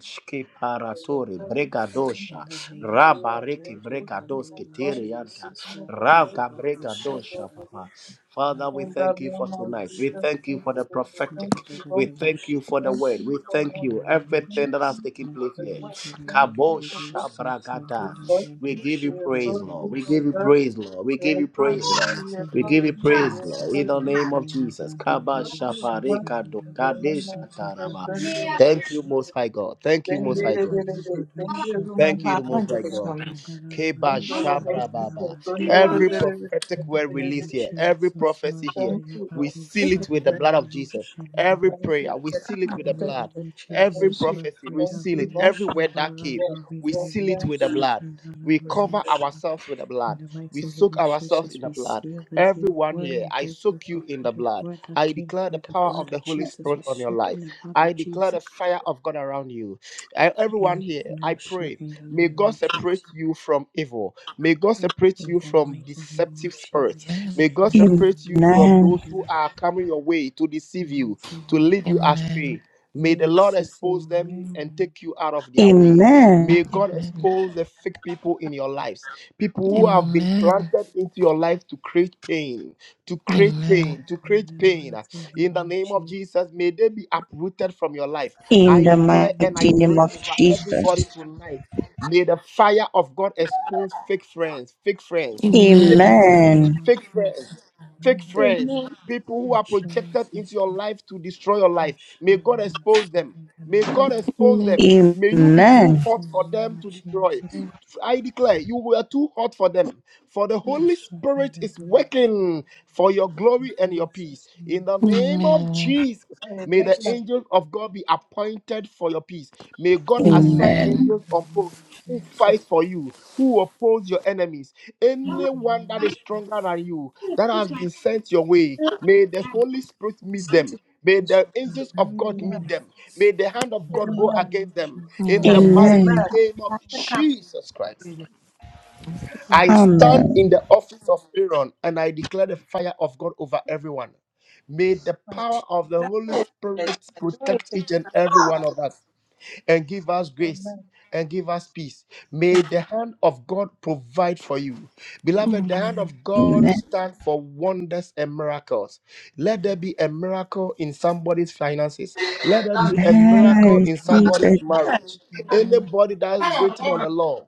[SPEAKER 33] for your
[SPEAKER 2] soul
[SPEAKER 9] Shkiparatori.
[SPEAKER 2] in
[SPEAKER 33] service coming
[SPEAKER 2] the in
[SPEAKER 9] Bregadosha.
[SPEAKER 2] the
[SPEAKER 33] from
[SPEAKER 2] name
[SPEAKER 33] you.
[SPEAKER 2] of
[SPEAKER 33] We
[SPEAKER 2] the
[SPEAKER 33] are so
[SPEAKER 9] Rabariki
[SPEAKER 2] Lord, in
[SPEAKER 33] grateful
[SPEAKER 2] the
[SPEAKER 33] of
[SPEAKER 9] bregadoski
[SPEAKER 2] name of
[SPEAKER 33] God we
[SPEAKER 9] tirianta.
[SPEAKER 33] give
[SPEAKER 2] Jesus,
[SPEAKER 33] you
[SPEAKER 2] we
[SPEAKER 33] the
[SPEAKER 2] pray
[SPEAKER 33] praise
[SPEAKER 9] Raga
[SPEAKER 33] to
[SPEAKER 2] about the
[SPEAKER 33] deserve our
[SPEAKER 9] bregadosha,
[SPEAKER 2] Satan,
[SPEAKER 33] praise.
[SPEAKER 9] Papa. Father, we
[SPEAKER 33] In
[SPEAKER 2] Rabbi,
[SPEAKER 33] the
[SPEAKER 9] thank you for
[SPEAKER 33] name of
[SPEAKER 2] the
[SPEAKER 9] tonight. We
[SPEAKER 33] Jesus,
[SPEAKER 2] Satan,
[SPEAKER 9] thank you
[SPEAKER 33] thank
[SPEAKER 9] for the
[SPEAKER 33] you, Lord. Thank
[SPEAKER 9] prophetic.
[SPEAKER 2] about
[SPEAKER 33] you, God.
[SPEAKER 9] We
[SPEAKER 2] the
[SPEAKER 9] thank you
[SPEAKER 2] Satan,
[SPEAKER 9] for the
[SPEAKER 33] Thank
[SPEAKER 9] word.
[SPEAKER 33] you
[SPEAKER 9] We
[SPEAKER 33] for
[SPEAKER 9] thank
[SPEAKER 2] In
[SPEAKER 33] your
[SPEAKER 9] you
[SPEAKER 2] the
[SPEAKER 33] grace.
[SPEAKER 2] name of
[SPEAKER 33] Thank
[SPEAKER 9] everything that has
[SPEAKER 2] Jesus,
[SPEAKER 33] you
[SPEAKER 9] taken
[SPEAKER 33] for
[SPEAKER 9] place
[SPEAKER 33] the
[SPEAKER 9] here.
[SPEAKER 2] Makaya
[SPEAKER 33] work.
[SPEAKER 2] Bharata
[SPEAKER 33] Thank you, O
[SPEAKER 2] Bidu
[SPEAKER 33] God.
[SPEAKER 9] Kabosha
[SPEAKER 2] Satsa
[SPEAKER 33] We
[SPEAKER 9] bragada.
[SPEAKER 2] Dela
[SPEAKER 33] bless
[SPEAKER 9] We
[SPEAKER 2] Badu
[SPEAKER 33] you.
[SPEAKER 9] give
[SPEAKER 33] We
[SPEAKER 9] you
[SPEAKER 2] Shakaya
[SPEAKER 9] praise,
[SPEAKER 33] exalt
[SPEAKER 9] Lord.
[SPEAKER 33] you,
[SPEAKER 2] Badu
[SPEAKER 9] We
[SPEAKER 33] O
[SPEAKER 9] give you
[SPEAKER 2] Saha.
[SPEAKER 33] God.
[SPEAKER 9] praise, Lord. We
[SPEAKER 33] We
[SPEAKER 9] give you
[SPEAKER 33] exalt
[SPEAKER 2] In
[SPEAKER 9] praise,
[SPEAKER 2] the
[SPEAKER 33] you.
[SPEAKER 9] Lord.
[SPEAKER 33] We
[SPEAKER 2] mighty
[SPEAKER 9] We
[SPEAKER 33] exalt
[SPEAKER 9] give
[SPEAKER 2] name
[SPEAKER 9] you
[SPEAKER 2] of
[SPEAKER 33] you. We
[SPEAKER 9] praise, Lord,
[SPEAKER 2] Jesus,
[SPEAKER 9] in
[SPEAKER 33] exalt
[SPEAKER 9] the
[SPEAKER 33] you.
[SPEAKER 9] name of
[SPEAKER 2] Makaya
[SPEAKER 9] Jesus.
[SPEAKER 33] Thank
[SPEAKER 2] Badu Radu
[SPEAKER 9] Kabasha
[SPEAKER 33] you,
[SPEAKER 2] Satsa
[SPEAKER 33] Lord.
[SPEAKER 9] pareka do
[SPEAKER 2] Dela
[SPEAKER 33] Thank
[SPEAKER 2] Badu
[SPEAKER 9] kadesha
[SPEAKER 33] you.
[SPEAKER 2] Satsa
[SPEAKER 9] taraba.
[SPEAKER 2] Kadari
[SPEAKER 33] Thank
[SPEAKER 2] Bidu
[SPEAKER 9] Thank you,
[SPEAKER 2] Saha.
[SPEAKER 9] Most High God. Thank you, Most
[SPEAKER 33] you.
[SPEAKER 9] High God.
[SPEAKER 2] Rakaya Badu
[SPEAKER 33] Thank
[SPEAKER 2] Shati
[SPEAKER 9] Thank you,
[SPEAKER 2] Dili
[SPEAKER 9] the
[SPEAKER 32] Baba
[SPEAKER 9] Most
[SPEAKER 32] and
[SPEAKER 2] Bidu
[SPEAKER 9] High
[SPEAKER 32] David for
[SPEAKER 9] God.
[SPEAKER 2] Saha
[SPEAKER 32] me.
[SPEAKER 2] Kadara
[SPEAKER 9] Keba
[SPEAKER 2] Badu Shati
[SPEAKER 9] Shabra Baba.
[SPEAKER 2] Daraba.
[SPEAKER 9] Every
[SPEAKER 32] If
[SPEAKER 9] prophetic
[SPEAKER 2] In the
[SPEAKER 9] word
[SPEAKER 2] name
[SPEAKER 9] released
[SPEAKER 2] of
[SPEAKER 9] here, every
[SPEAKER 2] Jesus,
[SPEAKER 9] prophecy here,
[SPEAKER 2] Makaya
[SPEAKER 9] we
[SPEAKER 2] Badu
[SPEAKER 9] seal
[SPEAKER 32] you
[SPEAKER 9] it
[SPEAKER 2] Sahi
[SPEAKER 9] with the
[SPEAKER 32] break,
[SPEAKER 9] blood of
[SPEAKER 2] Darabadu
[SPEAKER 9] Jesus. Every
[SPEAKER 2] Shadi
[SPEAKER 9] prayer, we seal it
[SPEAKER 32] I
[SPEAKER 9] with the
[SPEAKER 2] In the
[SPEAKER 32] wanted
[SPEAKER 9] blood.
[SPEAKER 32] to
[SPEAKER 2] name of
[SPEAKER 9] Every
[SPEAKER 2] Jesus,
[SPEAKER 32] excuse you.
[SPEAKER 33] you.
[SPEAKER 2] my
[SPEAKER 9] prophecy, we
[SPEAKER 33] Thank
[SPEAKER 2] Makarya
[SPEAKER 9] seal it.
[SPEAKER 33] you, Lord.
[SPEAKER 9] Every
[SPEAKER 2] Varosha
[SPEAKER 9] word that came,
[SPEAKER 33] Yes.
[SPEAKER 2] Varana
[SPEAKER 9] we
[SPEAKER 33] Yes.
[SPEAKER 9] seal it
[SPEAKER 33] Thank
[SPEAKER 9] with the
[SPEAKER 33] you.
[SPEAKER 2] Vidivinosa
[SPEAKER 9] blood.
[SPEAKER 2] Tindana
[SPEAKER 9] We cover
[SPEAKER 2] Varosha.
[SPEAKER 9] ourselves with the
[SPEAKER 2] In
[SPEAKER 9] blood.
[SPEAKER 2] the
[SPEAKER 9] We
[SPEAKER 2] mighty name
[SPEAKER 9] soak
[SPEAKER 2] of
[SPEAKER 9] ourselves
[SPEAKER 2] Jesus,
[SPEAKER 9] in the
[SPEAKER 2] we
[SPEAKER 9] blood.
[SPEAKER 2] seal every
[SPEAKER 9] Everyone here,
[SPEAKER 2] word,
[SPEAKER 9] I
[SPEAKER 2] every
[SPEAKER 9] soak you in the
[SPEAKER 2] prophetic
[SPEAKER 9] blood.
[SPEAKER 2] word that
[SPEAKER 9] I
[SPEAKER 2] came
[SPEAKER 9] declare the
[SPEAKER 2] through the
[SPEAKER 9] power of
[SPEAKER 2] blood of
[SPEAKER 9] the Holy
[SPEAKER 2] Jesus.
[SPEAKER 9] Spirit
[SPEAKER 2] We
[SPEAKER 9] on your
[SPEAKER 2] soak in
[SPEAKER 9] life.
[SPEAKER 2] the blood
[SPEAKER 9] I
[SPEAKER 2] of
[SPEAKER 9] declare the
[SPEAKER 2] Jesus.
[SPEAKER 9] fire of God around you. E- Everyone
[SPEAKER 2] In
[SPEAKER 9] here, I
[SPEAKER 2] Nosha,
[SPEAKER 9] pray,
[SPEAKER 2] in the
[SPEAKER 9] may
[SPEAKER 2] name
[SPEAKER 9] God
[SPEAKER 2] of
[SPEAKER 9] separate
[SPEAKER 2] Jesus.
[SPEAKER 9] you from evil. May God separate
[SPEAKER 2] In
[SPEAKER 9] you
[SPEAKER 2] the
[SPEAKER 9] from
[SPEAKER 2] mighty name of
[SPEAKER 9] deceptive spirits.
[SPEAKER 2] Jesus.
[SPEAKER 8] Amen.
[SPEAKER 9] May God separate you from
[SPEAKER 2] Varosha,
[SPEAKER 12] Amen.
[SPEAKER 2] in
[SPEAKER 9] those
[SPEAKER 2] the
[SPEAKER 9] who
[SPEAKER 2] mighty
[SPEAKER 9] are coming your way to deceive
[SPEAKER 2] name of
[SPEAKER 9] you, to lead you
[SPEAKER 8] Amen.
[SPEAKER 9] astray. May the Lord
[SPEAKER 2] Jesus.
[SPEAKER 9] expose them and
[SPEAKER 2] Amen.
[SPEAKER 9] take you out of their way.
[SPEAKER 12] Amen.
[SPEAKER 9] May God
[SPEAKER 8] Amen.
[SPEAKER 9] expose the fake people in your lives, people who have been
[SPEAKER 8] Amen.
[SPEAKER 9] planted into your life to create pain, to create
[SPEAKER 8] Amen.
[SPEAKER 9] pain, to
[SPEAKER 2] In
[SPEAKER 9] create
[SPEAKER 2] the
[SPEAKER 9] pain.
[SPEAKER 2] mighty
[SPEAKER 9] In the
[SPEAKER 2] name of
[SPEAKER 9] name of
[SPEAKER 2] Jesus.
[SPEAKER 9] Jesus, may they be uprooted from your life.
[SPEAKER 12] In
[SPEAKER 9] I
[SPEAKER 12] the
[SPEAKER 9] declare and I
[SPEAKER 12] mighty
[SPEAKER 2] name
[SPEAKER 12] name
[SPEAKER 9] pray
[SPEAKER 12] of
[SPEAKER 2] of
[SPEAKER 9] over
[SPEAKER 12] Jesus.
[SPEAKER 9] everybody
[SPEAKER 2] Jesus.
[SPEAKER 9] tonight. May the fire of God expose fake friends, fake friends,
[SPEAKER 2] In the
[SPEAKER 9] fake
[SPEAKER 8] Amen.
[SPEAKER 2] mighty
[SPEAKER 9] friends,
[SPEAKER 12] Amen.
[SPEAKER 2] name of
[SPEAKER 9] fake
[SPEAKER 2] Jesus.
[SPEAKER 9] friends fake
[SPEAKER 2] Amen.
[SPEAKER 9] friends,
[SPEAKER 32] Amen.
[SPEAKER 9] people who
[SPEAKER 2] In
[SPEAKER 9] are projected into
[SPEAKER 2] Jesus'
[SPEAKER 9] your
[SPEAKER 2] name.
[SPEAKER 9] life to destroy your life.
[SPEAKER 2] Gosh,
[SPEAKER 9] May
[SPEAKER 2] in
[SPEAKER 9] God
[SPEAKER 2] the
[SPEAKER 9] expose
[SPEAKER 2] mercy
[SPEAKER 9] them.
[SPEAKER 2] of the
[SPEAKER 9] May
[SPEAKER 2] Lord.
[SPEAKER 9] God
[SPEAKER 32] Amen.
[SPEAKER 9] expose
[SPEAKER 8] Amen.
[SPEAKER 9] them.
[SPEAKER 12] Amen.
[SPEAKER 9] May
[SPEAKER 2] In
[SPEAKER 9] you be
[SPEAKER 2] the
[SPEAKER 32] In
[SPEAKER 9] too
[SPEAKER 12] Amen.
[SPEAKER 2] mighty
[SPEAKER 9] hot for
[SPEAKER 2] name
[SPEAKER 9] them to
[SPEAKER 2] of
[SPEAKER 9] destroy.
[SPEAKER 2] Jesus.
[SPEAKER 9] I declare you were too hot for them. For the Holy
[SPEAKER 2] Also in
[SPEAKER 9] Spirit
[SPEAKER 2] the
[SPEAKER 9] is
[SPEAKER 2] revolution.
[SPEAKER 9] working for your
[SPEAKER 2] In
[SPEAKER 9] glory and your peace.
[SPEAKER 2] Jesus'
[SPEAKER 9] In
[SPEAKER 2] name.
[SPEAKER 9] the name of
[SPEAKER 8] Amen.
[SPEAKER 9] Jesus, may the
[SPEAKER 32] English.
[SPEAKER 9] angels of God be appointed for your peace. May God
[SPEAKER 2] Amen.
[SPEAKER 9] assign
[SPEAKER 12] Amen.
[SPEAKER 8] Amen.
[SPEAKER 2] In
[SPEAKER 9] angels
[SPEAKER 2] the
[SPEAKER 9] on
[SPEAKER 2] name
[SPEAKER 9] post
[SPEAKER 2] of
[SPEAKER 9] who fight
[SPEAKER 2] Jesus.
[SPEAKER 9] for you, who oppose your enemies,
[SPEAKER 2] In the
[SPEAKER 9] anyone
[SPEAKER 2] name
[SPEAKER 9] that
[SPEAKER 2] of
[SPEAKER 9] is stronger than you, that has been sent your way, may the Holy
[SPEAKER 2] Jesus.
[SPEAKER 9] Spirit
[SPEAKER 32] He
[SPEAKER 9] meet
[SPEAKER 32] sent it
[SPEAKER 9] them.
[SPEAKER 32] to
[SPEAKER 9] May
[SPEAKER 32] this
[SPEAKER 9] the
[SPEAKER 32] one.
[SPEAKER 2] Amen. In
[SPEAKER 9] angels
[SPEAKER 2] the
[SPEAKER 9] of
[SPEAKER 33] Jesus.
[SPEAKER 9] God
[SPEAKER 2] name
[SPEAKER 9] meet
[SPEAKER 33] Amen.
[SPEAKER 9] them. May the hand of God go
[SPEAKER 33] Amen.
[SPEAKER 2] of
[SPEAKER 9] against them.
[SPEAKER 2] Jesus.
[SPEAKER 9] In
[SPEAKER 32] Now,
[SPEAKER 9] the
[SPEAKER 32] Pastor
[SPEAKER 33] Amen.
[SPEAKER 8] Amen.
[SPEAKER 9] mighty
[SPEAKER 32] Cap,
[SPEAKER 9] name of
[SPEAKER 32] Pastor Cap,
[SPEAKER 9] Jesus Christ.
[SPEAKER 8] Thank you.
[SPEAKER 9] I
[SPEAKER 2] Amen.
[SPEAKER 9] stand
[SPEAKER 12] Amen.
[SPEAKER 9] in the office of Aaron and I declare the fire of God over everyone. May the
[SPEAKER 33] Amen.
[SPEAKER 9] power of the Holy
[SPEAKER 32] let's
[SPEAKER 9] Spirit
[SPEAKER 32] do it
[SPEAKER 9] protect
[SPEAKER 32] in
[SPEAKER 9] each and every one of
[SPEAKER 32] English.
[SPEAKER 9] us and give us grace
[SPEAKER 33] Amen.
[SPEAKER 9] and give us peace. May the hand of God provide for you. Beloved, the hand
[SPEAKER 8] Amen.
[SPEAKER 9] of
[SPEAKER 12] Amen.
[SPEAKER 9] God stand for wonders and miracles. Let
[SPEAKER 32] Mm.
[SPEAKER 9] there be a miracle in somebody's finances. Let there
[SPEAKER 2] In
[SPEAKER 9] be a
[SPEAKER 12] And
[SPEAKER 9] miracle
[SPEAKER 12] I
[SPEAKER 2] the
[SPEAKER 9] in
[SPEAKER 2] name of
[SPEAKER 12] receive
[SPEAKER 9] somebody's
[SPEAKER 12] it.
[SPEAKER 2] Jesus.
[SPEAKER 9] marriage.
[SPEAKER 2] Amen.
[SPEAKER 9] Anybody that's waiting on the Lord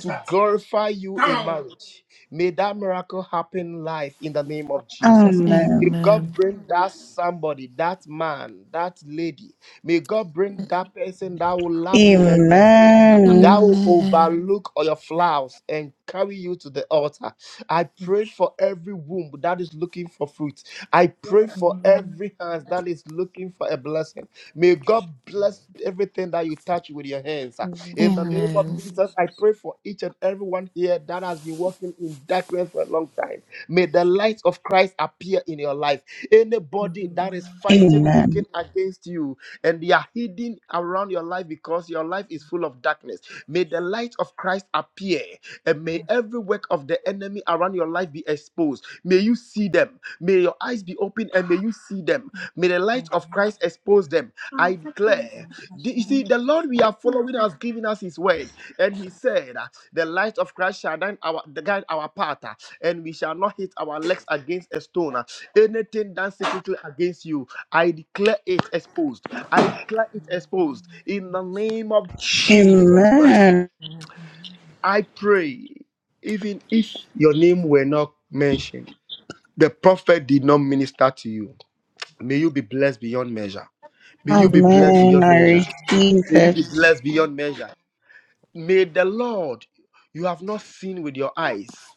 [SPEAKER 9] to glorify you in marriage. May that miracle happen in life in the name of
[SPEAKER 2] In the name of
[SPEAKER 9] Jesus.
[SPEAKER 2] Jesus.
[SPEAKER 12] Amen.
[SPEAKER 9] May God
[SPEAKER 8] Amen.
[SPEAKER 9] bring that somebody, that man, that lady. May God bring
[SPEAKER 8] Amen.
[SPEAKER 9] that person that will love you endlessly.
[SPEAKER 12] Amen.
[SPEAKER 9] That will
[SPEAKER 8] Amen.
[SPEAKER 9] overlook all your flaws and carry you to the altar. I
[SPEAKER 2] Amen.
[SPEAKER 9] pray for every womb that is looking for fruit. I pray for
[SPEAKER 2] In
[SPEAKER 9] every hand that is looking for a blessing. May God bless everything that you touch with your hands. ah.
[SPEAKER 2] the
[SPEAKER 9] In the
[SPEAKER 2] name
[SPEAKER 9] name
[SPEAKER 2] of
[SPEAKER 9] of
[SPEAKER 8] Amen.
[SPEAKER 9] Jesus, I
[SPEAKER 2] Jesus.
[SPEAKER 9] pray for each and everyone here that has been walking in darkness for a long time. May the light of Christ appear in your life.
[SPEAKER 2] In the
[SPEAKER 9] Anybody that is
[SPEAKER 2] name of Jesus.
[SPEAKER 9] fighting,
[SPEAKER 12] Amen.
[SPEAKER 9] working against you, and they are hidden around your life because your life is full of darkness, may the light of Christ appear and may every work of the enemy around your life be exposed. May you see them. May your eyes be open and may you see them. May the light of
[SPEAKER 2] Amen.
[SPEAKER 9] Christ expose them. I declare.
[SPEAKER 2] Jesus'
[SPEAKER 9] The- You
[SPEAKER 2] name.
[SPEAKER 9] see, the Lord we are following has given us his word. And he said, uh, The light of Christ shall guide our, guide our path, uh, and we shall not hit our legs against a stone. uh. Anything done secretly against you, I declare it exposed. I declare it
[SPEAKER 2] In the
[SPEAKER 9] exposed.
[SPEAKER 2] name of
[SPEAKER 9] In the
[SPEAKER 2] Jesus.
[SPEAKER 9] name of Jesus Christ,
[SPEAKER 12] Amen.
[SPEAKER 2] Amen.
[SPEAKER 9] I pray, even if your name were not mentioned the prophet did not minister to you. May you be blessed beyond measure. May you be
[SPEAKER 32] Amen.
[SPEAKER 9] blessed
[SPEAKER 2] Amen.
[SPEAKER 12] Amen.
[SPEAKER 9] beyond
[SPEAKER 12] I
[SPEAKER 9] measure.
[SPEAKER 12] receive
[SPEAKER 9] May
[SPEAKER 2] Amen.
[SPEAKER 9] you
[SPEAKER 12] it.
[SPEAKER 9] be blessed beyond measure. May the Lord you have not seen with your eyes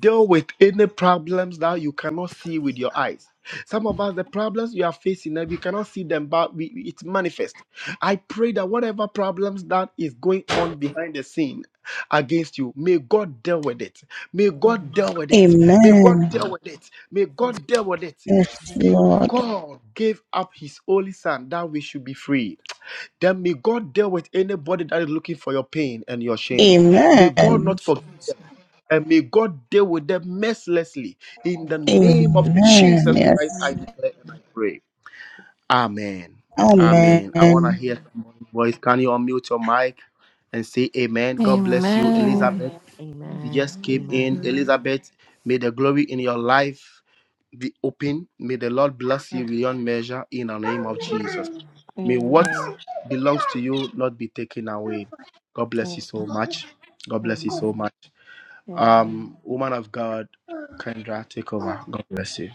[SPEAKER 9] deal with any problems that you cannot see with your eyes. Some of us, the problems you are facing, eh, we cannot see them, but we, we- it's manifest. I pray that whatever problems that is going on behind the scene against you, may God deal with it. May God
[SPEAKER 32] Amen.
[SPEAKER 9] deal with it. May God
[SPEAKER 12] Amen.
[SPEAKER 9] deal with it. May God deal with it.
[SPEAKER 12] Yes,
[SPEAKER 32] Amen.
[SPEAKER 9] If
[SPEAKER 12] Lord.
[SPEAKER 9] God gave up His only Son, that we should be free then may God deal with anybody that is looking for your pain and your shame.
[SPEAKER 2] In the
[SPEAKER 9] May
[SPEAKER 2] name
[SPEAKER 9] God
[SPEAKER 2] of
[SPEAKER 12] Amen.
[SPEAKER 9] not forgive
[SPEAKER 2] Jesus.
[SPEAKER 9] them. And may God deal with them mercilessly. In the name of
[SPEAKER 2] Amen.
[SPEAKER 12] Amen.
[SPEAKER 9] Jesus Christ,
[SPEAKER 12] Yes.
[SPEAKER 9] I
[SPEAKER 32] Amen.
[SPEAKER 9] declare and I pray. Amen. Amen. I want to
[SPEAKER 12] Amen.
[SPEAKER 9] hear
[SPEAKER 2] Amen.
[SPEAKER 9] someone's voice. Can you unmute your mic and say amen? God bless you,
[SPEAKER 32] Amen.
[SPEAKER 8] Amen.
[SPEAKER 9] Elizabeth.
[SPEAKER 5] Amen.
[SPEAKER 32] Amen.
[SPEAKER 9] You
[SPEAKER 5] Amen.
[SPEAKER 9] just came in.
[SPEAKER 2] Amen.
[SPEAKER 5] Amen.
[SPEAKER 10] Amen.
[SPEAKER 9] Elizabeth, may the glory in your life be open. May the Lord bless you beyond measure in the name of Jesus. May what belongs to you not be taken away. God bless you so much. God bless you
[SPEAKER 32] Mm.
[SPEAKER 9] so much.
[SPEAKER 32] Amen. Amen.
[SPEAKER 9] Um, woman of God, Kendra, take over.
[SPEAKER 32] Amen.
[SPEAKER 9] God bless you.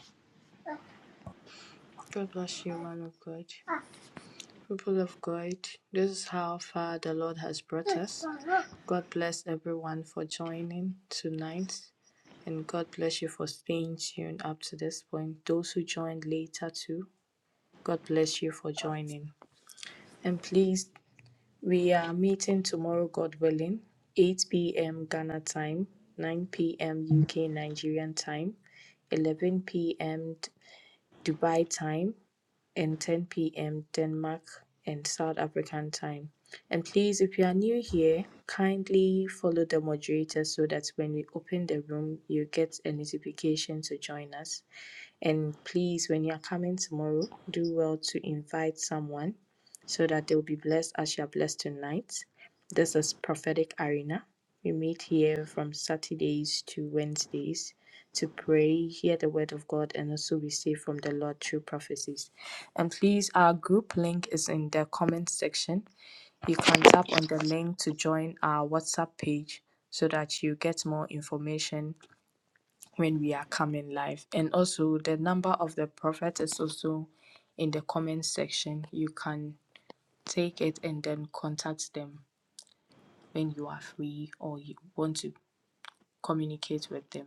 [SPEAKER 2] God bless you, man of God.
[SPEAKER 32] Amen.
[SPEAKER 2] People of God, this is how far the Lord has brought
[SPEAKER 32] May
[SPEAKER 2] us. God bless everyone for joining tonight, and God bless you for staying tuned up to this point. Those who joined later, too, God bless you for joining. And please, we are meeting tomorrow, God willing, 8 p.m. Ghana time, 9 p.m. UK Nigerian time, 11 p.m. Dubai time, and 10 p.m. Denmark and South African time. And please, if you are new here, kindly follow the moderator so that when we open the room, you get a notification to join us. And please, when you are coming tomorrow, do well to invite someone so that they will be blessed as you are blessed tonight. This is Prophetic Arena. We meet here from Saturdays to Wednesdays to pray, hear the word of God, and also receive from the Lord through prophecies. And please, our group link is in the comment section. You can tap on the link to join our WhatsApp page so that you get more information when we are coming live. And also, the number of the prophet is also in the comment section. You can take it and then contact them when you are free or you want to communicate with them.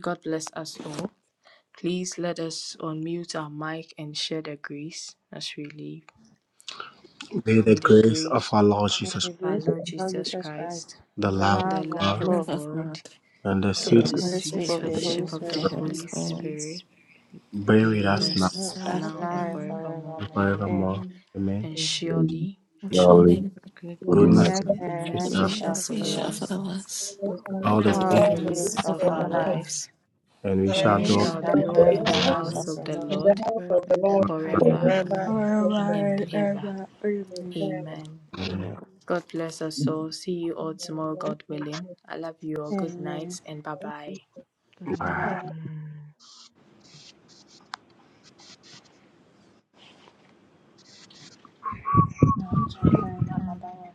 [SPEAKER 2] God bless us all. Please let us unmute our mic and share the grace as we leave.
[SPEAKER 9] May the
[SPEAKER 2] In the
[SPEAKER 9] grace of
[SPEAKER 2] grace
[SPEAKER 9] our Lord Jesus,
[SPEAKER 32] the
[SPEAKER 2] of our
[SPEAKER 32] grace of
[SPEAKER 2] Lord
[SPEAKER 32] our Lord
[SPEAKER 2] Jesus
[SPEAKER 32] Jesus Christ,
[SPEAKER 2] Christ,
[SPEAKER 9] the
[SPEAKER 5] The
[SPEAKER 32] the
[SPEAKER 9] love
[SPEAKER 5] love of
[SPEAKER 2] the
[SPEAKER 32] love
[SPEAKER 9] of
[SPEAKER 32] of
[SPEAKER 2] love
[SPEAKER 8] The
[SPEAKER 9] God,
[SPEAKER 5] God,
[SPEAKER 2] of
[SPEAKER 8] love
[SPEAKER 32] God,
[SPEAKER 8] of
[SPEAKER 2] God,
[SPEAKER 8] God
[SPEAKER 9] and the
[SPEAKER 5] the
[SPEAKER 32] and
[SPEAKER 2] and
[SPEAKER 9] sweet
[SPEAKER 32] the
[SPEAKER 2] the
[SPEAKER 8] and the
[SPEAKER 32] fellowship
[SPEAKER 8] sweet
[SPEAKER 2] sweet
[SPEAKER 5] fellowship
[SPEAKER 32] of
[SPEAKER 5] of
[SPEAKER 32] the
[SPEAKER 5] the
[SPEAKER 32] Holy
[SPEAKER 8] fellowship
[SPEAKER 2] fellowship
[SPEAKER 5] Holy
[SPEAKER 2] of
[SPEAKER 8] of
[SPEAKER 2] the
[SPEAKER 8] the
[SPEAKER 32] Spirit
[SPEAKER 9] Spirit
[SPEAKER 8] Holy
[SPEAKER 5] Spirit,
[SPEAKER 2] Holy Spirit
[SPEAKER 8] Spirit
[SPEAKER 5] be with
[SPEAKER 9] be
[SPEAKER 5] us
[SPEAKER 2] be
[SPEAKER 9] with
[SPEAKER 2] with
[SPEAKER 5] now.
[SPEAKER 9] us now
[SPEAKER 2] us
[SPEAKER 32] last
[SPEAKER 8] us
[SPEAKER 32] with
[SPEAKER 10] Now
[SPEAKER 32] us
[SPEAKER 8] now
[SPEAKER 2] now
[SPEAKER 32] now
[SPEAKER 2] and
[SPEAKER 32] and
[SPEAKER 10] forevermore.
[SPEAKER 2] forevermore.
[SPEAKER 32] forevermore.
[SPEAKER 9] and
[SPEAKER 2] Amen.
[SPEAKER 32] Amen.
[SPEAKER 9] forevermore.
[SPEAKER 10] Amen.
[SPEAKER 9] Amen.
[SPEAKER 2] And
[SPEAKER 5] Amen.
[SPEAKER 2] surely
[SPEAKER 8] and
[SPEAKER 1] Surely
[SPEAKER 8] surely
[SPEAKER 9] Goodness
[SPEAKER 2] goodness
[SPEAKER 1] goodness
[SPEAKER 32] Goodness
[SPEAKER 10] Good
[SPEAKER 2] and
[SPEAKER 32] and
[SPEAKER 9] we
[SPEAKER 10] and
[SPEAKER 5] Come
[SPEAKER 8] the
[SPEAKER 2] mercy
[SPEAKER 32] mercy
[SPEAKER 9] shall
[SPEAKER 10] mercy
[SPEAKER 2] shall
[SPEAKER 5] with
[SPEAKER 32] shall
[SPEAKER 10] shall
[SPEAKER 8] mercy
[SPEAKER 5] us,
[SPEAKER 2] follow
[SPEAKER 32] follow
[SPEAKER 8] shall
[SPEAKER 10] follow us
[SPEAKER 32] us
[SPEAKER 5] follow
[SPEAKER 2] us
[SPEAKER 8] follow
[SPEAKER 5] us,
[SPEAKER 8] us
[SPEAKER 10] all
[SPEAKER 33] Amen.
[SPEAKER 9] follow
[SPEAKER 10] the
[SPEAKER 8] all
[SPEAKER 9] all the
[SPEAKER 8] the
[SPEAKER 2] all
[SPEAKER 10] days
[SPEAKER 32] all
[SPEAKER 9] days,
[SPEAKER 10] of our life,
[SPEAKER 2] the
[SPEAKER 33] God,
[SPEAKER 32] the
[SPEAKER 33] the
[SPEAKER 32] days
[SPEAKER 8] days
[SPEAKER 33] peace
[SPEAKER 2] days
[SPEAKER 8] of
[SPEAKER 32] of
[SPEAKER 2] of
[SPEAKER 8] our
[SPEAKER 33] of
[SPEAKER 32] our
[SPEAKER 2] our
[SPEAKER 33] our life.
[SPEAKER 32] life,
[SPEAKER 5] family,
[SPEAKER 2] life,
[SPEAKER 8] lives.
[SPEAKER 9] and we
[SPEAKER 2] and
[SPEAKER 5] and
[SPEAKER 10] and
[SPEAKER 9] shall
[SPEAKER 2] we
[SPEAKER 10] we
[SPEAKER 33] And
[SPEAKER 32] and
[SPEAKER 8] We
[SPEAKER 5] we
[SPEAKER 9] dwell.
[SPEAKER 33] we
[SPEAKER 10] shall
[SPEAKER 32] we
[SPEAKER 2] shall
[SPEAKER 8] shall
[SPEAKER 5] shall
[SPEAKER 10] dwell
[SPEAKER 32] shall
[SPEAKER 10] in
[SPEAKER 5] go
[SPEAKER 10] the
[SPEAKER 32] dwell
[SPEAKER 2] dwell
[SPEAKER 5] in
[SPEAKER 2] in
[SPEAKER 33] thank
[SPEAKER 32] in
[SPEAKER 5] the
[SPEAKER 8] dwell
[SPEAKER 2] the
[SPEAKER 32] the
[SPEAKER 33] God
[SPEAKER 10] house
[SPEAKER 8] in
[SPEAKER 10] of the
[SPEAKER 5] house
[SPEAKER 8] the
[SPEAKER 32] house
[SPEAKER 5] of
[SPEAKER 32] of
[SPEAKER 2] house
[SPEAKER 10] Lord
[SPEAKER 8] house
[SPEAKER 5] the
[SPEAKER 2] of
[SPEAKER 32] the
[SPEAKER 8] of
[SPEAKER 2] the
[SPEAKER 8] the
[SPEAKER 5] Lord
[SPEAKER 32] Lord
[SPEAKER 33] in the
[SPEAKER 2] Lord
[SPEAKER 8] Lord
[SPEAKER 33] house
[SPEAKER 10] forever
[SPEAKER 33] of the
[SPEAKER 10] and
[SPEAKER 33] Lord
[SPEAKER 10] ever.
[SPEAKER 5] forever
[SPEAKER 8] forever
[SPEAKER 2] forever
[SPEAKER 33] forever
[SPEAKER 5] and
[SPEAKER 10] Amen.
[SPEAKER 33] and
[SPEAKER 5] ever.
[SPEAKER 33] ever.
[SPEAKER 8] and
[SPEAKER 2] and
[SPEAKER 32] forever
[SPEAKER 8] ever.
[SPEAKER 32] and
[SPEAKER 5] Amen.
[SPEAKER 2] ever.
[SPEAKER 32] ever. Amen.
[SPEAKER 33] Amen.
[SPEAKER 2] Amen.
[SPEAKER 8] Amen.
[SPEAKER 2] God bless us all. See you all tomorrow, God willing. I love you all. Good
[SPEAKER 32] Amen.
[SPEAKER 2] night and bye
[SPEAKER 33] Amen.
[SPEAKER 2] bye.
[SPEAKER 5] Good
[SPEAKER 9] Wow.
[SPEAKER 5] night,
[SPEAKER 32] But
[SPEAKER 5] bye.
[SPEAKER 32] I want to try another one.